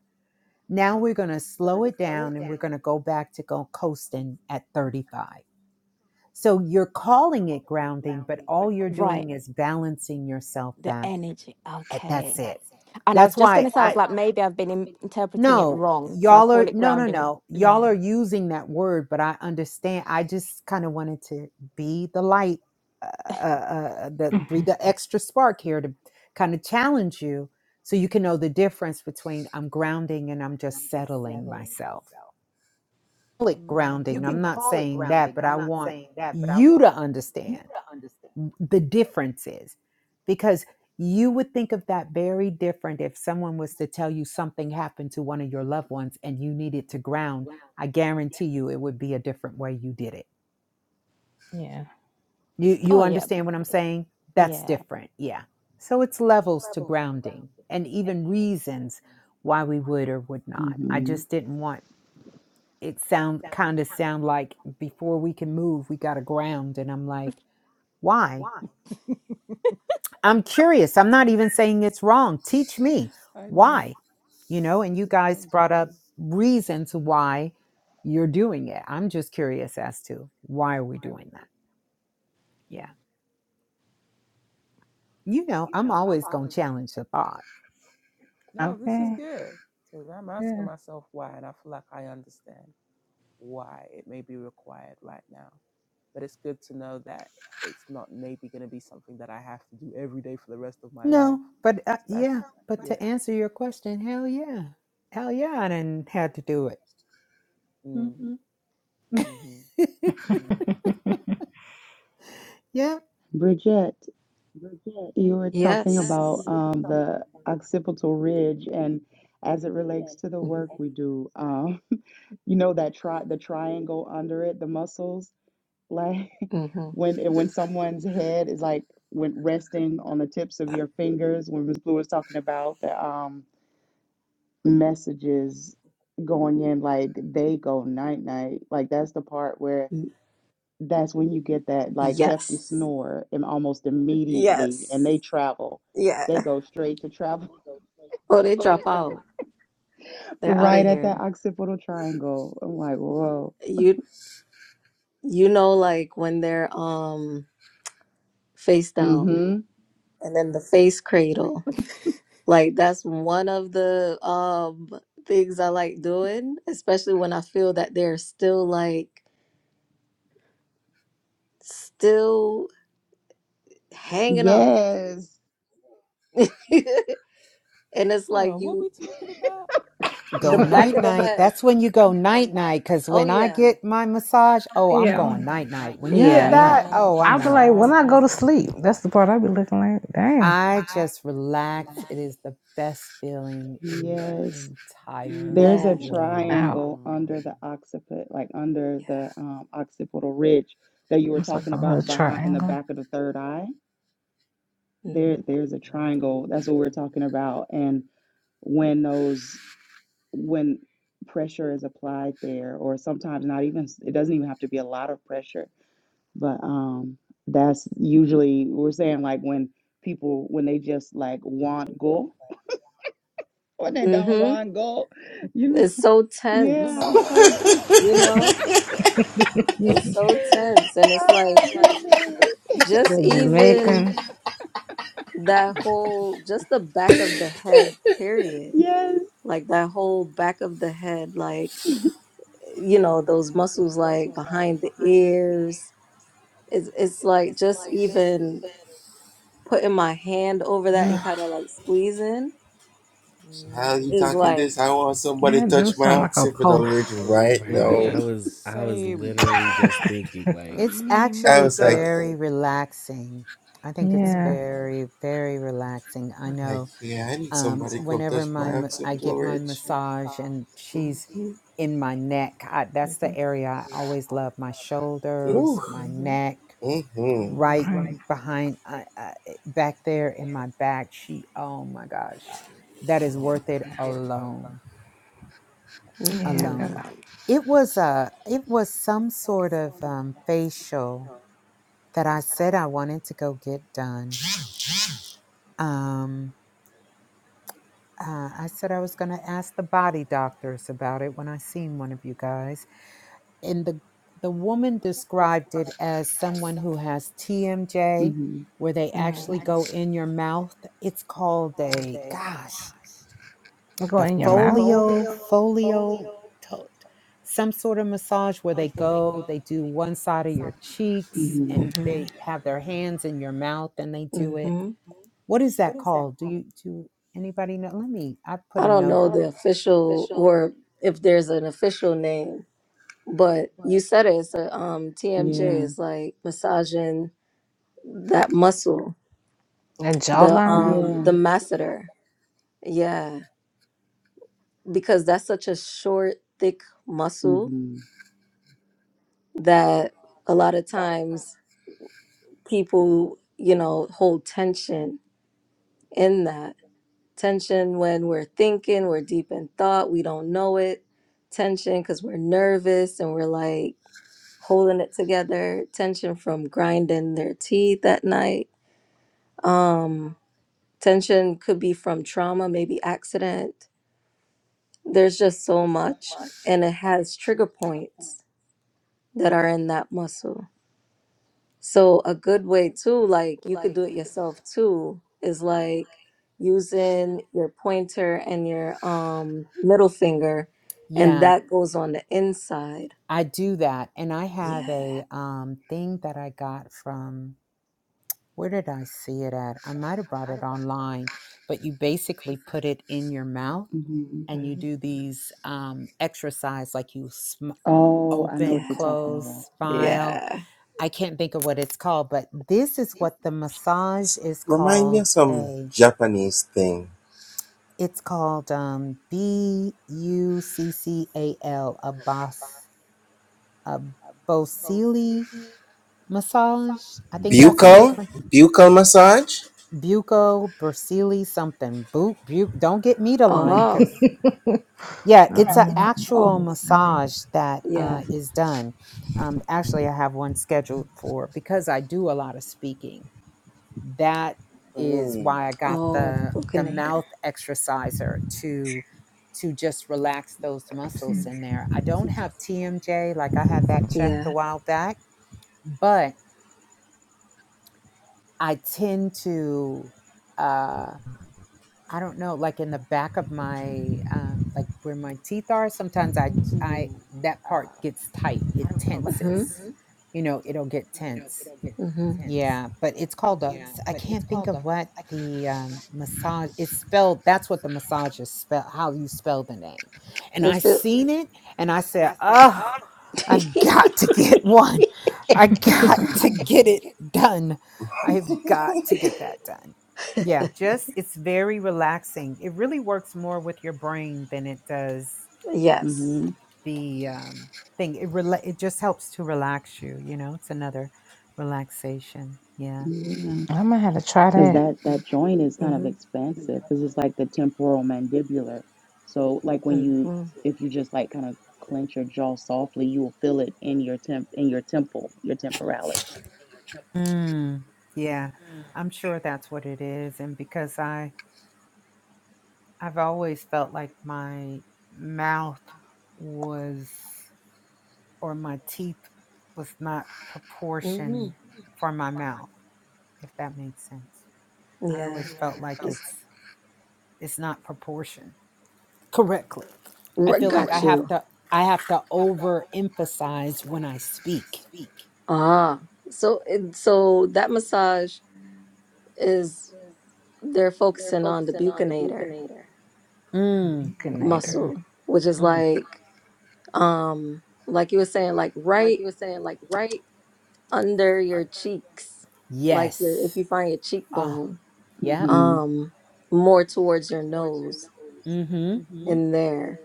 Now we're going to slow it down and we're going to go back to go coasting at 35. So you're calling it grounding, but all you're
right.
doing is balancing yourself
The
back.
energy.
And
Okay.
that's it.
And I was
That's
just going
why
to say, I was
I,
like, maybe I've been in- interpreting it
no,
wrong. So I'll
y'all
call
are
it
no, no,
grounding.
no. Y'all
Yeah.
are using that word, but I understand. I just kind of wanted to be the light, uh, uh, uh, the breathe the extra spark here to kind of challenge you, so you can know the difference between I'm grounding and I'm just settling myself. Like
mm
grounding. I'm
Mhm.
not saying that, but I want you to understand the differences because you would think of that very different if someone was to tell you something happened to one of your loved ones and you needed to ground i guarantee you it would be a different way you did it
Yeah.
you
Oh,
you
yeah.
understand what i'm saying that's
Yeah.
different yeah so it's levels to grounding and even reasons why we would or would not i
Mm-hmm.
just didn't want it sound kind of sound like before we can move we got to ground and i'm like why I'm curious. I'm not even saying it's wrong. Teach me why, you know, and you guys brought up reasons why you're doing it. I'm just curious as to why are we doing that?
mm.
Yeah. You know, I'm always going to challenge the thought.
No, this is
Okay.
good because I'm asking myself why, and I feel like I understand why it may be required right now. But it's good to know that it's not maybe going to be something that I have to do every day for the rest of my
No,
life.
but uh,
So that's
yeah, but
yeah.
to answer your question, hell yeah. Hell yeah, I didn't had to do it.
Mm,
hmm
mm-hmm, mm.
yeah,
Bridget, you were talking
yes.
about um, the occipital ridge and as it relates to the work we do, um, you know that tri the triangle under it, the muscles. Like
Mm-hmm.
when when someone's head is like when resting on the tips of your fingers, when Miss Blue was talking about the um messages going in, like they go night night. Like that's the part where that's when you get that like hefty
Yes.
snore and almost immediately and they
Yes.
travel.
Yeah.
They go straight to travel
Oh, they drop out. They're out of
right at that
here.
occipital triangle. I'm like, whoa.
You you know, like when they're um face down
Mm-hmm.
and then the face cradle. Like that's one of the um things I like doing, especially when I feel that they're still like still hanging on.
Yes.
And it's
Hold
like
on. What are
you,
we talking about?
Go
the
What are
back
night
of
they?
the
night.
head.
That's when you go night night. Cause
Oh,
when I
yeah.
get my massage, oh, I'm going night night. When you
Yeah,
hit
Yeah.
nah.
that,
Oh,
oh,
I'll
I'm
be
out.
like, when I go to
massaging.
sleep,
Okay.
that's the part I'll be looking like, dang,
I just relax. It is the best feeling in the
Yes.
entire
There's a
Man.
world.
ow.
triangle under
Mm.
the occiput, like under the um, occipital ridge that you were
It's like
talking
a little
about behind in the
triangle.
back of the third eye. There, there's a triangle. That's
Mm.
what we're talking about. And when those when pressure is applied there, or sometimes not even it doesn't even have to be a lot of pressure, but um, that's usually we're saying like when people when they just like want go when they don't
Mm-hmm.
want go, you know.
It's so
No, don't
Yeah,
tense,
it's
why I
so
got.
you know? It's so tense. And it's
Ah,
like
goodness.
just
The
even
Jamaican.
that whole, just the back of the head, period.
Yes.
Like that whole back of the head, like, you know, those muscles like behind the ears. It's, it's like just even putting my hand over that and kind of like squeezing is
Mm.
like,
Yeah, do something like a pulse.
right.
Ini
I
Mhm,
was I was
same.
literally just thinking
Uh,
like
It's
me
actually
neither.
very relaxing. I think
mhm,
it's
Yeah.
very, very relaxing. I know um, whenever my ma- I get my massage and she's in my neck, I, that's the
mhm,
area I always love. My shoulders, my
mhm,
neck, right
Right.
Mm.
behind, uh, uh, eh, back there in my back. She, oh my gosh, that is worth it alone.
Yeah, I
mhm,
Alone.
gotta
It was a, it was some sort of um, facial that I said I wanted to go get done. Um, Uh, I said I was going to ask the body doctors about it when I seen one of you guys. And the the woman described it as someone who has TMJ,
Mm-hmm.
where they actually
mhm,
go in your mouth. It's called a gosh,
I go
the
in your mouth.
folio folio, to, some sort of massage where they go, they do one side of your cheeks,
Mm-hmm.
and
mhm,
they have their hands in your mouth, and they do it.
mhm.
What is that called? Do you do anybody know? Let me. I put
I
a
don't
note
know the official or if there's an official name, but you said it. It's a um, TMJ
Yeah.
is like massaging that muscle,
A
the
jawline.
um
Yeah.
the masseter. Yeah, because that's such a short, thick muscle
Mm-hmm.
that a lot of times people, you know, hold tension in that. tension when we're thinking, we're deep in thought, we don't know it, tension because we're nervous and we're like holding it together, tension from grinding their teeth at night. Um, tension could be from trauma, maybe accident. There's just so much, and it has trigger points that are in that muscle. So a good way too, like you could do it yourself too, is like using your pointer and your um middle finger, and
Yeah,
that goes on the inside.
I do that. And I have
Yeah.
a um, thing that I got from, where did I see it at? I might have brought it online, but you basically put it in your mouth
Mm-hmm.
and you
Mhm.
do these um, exercise like you sm-
Oh, I know what
open,
you're
Yeah.
talking about.
close,
Yeah.
smile.
Yeah.
I can't think of what it's called, but this is what the massage is called a it's called um B U C C A L a bos a bosili massage. I think that's how you pronounce Buco Bersili something. Boot bu- Don't get me to lying,
Oh.
cause yeah, it's
I'm
an
Oh.
actual massage that
Yeah.
uh, is done. Um, actually, I have one scheduled for because I do a lot of speaking. That is why I got
Oh, the
the the
bouquinator.
mouth exerciser to to just relax those muscles in there. I don't have TMJ like I had that checked a
Yeah.
while back, but I tend to uh I don't know, like in the back of my um like where my teeth are, sometimes I I that part gets tight. It
Mm-hmm.
tenses. You know, it'll get tense.
Mm-hmm.
Yeah, but it's called a. s- I can't think of what the um, massage. It's spelled. That's what the massage is spell. How you spell the name? And I
If it
seen it, and I said, "Oh, I've got to get one. I got to get it done. I've got to get that done." Yeah, just it's very relaxing. It really works more with your brain than it does
yes.
Mm-hmm.
the um, thing. It rela- It just helps to relax you. You know, it's another relaxation. Yeah.
Yeah.
gonna have to try
Because
that.
that that joint is kind of
Mm-hmm.
expensive because it's like the temporal mandibular. So like when you
Mm-hmm.
if you just like kind of clench your jaw softly, you will feel it in your temp in your temple, your temporalis.
Mm, yeah, I'm sure that's what it is. And because I I've always felt like my mouth was or my teeth was not proportioned
Mm-hmm.
for my mouth, if that makes sense. I
Yeah.
always felt like
It's,
it's it's not proportioned correctly. I
right,
feel like I
got
have
you.
to I have to overemphasize when I speak.
Ah. So it, so that massage is they're focusing on the buccinator
Mm,
Beaconator.
mm-hmm,
muscle, which is
mm-hmm.
like um like you were saying, like right under your cheeks, like your, if
Yes.
you find your
Ah,
cheekbone,
yeah.
Mm-hmm.
um, more towards your nose
Mm-hmm.
in there.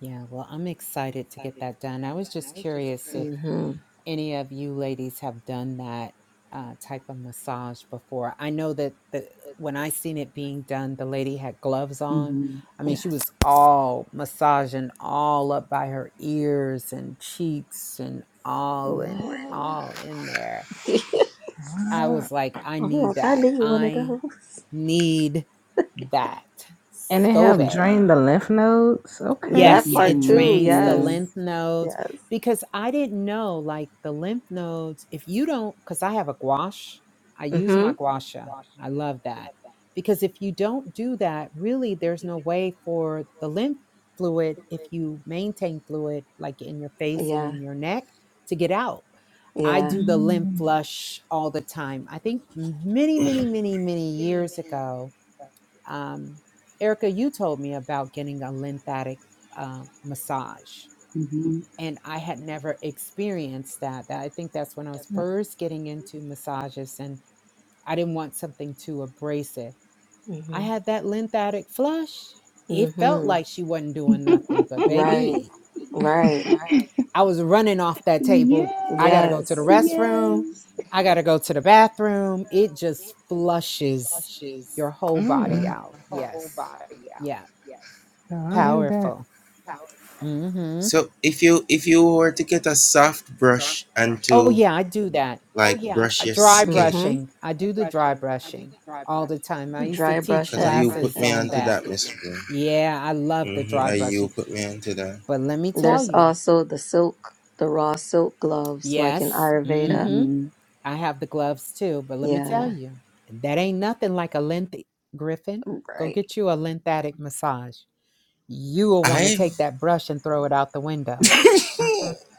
Yeah, well, I'm excited to get that done. I was just curious if
Mm-hmm.
any of you ladies have done that uh, type of massage before. I know that the when I seen it being done, the lady had gloves on.
Mm-hmm.
I mean,
Yeah.
she was all massaging all up by her ears and cheeks and all and
Mhm.
all in there. I
Uh,
was like, I
I'm
need
like, I
that.
need one of
I
those.
need that
and it
so
help
bad.
drain the lymph nodes. Okay.
That
Yes,
part
it
too,
drains the
Mm-hmm.
lymph
yes.
nodes
Yes.
because I didn't know like the lymph nodes. If you don't, because I have a gouache, I use
Mm-hmm.
my guasha. I love that because if you don't do that, really, there's no way for the lymph fluid, if you maintain fluid like in your face and
Yeah.
in your neck, to get out. I
Yeah.
do the lymph flush all the time. I think many, many, many, many years ago, um, Erica, you told me about getting a lymphatic uh, massage,
Yeah.
and I had never experienced that. That- I think that's when I was first getting into massages, and I didn't want something too abrasive. I
Mm-hmm.
had that lymphatic flush. It felt
mm-hmm
like she wasn't doing nothing, but
Right.
baby,
Right.
I was running off that table. I got
Yes,
to go to the
Yes.
restroom.
yes.
I got to go to the bathroom. It just flushes your whole body
Mm.
out. Yes. Yeah.
Yeah, I need that.
Powerful. hmm Oh yeah, I do that. Uh, Dry
Mm-hmm.
brushing. I do the dry brushing all the time. I
The
used to
dry
teach
brushing.
classes on that. Yeah, I love the dry brushing. But let me tell
There's
you,
also the silk, the raw silk gloves, like in
yes,
Ayurveda.
hmm
Mm-hmm.
I have the gloves too. But let me tell
Yeah.
you, that ain't nothing like a length griffin. Go
Right.
get you a lymphatic massage. You will want to take that brush and throw it out the window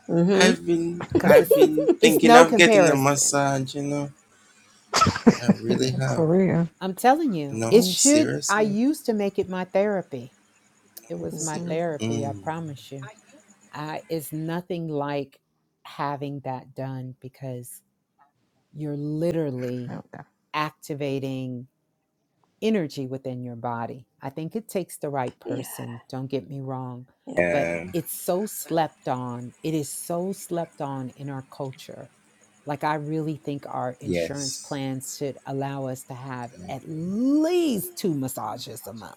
Mm-hmm.
because it's it's no comparison. Yeah.
For real.
I'm telling you, it should. I used to make it my therapy. It was my
Mm-hmm.
therapy, I promise you. I it's nothing like having that done because you're literally
Okay.
activating energy within your body. I think it takes the right
Yeah.
person, don't get me wrong,
Yeah.
but it's so slept on. It is so slept on in our culture. Like, I really think our insurance plans should allow us to have at least two massages a month,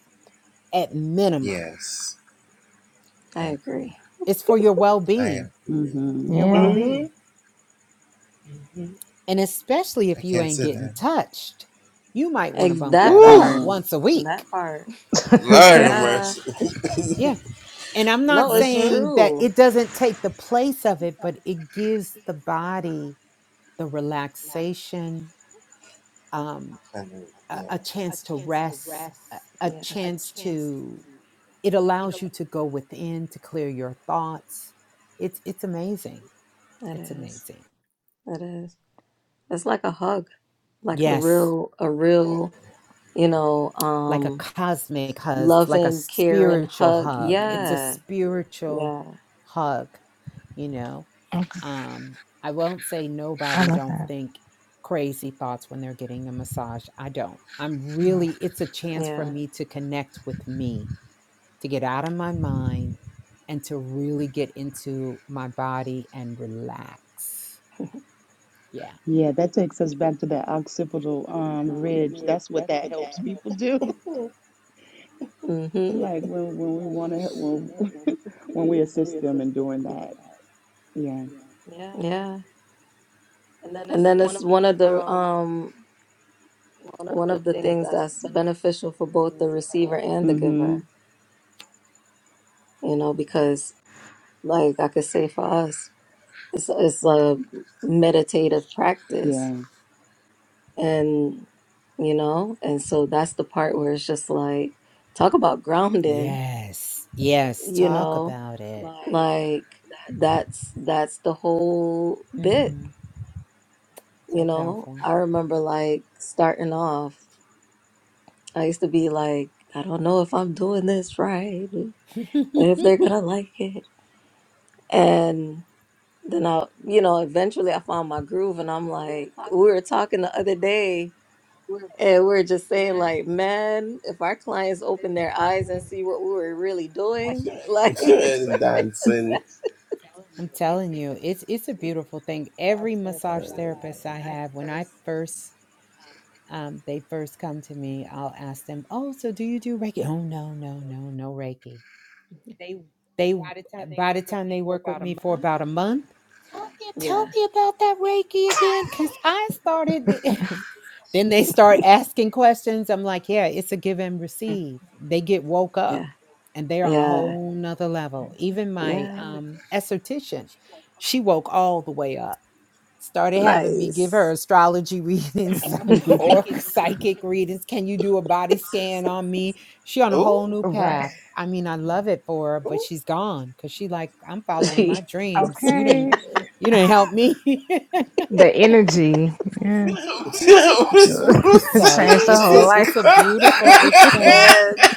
at minimum.
I agree.
It's for your well being,
Mm-hmm.
your well
Yeah.
being. And especially if you ain't getting touched, you might want to
Ex-
bump
that
that up
part.
Yeah.
once a week.
That part.
Okay.
Yeah.
Yeah.
Yeah. And I'm not
No, it's
saying that
true.
it doesn't take the place of it, but it gives the body the relaxation, um, a, a chance to rest, a, a
Yeah,
chance to, it allows you to go within, to clear your thoughts. It's, it's amazing.
it
It's
is.
amazing.
It is. It's like a hug, like a
Yes.
real, a real, you know,
Like a
um,
cosmic hug, like a
loving, caring
spiritual
hug.
hug.
Mm-hmm.
It's a
Yeah.
spiritual
Yeah.
hug, you know?
Okay.
Um, I won't say
I
nobody
love
don't
that.
think crazy thoughts when they're getting a massage. I don't. I'm really, it's a chance for
Yeah.
me to connect with me, to get out of my mind and to really get into my body and relax. Yeah.
Yeah, that takes us back to that occipital um ridge. That's what that helps people do.
Mm-hmm.
Like when when we want to help when when we assist them in doing that. Yeah.
Yeah. And then it's one of the um one of the things that's beneficial for both the receiver and the
Mm-hmm.
giver, you know, because like I could say for us, it's it's a meditative practice.
Yeah.
And you know, and so that's the part where it's just like talk about grounding,
Yes. Yes.
you
Talk
know,
about it.
like that's that's the whole bit,
Mm,
you
so
know.
powerful.
I remember like starting off I used to be like, I don't know if I'm doing this right and
I'm
if they're gonna like it. And then I, you know, eventually I found my groove and I'm like, we were talking the other day and we were just saying like, man, if our clients open their eyes and see what we were really doing, like,
telling you, it's it's a beautiful thing. Every massage therapist I have, when I first um, they first come to me, I'll ask them, "Oh, so do you do Reiki?" "Oh, no, no, no, no Reiki." They by the time they work with me for about a month, tell
yeah,
me about that Reiki again, because I started. then they start asking questions. I'm like, "Yeah, it's a give and receive." They get woke up,
yeah,
and they're on a
yeah,
whole nother level. Even my
yeah,
um, esthetician, she woke all the way up started having me give her
nice.
astrology readings or psychic readings. Can you do a body scan on me? She on a whole new
Right.
path. I mean, I love it for her, but she's gone because she like I'm following my dreams. You didn't,
Okay.
you didn't help me.
The energy. Yeah.
so
Changed the
it's
whole
a
life.
it's a beautiful exchange.
man,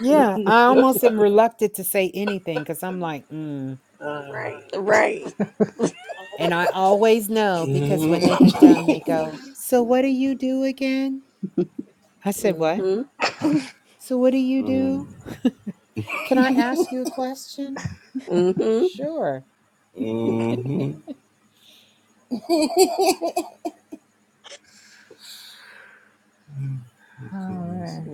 Yeah, I almost am reluctant to say anything because I'm like, mm.
right.
and I always know because when they get done, they go, "So what do you do again?" I said, "What?"
hmm
So, what do you do? Can I ask you a question?
Mm-hmm.
Sure.
All right.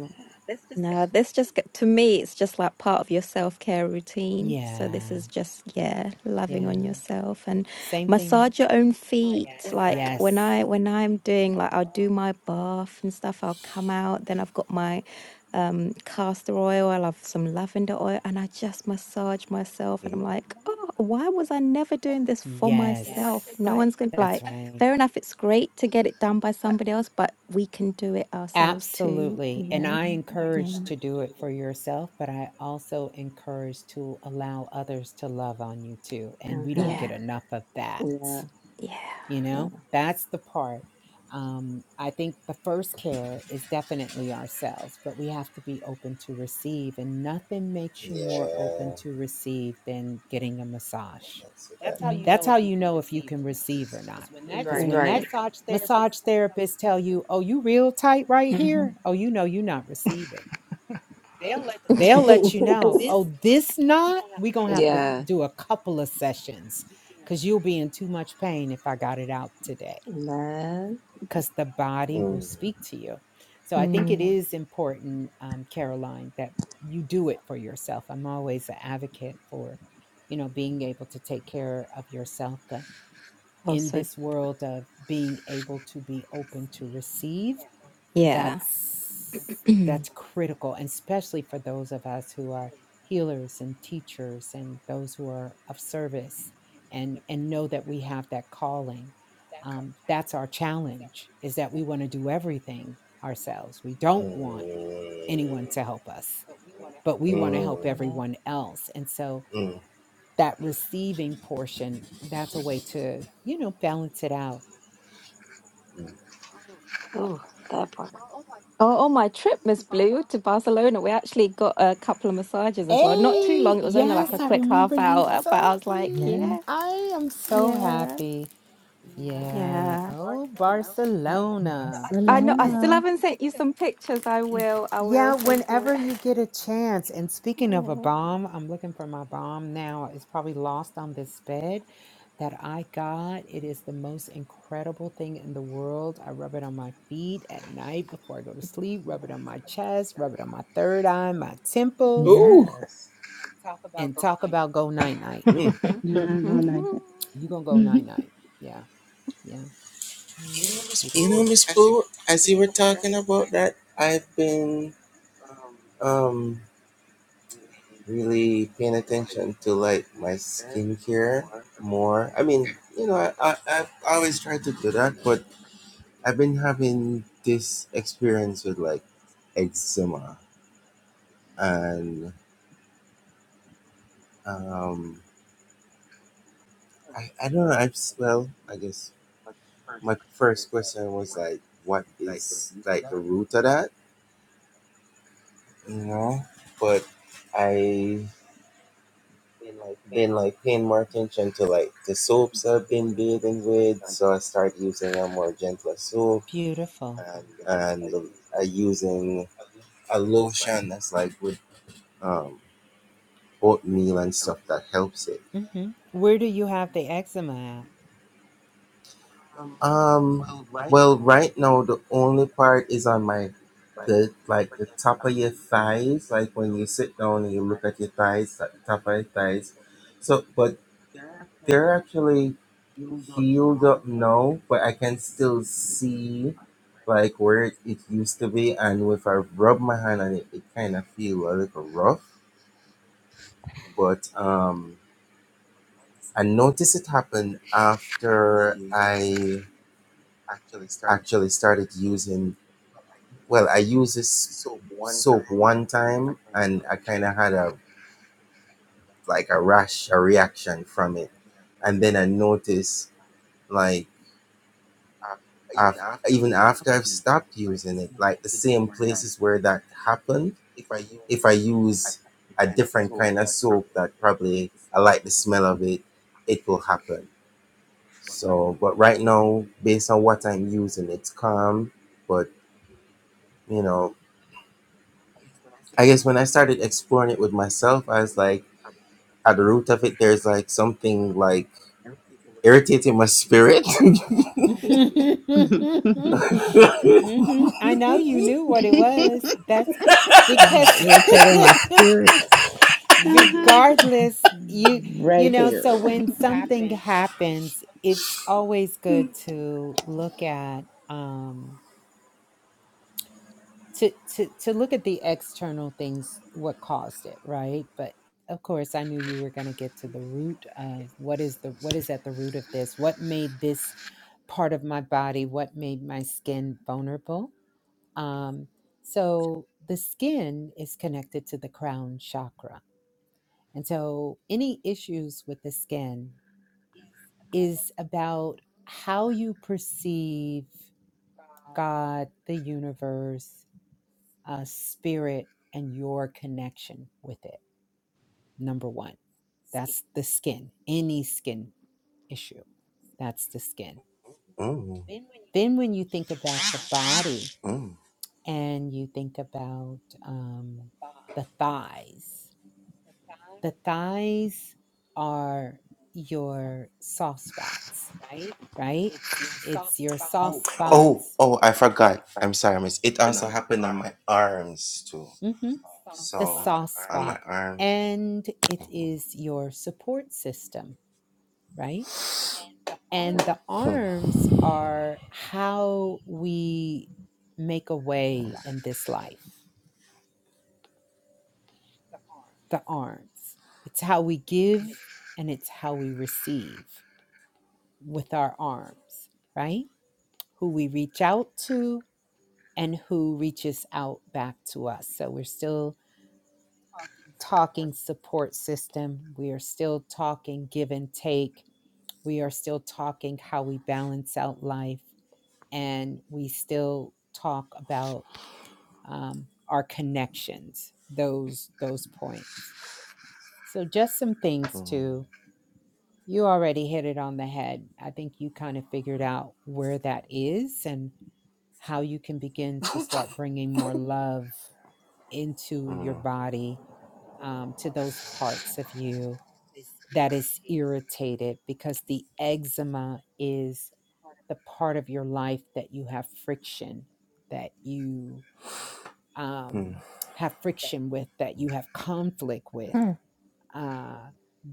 No, this just get- to me, it's just like part of your self-care routine. So this
Yeah.
is just, yeah, loving on
Yeah.
yourself and
Same thing.
massage your own feet. Like when
Yes.
I when I'm doing like I'll do my bath and stuff, I'll come out, then I've got my um castor oil, i love some lavender oil, and I just massage myself and I'm like, oh, why was I never doing this for
Yes.
myself? No one's gonna
That's
like,
right.
fair enough, it's great to get it done by somebody else, but we can do it ourselves too, you
Absolutely. And
know?
I
Yeah.
encourage to do it for yourself, but I also encourage to allow others to love on you too. And we don't
Mm-hmm.
Yeah,
get enough of that.
Yeah.
yeah.
you know
Yeah.
that's the part um, i think the first care is definitely ourselves but we have to be open to receive and nothing makes you more open to receive than getting a massage
Mm.
that's how you know if you can receive or not because when
Right.
that massage therapist tell you oh you real tight right here oh you know you're not receiving they'll let you know
Yes.
oh this knot we gonna have to
yeah.
do a couple of sessions because you'll be in too much pain if i got it out today
Man.
because the body will speak to you. So I think it
Mm.
is important, um, Caroline, that you do it for yourself. I'm always an advocate for, you know, being able to take care of yourself. But in
Also,
this world of being able to be open to receive,
yeah.
that's
oh,
that's critical and especially for those of us who are healers and teachers and those who are of service and and know that we have that calling um, that's our challenge is that we want to do everything ourselves we don't want anyone to help us but we want to help
Man.
everyone else and so that receiving portion that's a way to you know balance it out
Oh, that part.
on my trip, Miss Blue, to Barcelona, we actually got a couple of massages as well. Not too long.
Hey,
It was only like
yes,
a
I
quick
remember
half
you
hour, but I
told
was like,
me.
yeah,
I am so
yeah,
happy. Yeah.
yeah.
Oh,
Uh,
Yeah.
Barcelona.
I know. I
And
still
Barcelona.
haven't sent you some pictures. I will. I will
yeah,
send you
whenever
it.
you get a chance. And speaking of a
Yeah.
bomb, I'm looking for my bomb now. It's probably lost on this bed that I got. It is the most incredible thing in the world. I rub it on my feet at night before I go to sleep, rub it on my chest, rub it on my third eye, my temples,
Yes.
and talk about go night night.
Yeah,
Mm.
I'm going like
Mhm.
You gonna go night night. Yeah, yeah. Mm, It's beautiful. Beautiful. hmm Where do you have the eczema hmm I know you knew what it was. That's
i
because
Irritated my spirit.
that.
regardless you you
Right
know so
there.
when something happens it's always good to look at um to to to look at the external things what caused it right but of course i knew you were going to get to the root of what is the what is at the root of this what made this part of my body what made my skin vulnerable um so the skin is connected to the crown chakra And so, any issues with the skin is about how you perceive God, the universe, uh, spirit, and your connection with it. Number one, that's the skin, any skin issue. That's the skin. Then, when you think about the body and you think about um, the thighs, the thighs are your soft spots right? It's your soft spots, hmm the soft spot, and it is your support system, right? And the arms are how we make a way in this life, the arms. It's how we give and it's how we receive with our arms, right? Who we reach out to and who reaches out back to us. So we're still talking support system. We are still talking give and take. We are still talking how we balance out life. And we still talk about um, our connections, those, those points. So, just some things to, you already hit it on the head. I think you kind of figured out where that is and how you can begin to start bringing more love into your body um, to those parts of you that is irritated because the eczema is the part of your life that you have friction, that you um, have friction with, that you have conflict with,
hmm,
uh,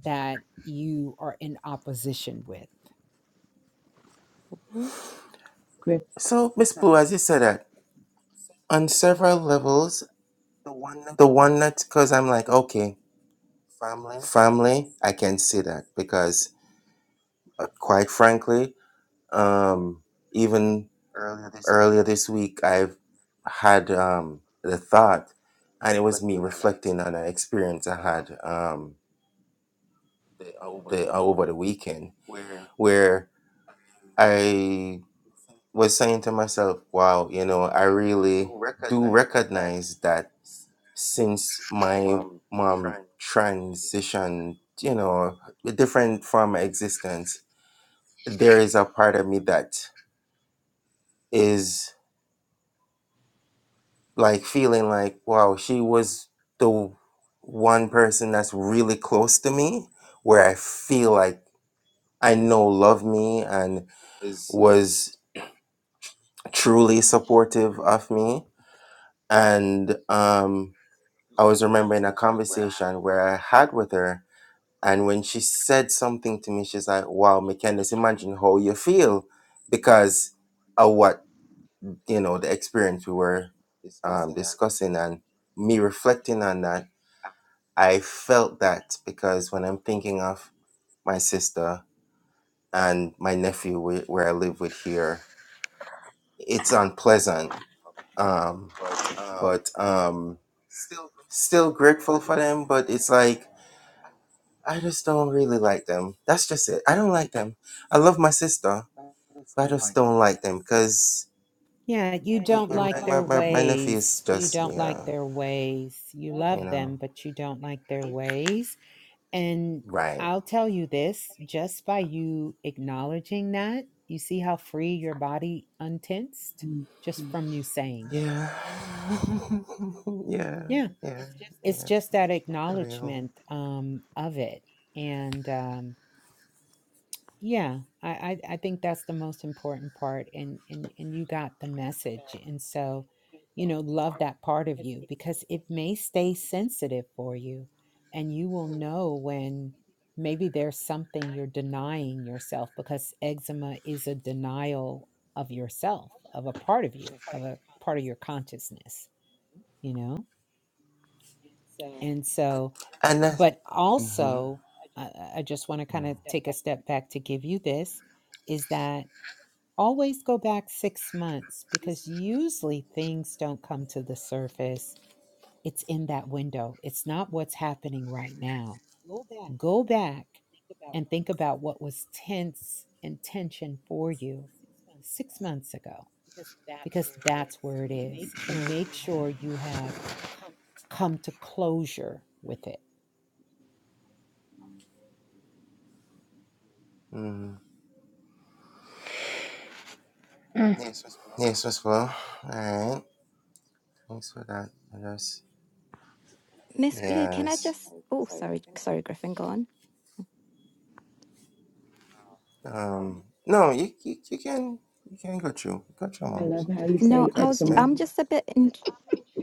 that you are in opposition with.
Mhm.
Griff.
Yeah, you don't like their ways. You don't like their ways. You love them, but you don't like their ways And I'll tell you this just by you acknowledging that, you see how free your body untensed
Mhm.
just from you saying it. Yeah. It's just that acknowledgement um, of it. And um, Yeah, I, I I think that's the most important part, and and and you got the message, and so, you know, love that part of you because it may stay sensitive for you, and you will know when maybe there's something you're denying yourself because eczema is a denial of yourself, of a part of you, of a part of your consciousness, you know, and so, but also, I, I I just want to kind of take a step back to give you this is that Always go back six months because usually things don't come to the surface. It's in that window, it's not what's happening right now. Go back and think about what was tense and tension for you six months ago because that's where it is. And make sure you have come to closure with it.
Miss Blue, can I just? Oh, sorry, sorry, Griffin, go on.
I love how you
No,
say
I was.
eczema.
I'm just a bit. in.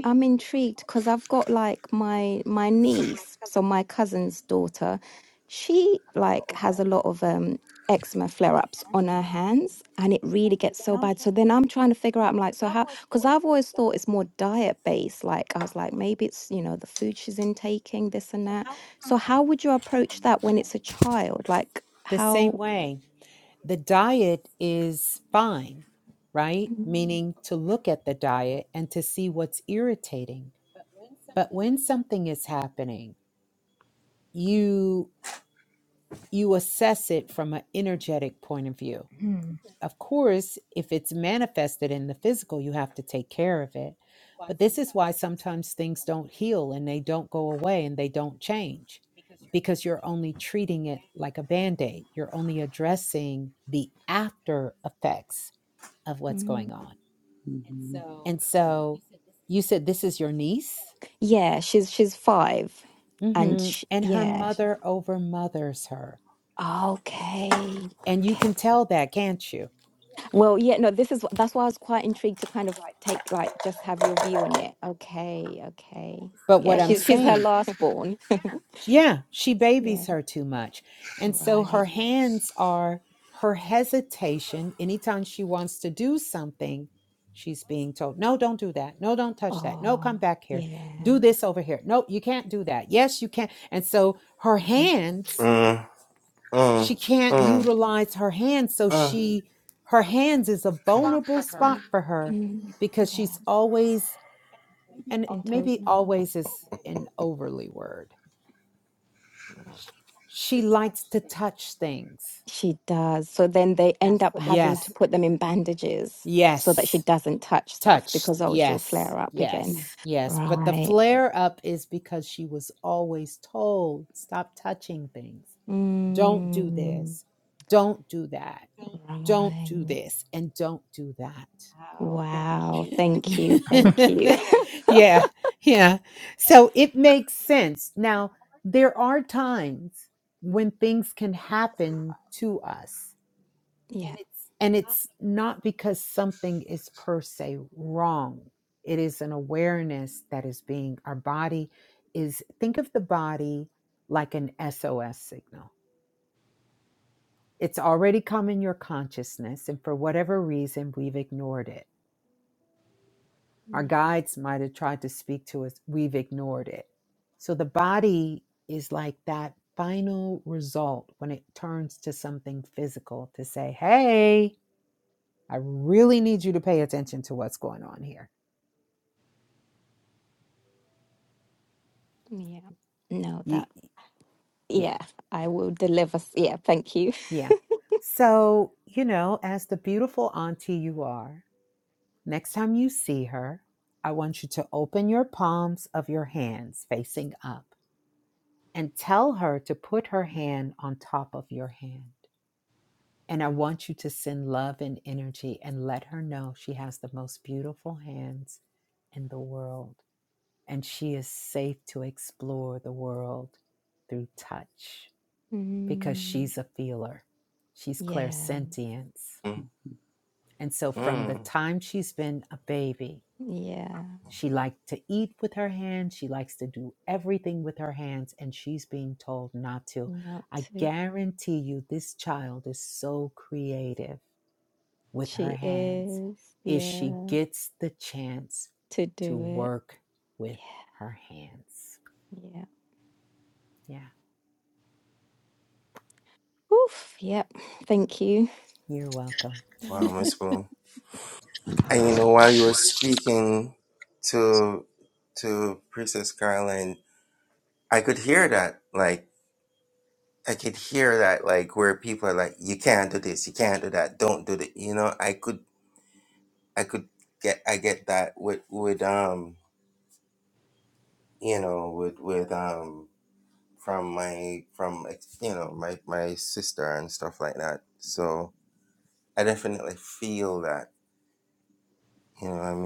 I'm intrigued because I've got like my my niece, so my cousin's daughter, she like has a lot of um eczema flare-ups on her hands and it really gets so bad. So then I'm trying to figure out I'm like, so how because I've always thought it's more diet based. Like I was like, maybe it's, you know, the food she's intaking, this and that. So how would you approach that when it's a child? Like
The same
how
way, the diet is fine right?
Mm,
Meaning to look at the diet and to see what's irritating But when something is happening, you you assess it from an energetic point of view.
hmm.
Of course, if it's manifested in the physical, you have to take care of it. But this is why sometimes things don't heal and they don't go away and they don't change because you're only treating it like a band aid. You're only addressing the after effects of what's
mm.
going on. And so you said this is your niece,
Yeah, she's she's five and
hmm
she,
and her
yeah.
mother overmothers her.
Okay.
And you can tell that, can't you?
Well, yeah, no, this is that's why I was quite intrigued to kind of take like just have your view on it. Okay, okay.
But
Yeah,
what I'm
she's she's her
saying,
last born.
yeah, she
Yeah.
babies her too much. And so
Right.
her hands are her hesitation. Anytime she wants to do something, she's being told, no, don't do that. No, don't touch that. No,
Oh,
come back here.
yeah.
Do this over here. No, you can't do that. Yes, you can. And so her
Mm,
hands, she can't utilize her hands. So she, her hands is a vulnerable spot for her
mm,
because
Yeah,
she's always and
been told
maybe
no.
always is an overly word. She likes to touch things.
She does. So then they end up having to
Yes,
put them in bandages so that she
yes,
doesn't touch stuff
touched.
because oh, she'll
Yes,
flare up again.
yes, yes. But the
Right.
flare up is because she was always told stop touching things. Don't do
Mm,
this. Don't do that. Don't do
right.
this. And don't do that.
Wow. Thank you. Thank you.
yeah, yeah. So it makes sense. Now, there are times when things can happen to us,
Yeah.
and it's not because something is per se wrong. It is an awareness that is being, our body is, think of the body like an SOS signal. It's already come in your consciousness, and for whatever reason, we've ignored it
Yeah.
Our guides might have tried to speak to us, we've ignored it. So the body is like that final result when it turns to something physical to say, hey, I really need you to pay attention to what's going on here.
Yeah. No,
You,
that,
yeah,
yeah, I will deliver. s- Yeah, thank you.
yeah. So, you know, as the beautiful auntie you are, next time you see her, I want you to open your palms of your hands facing up and tell her to put her hand on top of your hand. And I want you to send love and energy and let her know she has the most beautiful hands in the world. And she is safe to explore the world through touch because
Mm,
she's a feeler. She's
yeah.
clairsentience. And so from the time she's been a baby,
Yeah.
she liked to eat with her hands. She likes to do everything with her hands, and she's being told not to.
Not
I
to.
guarantee you, this child is so creative with her
She
hands
is.
if she
Yeah.
gets the chance
To
to
do it.
work with
Yeah.
her hands.
Yeah.
Yeah,
Oof. Yep. Thank you.
you're welcome.
Mhm.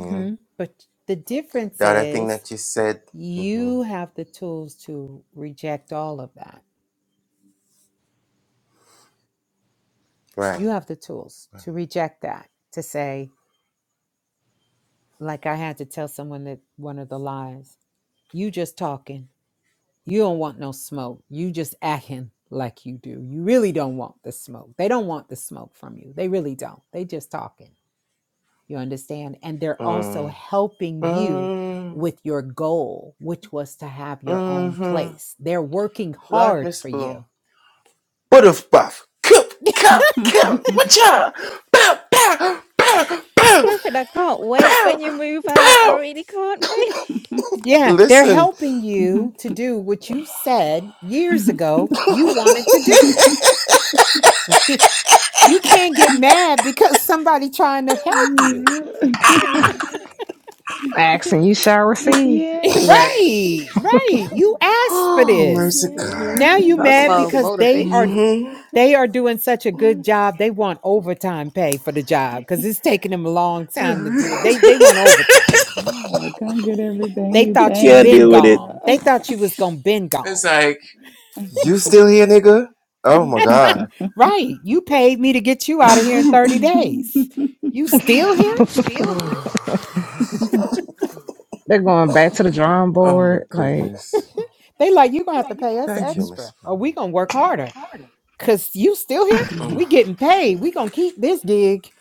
Mhm. But the difference is you have the tools to reject all of that. You have the tools to reject that, to say, like I had to tell someone that one of the lies, you just talking. You don't want no smoke. You just acting like you do. You really don't want the smoke. They don't want the smoke from you. They really don't. They just talking. You understand? And they're also helping you with your goal, which was to have your own place. They're working hard for you.
Mhm.
Griffin, I can't wait when you move out. I really can't wait.
Yeah, they're helping you to do what you said years ago you wanted to do. you can't get mad because somebody trying to help you.
yeah.
Asking you shall receive.
Yes.
Right.
right, right. You asked for this.
Mm-hmm.
Now you
Yes.
Talk
mad
about
because
Like,
they are
motivation.
they are doing such a good
you
job. They want overtime pay for the job because it's taking them a long time to do it. They they want overtime.
like, come get everything
They
you
thought you
came
been gone.
for.
They thought you was gonna been gone. Right. You paid me to get you out of here in 30 days. You still here?
They're going back to the drawing board, like
They like you gonna have to pay us extra or we gonna work harder. Cause you still here? We getting paid. We gonna keep this gig.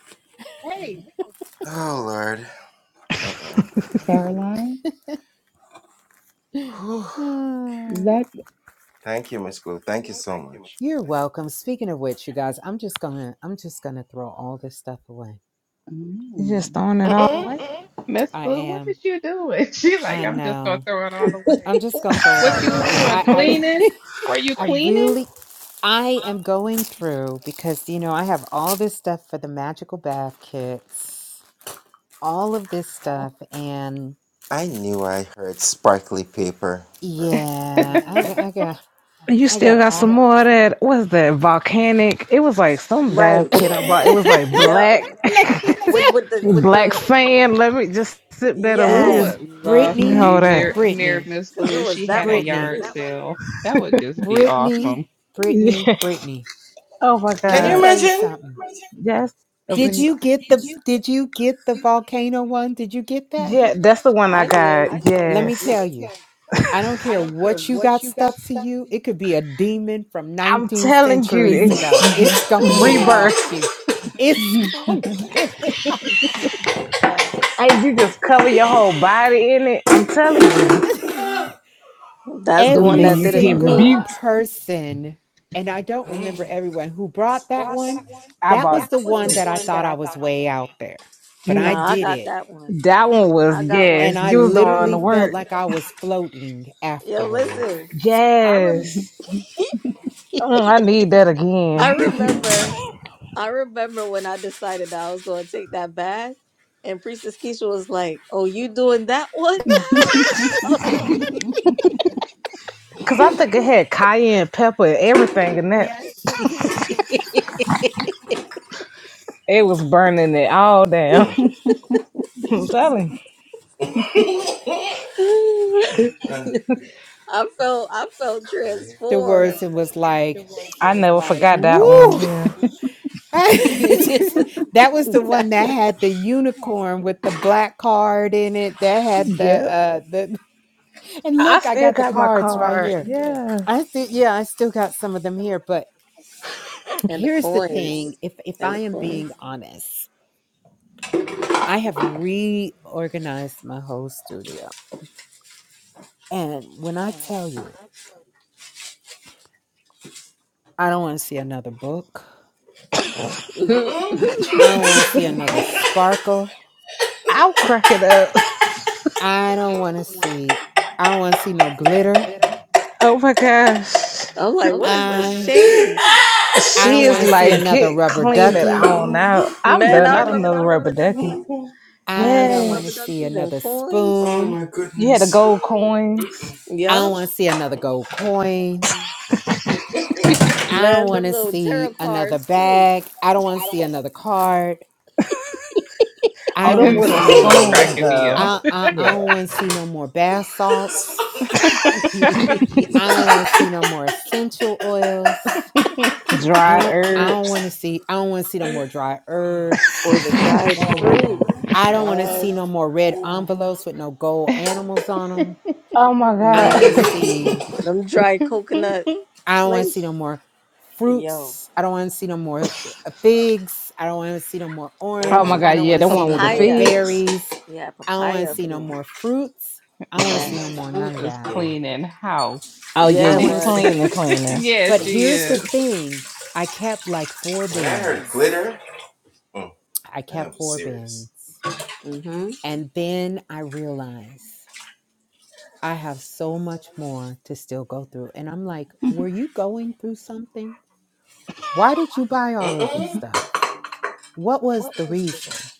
Caroline, is
Hmm.
that?
You're welcome. Speaking of which, you guys, I'm just gonna I'm just gonna throw all this stuff away.
you just throwing it all away.
Miss
I
Blue, what
am.
is you doing? She like,
I
I'm just gonna
know.
throw it all
I'm
away.
just gonna throw it
What
all
you was
away.
doing?
I
Cleaning?
I
Were you
I
cleaning?
really I am going through because you know I have all this stuff for the magical bath kits, all of this stuff, and yeah, I got I got
And you
I
still
got
got some
all.
more of that. What's that volcanic? It was like some bath
right.
kit I bought. It was like
Yeah.
black,
Let me
With
tell-
with the with
black
the
sand. Let me just sip that over
I
yeah.
here.
this
would
Let
love
me
to be
hold
Brittany,
that.
near near
Brittany,
Miss
Cause it
Blue.
was
She
that
had a
one for
Brittany.
yard
me.
sale. That would just be awesome.
Brittany, Brittany,
Yeah.
Brittany.
Oh my
Let me
god.
tell you something.
Yes. over
Did
here.
you get the did you get the volcano one? Did you get that?
Yeah, that's the one I
I did
got.
Let me
Yes.
tell you. I don't care what you got stuck to you. It could be a demon from
I'm
19
telling you,
centuries
it's
ago. It's going to get
Oh.
it off
rebirth.
you. It's going to get
facts.
And you just cover your whole body in it. I'm telling you.
it.
That's the
Them
one
Every
that did
demons
it for
get
me.
single
rebuked.
person, and I don't remember everyone who brought that one,
I
that
bought
was the one
yeah.
that I thought I was way out there, but I
Mm,
Nah, I
did
got
it.
that one.
That one was
I got one.
And
yes.
I
You was doing
literally
the
felt
work.
like I was floating
Yo,
afterwards.
listen. I remember.
Yes. Mm, I need that
I
again.
remember, I remember when I decided that I was going to take that bath, and Priestess Keisha was like, "Oh, you doing that one now?"
Cause I think it had cayenne pepper and everything and that Yes. it was burning it all down. I'm telling. you.
I felt, I felt
Afterwards,
transformed,
and was like,
Yes, it I it was never like, forgot that one.
woo.
Yeah.
and
that was the one that had the unicorn with the black card in it. That had the
Yep.
uh the and
I
look, I
still
got the
got my
cards right
card.
here.
Yeah.
I think yeah, I still got some of them here, but
the
here's the thing,
coins,
if if
and
I
the
am being
coins.
honest, I have reorganized my whole studio. And when I tell you, I don't want to see another book. I don't want to see another sparkle.
I'll crack it up.
I don't want to see. I don't want to see no glitter.
Oh my gosh.
I'm like, what is this
I
change,
I
She
don't
is I
want
never
to see
like, seen
another
get that
rubber
clean it
ducky.
on out. I'm
man?
done.
I
Not
remember
another
them
rubber
rubber
ducky.
duckies. I
I
got
don't
some
want
Yes.
to
rubber
see
duckies and
another
coins.
spoon.
You had the gold coins.
I
Yep.
don't want to see another gold coin. I don't
Man,
want
them
to
little
see
tarot
another
cards too.
bag. I don't want to see another card. I
Oh,
don't
them
want to
wooden
Miss
see
Blue is
no.
spoons
cracking me
though.
up.
I I, I
Yeah.
don't want to see no more bath salts. I don't want to see no more essential oils. I
Dried
don't I don't want to
herbs.
see I don't want to see no more dry herbs.
or the dried fruit.
I don't want to see
Man,
no more red envelopes with no gold animals on them.
Oh my
I don't
god.
want to
man,
see.
them dried coconut
I don't want to
flake.
see no more
Yo,
fruits. I don't want to see no more uh, figs. I don't want to see no more
oh
orange.
my
I
god.
don't
or
Yeah,
want to
the
see
one with
no
the
more
papaya.
figs.
berries.
Yeah,
I don't want
papaya
to
up
see
in
no
there.
more fruits. I don't want
Oh,
to see
Miss
no
Man.
more
Blue
none of
is
that.
cleaning house.
Oh yeah,
I
Yeah,
don't
it
you
She,
want to see.
was.
cleaning, cleaning.
yeah,
But
she
here's the
is.
thing. I kept like four bins. I kept four bins.
Mm-hmm.
And then I realized I have so much more to still go through. And I'm like, were you going through something? Why did you buy all of this stuff? What was the reason?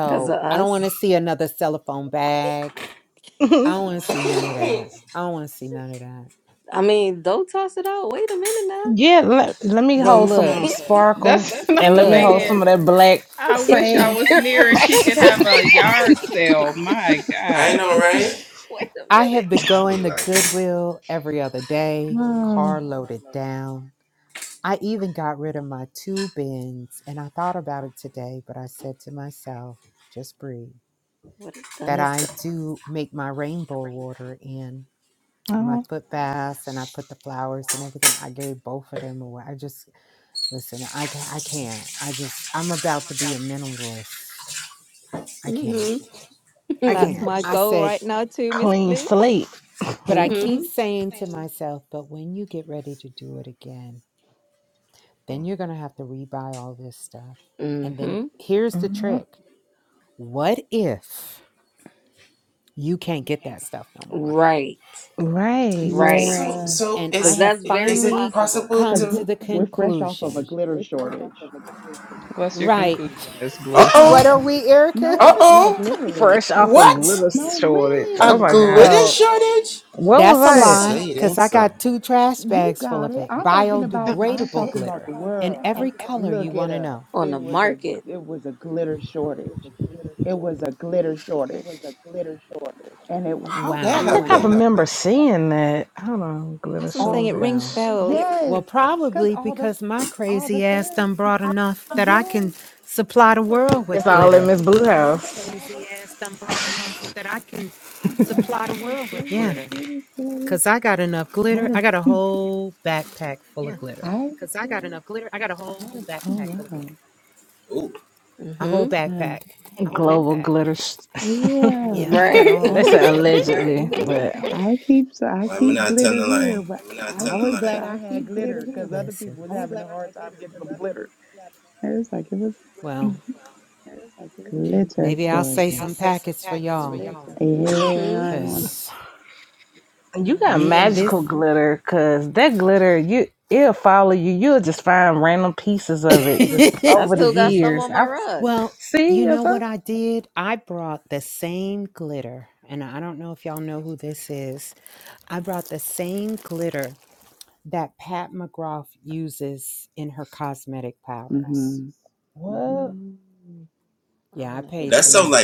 Because of
I don't want to
us.
see another cellophane bag. I don't want to see none of that. I don't want to see none of that.
I mean, don't toss it out. Wait a minute now.
yeah, let, let me
Well,
hold some of them
look,
sparkles
That's what I'm
and let me
look.
hold
saying.
some of that black
I wish I
sand.
was near and she
right.
could have a yard sale. My God.
Wait a
I have
minute.
been going to Goodwill every other day,
Hmm.
car loaded down I even got rid of my two bins and I thought about it today, but I said to myself, just breathe.
What is done
That
is
I
done.
do make my rainbow water and my
Oh,
foot baths and I put the flowers and everything. I gave both of them away. I just, listen, I can't, I can't. I just, I'm about to be a minimalist. I can't.
Mm-hmm.
I
That's
can't.
my
I
mm,
goal
said,
right now, too, Miss
Clean
Blue.
slate.
but I keep
mm-hmm.
saying to myself, but when you get ready to do it again, then you're going to have to rebuy all this stuff. And then
Mm-hmm.
here's the
hmm
trick what if you can't get that stuff no more?
Right.
Right.
Right.
Yeah,
And I
Because
have
that's very
finally
possible
because
come to
we're
the
we're fresh off of a
conclusion,
glitter shortage.
What's your
right?
conclusion, Miss Blue?
what are we, Erica?
No, like literally,
Fresh off a glitter
No,
shortage. Oh
really.
my gosh.
Well,
What was
that's a
I? at?
lie because I got two trash
You
bags full
got
of
it.
it
I'm talking about I'm
biodegradable
talking about the
glitter in
world.
every color
Look
you
it
want to
up.
know.
on
It
the
was a
market.
it was a glitter shortage. It was a glitter shortage. And it wa-
Wow.
I think
Mm.
I remember seeing that. Hold on, glitter
That's what I'm saying.
all
It
shortage.
rings
Well,
bells.
yes,
well,
because
probably
all the
because my
all the
crazy ass
fairy
done brought enough that I
yes.
can supply the world
It's
with
all
glitter.
in Miss Blue House.
Yes, there
Yeah.
was a glitter shortage.
Cause I got enough
All
glitter. I
the
got a whole backpack full of glitter.
I oh wow.
A whole
Mm-hmm.
Hmm.
backpack.
Global glitter. Sh-
Yeah.
Yeah, I got a
Right.
whole
they
I
said
bunch of glitter.
allegedly, but
I keep so I keep glitter here, but I was glad I had glitter because other
Listen,
people was having a hard time getting some glitter. It was like it was
well,
glitter
maybe I'll say
shortage.
some packets for y'all.
Yeah,
Mm-hmm.
I don't.
Cause
you got
me and
magical
this.
glitter because that glitter you it'll follow you. You'll just find random pieces of it just
I
over the
still got some
years.
on
I
my
was,
rug.
well,
see
you know
if I
what I did? I brought the same glitter. And I don't know if y'all know who this is. I brought the same glitter that Pat McGrath uses in her cosmetic powders.
hmm
well
Mm.
I
Yeah, I
don't know who
paid
that
some
is.
money.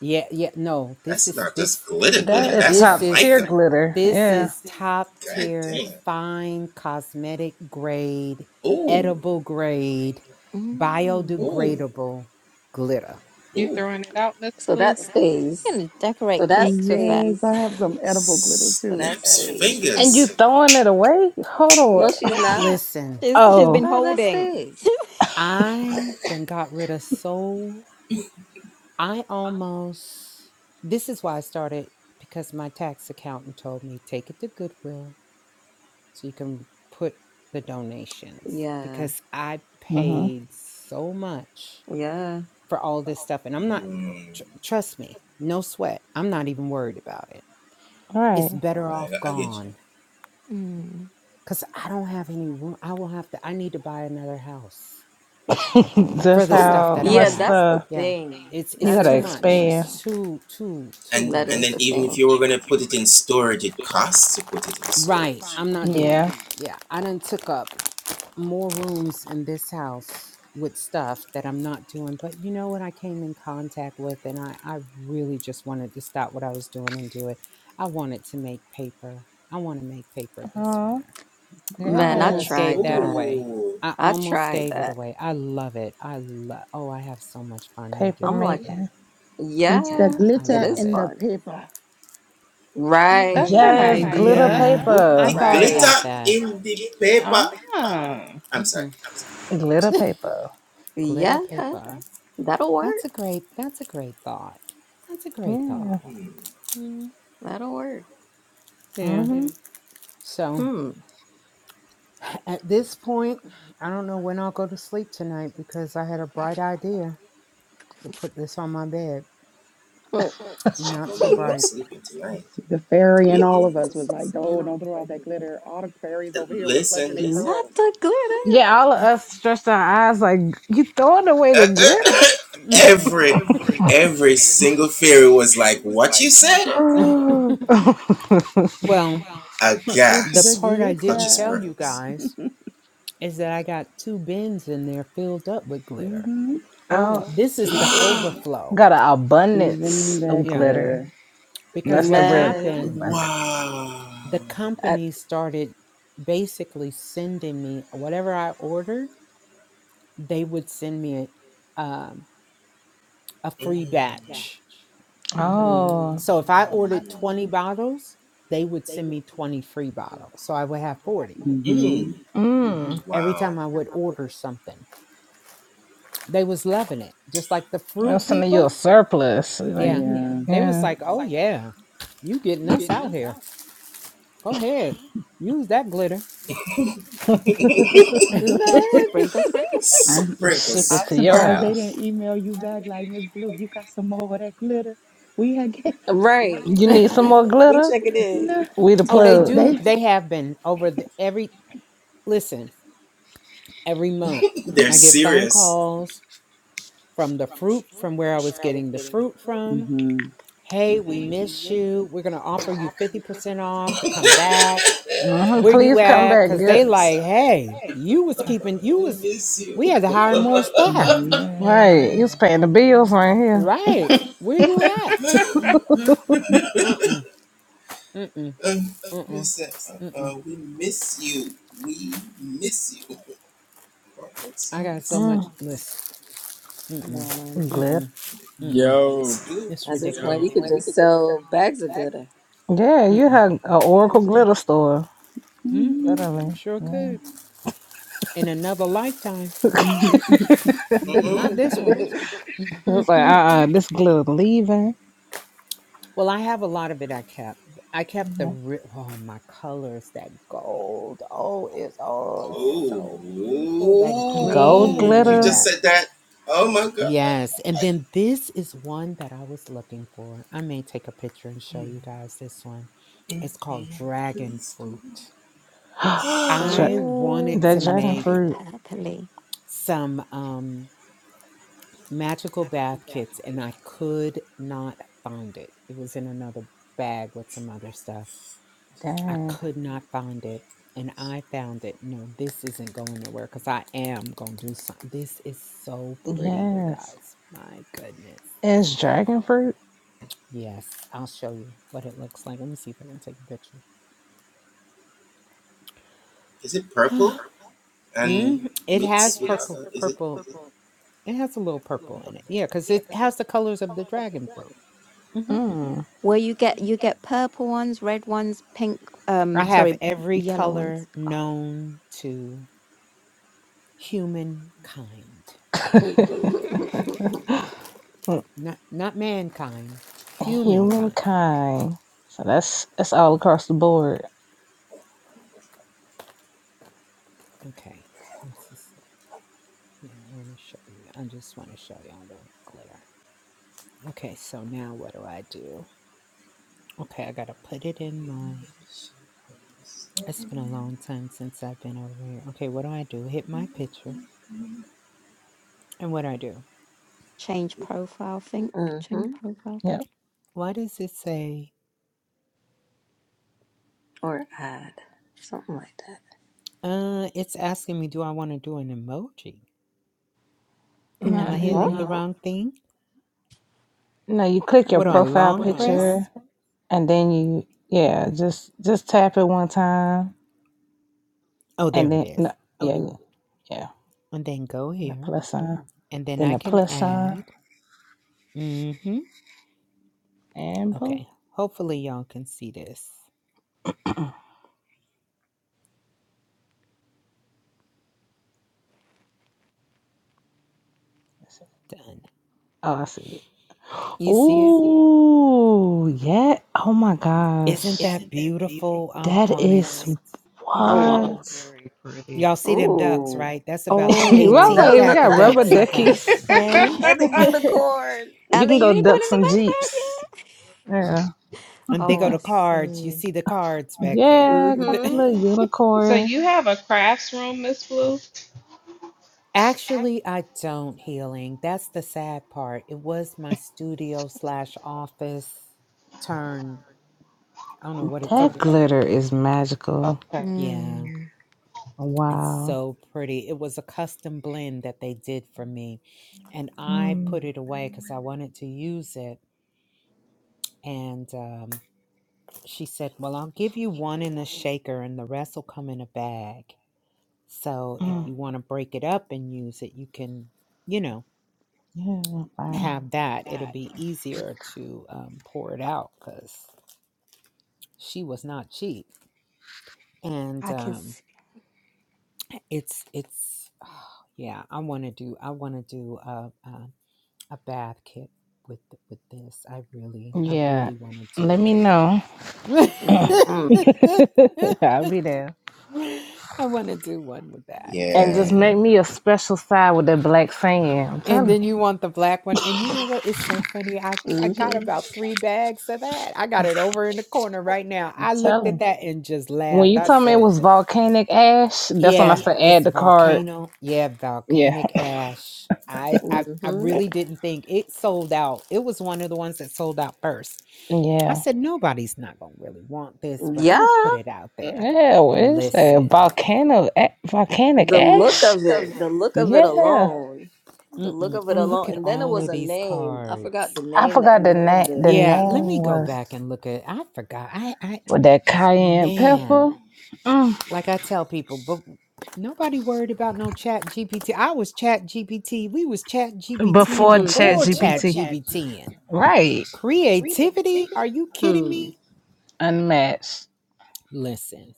Yeah, yeah, no. This is this
that is
this
top tier
is
glitter.
this
Yeah,
is top tier fine cosmetic grade, edible grade,
Mm.
biodegradable glitter.
You throwing it out, Miss
So
Blue?
that stays.
gonna
So
decorate
that
cakes with that.
Yes, I
stays.
have some edible glitter
So
too.
that stays.
and you throwing it away? Hold
No,
on.
she's not.
Listen,
she's she's
Oh,
been
No, that
holding.
stays.
I done got rid of so I almost this is why I started because my tax accountant told me take it to Goodwill so you can put the donations
Yeah.
because I
mm-hmm.
paid so much
Yeah.
for all this stuff. And I'm not, eh, tr- trust me, no sweat. I'm not even worried about it. It's
right.
better off gone
mm.
because I don't have any room. I will have to, I need to buy another house for
That's
the stuff
how
that I
much
Yeah,
have.
that's the
stuff.
Yeah.
thing.
It's,
You
That
it's
gotta
is
too
the
much.
thing.
expand.
It's too, too, too
That
much.
is
It's
the thing.
Right. I'm not doing
Yeah.
that. Yeah. I done took up more rooms in this house with stuff that I'm not doing. But you know what I came in contact with and I, I really just wanted to stop what I was doing and do it. I wanted to make paper. I want to make paper this
Oh,
winter. I
Man, I
almost
yes.
gave
tried
that
that.
away. I
I
almost
tried
gave it
that.
away. I love it. I love oh, I have so much fun
Paper
making
I'm like,
paper.
making.
Puts the
yeah,
Yeah, I
it
glitter
love
is
in
it.
the
fun.
paper.
Oh, that's an
Right.
Yes,
Mm.
glitter
idea.
Yeah. I
paper.
thought
Right.
about that.
Ah.
mm hmm
Glitter paper.
Glitter
Yeah.
paper.
That'll work.
That's a great that's a great thought. That's a great
Yeah.
thought. Mm,
That'll work.
yeah.
hmm
So
Hmm.
at this point, I don't know when I'll go to sleep tonight because I had a bright idea to put this on my bed.
Hmm.
Not so bright.
See, the fairy in all of us was like, no, don't throw out that glitter. All the fairies over here was clutching their
Not
pearls.
the glitter.
Yeah, all of us stretched our eyes like you throwing away the glitter.
well,
Put
the
the
part I didn't
glitter.
tell you guys is that I got two bins in there filled up with
Mm
glitter.
hmm
Oh,
oh,
This is the
Stupid.
overflow.
got an
Even
abundance of
Yeah.
better.
glitter.
Because
That's the
what
word
Man.
happened
abundance.
the
I,
company started basically sending me whatever I ordered, they would send me a, um, a free batch.
mm.
mhm.
Oh,
So if I ordered 20 bottles, they would send me 20 free bottles. So I would have 40
Mm hmm.
mm.
every time I would order something. They was loving it. Just like the
I'm
fruit
sending you a
people.
surplus. Like,
Yeah.
Yeah.
They was
yeah.
like, "Oh yeah. You getting us out here. Go ahead. Use that glitter."
Man.
sprinkle, sprinkle, sprinkle.
I'm
Ship it
I'm
to your
surprised they
house.
didn't email you back like Miss Blue, you got some more of that glitter. We had get
Right.
You need some
We
more
look we
glitter?
check it in.
no
We the
Oh, they
plug.
do.
they
They have been over the every listen. every month. I get phone calls from the fruit, from where I was getting the fruit from.
hmm
Hey, we miss you. We're going to offer you 50% off to come back.
hmm
Where you
Please come
at?
back.
Because
Good.
they like, hey, you was keeping, you was, we had to hire more staff.
yes.
Right. You's paying the bills right here.
Right. Where you
That
at? Mm-mm, mm-mm, mm-mm, mm-mm. I got so much,
Mm.
listen, mm-mm,
Man.
Glitter.
mm-mm, mm-mm.
Yo,
It's
At this point you
ridiculous.
could just sell bags of glitter.
Yeah, you
Mm-mm,
had an
Yeah.
Oracle glitter store.
mm-hmm,
hmm
Literally.
sure
Yeah.
could. In another lifetime. Not this one.
It's like,
well,
uh-uh, this glitter leaving.
I have a lot of it I kept. I kept the
Mhm.
ri- oh my colors, that gold. Oh, it's oh, it's so beautiful. That
Gold
green and
glitter.
that yes. And then this is one that I was looking for. I may take a picture and show you guys this one. It's called dragon fruit.
Dra-
I wanted
Oh,
to
that
that's
dragon
gonna
make
be
fruit.
purpley.
some um. magical bath kits and I could not find it. It was in another bag with some other stuff. I
Dang.
could not find it. And I found it. No, this isn't going nowhere because I am going to do something. This is so pretty, you
Yes.
guys. My goodness.
It's dragon fruit?
Yes, I'll show you what it looks like. Let me see if I can take a picture. mm, it has purple, purple. It has a little purple in it. Yeah, because it has the colors of the dragon fruit. Mhm.
Mm.
Where you get you get purple ones, red ones, pink. Um,
I have
sorry,
every
yellow ones.
color
Oh,
known to humankind. Not not mankind, humankind.
Humankind. So that's that's all across the board.
Okay. This is yeah, I want to show you. I just want to show y'all the glitter. Okay, so now what do I do? Okay, I gotta put it in my it's been a long time since I've been over here. Okay, what do I do? Hit my picture. And what do I do?
change profile. Think
mm-hmm.
change profile
Yep.
pic.
Why does it say
Or ad. Something like that.
uh it's asking me do I want to do an emoji?
No,
Am I
Huh?
hitting the
No.
you
wrong thing?
no, you click
I
your
What do I
think.
profile
long
picture
press?
and then you yeah, just just tap it one time
Oh,
and
there it
then
is.
no, yeah, yeah. yeah.
And then go
And the
here.
plus sign.
And then
Then
I
the
can
plus
add.
sign
Mm-hmm.
and boom.
Okay. Hopefully y'all can see this.
That's it.
Done.
Oh, I see it.
You see it?
Ooh, yeah. Oh my gosh.
Isn't that beautiful? I
That
want it.
is
Oh
was
wow.
what?
very pretty.
Y'all see them ducks,
Ooh.
right? That's about the
I was
Oh,
18th
Those
like,
the
we
pack of
got rubber
ducks I got.
duckies
duckies.
okay.
and the unicorn.
You
And the
can go duck
unicorn in the
some
background.
jeeps.
Yeah.
Yeah.
and they
Oh,
go
I
to cards. You
see.
see the cards back there.
Yeah,
With
got the
the-
Mm-hmm.
little
So
unicorn.
you have a crafts room, Miss Blue?
Actually, I don't healing. That's the sad part. It was my studio slash office turn I don't know what it
Okay.
That
turned.
glitter is magical.
Okay.
Yeah,
Mm,
it's
Wow.
so pretty. It was a custom blend that they did for me, and I
Mm,
put it away because I wanted to use it. And um, she said, Well, I'll give you one in a shaker, and the rest will come in a bag. So if
mm,
you want to break it up and use it, you can, you know,
yeah, wow.
have that. It'll be easier to um, pour it out because she was not cheap. And
I can
um,
see,
it's it's oh, yeah i want to do i want to do a, a a bath kit with with this i really i
Yeah.
really want
Let
to
me know.
do
Mm-hmm.
I'll be there.
i want to do one with that and
And just
then
make me a special side with that black sand. I'm
and
telling
then
you.
you want the black one and you know what it's so funny i i got
Mm-hmm.
about three bags of that i got it over in the corner right now i looked at that and just
When
laughed
you
i
told me it
said
was volcanic ash, that's when I
Yeah,
said add
it's
the card.
volcano. Yeah,
Yeah.
volcanic ash. I, I I
Mm-hmm.
really didn't think it sold out. It was one of the ones that sold out first. I
Yeah.
said nobody's not gonna really want this, but I'm gonna
Yeah.
put it out there.
Yeah, what is that?
Listen,
Volcano, a- volcanic
The look
ash?
of it. The look of it
Yeah,
alone. The look
Mm-mm.
of it
and look
alone.
at
And then it
all
was
of
a
these
name. I forgot the
cards.
I
name that
forgot
you
the name.
named it.
The
Yeah,
name
let me go
was
back and look at. I forgot. I I
with that cayenne
man.
pepper. Mm.
Like I tell people, but nobody worried about no chat GPT. I was chat GPT. We was chat GPTing
Before
Hmm.
before chat
ChatGPT,
GPTing.
right?
Creativity? Are you kidding
Hmm.
me?
Unmatched,
Listen,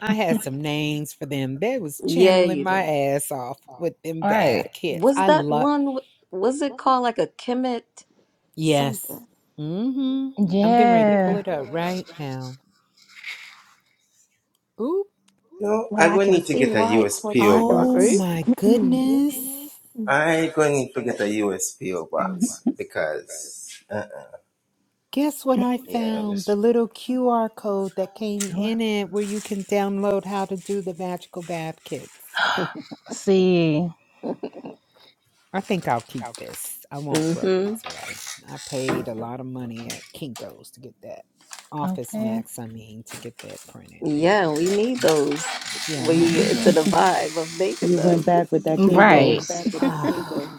I had some names for them. They was
Yeah,
channeling
you
my
did.
ass off with them bath
right?
kits.
Was
I
that
love
one w- was it called like a Kemet
yes.
something?
Mm-hmm. I'm getting ready to pull
Yeah.
it up right now. Oop.
well, I can see why it's called dragon
Oh
fruit.
my
Hello.
goodness. Guess what I found? The little QR code that came in it where you can download how to do the magical bath kits.
See,
I think I'll keep this. I won't throw
Mm-hmm.
these away. I paid a lot of money at Kinko's to get that. Office
okay,
Max, I mean, to get that printed. I ain't gonna
Yeah, we
throw that.
need
ain't-
those
Yeah, I'm
when
not
you
gonna
get
throw
into the
that away.
vibe of making
you went
them.
back with that
right.
Kinko's.
Ah,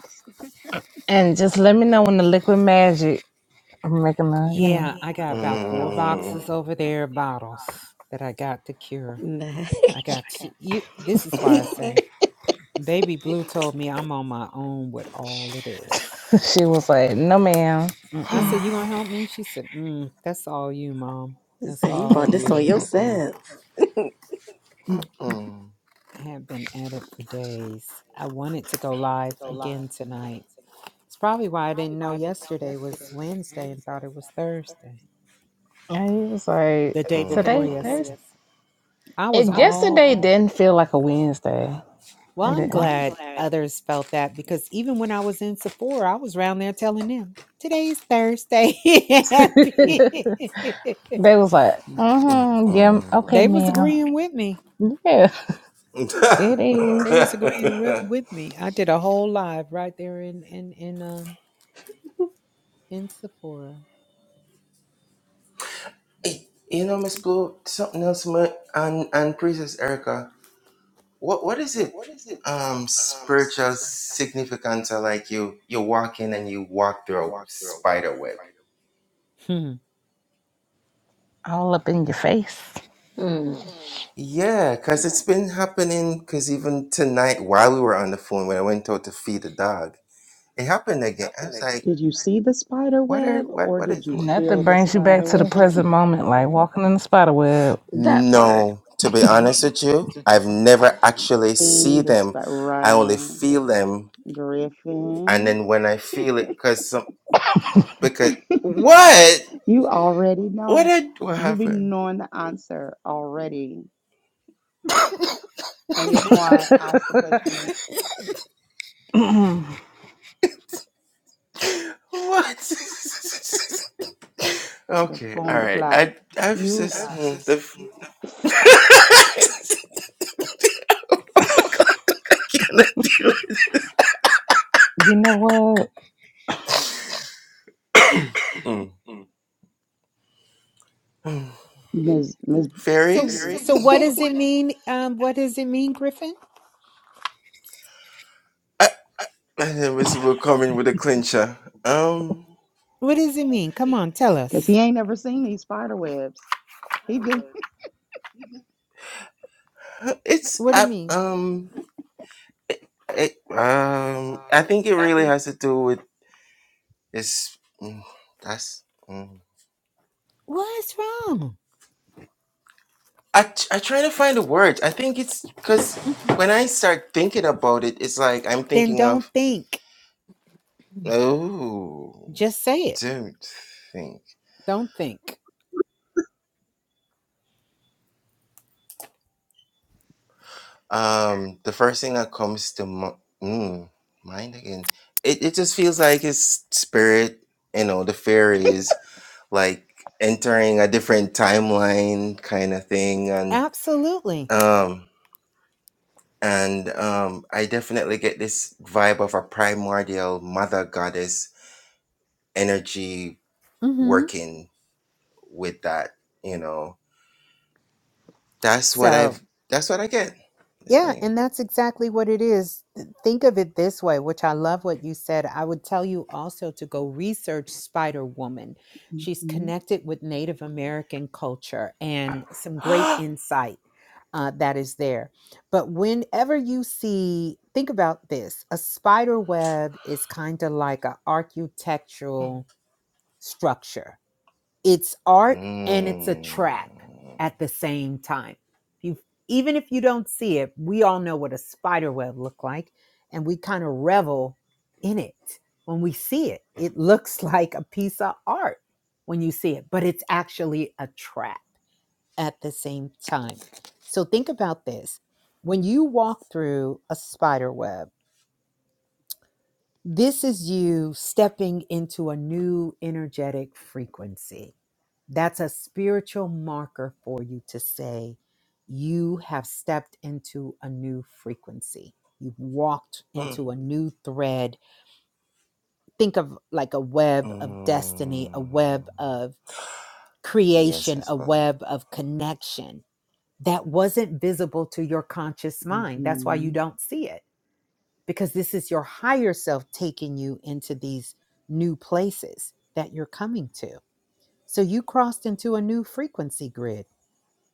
And just let me know when the liquid magic I'm making a, you know.
yeah, I got about four boxes over there of bottles that I got to cure. I got to, you. This is why I say Baby Blue told me I'm on my own with all of this.
she was like, "No, ma'am,"
I
and
said, You gonna help me? She said, mm, That's all you, Mom.
He
That's
said, You
all
brought
you
this on
right there.
yourself.
I have been at it for days. I wanted to go live again tonight. It's probably why I didn't know yesterday was Wednesday and thought it was Thursday,
he was like,
the day before
"Today,
yesterday.
Thursday."
I
It
was
I'm
all,
yesterday glad. didn't feel like a Wednesday. I
well, I'm
Well, didn't. I'm
glad
glad.
others felt that because even when I was in Sephora, I was around there telling them, Today's Thursday. Happy.
they was like, mm-hmm, yeah, okay,
They was
Mhm.
agreeing with me.
ma'am. Yeah, it
They
is.
was agreeing with, with me. I did a whole live right there in in in um in Sephora. Hmm.
All up in your face.
Mm,
Did you see the spider web or did you
Nothing
feel the
brings you back
spider
to the
web?
present moment like walking in the spider web.
that part.
You seen the spider right, Griffin. You already know. You be knowing the answer already. and you're
you
going to ask the question in
know
the bomb clock. You,
what?
miss miss
So so what does it mean? Um, what does it mean, Griffin? What does it mean? Come on, tell
Because
us.
he ain't never seen these spider webs. He just.
What do you mean? What's wrong? Then don't think. Just say it. Don't think. Absolutely. Mm-hmm. So Yeah, and that's exactly what it is. Th- Think of it this way, which I love what you said. I would tell you also to go research Spider Woman. She's
Mhm,
connected with Native American culture and some great insight uh, that is there. But whenever you see, think about this a spider web is kind of like an architectural structure it's art and it's a trap at the same time. You even if you don't see it, we all know what a spider web look like and we kind of revel in it when we see it. It looks like a piece of art when you see it, but it's actually a trap at the same time. So think about this. When you walk through a spider web, this is you stepping into a new energetic frequency. That's a spiritual marker for you to say you have stepped into a new frequency. You've walked into a new thread. Think of like a web of destiny, a web of creation, a web of connection that wasn't visible to your conscious mind. That's why you
mhm.
don't see it because this is your higher self taking you into these new places that you're coming to. So you crossed into a new frequency grid.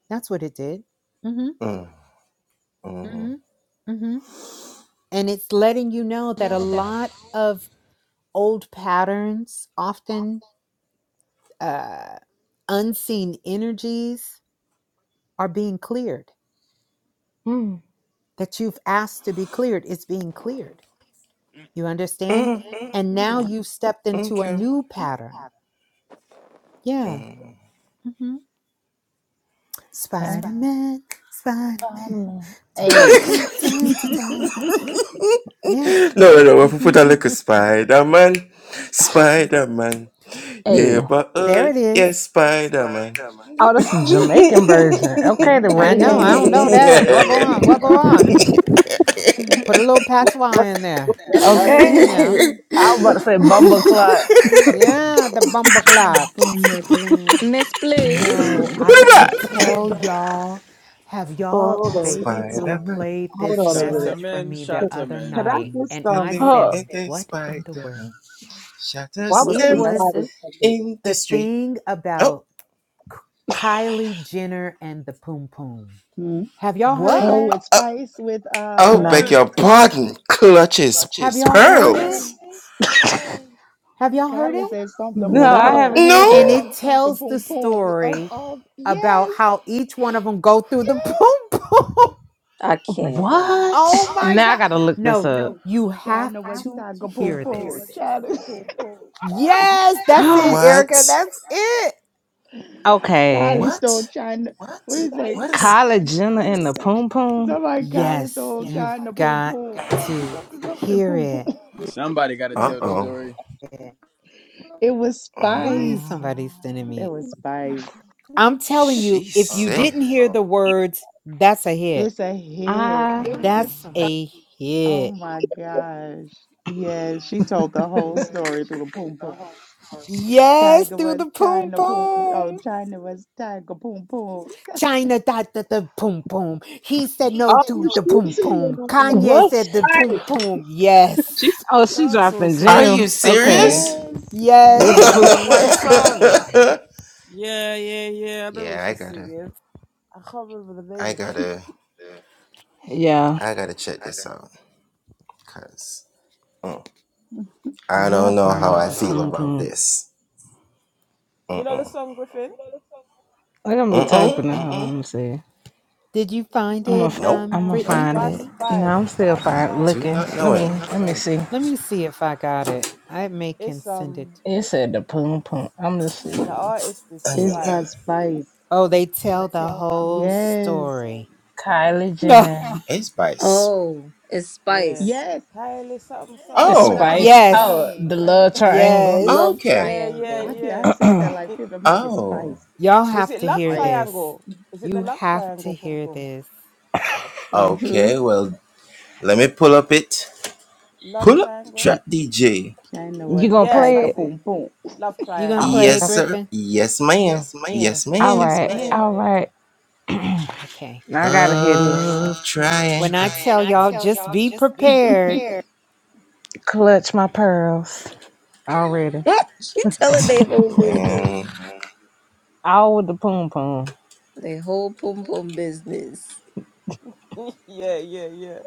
That's what it did. mm hmm mm hmm mm hmm And it's letting you know that a lot of old patterns, often uh, unseen energies, are being cleared.
Mm,
That you've asked to be cleared, it's being cleared. You understand? And now you've stepped into a new pattern. Yeah. Mm-hmm.
that's
Spider
Spider.
Man, Spider Man.
Spider-Man. Hey,
Yeah.
hey.
there it is.
Oh, that's a Jamaican version. Okay, the
I know. I
reggae.
don't know
hey,
that. What go
hey.
on? What go on? Put a little
What?
patois in there.
what that
Sing
Okay.
it now.
yes.
I was about to say Bumble Clock.
Yeah, the
A
bumbleclot.
bomb clock.
Miss Blue.
mean?
No, I gotta tell y'all. Have
Oh,
y'all,
hold on.
Baby
H-
Blue played
Hold
this
on a
shot
minute.
him
message for
in,
me the
But
shot him
other
in.
Can I
night,
just
and I
um?
Huh.
said, What in the world?
Why we
What's
It
on
the
the spot
was
is
message?
second?
the thing about Kylie Jenner and the Poom Poom.
Hmm.
Have y'all heard
Oh,
What?
that?
with spice with uh
No,
What?
spice.
Have y'all heard it?
Yes.
Have y'all heard
Kylie
it?
says something boom
No, I
No,
boom.
haven't heard
Something
And
that.
it
something something
tells the
boom boom. Of
story
all
about
yes.
how each one of them go through the
Yes.
Poom Poom.
I can't.
What?
oh my
Now I
God.
gotta look this
No,
up.
you have
China was
to
Taga Pum
hear
Pum.
this.
China.
Yes, that's it, Erica. That's it.
okay.
Kylie stole China. What is it?
Kylie Jenner and the Poom Poom.
Somebody Kylie
Yes,
stole
you've
China Pum
got
Pum. Something,
to
something, something
hear
Pum Pum.
it.
Somebody got to tell the story.
It was
Why is
Spice.
somebody sending
It
me
was Spice.
I'm telling you, if you didn't hear the words, that's a hit.
It's a hit.
I
That's a
Oh
hit.
my gosh. Yes, she told the whole story through the Pum Pum.
Yes,
Tiger
through
was
the boom
China Pum. Oh,
boom.
China was Tiger Pum Pum.
China thought that the boom boom. He said no
Oh,
to the
she's
boom
singing
boom.
um.
Kanye
What?
said the boom
Nice.
boom.
She's
Yes.
The
oh she
dancehall
dropping
song.
gems. Okay.
Yes,
Yes.
With the
She
poo.
got one
yes.
song. Yeah, yeah, yeah. I know what she's singing. I can't remember the name of it.
Yeah. Yeah, something about the Poom know. Poom.
You know the song Griffin?
Look at me typing it. Hold on, let me see.
Did you find
I'm
What's
gonna
it,
f-
um,
I'm gonna
it's
Brittany?
find
by
it. No,
Spice.
I'm still fine looking. Let me let me see.
Let me see if I got it. I may can
It's
send
um
it.
It said the Poom Poom. I'm gonna
the
see.
artist is
It's by
Spice.
Spice.
Oh, they tell the whole
Yes.
story.
Kylie
No.
Jenner.
Oh, it's
Yeah.
Spice.
Yes.
Kylie something something
That's
and
what
a
I've
pom
been
Spice.
pom.
Oh,
Yes.
the
saying.
And
love triangle.
Yes.
Love
yeah, yeah,
I
triangle.
can,
yeah.
I said that like 50. I'm like, it's spice.
Y'all
Is
It's
have
it
to
love
hear
spice.
this.
or is it
You have to
triangle pom
hear
pom?
this.
Mm-hmm.
Love triangle?
you,
China
you
was
gonna
Yes
tiger
play it?
it.
boom boom.
Love
You gonna
I was
triangle.
play
like,
it,
"Okay,
Griffin?
all Yes,
You
right,
got
ma'am.
it.
all right.
Okay.
Now I gotta hear this.
When I tell y'all, just be prepared.
Clutch my pearls already.
she telling they whole business.
All with the poom poom.
They whole pum pum business.
yeah, yeah, yeah.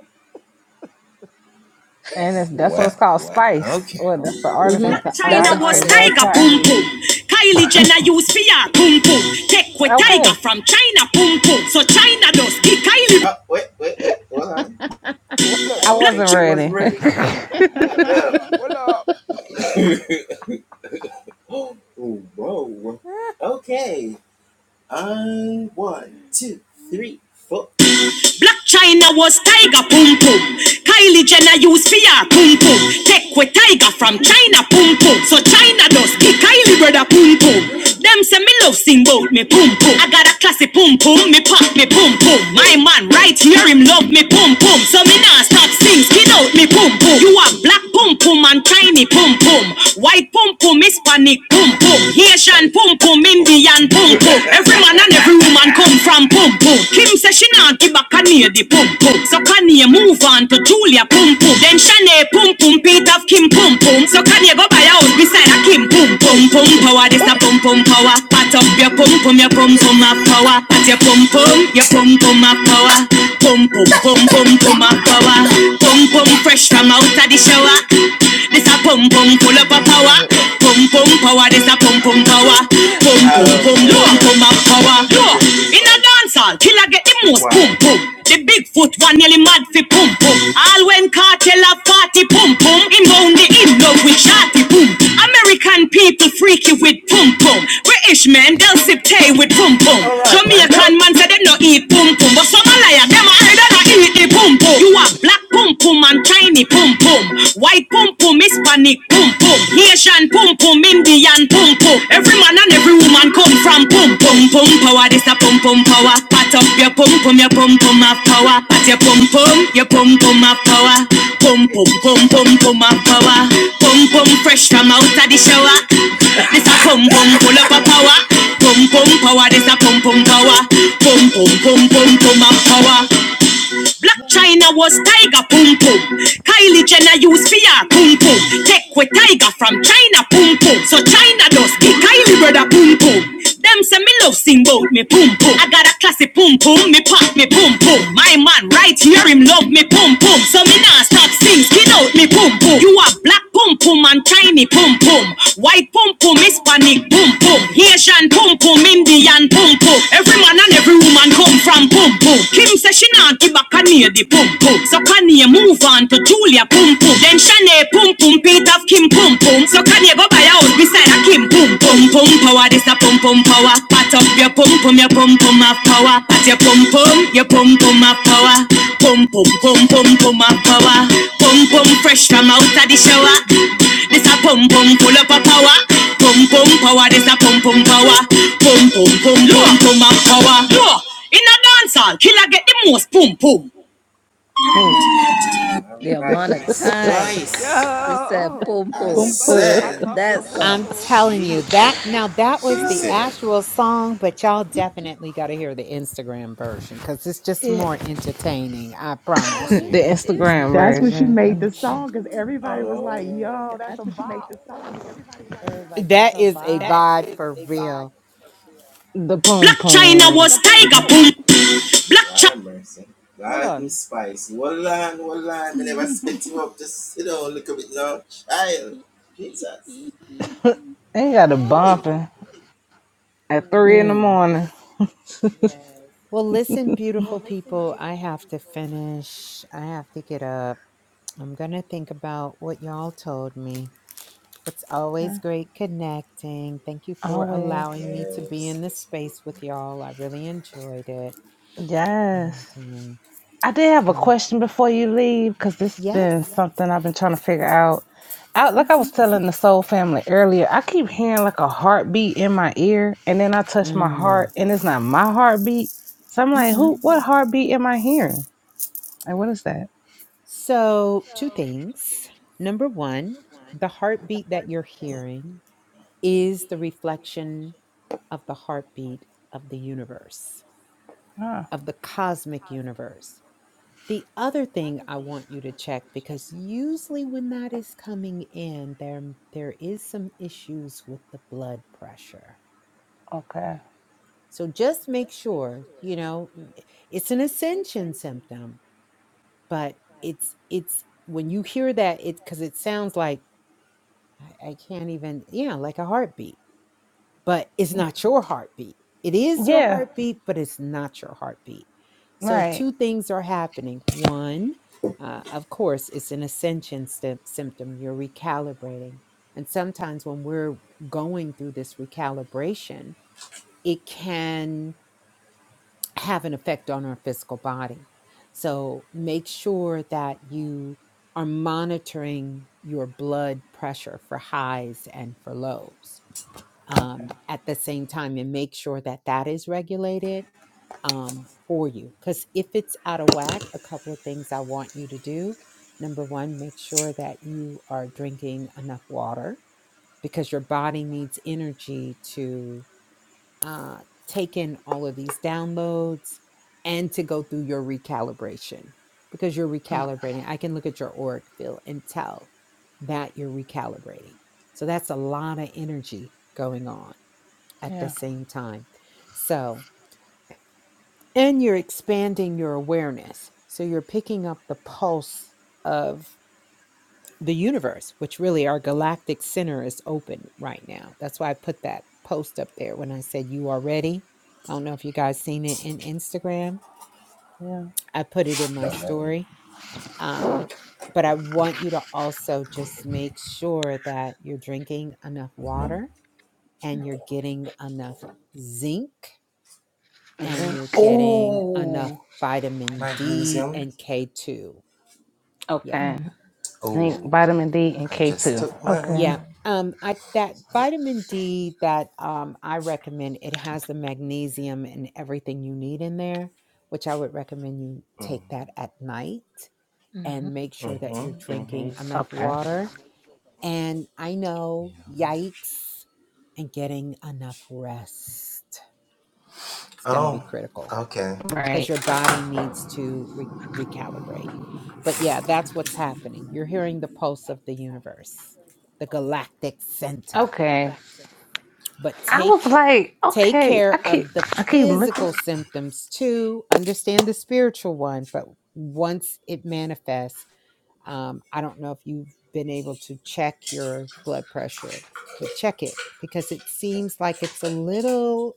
And it's, that's what's called Wow. Spice. Well, that's the artist
hmm
That's
name.
the
That's
China
artist.
the
Spice, the
was
love
artist.
tiger, boom
triangle.
boom.
Hey.
Kylie Jenner used fear, boom boom. Take with
Mm.
tiger
Okay.
from China, boom boom. So China does kick Kylie. Uh, wait, wait, wait, hold on.
Pull
I
up.
I
don't Black think
wasn't
he was
ready.
ready.
Pull up.
Black China was tiger pum pum. Kylie Jenner used PR pum pum. Take with tiger from China pum pum. So China does the Kylie brother pum pum. Them say me love sing bout me pum pum. I got a classy pum pum. Me pop me pum pum. My man right here him love me pum pum. So me nah stop sing skin out me pum pum. You a black pum pum and tiny pum pum. White pum pum, Hispanic pum
I
pum.
can't take
Haitian
spice.
pum
I
pum, Indian pum pum. Every man and every woman come from pum pum. Kim says she not give back Kanye the pum pum. So Kanye move on to Julia pum pum. Then Shanae pum pum, Pete of Kim pum pum. So Kanye go buy a house beside a Kim pum pum pum power. This a
can't.
pum pum power. Pat up your pum pum, your pum pum a power. Pat your pum pum, your pum pum a power. Pum pum pum pum pum a power. Pum pum fresh from out of the shower. This a pum pum pull up a power.
Yo,
Pum pum pum power, this a pum pum power. Pum pum pum
them.
pum pum power. In a dancehall, killer get the most pum pum. The big foot one nearly mad fi pum pum. All when cartel a party pum pum. Inbound the in love with shawty pum. American people freaky with pum pum. British men they'll sip tea with pum pum. Jamaican man say they no eat pum pum, but some a liar them a heard and a eat the pum pum. You a black Black pum pum and tiny pum pum. White pum pum, Hispanic pum pum. Asian pum pum, Indian pum pum. Every man and every woman come from pum pum pum power. This a pum pum power. Pat up your pum pum, your pum pum have power. Pat your pum pum, your pum pum have power. Pum pum pum pum pum have power. Pum pum fresh from out of the shower. This a pum pum pull up a power. Pum pum power. This a pum pum power. Pum pum pum pum pum have power. Black China was tiger pum pum. Kylie Jenner used PR pum pum. Take with tiger from China pum pum. So China does kick Kylie brother pum pum. Them say me love sing bout me pum pum. I got a classy pum pum, me pop me pum pum. My man right here him love me pum pum. So me nah stop sing, skin out me pum pum. You are black pum pum and tiny pum pum. White pum pum, Hispanic pum pum. Haitian pum pum, Indian pum pum. Every man and every woman come from pum pum. Kim say she nah give back a Kanye the pum pum. So Kanye move on to Julia pum pum. Then Shanae pum pum. Pete Kim pum pum. So Kanye go buy a house beside a Kim pum pum pum power. This a pum pum power. Pat up your pum pum, your pum pum of power. Pat your pum pum, your pum pum of power. Pum pum pum pum pum of power. Pum pum fresh from out of the shower. This a pum pum full up of power. Pum pum power. This a pum pum power. Pum pum pum pum pum of power. Look. In a dancehall, killer get the most pum pum.
The amount of times you said
Yo,
boom boom
boom
everybody,
boom.
Uh,
pat
in
up your
that
pom
I'm
song.
pom.
telling you that now that was the actual song, but y'all definitely got to hear the Instagram version because it's just
Yeah.
more entertaining. I
Oh,
promise
there's
the
you.
an
Instagram
That's
Instagram
when she
version. Let
made
me
the
version.
see.
song because
Hmm.
everybody was like, yo, that's a bop. It was like, that's
That
a
is a
bop.
vibe for real.
The poom
Black China
poom.
Tiger
was
boom
tiger
boom.
boom. Black
Hold on. Miss
They got a bumping at three in the
Hmm.
morning.
Well, listen, beautiful people, I have to finish. I have to get up. I'm going to think about what y'all told me It's always great connecting. Thank you for
Always.
allowing me to be in this space with y'all. I really enjoyed it. And
Yes.
um,
I did have a
have,
question before you leave because this has
yes.
been something I've been trying to figure out. I, like I
Mm-hmm.
was telling the soul family earlier, I keep hearing like a heartbeat in my ear, and then I touch my heart,
Mm,
and it's not my heartbeat. So I'm like,
hmm
who? What heartbeat am I hearing? Like, what is that?
So, two things. Number one, the heartbeat that you're hearing is the reflection of the heartbeat of the universe,
Oh,
of the cosmic universe. The other thing I want you to check because usually when that is coming in, there there is some issues with the blood pressure.
okay.
So just make sure, you know, n- it's an ascension symptom, but it's it's when you hear that it because it sounds like I, I can't even, yeah, like a heartbeat but it's
Yeah.
not your heartbeat. It is your
Yeah,
heartbeat, but it's not your heartbeat. So,
Right.
two things are happening. One, uh, of course, it's an ascension sym- symptom. You're recalibrating. And sometimes when we're going through this recalibration, it can have an effect on our physical body. So, make sure that you are monitoring your blood pressure for highs and for lows um, at the same time and make sure that that is regulated um, for you. Because if it's out of whack, a couple of things I want you to do. Number one, make sure that you are drinking enough water because your body needs energy to uh, take in all of these downloads and to go through your recalibration because you're recalibrating. I can look at your auric field and tell that you're recalibrating. So that's a lot of energy going on at the
Yeah.
same time. So, and you're expanding your awareness. So you're picking up the pulse of the universe, which really our galactic center is open right now. That's why I put that post up there when I said you are ready. I don't know if you guys seen it in Instagram.
Yeah.
I put it in my story. Um, but I want you to also just make sure that you're drinking enough water and you're getting enough zinc and
Zinc.
you're getting enough vitamin D and K2. Yeah,
Okay.
Mhm,
yeah,
Zinc, vitamin D, and K two. Okay.
yeah. Um, I that vitamin D that um I recommend it has the magnesium and everything you need in there, which I would recommend you take that at night
mhm.
and make sure that you're drinking enough
Okay.
water. And I know, yikes, and getting enough rest. It's going to be critical. because
Right.
your body needs to re- recalibrate. But yeah, that's what's happening. You're hearing the pulse of the universe, the galactic center.
Okay.
But
I was
take
like,
take
okay, I
care
keep
of the
I keep looking.
physical symptoms too. Understand the spiritual one, but once it manifests, um, I don't know if you've been able to check your blood pressure, but check it because it seems like it's a little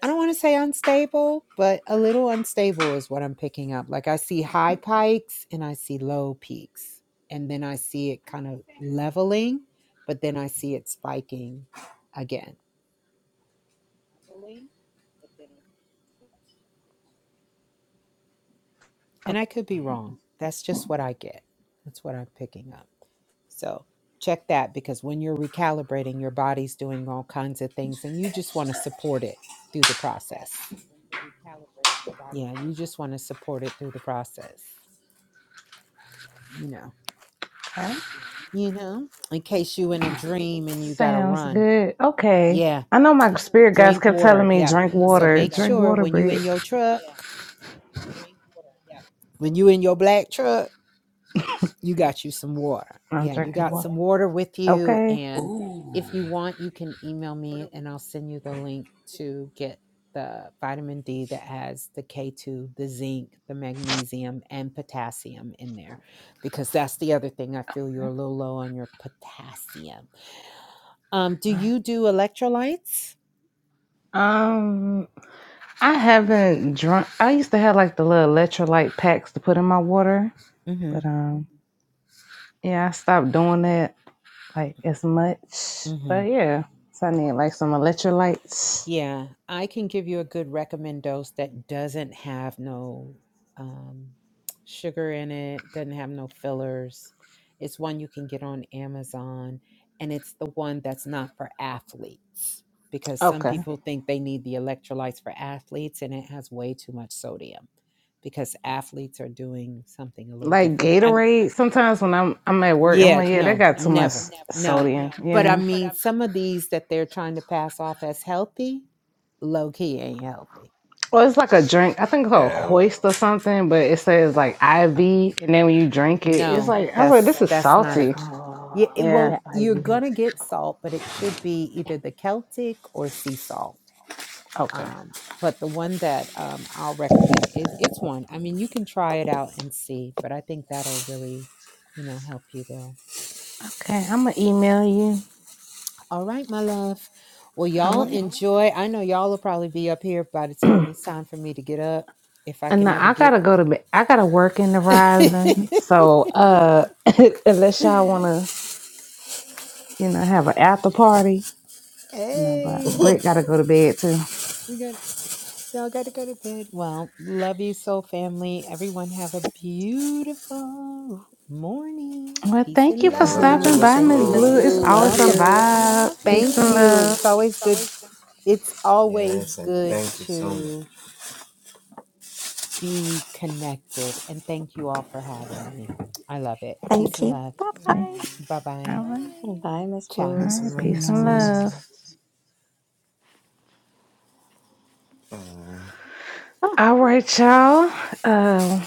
I don't want to say unstable, but a little unstable is what I'm picking up. Like I see high pikes and I see low peaks. And then I see it kind of leveling, but then I see it spiking again. And I could be wrong. That's just what I get. That's what I'm picking up. So check that because when you're recalibrating, your body's doing all kinds of things and you just want to support it through the process. Yeah, you just want to support it through the process, you know.
That
You know, in case you in a dream and you gotta
sounds
run.
good. Okay.
Yeah,
I know my spirit guides
drink
kept telling
water.
me
Yep.
drink
So
water,
make
drink
sure
water,
when you
Brit.
in your truck, when you in your black truck, you got you some water.
I'm
Yeah, you
drinking
got
water.
some water with you.
Okay.
And if you want, you can email me and I'll send you the link to get the vitamin D that has the K2, the zinc, the magnesium, and potassium in there. Because that's the other thing. I feel you're a little low on your potassium Um, do you do electrolytes?
Um, I haven't drunk. I used to have like the little electrolyte packs to put in my water,
Mm-hmm.
but um, yeah, I stopped doing that like as much.
Mm-hmm.
But yeah, so I need like some electrolytes.
Yeah, I can give you a good recommend dose that doesn't have no um, sugar in it, doesn't have no fillers. It's one you can get on Amazon, and it's the one that's not for athletes because some
Okay.
people think they need the electrolytes for athletes, and it has way too much sodium because athletes are doing something a little
Like
different. I'm
Gatorade. Sometimes when I'm I'm at work, I'm
Yeah,
like, yeah, that
no,
got too much
never. No.
sodium.
But I
Yeah.
mean, some of these that they're trying to pass off as healthy, low key ain't healthy.
Well, it's like a drink. I think it's called Hoist or something, but it says like IV, and then when you drink it, it's
No,
like I was like,
that's
this is
that's not a
salty.
oh,
yeah, it-
Yeah.
well,
that
you're
IV.
gonna get salt, but it should be either the Celtic or sea salt.
Okay.
Um, but the one that um, I'll recommend is it's one. I mean, you can try it out and see, but I think that'll really, you know, help you there.
Okay. I'm gonna email you.
All right, my love. Well,
All
y'all
right.
enjoy. I know y'all will probably be up here by the time it's time for me to get up, if I
And
can
now
ever
I
get.
gotta go to bed. I gotta work in the rising. So uh, unless y'all wanna, you know, have an after party, you know, but Britt
hey,
gotta go to bed too.
we got y'all got to go to bed. Well, love you so, family. Everyone have a beautiful morning.
Well,
Peace
thank
and
you for stopping
hmm
love.
by,
Thank
Miss
you, Miss
Blue. It's
You're
Blue. Love
always
Blue,
a
welcome.
you.
love
vibe. Peace
Thank
and
you.
you.
love.
It's always good. It's always good to be connected. And thank you all for having me. I love it. Peace
Thank
and
you.
love.
Bye
Thank
bye.
Aw.
Bye
you. All
bye.
right.
Bye.
Bye, Miss
Ciao.
All
Blue.
right.
Peace
Peace and
and
love.
Oh,
All right, y'all. Uh,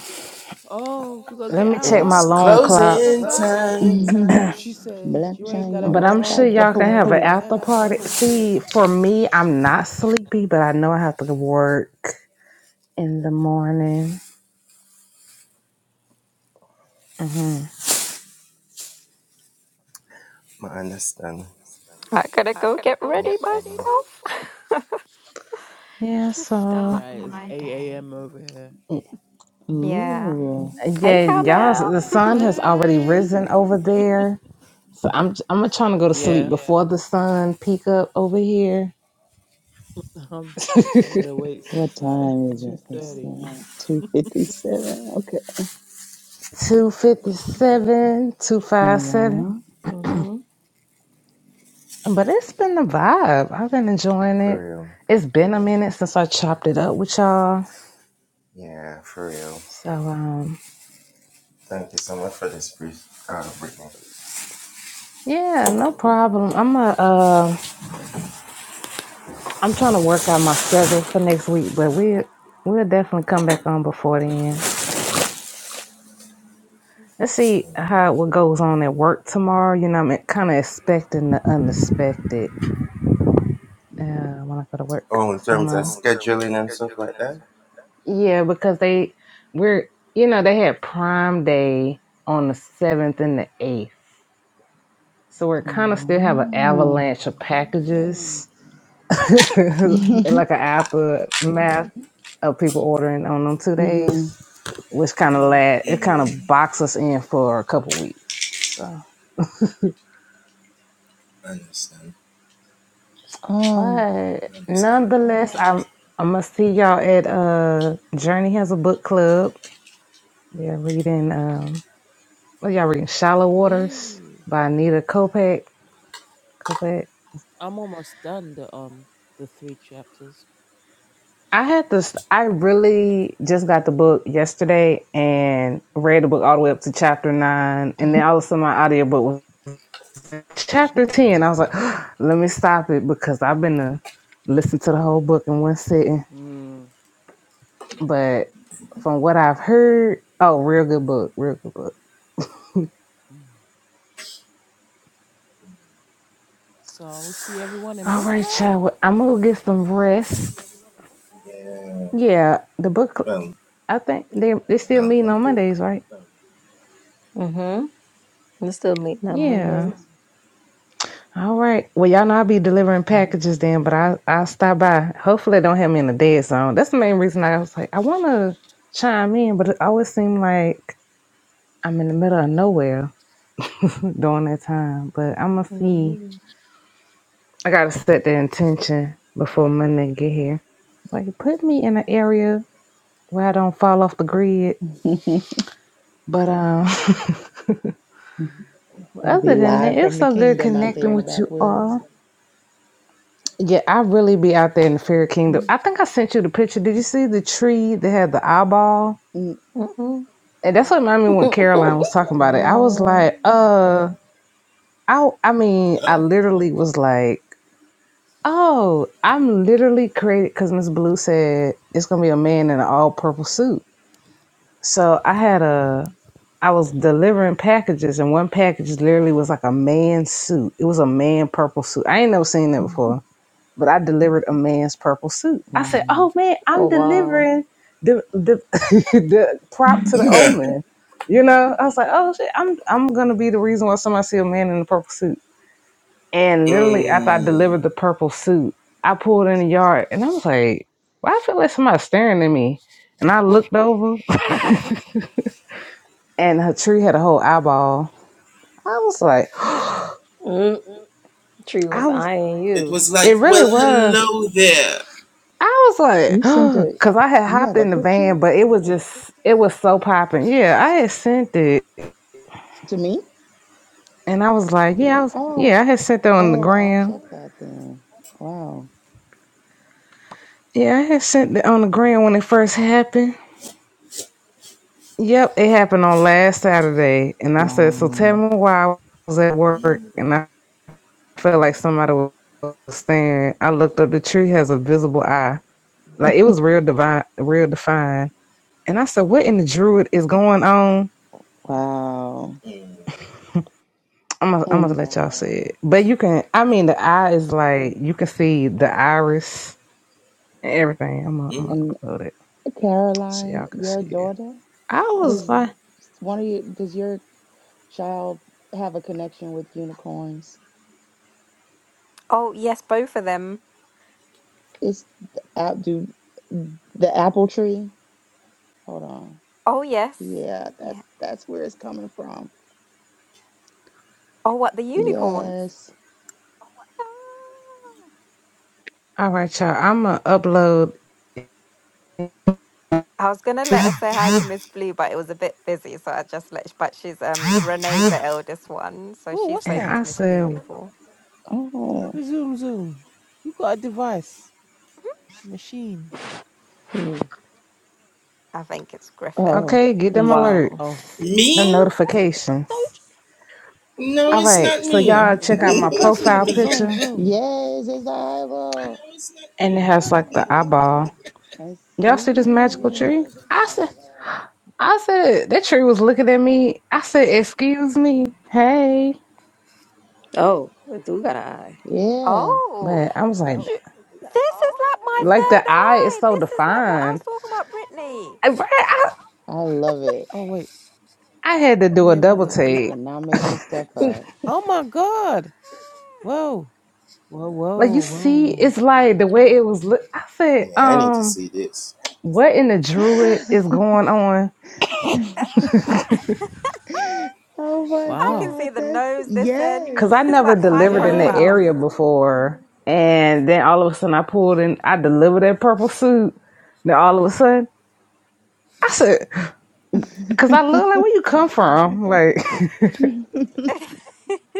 oh, we gonna
let
get
me
out,
check my
huh?
long
Gonna kick
clock.
us out?
love.
She said,
Black
You ain't gotta
China
But
go
was
I'm sure
home,
tiger
but
y'all
you
can
boom
gotta
have an
get
boom.
the hell
after
out of
party.
here.
See, for me, I'm not sleepy, but I know I have to go work in the morning. hmm
I gotta go get ready myself
Yeah,
to
so
start
Right, it's
my
8
day.
a.m. over here.
y-
Yeah.
Ooh,
Hey,
yeah, y'all,
Carmel.
the sun has already
Yay!
risen over there. So I'm I'm gonna trying to go to sleep Yeah.
Yeah,
before the sun peak up over here.
I'm, I've been awake
what
since like
time is it? Let's
2.30.
see. 257. Okay.
Two fifty
Wow.
seven, two five seven.
Yeah.
Mhm.
But it's been the vibe. I've been enjoying it. It's been a minute since I chopped it up with y'all. So um yeah, no problem. I'm a uh I'm trying to work out my schedule for next week, but we we'll definitely come back on before then. Let's see how what goes on at work tomorrow. You know, I'm kind of expecting the unexpected Yeah, when I go to work. So I'm uh, Oh, in terms of scheduling and stuff like that. yeah, because they we're you know they had Prime Day on the seventh and the eighth, so we're kind of still have an
Oh.
avalanche of packages, like an aftermath of people ordering on them two
hmm
days, which kind of lad it kind of boxed us in for a couple weeks. So,
Um.
but nonetheless, I'm I'm gonna see y'all at uh Journey has a book club They're reading um what y'all reading Shallow Waters
Yay!
by Anita Kopeck. Kopeck.
I'm almost done the um the three chapters.
I had this I really just got the book yesterday and read the book all the way up to chapter nine and then all of a sudden my
Mm,
audiobook was chapter ten. I was like, let me stop it because I've been to listen to the whole book in one sitting.
mm,
But from what I've heard, oh real good book, real good book.
mm. So we'll see everyone in
All
book
right,
club.
child. well, I'm gonna get some rest. Yeah, the book I think they they still meeting on Mondays, right?
Mhm. We're still meeting on
Yeah.
Mondays.
All right. Well, y'all know I'll be delivering packages then, but I I'll stop by. Hopefully, they don't have me in the dead zone. That's the main reason I was like, I want to chime in, but it always seemed like I'm in the middle of nowhere during that time. But I'm gonna see.
Mhm.
I gotta set the intention before Monday get here. Like, put me in an area where I don't fall off the grid. But um,
Mm,
You'll be
other than that,
live
it's
from the
so good
kingdom out there
connecting
in the
with you
backwoods.
all. Yeah, I really be out there in the fairy kingdom.
mm,
I think I sent you the picture. Did you see the tree that had the eyeball?
mm,
Mhm.
And that's what reminded me when Caroline was talking about it. I was
What?
like,
mm.
uh, I, I mean, I literally was like, oh, I'm literally created because Miss Blue said it's gonna be a man in an all purple suit. So I had a, I was delivering packages, and one package literally was like a man suit. It was a man purple suit. I ain't never seen that before but I delivered a man's purple suit. I said,
Wow.
"Oh man,
Oh
I'm
wow.
delivering the the the prop to the old man." You know, I was like, "Oh shit, I'm I'm gonna be the reason why somebody see a man in a purple suit." And literally after I delivered the purple suit, I pulled in the yard and I was like, "Why I feel like somebody's staring at me?" And I looked over, and her tree had a whole eyeball. I was like,
Mm, tree
"I
was
was."
eyeing you.
It really was I was
You sent
like,
a,
because I had
you
hopped
have a
in the
picture
van, but it was just, it was so popping. Yeah, I had sent it,
to me?
and I was like, yeah, I was,
Oh,
yeah, I had sent that on the
oh, I'll
gram.
check that then. Wow.
Yeah, I had sent it on the gram when it first happened. Yep, it happened on last Saturday, and I said, so tell
Wow.
me why I was at work, and I felt like somebody was staring. I looked up, the tree has a visible eye, like it was real divine, real defined, and I said, what in the druid is going on?
Wow.
I'm gonna, I'm gonna
And
let y'all see it, but you can. I mean, the eye is like you can see the iris and everything. I'm gonna, I'm
and
gonna upload it so
Caroline,
y'all can
your
see it.
daughter,
I was
does
like,
one of your does your child have a connection with unicorns?
oh, yes, both of them.
It's the app do the apple tree. Hold on.
Oh, yes.
Yeah, that's
Yeah.
that's where it's coming from.
Oh, what, the unicorns?
Yes.
Ah.
all right, y'all. I'm gonna upload,
I was gonna let her say hi to Miss Blue, but it was a bit busy, so I just let. But she's um Renee's the eldest one, so
Oh,
she's
what's
and
spoken
that?
I
to Miss Blue
said,
before.
Oh.
Who zoom zoom? Who got a device? Machine.
Mm,
I think it's Griffin.
Oh.
okay, get them
wow.
Oh,
alerts, them notifications.
Don't-
who,
All right, so y'all check out
who's
my
the person with
profile picture.
zoom?
Yes, it's the eyeball.
and it has like the eyeball.
I
Y'all see this magical
see it.
tree? I said, I said that tree was looking at me. I said, "Excuse me, hey,"
Oh, we do got an eye.
Yeah.
Oh,
but I was like,
sh- this is like my
like
third
the eye is
eye.
so
This is like what I was
defined.
talking about, Brittany.
I, I,
I love it.
Oh wait,
I had to
let
do
me
a
have a
double
look.
You
take.
cannot make this stuff up.
Oh my God! Whoa, whoa,
Like you
whoa,
see,
whoa!
it's like the way it was. Look, I said, um, what in the druid is going on?
Oh my
I can
Wow.
God,
see the
that's
nose this end.
Because I
yes,
It's
never
like side
delivered in that
Yeah.
profile.
absolutely.
area before, and then all of a sudden I pulled in. I delivered that purple suit. Then all of a sudden, I said, Cause I look like where you come from, like.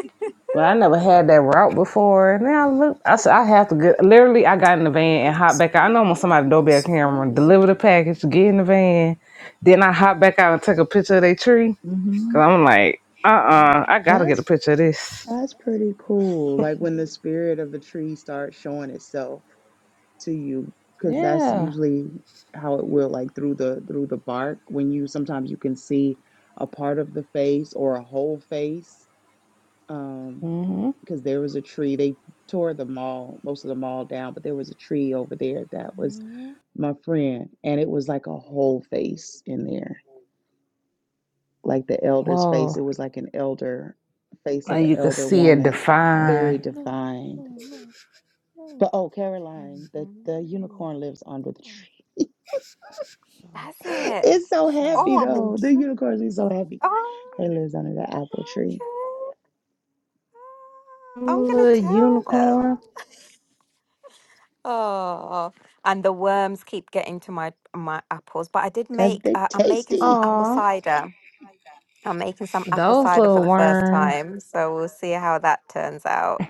Well, I never had that route before. And then I look, I said, I have to get, literally, I got in the van and hopped back out. I know I'm on somebody's doorbell camera, deliver the package, get in the van. Then I hopped back out and took a picture of their tree.
hmm
Cause I'm like, uh uh I gotta get a
That's
picture of this.
that's pretty cool. Like when the spirit of the tree starts showing itself to you, because that's
Yeah.
usually how it will, like through the through the bark. When you sometimes you can see a part of the face or a whole face. Um,
hmm
because there was a tree, they tore the mall, most of the mall down, but there was a tree over there that was
Mm.
my friend, and it was like a whole face in there, like the elder's face.
Whoa.
It was like an elder face of
And
an
you could
elder
see it
woman,
defined.
very defined. But oh, Caroline, the the
Mm,
unicorn lives under the tree.
That's it.
It's so happy
Oh, I'm
though. The
intrigued.
unicorns are so happy.
Oh,
It
okay.
lives under the apple tree
Ah, I'm gonna
Little
tell them.
unicorn.
Oh, and the worms keep getting to my my apples. But I did
because
make.
they
Uh, I'm making some
tasty.
apple
Aw.
cider. I'm making some apple
Those
cider for
little
the first
worms.
time, so we'll see how that turns out.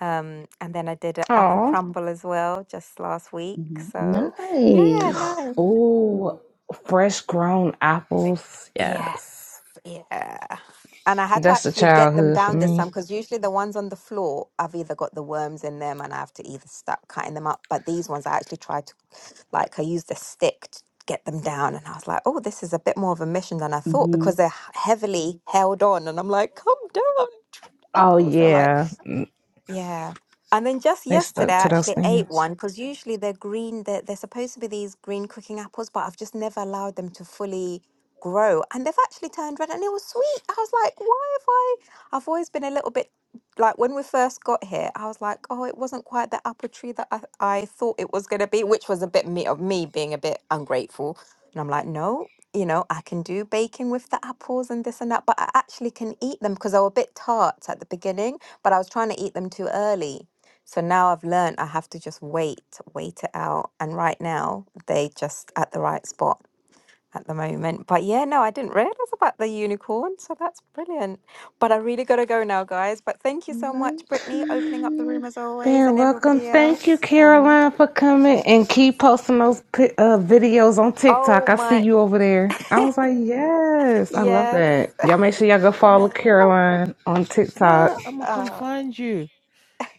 Um, and then I did an apple
Aw.
crumble as well just last week.
Mhm.
So yeah, no.
Nice.
Ooh, fresh grown apples.
Yes.
Yes.
Yeah. And I had to
That's the
actually get them
childhood for
down this
me.
time because usually the ones on the floor, I've either got the worms in them and I have to either start cutting them up. But these ones, I actually tried to, like, I used a stick to get them down. And I was like, oh, this is a bit more of a mission than I thought
Mm-hmm.
because they're h- heavily held on. And I'm like, come down,
Oh,
apples. They're like,
yeah. Mm,
yeah. And then just
They
yesterday,
stuck
I
to those
actually ate
things.
one because usually they're green, they're, they're supposed to be these green cooking apples, but I've just never allowed them to fully grow. And they've actually turned red and it was sweet. I was like, why have I? I've always been a little bit like when we first got here, I was like, oh, it wasn't quite the apple tree that I, I thought it was going to be, which was a bit me of me being a bit ungrateful. And I'm like, no, you know, I can do baking with the apples and this and that, but I actually can eat them because they were a bit tart at the beginning but I was trying to eat them too early. So now I've learned I have to just wait, wait it out. And right now they just at the right spot at the moment. But yeah, no, I didn't realize about the unicorn. So that's brilliant. But I really got to go now, guys. But thank you so much,
Nice.
Brittany, opening up the room
hmm
as always,
They're
and
welcome.
everybody
Thank you,
else. Um,
Caroline, for coming and keep posting those pi- uh, videos on TikTok.
oh
I see
my,
you over there. I was like, yes, I love that.
yes.
Y'all make sure y'all go follow Caroline on TikTok.
What? I'm gonna come
Uh,
find you.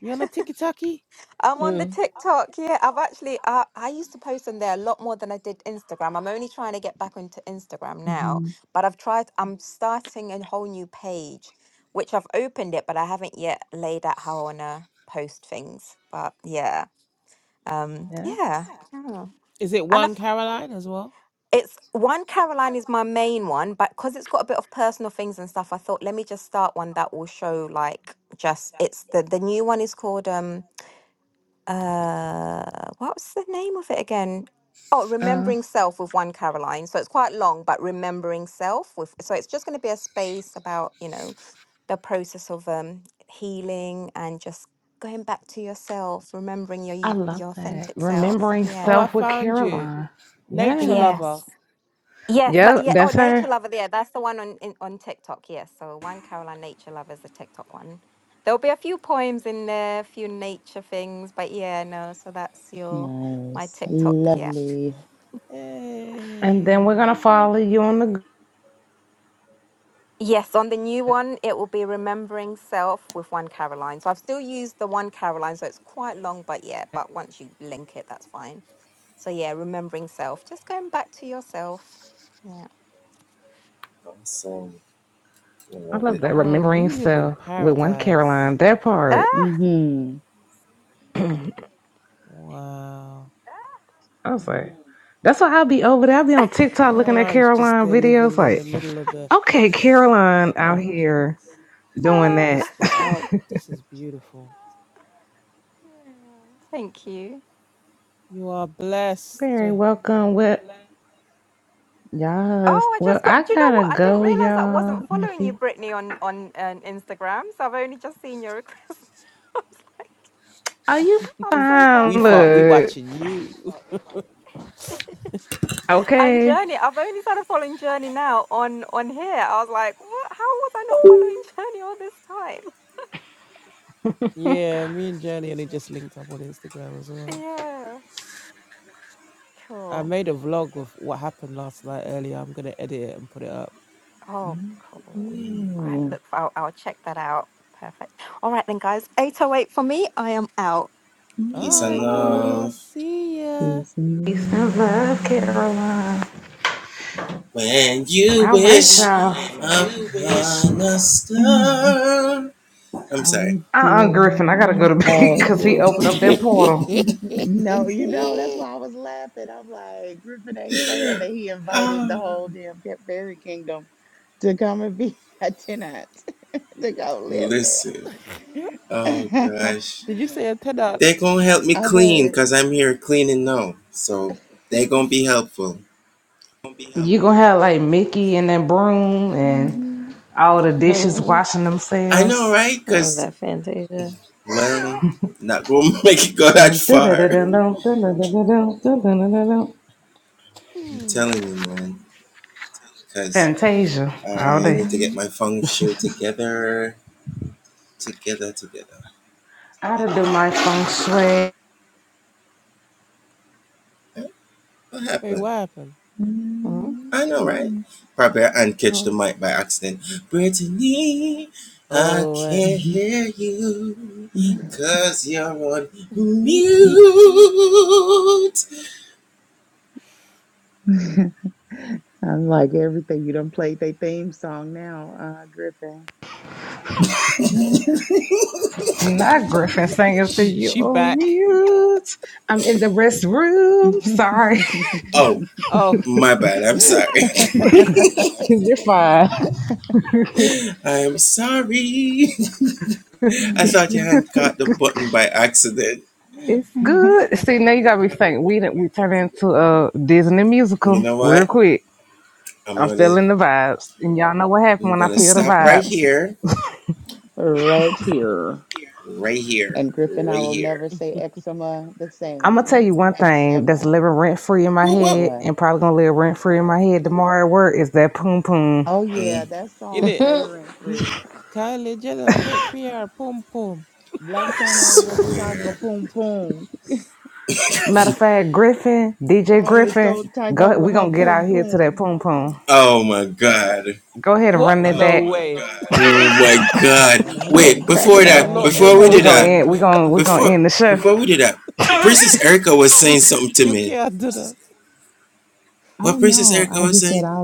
You on a tiki taki?
I'm on the
Mm.
TikTok. Yeah, I've actually I I used to post on there a lot more than I did Instagram. I'm only trying to get back into Instagram now, but I've tried. I'm starting a whole new page, which I've opened it, but I haven't yet laid out how I wanna post things. But yeah, um,
Yeah.
yeah, yeah.
Is it
and I,
one
f-
Caroline as well?
it's one Caroline is my main one, but because it's got a bit of personal things and stuff, I thought let me just start one that will show like just it's the the new one is called um uh what was the name of it again oh
Uh,
remembering self with one caroline so it's quite long but remembering self with so it's just going to be a space about you know the process of um healing and just going back to yourself remembering your
I
y-
love
your
that.
authentic self
Remembering
Oh, I
yeah
self with
found you.
Caroline.
Nature
Yeah.
yes
lover.
Yes, that
Yep,
yeah. Oh,
that's her.
Nature Lover. Yeah, that's the one on in, on TikTok. Yes, so one Caroline Nature Lover is a TikTok one. There'll be a few poems in there, a few nature things, but yeah, no. So that's your my
Nice.
TikTok. Yeah.
Lovely.
And then we're going
Hey.
to
Mm.
follow you on the.
Yes, on the new one, it will be remembering self with one Caroline. So I've still used the one Caroline, so it's quite long, but yeah. But once you link it, that's fine. So yeah, remembering self, just going back to yourself. Yeah.
I love that.
Oh,
Remembering
you live in
self with one
paradise.
Caroline. That part.
Ah.
Mm-hmm.
Wow.
I was like, that's why I'll be over there. I'll be on TikTok looking at
Caroline's just
Caroline
there
videos
living in the
like,
middle of the
okay, Caroline out
of
here doing
ah.
that.
just the
yeah.
out. This is beautiful.
Thank you.
You are blessed.
Very welcome. Well, yes.
Oh, I
Well,
just
I
got. Do you know
gotta
what? I didn't
go,
realize I
y'all.
wasn't
In a
following you,
few.
Brittany, on on um, Instagram. So I've only just seen your request. I was like,
Are you
I'm so far
we
fine?
fought we
behind.
Look.
watching you.
And
Okay.
Journey, I've only started following Journey now on on here. I was like, what? How was I not following Journey all this time?
Yeah, me and Journey only just linked up on Instagram as well.
Yeah,
I
cool.
made a vlog of what happened last night earlier. I'm gonna edit it and put it up.
Oh,
Oh,
cool. Right, look, I'll, I'll check that out. Perfect. All right then, guys. Eight oh eight for me. I am out.
Ah,
Ciao.
alright,
Ciao.
peace
Peace and love,
and
Caroline. All
bring
right, y'all.
us up.
love. Oh
Uh-uh, Griffin. I gotta go
dear.
to bed
Oh
because he
dear.
opened up that portal.
Did
No, you know, that's why I was laughing. I'm like, Griffin ain't saying that he invited the whole damn Ca- fairy kingdom to come and be a tenant, to go live there.
you say a tenant?
I was,
You gonna have like Mickey and that broom and
mm-hmm,
all the dishes washing themselves.
Was that Fantasia?
Dum, da, da, da, dum, dum, dum, dum, dum, dum, dum, dum, dum, dum, dum, dum.
Hmm.
Fantasia all day. I done do my feng shui.
Wait, what happened?
Mm.
mm-hmm,
Oh.
Oh right.
mm-hmm.
she
I am like everything. You done played their theme song now, uh, Griffin.
Not Griffin singers to you
she
on
back.
mute. I'm in the restroom. Sorry.
Oh,
You're fine. It's good. See, now you gotta be thinking we did we turn into a Disney musical real quick. I'm feeling the vibes. And y'all know what happened when I feel the vibes.
right here. And Griffin, I will never say eczema the
I'm gonna tell
same.
you one thing that's
Eczema.
living rent free in my head
What?
and probably gonna live rent free in my head tomorrow at work is that poom poom.
Oh yeah, that
in
song
it.
stay rent free.
Can I
It's-
take fear? Pom pom.
Black China was tiger boom boom.
Matter of fact, Griffin, DJ
Kylie
Griffin,
stole tiger
go
with
we
her
gonna get
boom
out here to that
boom.
poom poom. Go ahead and
What?
run it back.
No way.
Yo, that's my
I'm
You
cracking up.
that's
cannot
my
end
And we
on
gonna
that.
end
jam.
we gonna we gonna end the show.
You you can't do that.
I don't know. I just said I.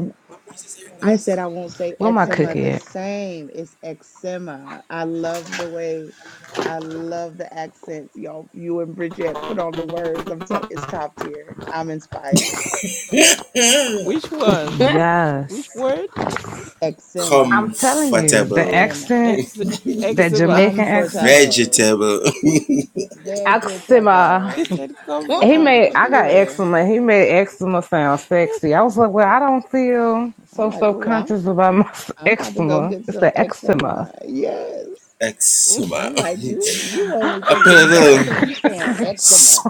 I said I won't say
Where my
eczema
cookie
the
at?
same. It's eczema. I love the way I love the accents y'all you and Bridget put on the words. I'm telling it's top tier. I'm inspired.
Which one?
Yes.
Which word?
I'm
Eczema.
telling you, the
Eczema.
accent,
Ex
that
eczema.
Jamaican accent.
Comfortable.
Axima.
Vegetable.
She said
He
them.
Top
made I got
tier.
eczema. He made eczema sound sexy. I was like, well, I don't feel
I'm
so
like,
self
oh, I'm
conscious about my
I'm about to go
eczema.
get
It's
some
the eczema.
eczema. Yes. I'm like, you you only think it's
Ouais.
bad because you saying eczema.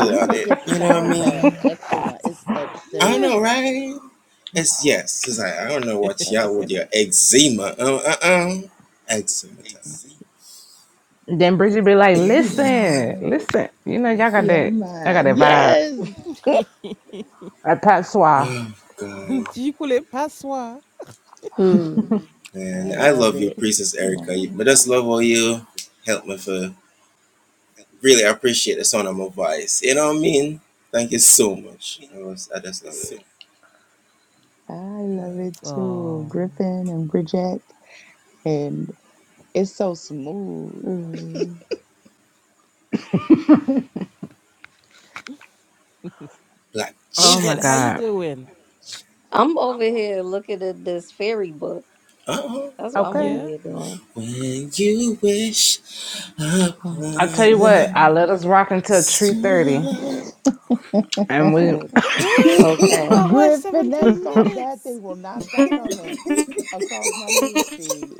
You make it sound bad. Eczema. It's eczema. Eczema. Ex-
then Bridget be like, listen,
Listen.
listen. You know, y'all got
Yeah,
that. I got
man.
that vibe.
Yes.
That patois.
Do you call it patois?
Hmm.
I love it.
Man.
I love it too.
Oh.
Griffin and Bridget. And it's so smooth.
Hmm.
Oh my
Bridget, how you
god.
doing?
I'm over here looking at this fairy book. That's what I'm
Okay.
over
Yeah?
here doing.
I'll tell you what. I let us rock until three thirty, and we
What? We got
Okay.
her
Griffin, that
17
salt, that thing
minutes.
will not stop coming across my news feed.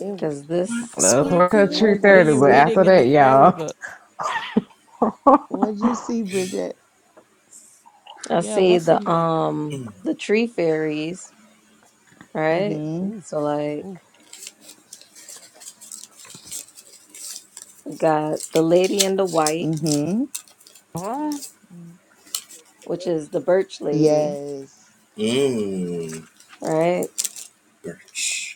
It
Cause this
let us rock until three
what
What are
let's
thirty.
you
But
see.
after
reading in the
that,
fairy
y'all.
book?
what'd you see, Bridget?
I
Yeah,
see
what's in
the
there?
um the tree fairies, right?
Mm-hmm.
Ooh.
So like
Ooh.
you got the lady in the white,
Mm-hmm.
Mm.
which is the birch lady,
Yes.
right?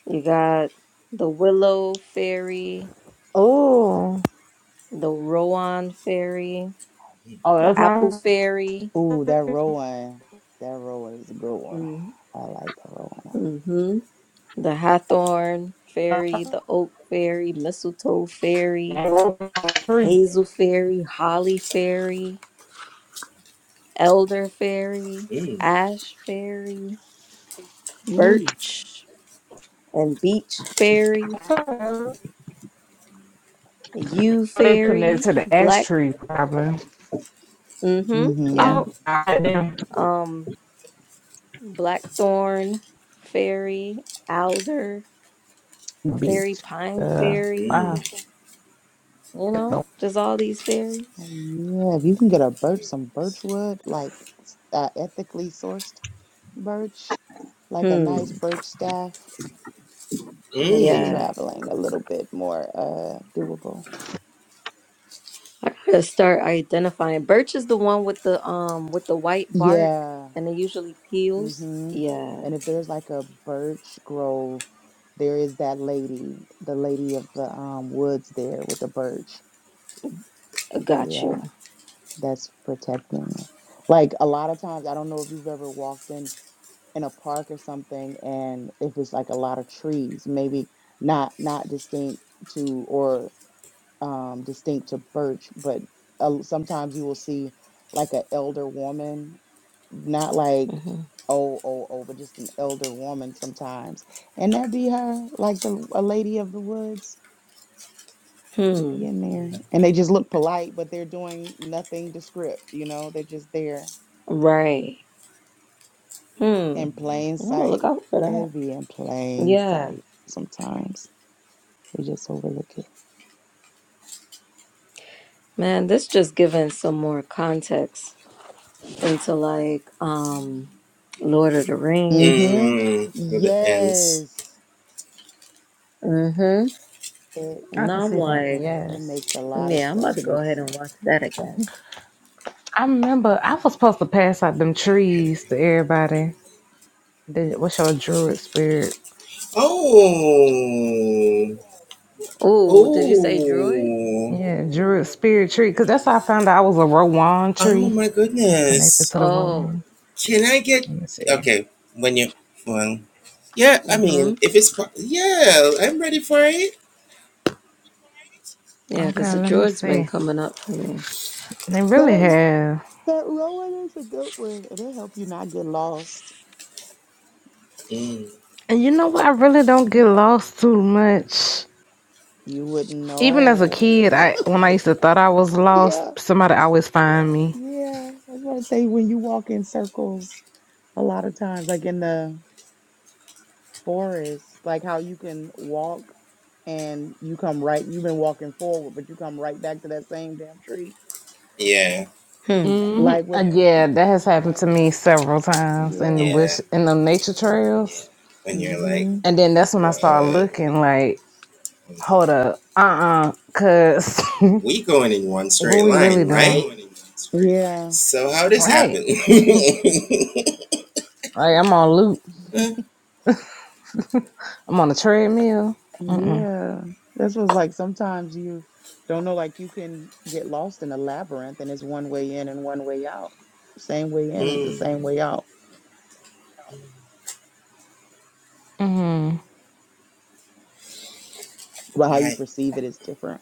You got the willow fairy,
Oh,
the Rowan fairy,
oh,
the
that's
apple
my
fairy,
Ooh, that Rowan. That Rowan is a good one.
mm-hmm.
I like the Rowan.
the hawthorn fairy, the oak fairy, mistletoe fairy,
that tree.
hazel fairy, holly fairy, elder fairy, ash fairy,
Ooh.
birch and beech fairy, yew
They connect
fairy,
to the ash
black,
tree, probably.
mm-hmm, yeah,
Mm-hmm.
Oh, I damn
um, blackthorn fairy, alder fairy,
beach.
pine
Uh,
fairy,
wow.
you
No.
know, just all these fairies.
Yeah, if you can get a birch, some birch wood, like s- uh, ethically sourced birch, like a
Hmm.
nice birch staff, makes
Yeah.
traveling a little bit more uh doable.
I gotta start identifying. Birch is the one with the um with the white bark
Yeah.
and it usually peels.
Mm-hmm.
Yeah,
And if there's like a birch grove, there is that lady, the lady of the um woods there with the birch.
I got
Yeah.
you.
that's protecting it. Like a lot of times, I don't know if you've ever walked in in a park or something, and if it's like a lot of trees, maybe not not distinct to or um, distinct to birch, but uh, sometimes you will see like an elder woman, not like
hmm
oh oh oh, but just an elder woman sometimes, and that be her, like the a lady of the woods. They
Hmm.
be in there, and they just look polite, but they're doing nothing descript, You know, they're just there
Right. Hmm.
in plain
I'm gonna look
sight.
out for
It'd
that.
be in plain
Yeah.
sight sometimes. We just overlook it.
Man, this just giving some more context into like um Lord of the
mm
Rings.
hmm Yes.
Mm-hmm.
It
I can
Now I'm
see that.
like,
it
Yes,
makes a lot of
yeah, I'm
stuff
about to go
make
ahead
sense.
and watch that again.
I remember. I was supposed to pass out them trees to everybody. The what's your druid spirit?
Oh, did you say droid?
Yeah, druid spirit tree. Cause that's how I found out I was a Rowan tree. Was connected to the
Oh.
Rowan. Let me see.
Mm-hmm. Yeah, because
Okay,
the
let me
droid's been
see.
coming up for me.
They really
That
have.
that rowing is a good one. It'll help you not get lost.
And you know what? I really don't get lost too much.
You wouldn't
Even as a
know.
kid, I when I used to thought I was lost,
yeah.
somebody always find me.
Yeah. I was about to say when you walk in circles a lot of times, like in the forest, like how you can walk and you come right, you've been walking forward, but you come right back to that same damn tree.
Hmm.
hmm
Like
Uh,
with,
Yeah, that has happened to me several times in the
yeah,
bush in the nature trails.
mm-hmm,
And then that's when I started looking like, hold up, uh uh cause what we really doing?
yeah,
Right. Right, I'm on loop. I'm on a treadmill. Mm-mm.
yeah. That's what's like sometimes you don't know, like you can get lost in a labyrinth and it's one way in and one way out. Same way in is the same way out,
Mm.
but how you perceive it is different.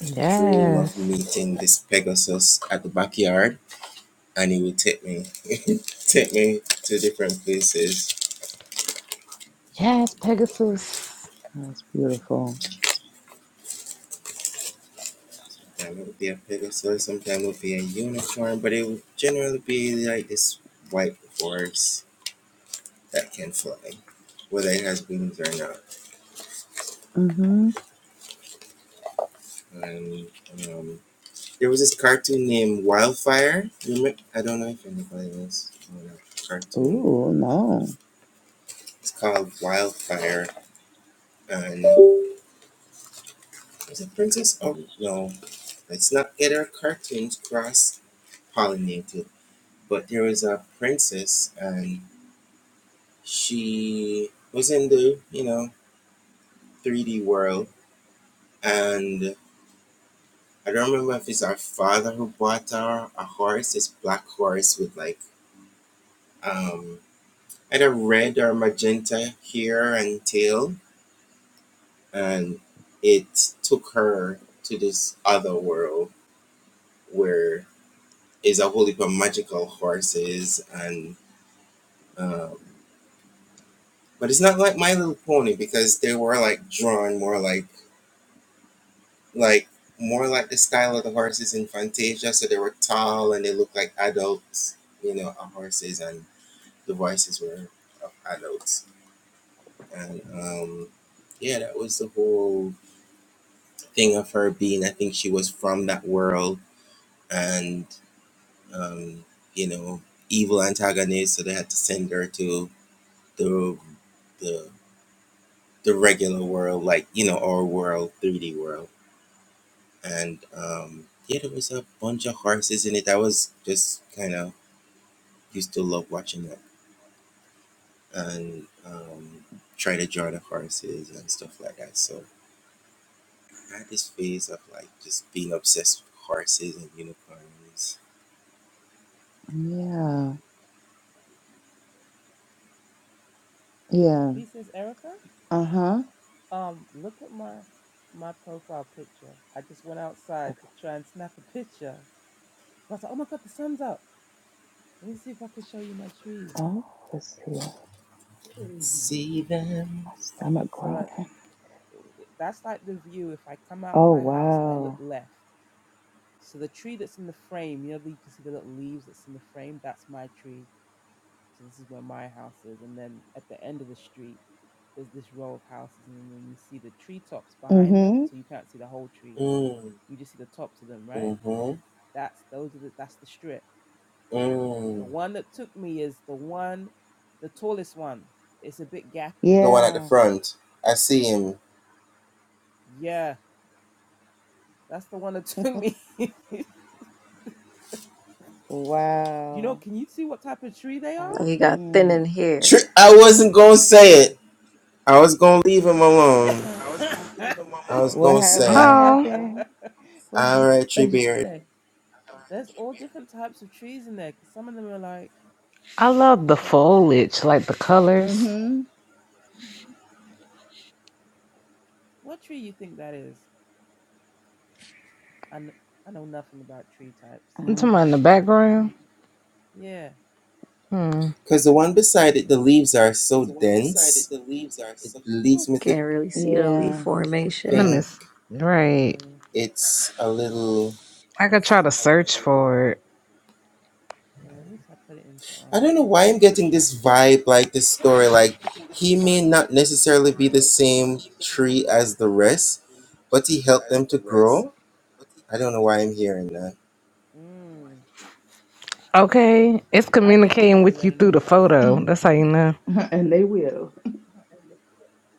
Yes. Yes, Pegasus.
That's beautiful. Mm-hmm. Ooh, no. Yeah. Yeah.
Princess Erica?
Uh-huh.
Um, look at my my profile picture. I just went outside to try and snap a picture. I was like, oh my god, the sun's up. Let me see if I can show you my trees.
Oh, let's see. Mhm. My stomach
So that.
growling.
that's like the view if I come out of
Oh,
my house and I look
wow.
left. So the tree that's in the frame, you know, you can see the little leaves that's in the frame. That's my tree. So this is where my house is. And then at the end of the street, there's this row of houses, and then you see the treetops behind them.
Mm-hmm.
So you can't see the whole tree. You just see the tops of them, right? That's those are the that's the strip. The one that took me is the one, the tallest one. It's a bit gappy.
Yeah.
Yeah, that's the one that took me. You know,
Wow.
can you see what type of tree they are?
I
Like he got thin in
can't.
hair.
Yeah.
What ha- what
Oh.
happened? What's, what'd you say?
There's all different types of trees in there because some of them are like,
I love the
well, actually,
foliage, like the colors.
Mm-hmm.
what tree you think that is? And I know nothing about tree types.
I'm
Uh,
talking about
Me
in the
and learning.
background.
Yeah,
Hmm.
Can't really see the leaf
yeah.
Let me.
formation.
s- Right.
yeah,
I could try to search for it.
yeah. Let me try put it into um chat. Mm.
Okay. It's
I get a
communicating
feeling
with
that
you
they're
through
not
the
all the
photo.
same.
That's how you know.
and they will.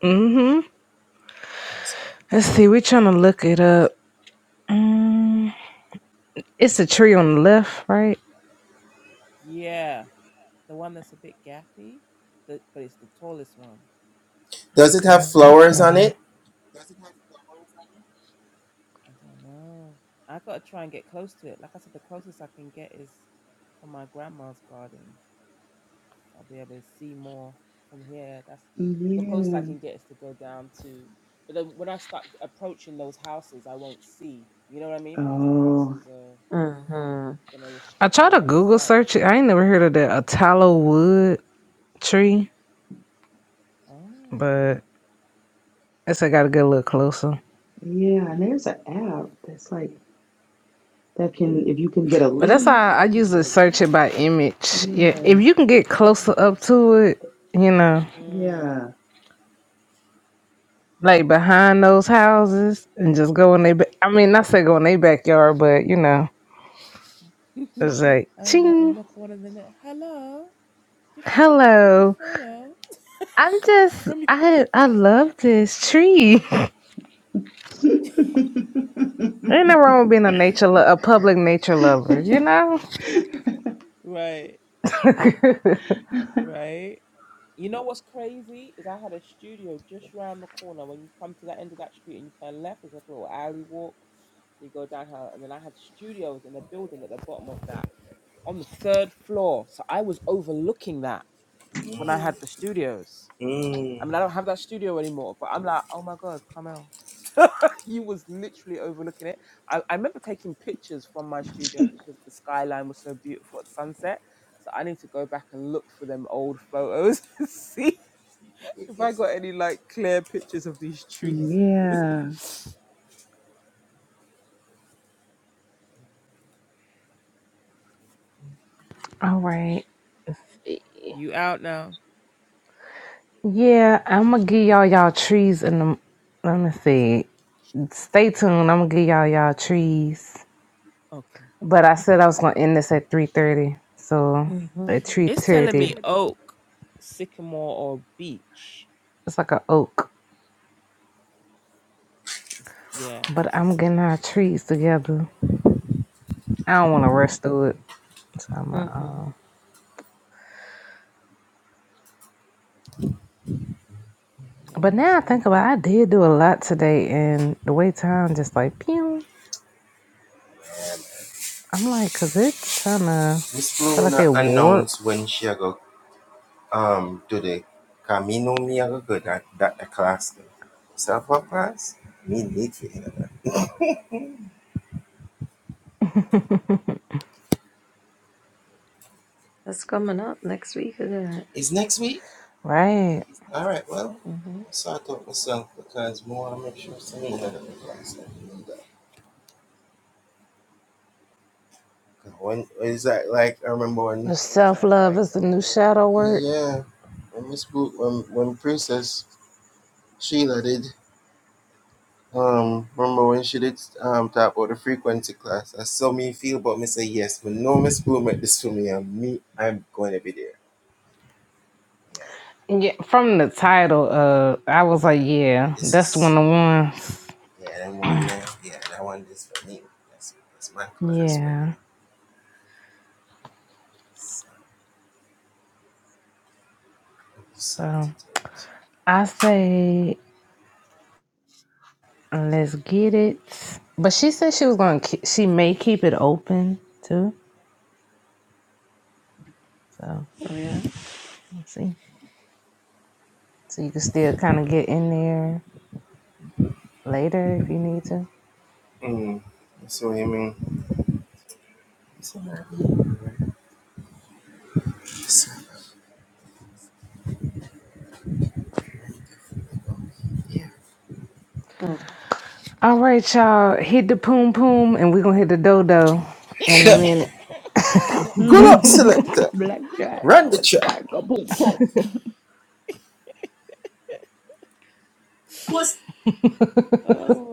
Mm hmm. Let's see. We're trying to look it up. Mm. It's a tree
Mm.
on the left, right?
Yeah, the one that's a bit gappy, the, but it's the tallest one.
Okay. Let me try to.
I don't know. I gotta try and get close to it. Like I said, the closest I can get is from my grandma's garden. I'll be able to see more from here. That's the closest I
Yeah.
can get is to go down to. But then when I start approaching those houses, I won't see. You know what I mean? Because the
Oh,
houses are
Mm-hmm.
gonna
I
restrict
try to
my
Google
sight.
search it. I ain't never heard of that. A tallow wood tree,
Oh.
but I guess I got to get a little closer.
yeah. And there's an app that's like that can if you can get a
But that's how
leaf.
I usually search it by image. Yeah,
Yeah,
if you can get closer up to it, you know,
Mm.
yeah.
like behind those houses, and just go in they. Ba- I mean, not say go in their backyard, but you know,
um,
it's like
the
ching.
knock one in the net. Hello. Do you think I can take a
Hello,
photo
I'm just
from you?
I I love this tree. Ain't no wrong with being a nature lo- a public nature lover, you know.
Right.
All
Right. You know what's crazy is I had a studio just round the corner. When you come to the end of that street and you turn left, there's like a little alley walk. You go down her, and then I had studios in the building at the bottom of that on the third floor. So I was overlooking that when I had the studios. I mean, I don't have that studio anymore, but I'm like, oh my god, Carmel, you was literally overlooking it. I, I remember taking pictures from my studio because the skyline was so beautiful at sunset. So I need to go back and look for them old photos, and see if I got any like clear pictures of these trees.
Yeah.
right. Let's see.
You out now?
Yeah,
Yeah.
I'm gonna give y'all y'all trees in the. Let me see. Stay tuned. I'm gonna give y'all y'all trees.
I'm Okay.
But I said I was gonna end this at 3:30. So
Mm-hmm.
at
It's telling me
3:30,
oak, sycamore, or beech.
it's like a oak.
It's, yeah,
But
it's
I'm
just,
getting our trees together. I don't want to rush through it. So I'm
Mm-mm.
uh,
yeah,
but
that's
now I
saying
think about, it,
oak.
I did do a lot today, and the way time just like pew. I'm like, cause it's kind of feel like it warped.
That's coming up next week, isn't it?
right.
Mm-hmm.
The self love is the new shadow work. Yeah, from the title, uh, I was like, yeah, that's the one of the ones. yeah. So I say, let's get it. But she said she was gonna. Keep, she may keep it open too. So
Oh, yeah.
we'll see. So you can still kind of get in there later if you need to. All right, y'all. Hit the poom poom, and we're gonna hit the dodo in a minute.
Black Giant, I was like a boom, boom,
was.
oh my!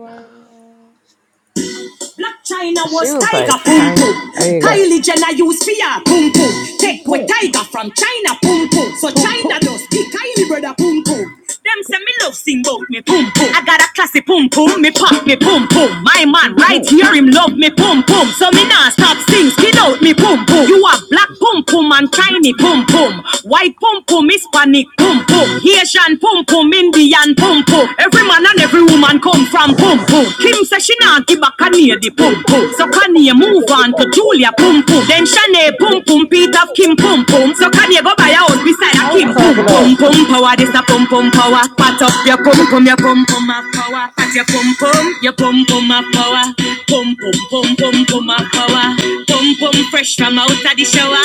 Black China
she
was
was
tiger
like,
pum pum.
Kanye. There
boom,
you
boom,
go.
Kylie Jenner used fear pum pum.
boom,
Take with
boom,
tiger from China pum pum. So
boom, boom, boom,
China does the Kylie brother pum pum. Them say me love sing bout me pum pum. I got a classy pum pum. Me pop me pum pum. My man
boom, boom, boom,
right here him love me pum pum. So me nah stop sing skin out me pum pum. You are black pum pum and tiny pum pum. White pum pum Hispanic pum pum. Haitian pum pum, Indian pum pum. Every man and every woman come from pum pum. Kim says she not give back a near the pum pum. So
boom,
Kanye move on to Julia pum pum. Then Shanae pum pum, Peter of Kim pum pum. So Kanye go buy a house beside a
I'm
Kim pum
cracking up.
pum pum power. This a pum pum power. Pat up your pum pum, your pum pum of power. Pat your pum pum, your pum pum of power. Pum pum pum pum pum of power. Pum pum fresh from out of the shower.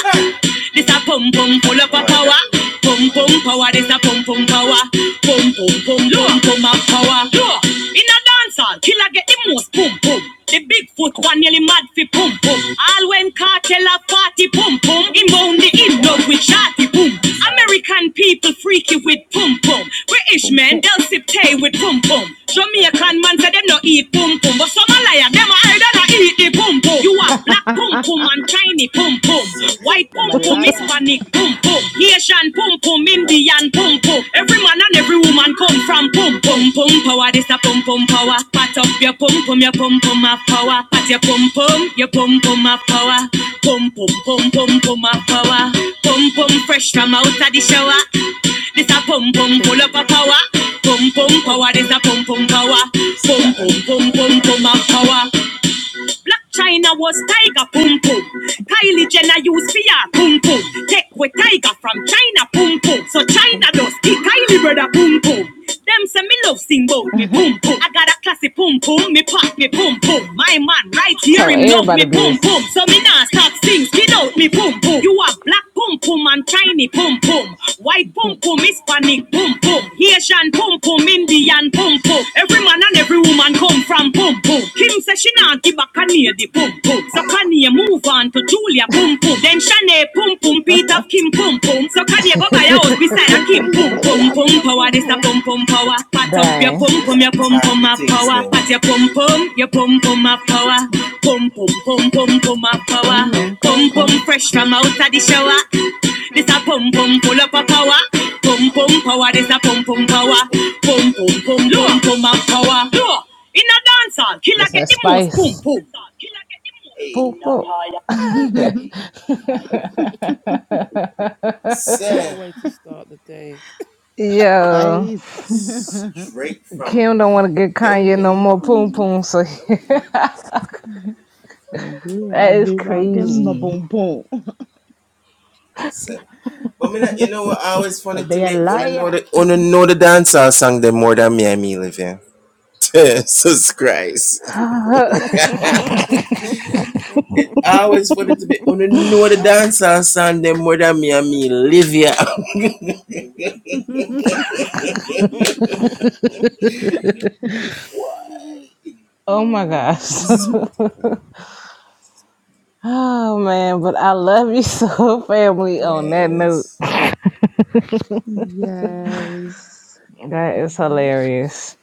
This a pum pum full up a power. Pum pum power. This a pum pum power. Pum pum pum pum pum of power. In a dancehall, killer get the most pum pum. The big foot
boom,
one nearly mad fi pum pum. All when cartel a party pum pum. Him bound the in dog with shotty pum. American people freaky with pum pum. British
boom,
men,
boom.
they'll sip tea with pum pum. Jamaican man say them no eat pum pum. But some a liar, them a hide and a eat the pum pum. You are black pum pum and tiny pum pum. White
The
pum pum,
liar.
Hispanic pum pum. Haitian pum pum, Indian pum pum. Every man and every woman come from pum pum pum power. This a pum pum power. Pat up your pum pum, your pum pum of power. Pat your pum pum, your pum pum of power. Pum pum pum pum pum of power. Pum pum fresh from out of the shower. This a pum pum full up
Hey.
a power. Pum pum power. This a pum pum power. Pum pum pum pum pum of power. Black China was tiger pum pum. Kylie Jenner used fear pum pum. Tech with tiger from China pum pum. So China does kick Kylie brother pum pum. Them say me love sing bout me pum pum. I got a classy pum pum. Me pop me pum pum. My man right here
Tell
him love
everybody
me pum pum.
business.
So me nah stop sing skin out me pum pum. You are black Pum pum and tiny pum pum. White pum
Boom.
pum, Hispanic pum pum. Haitian pum pum, Indian pum pum. Every man and every woman come from pum pum. Kim says she not give a Kanye the pum pum. So Kanye move on to Julia pum pum. Then Shanae pum pum, P it of Kim Pum Pum, so can you go buy your own beside a Kim
You
Pum
gotta be
Pum
like,
Pum
"Kim,
power?
boom,
This a
boom.
Pum Pum power. Pat up your
Dang.
Pum Pum, your Pum Pum a power. Pat your Pum Pum, your Pum Pum a power. Pum Pum Pum Pum Pum a power.
Mm-hmm. Boom,
Pum Pum
boom.
fresh from out of the shower. This a Pum Pum full up a power. Pum Pum power, this a Pum Pum power. Pum Pum Pum Pum Pum a power. Look, In a dancehall, killer
That's
get
that
the most Pum
spice.
Pum.
Boom, boom.
What a way to start the day.
Yo,
Spice.
Kim don't want to get Kanye no more poom
Julia,
poom. So that
I've
is
been like, "Kim,
crazy.
boom, boom. But they are liar.
oh my gosh. Oh man, but I love you so, family. On that note,
yes.
that is
Mm-hmm.
hilarious.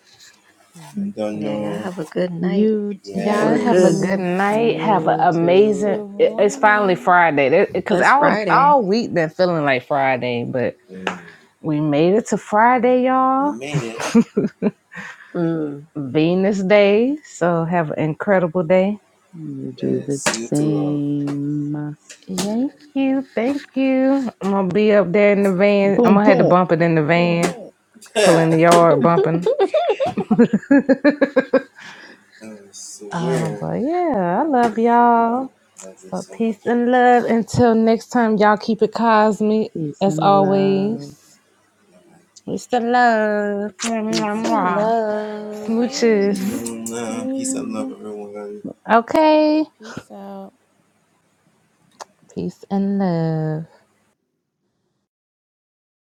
Hmm.
Yeah, y'all have a good night.
You
Y'all
Or a
have a
good...
Yeah,
good
too.
night.
night.
Have an
You
amazing.
too.
Good
it- It's finally
morning.
Friday. Because
It's
all
Friday.
all week been feeling like Friday, but we made it to Friday, y'all.
Mm.
Venus Day. So have an incredible day.
You do the same.
Thank you, thank you. I'm gonna be up there in the van. I'm
Boom,
gonna have to
boom.
bump it in the van, pull in the yard, bumping. Um, but yeah, I love y'all. So peace and love. Until next time, y'all keep it cosmic
Peace
as
and love.
always. It's the love. Mwah,
Peace
mwah,
and
mwah.
love.
Smooches.
Smooch
Yeah.
Okay.
Peace out.
Peace and love.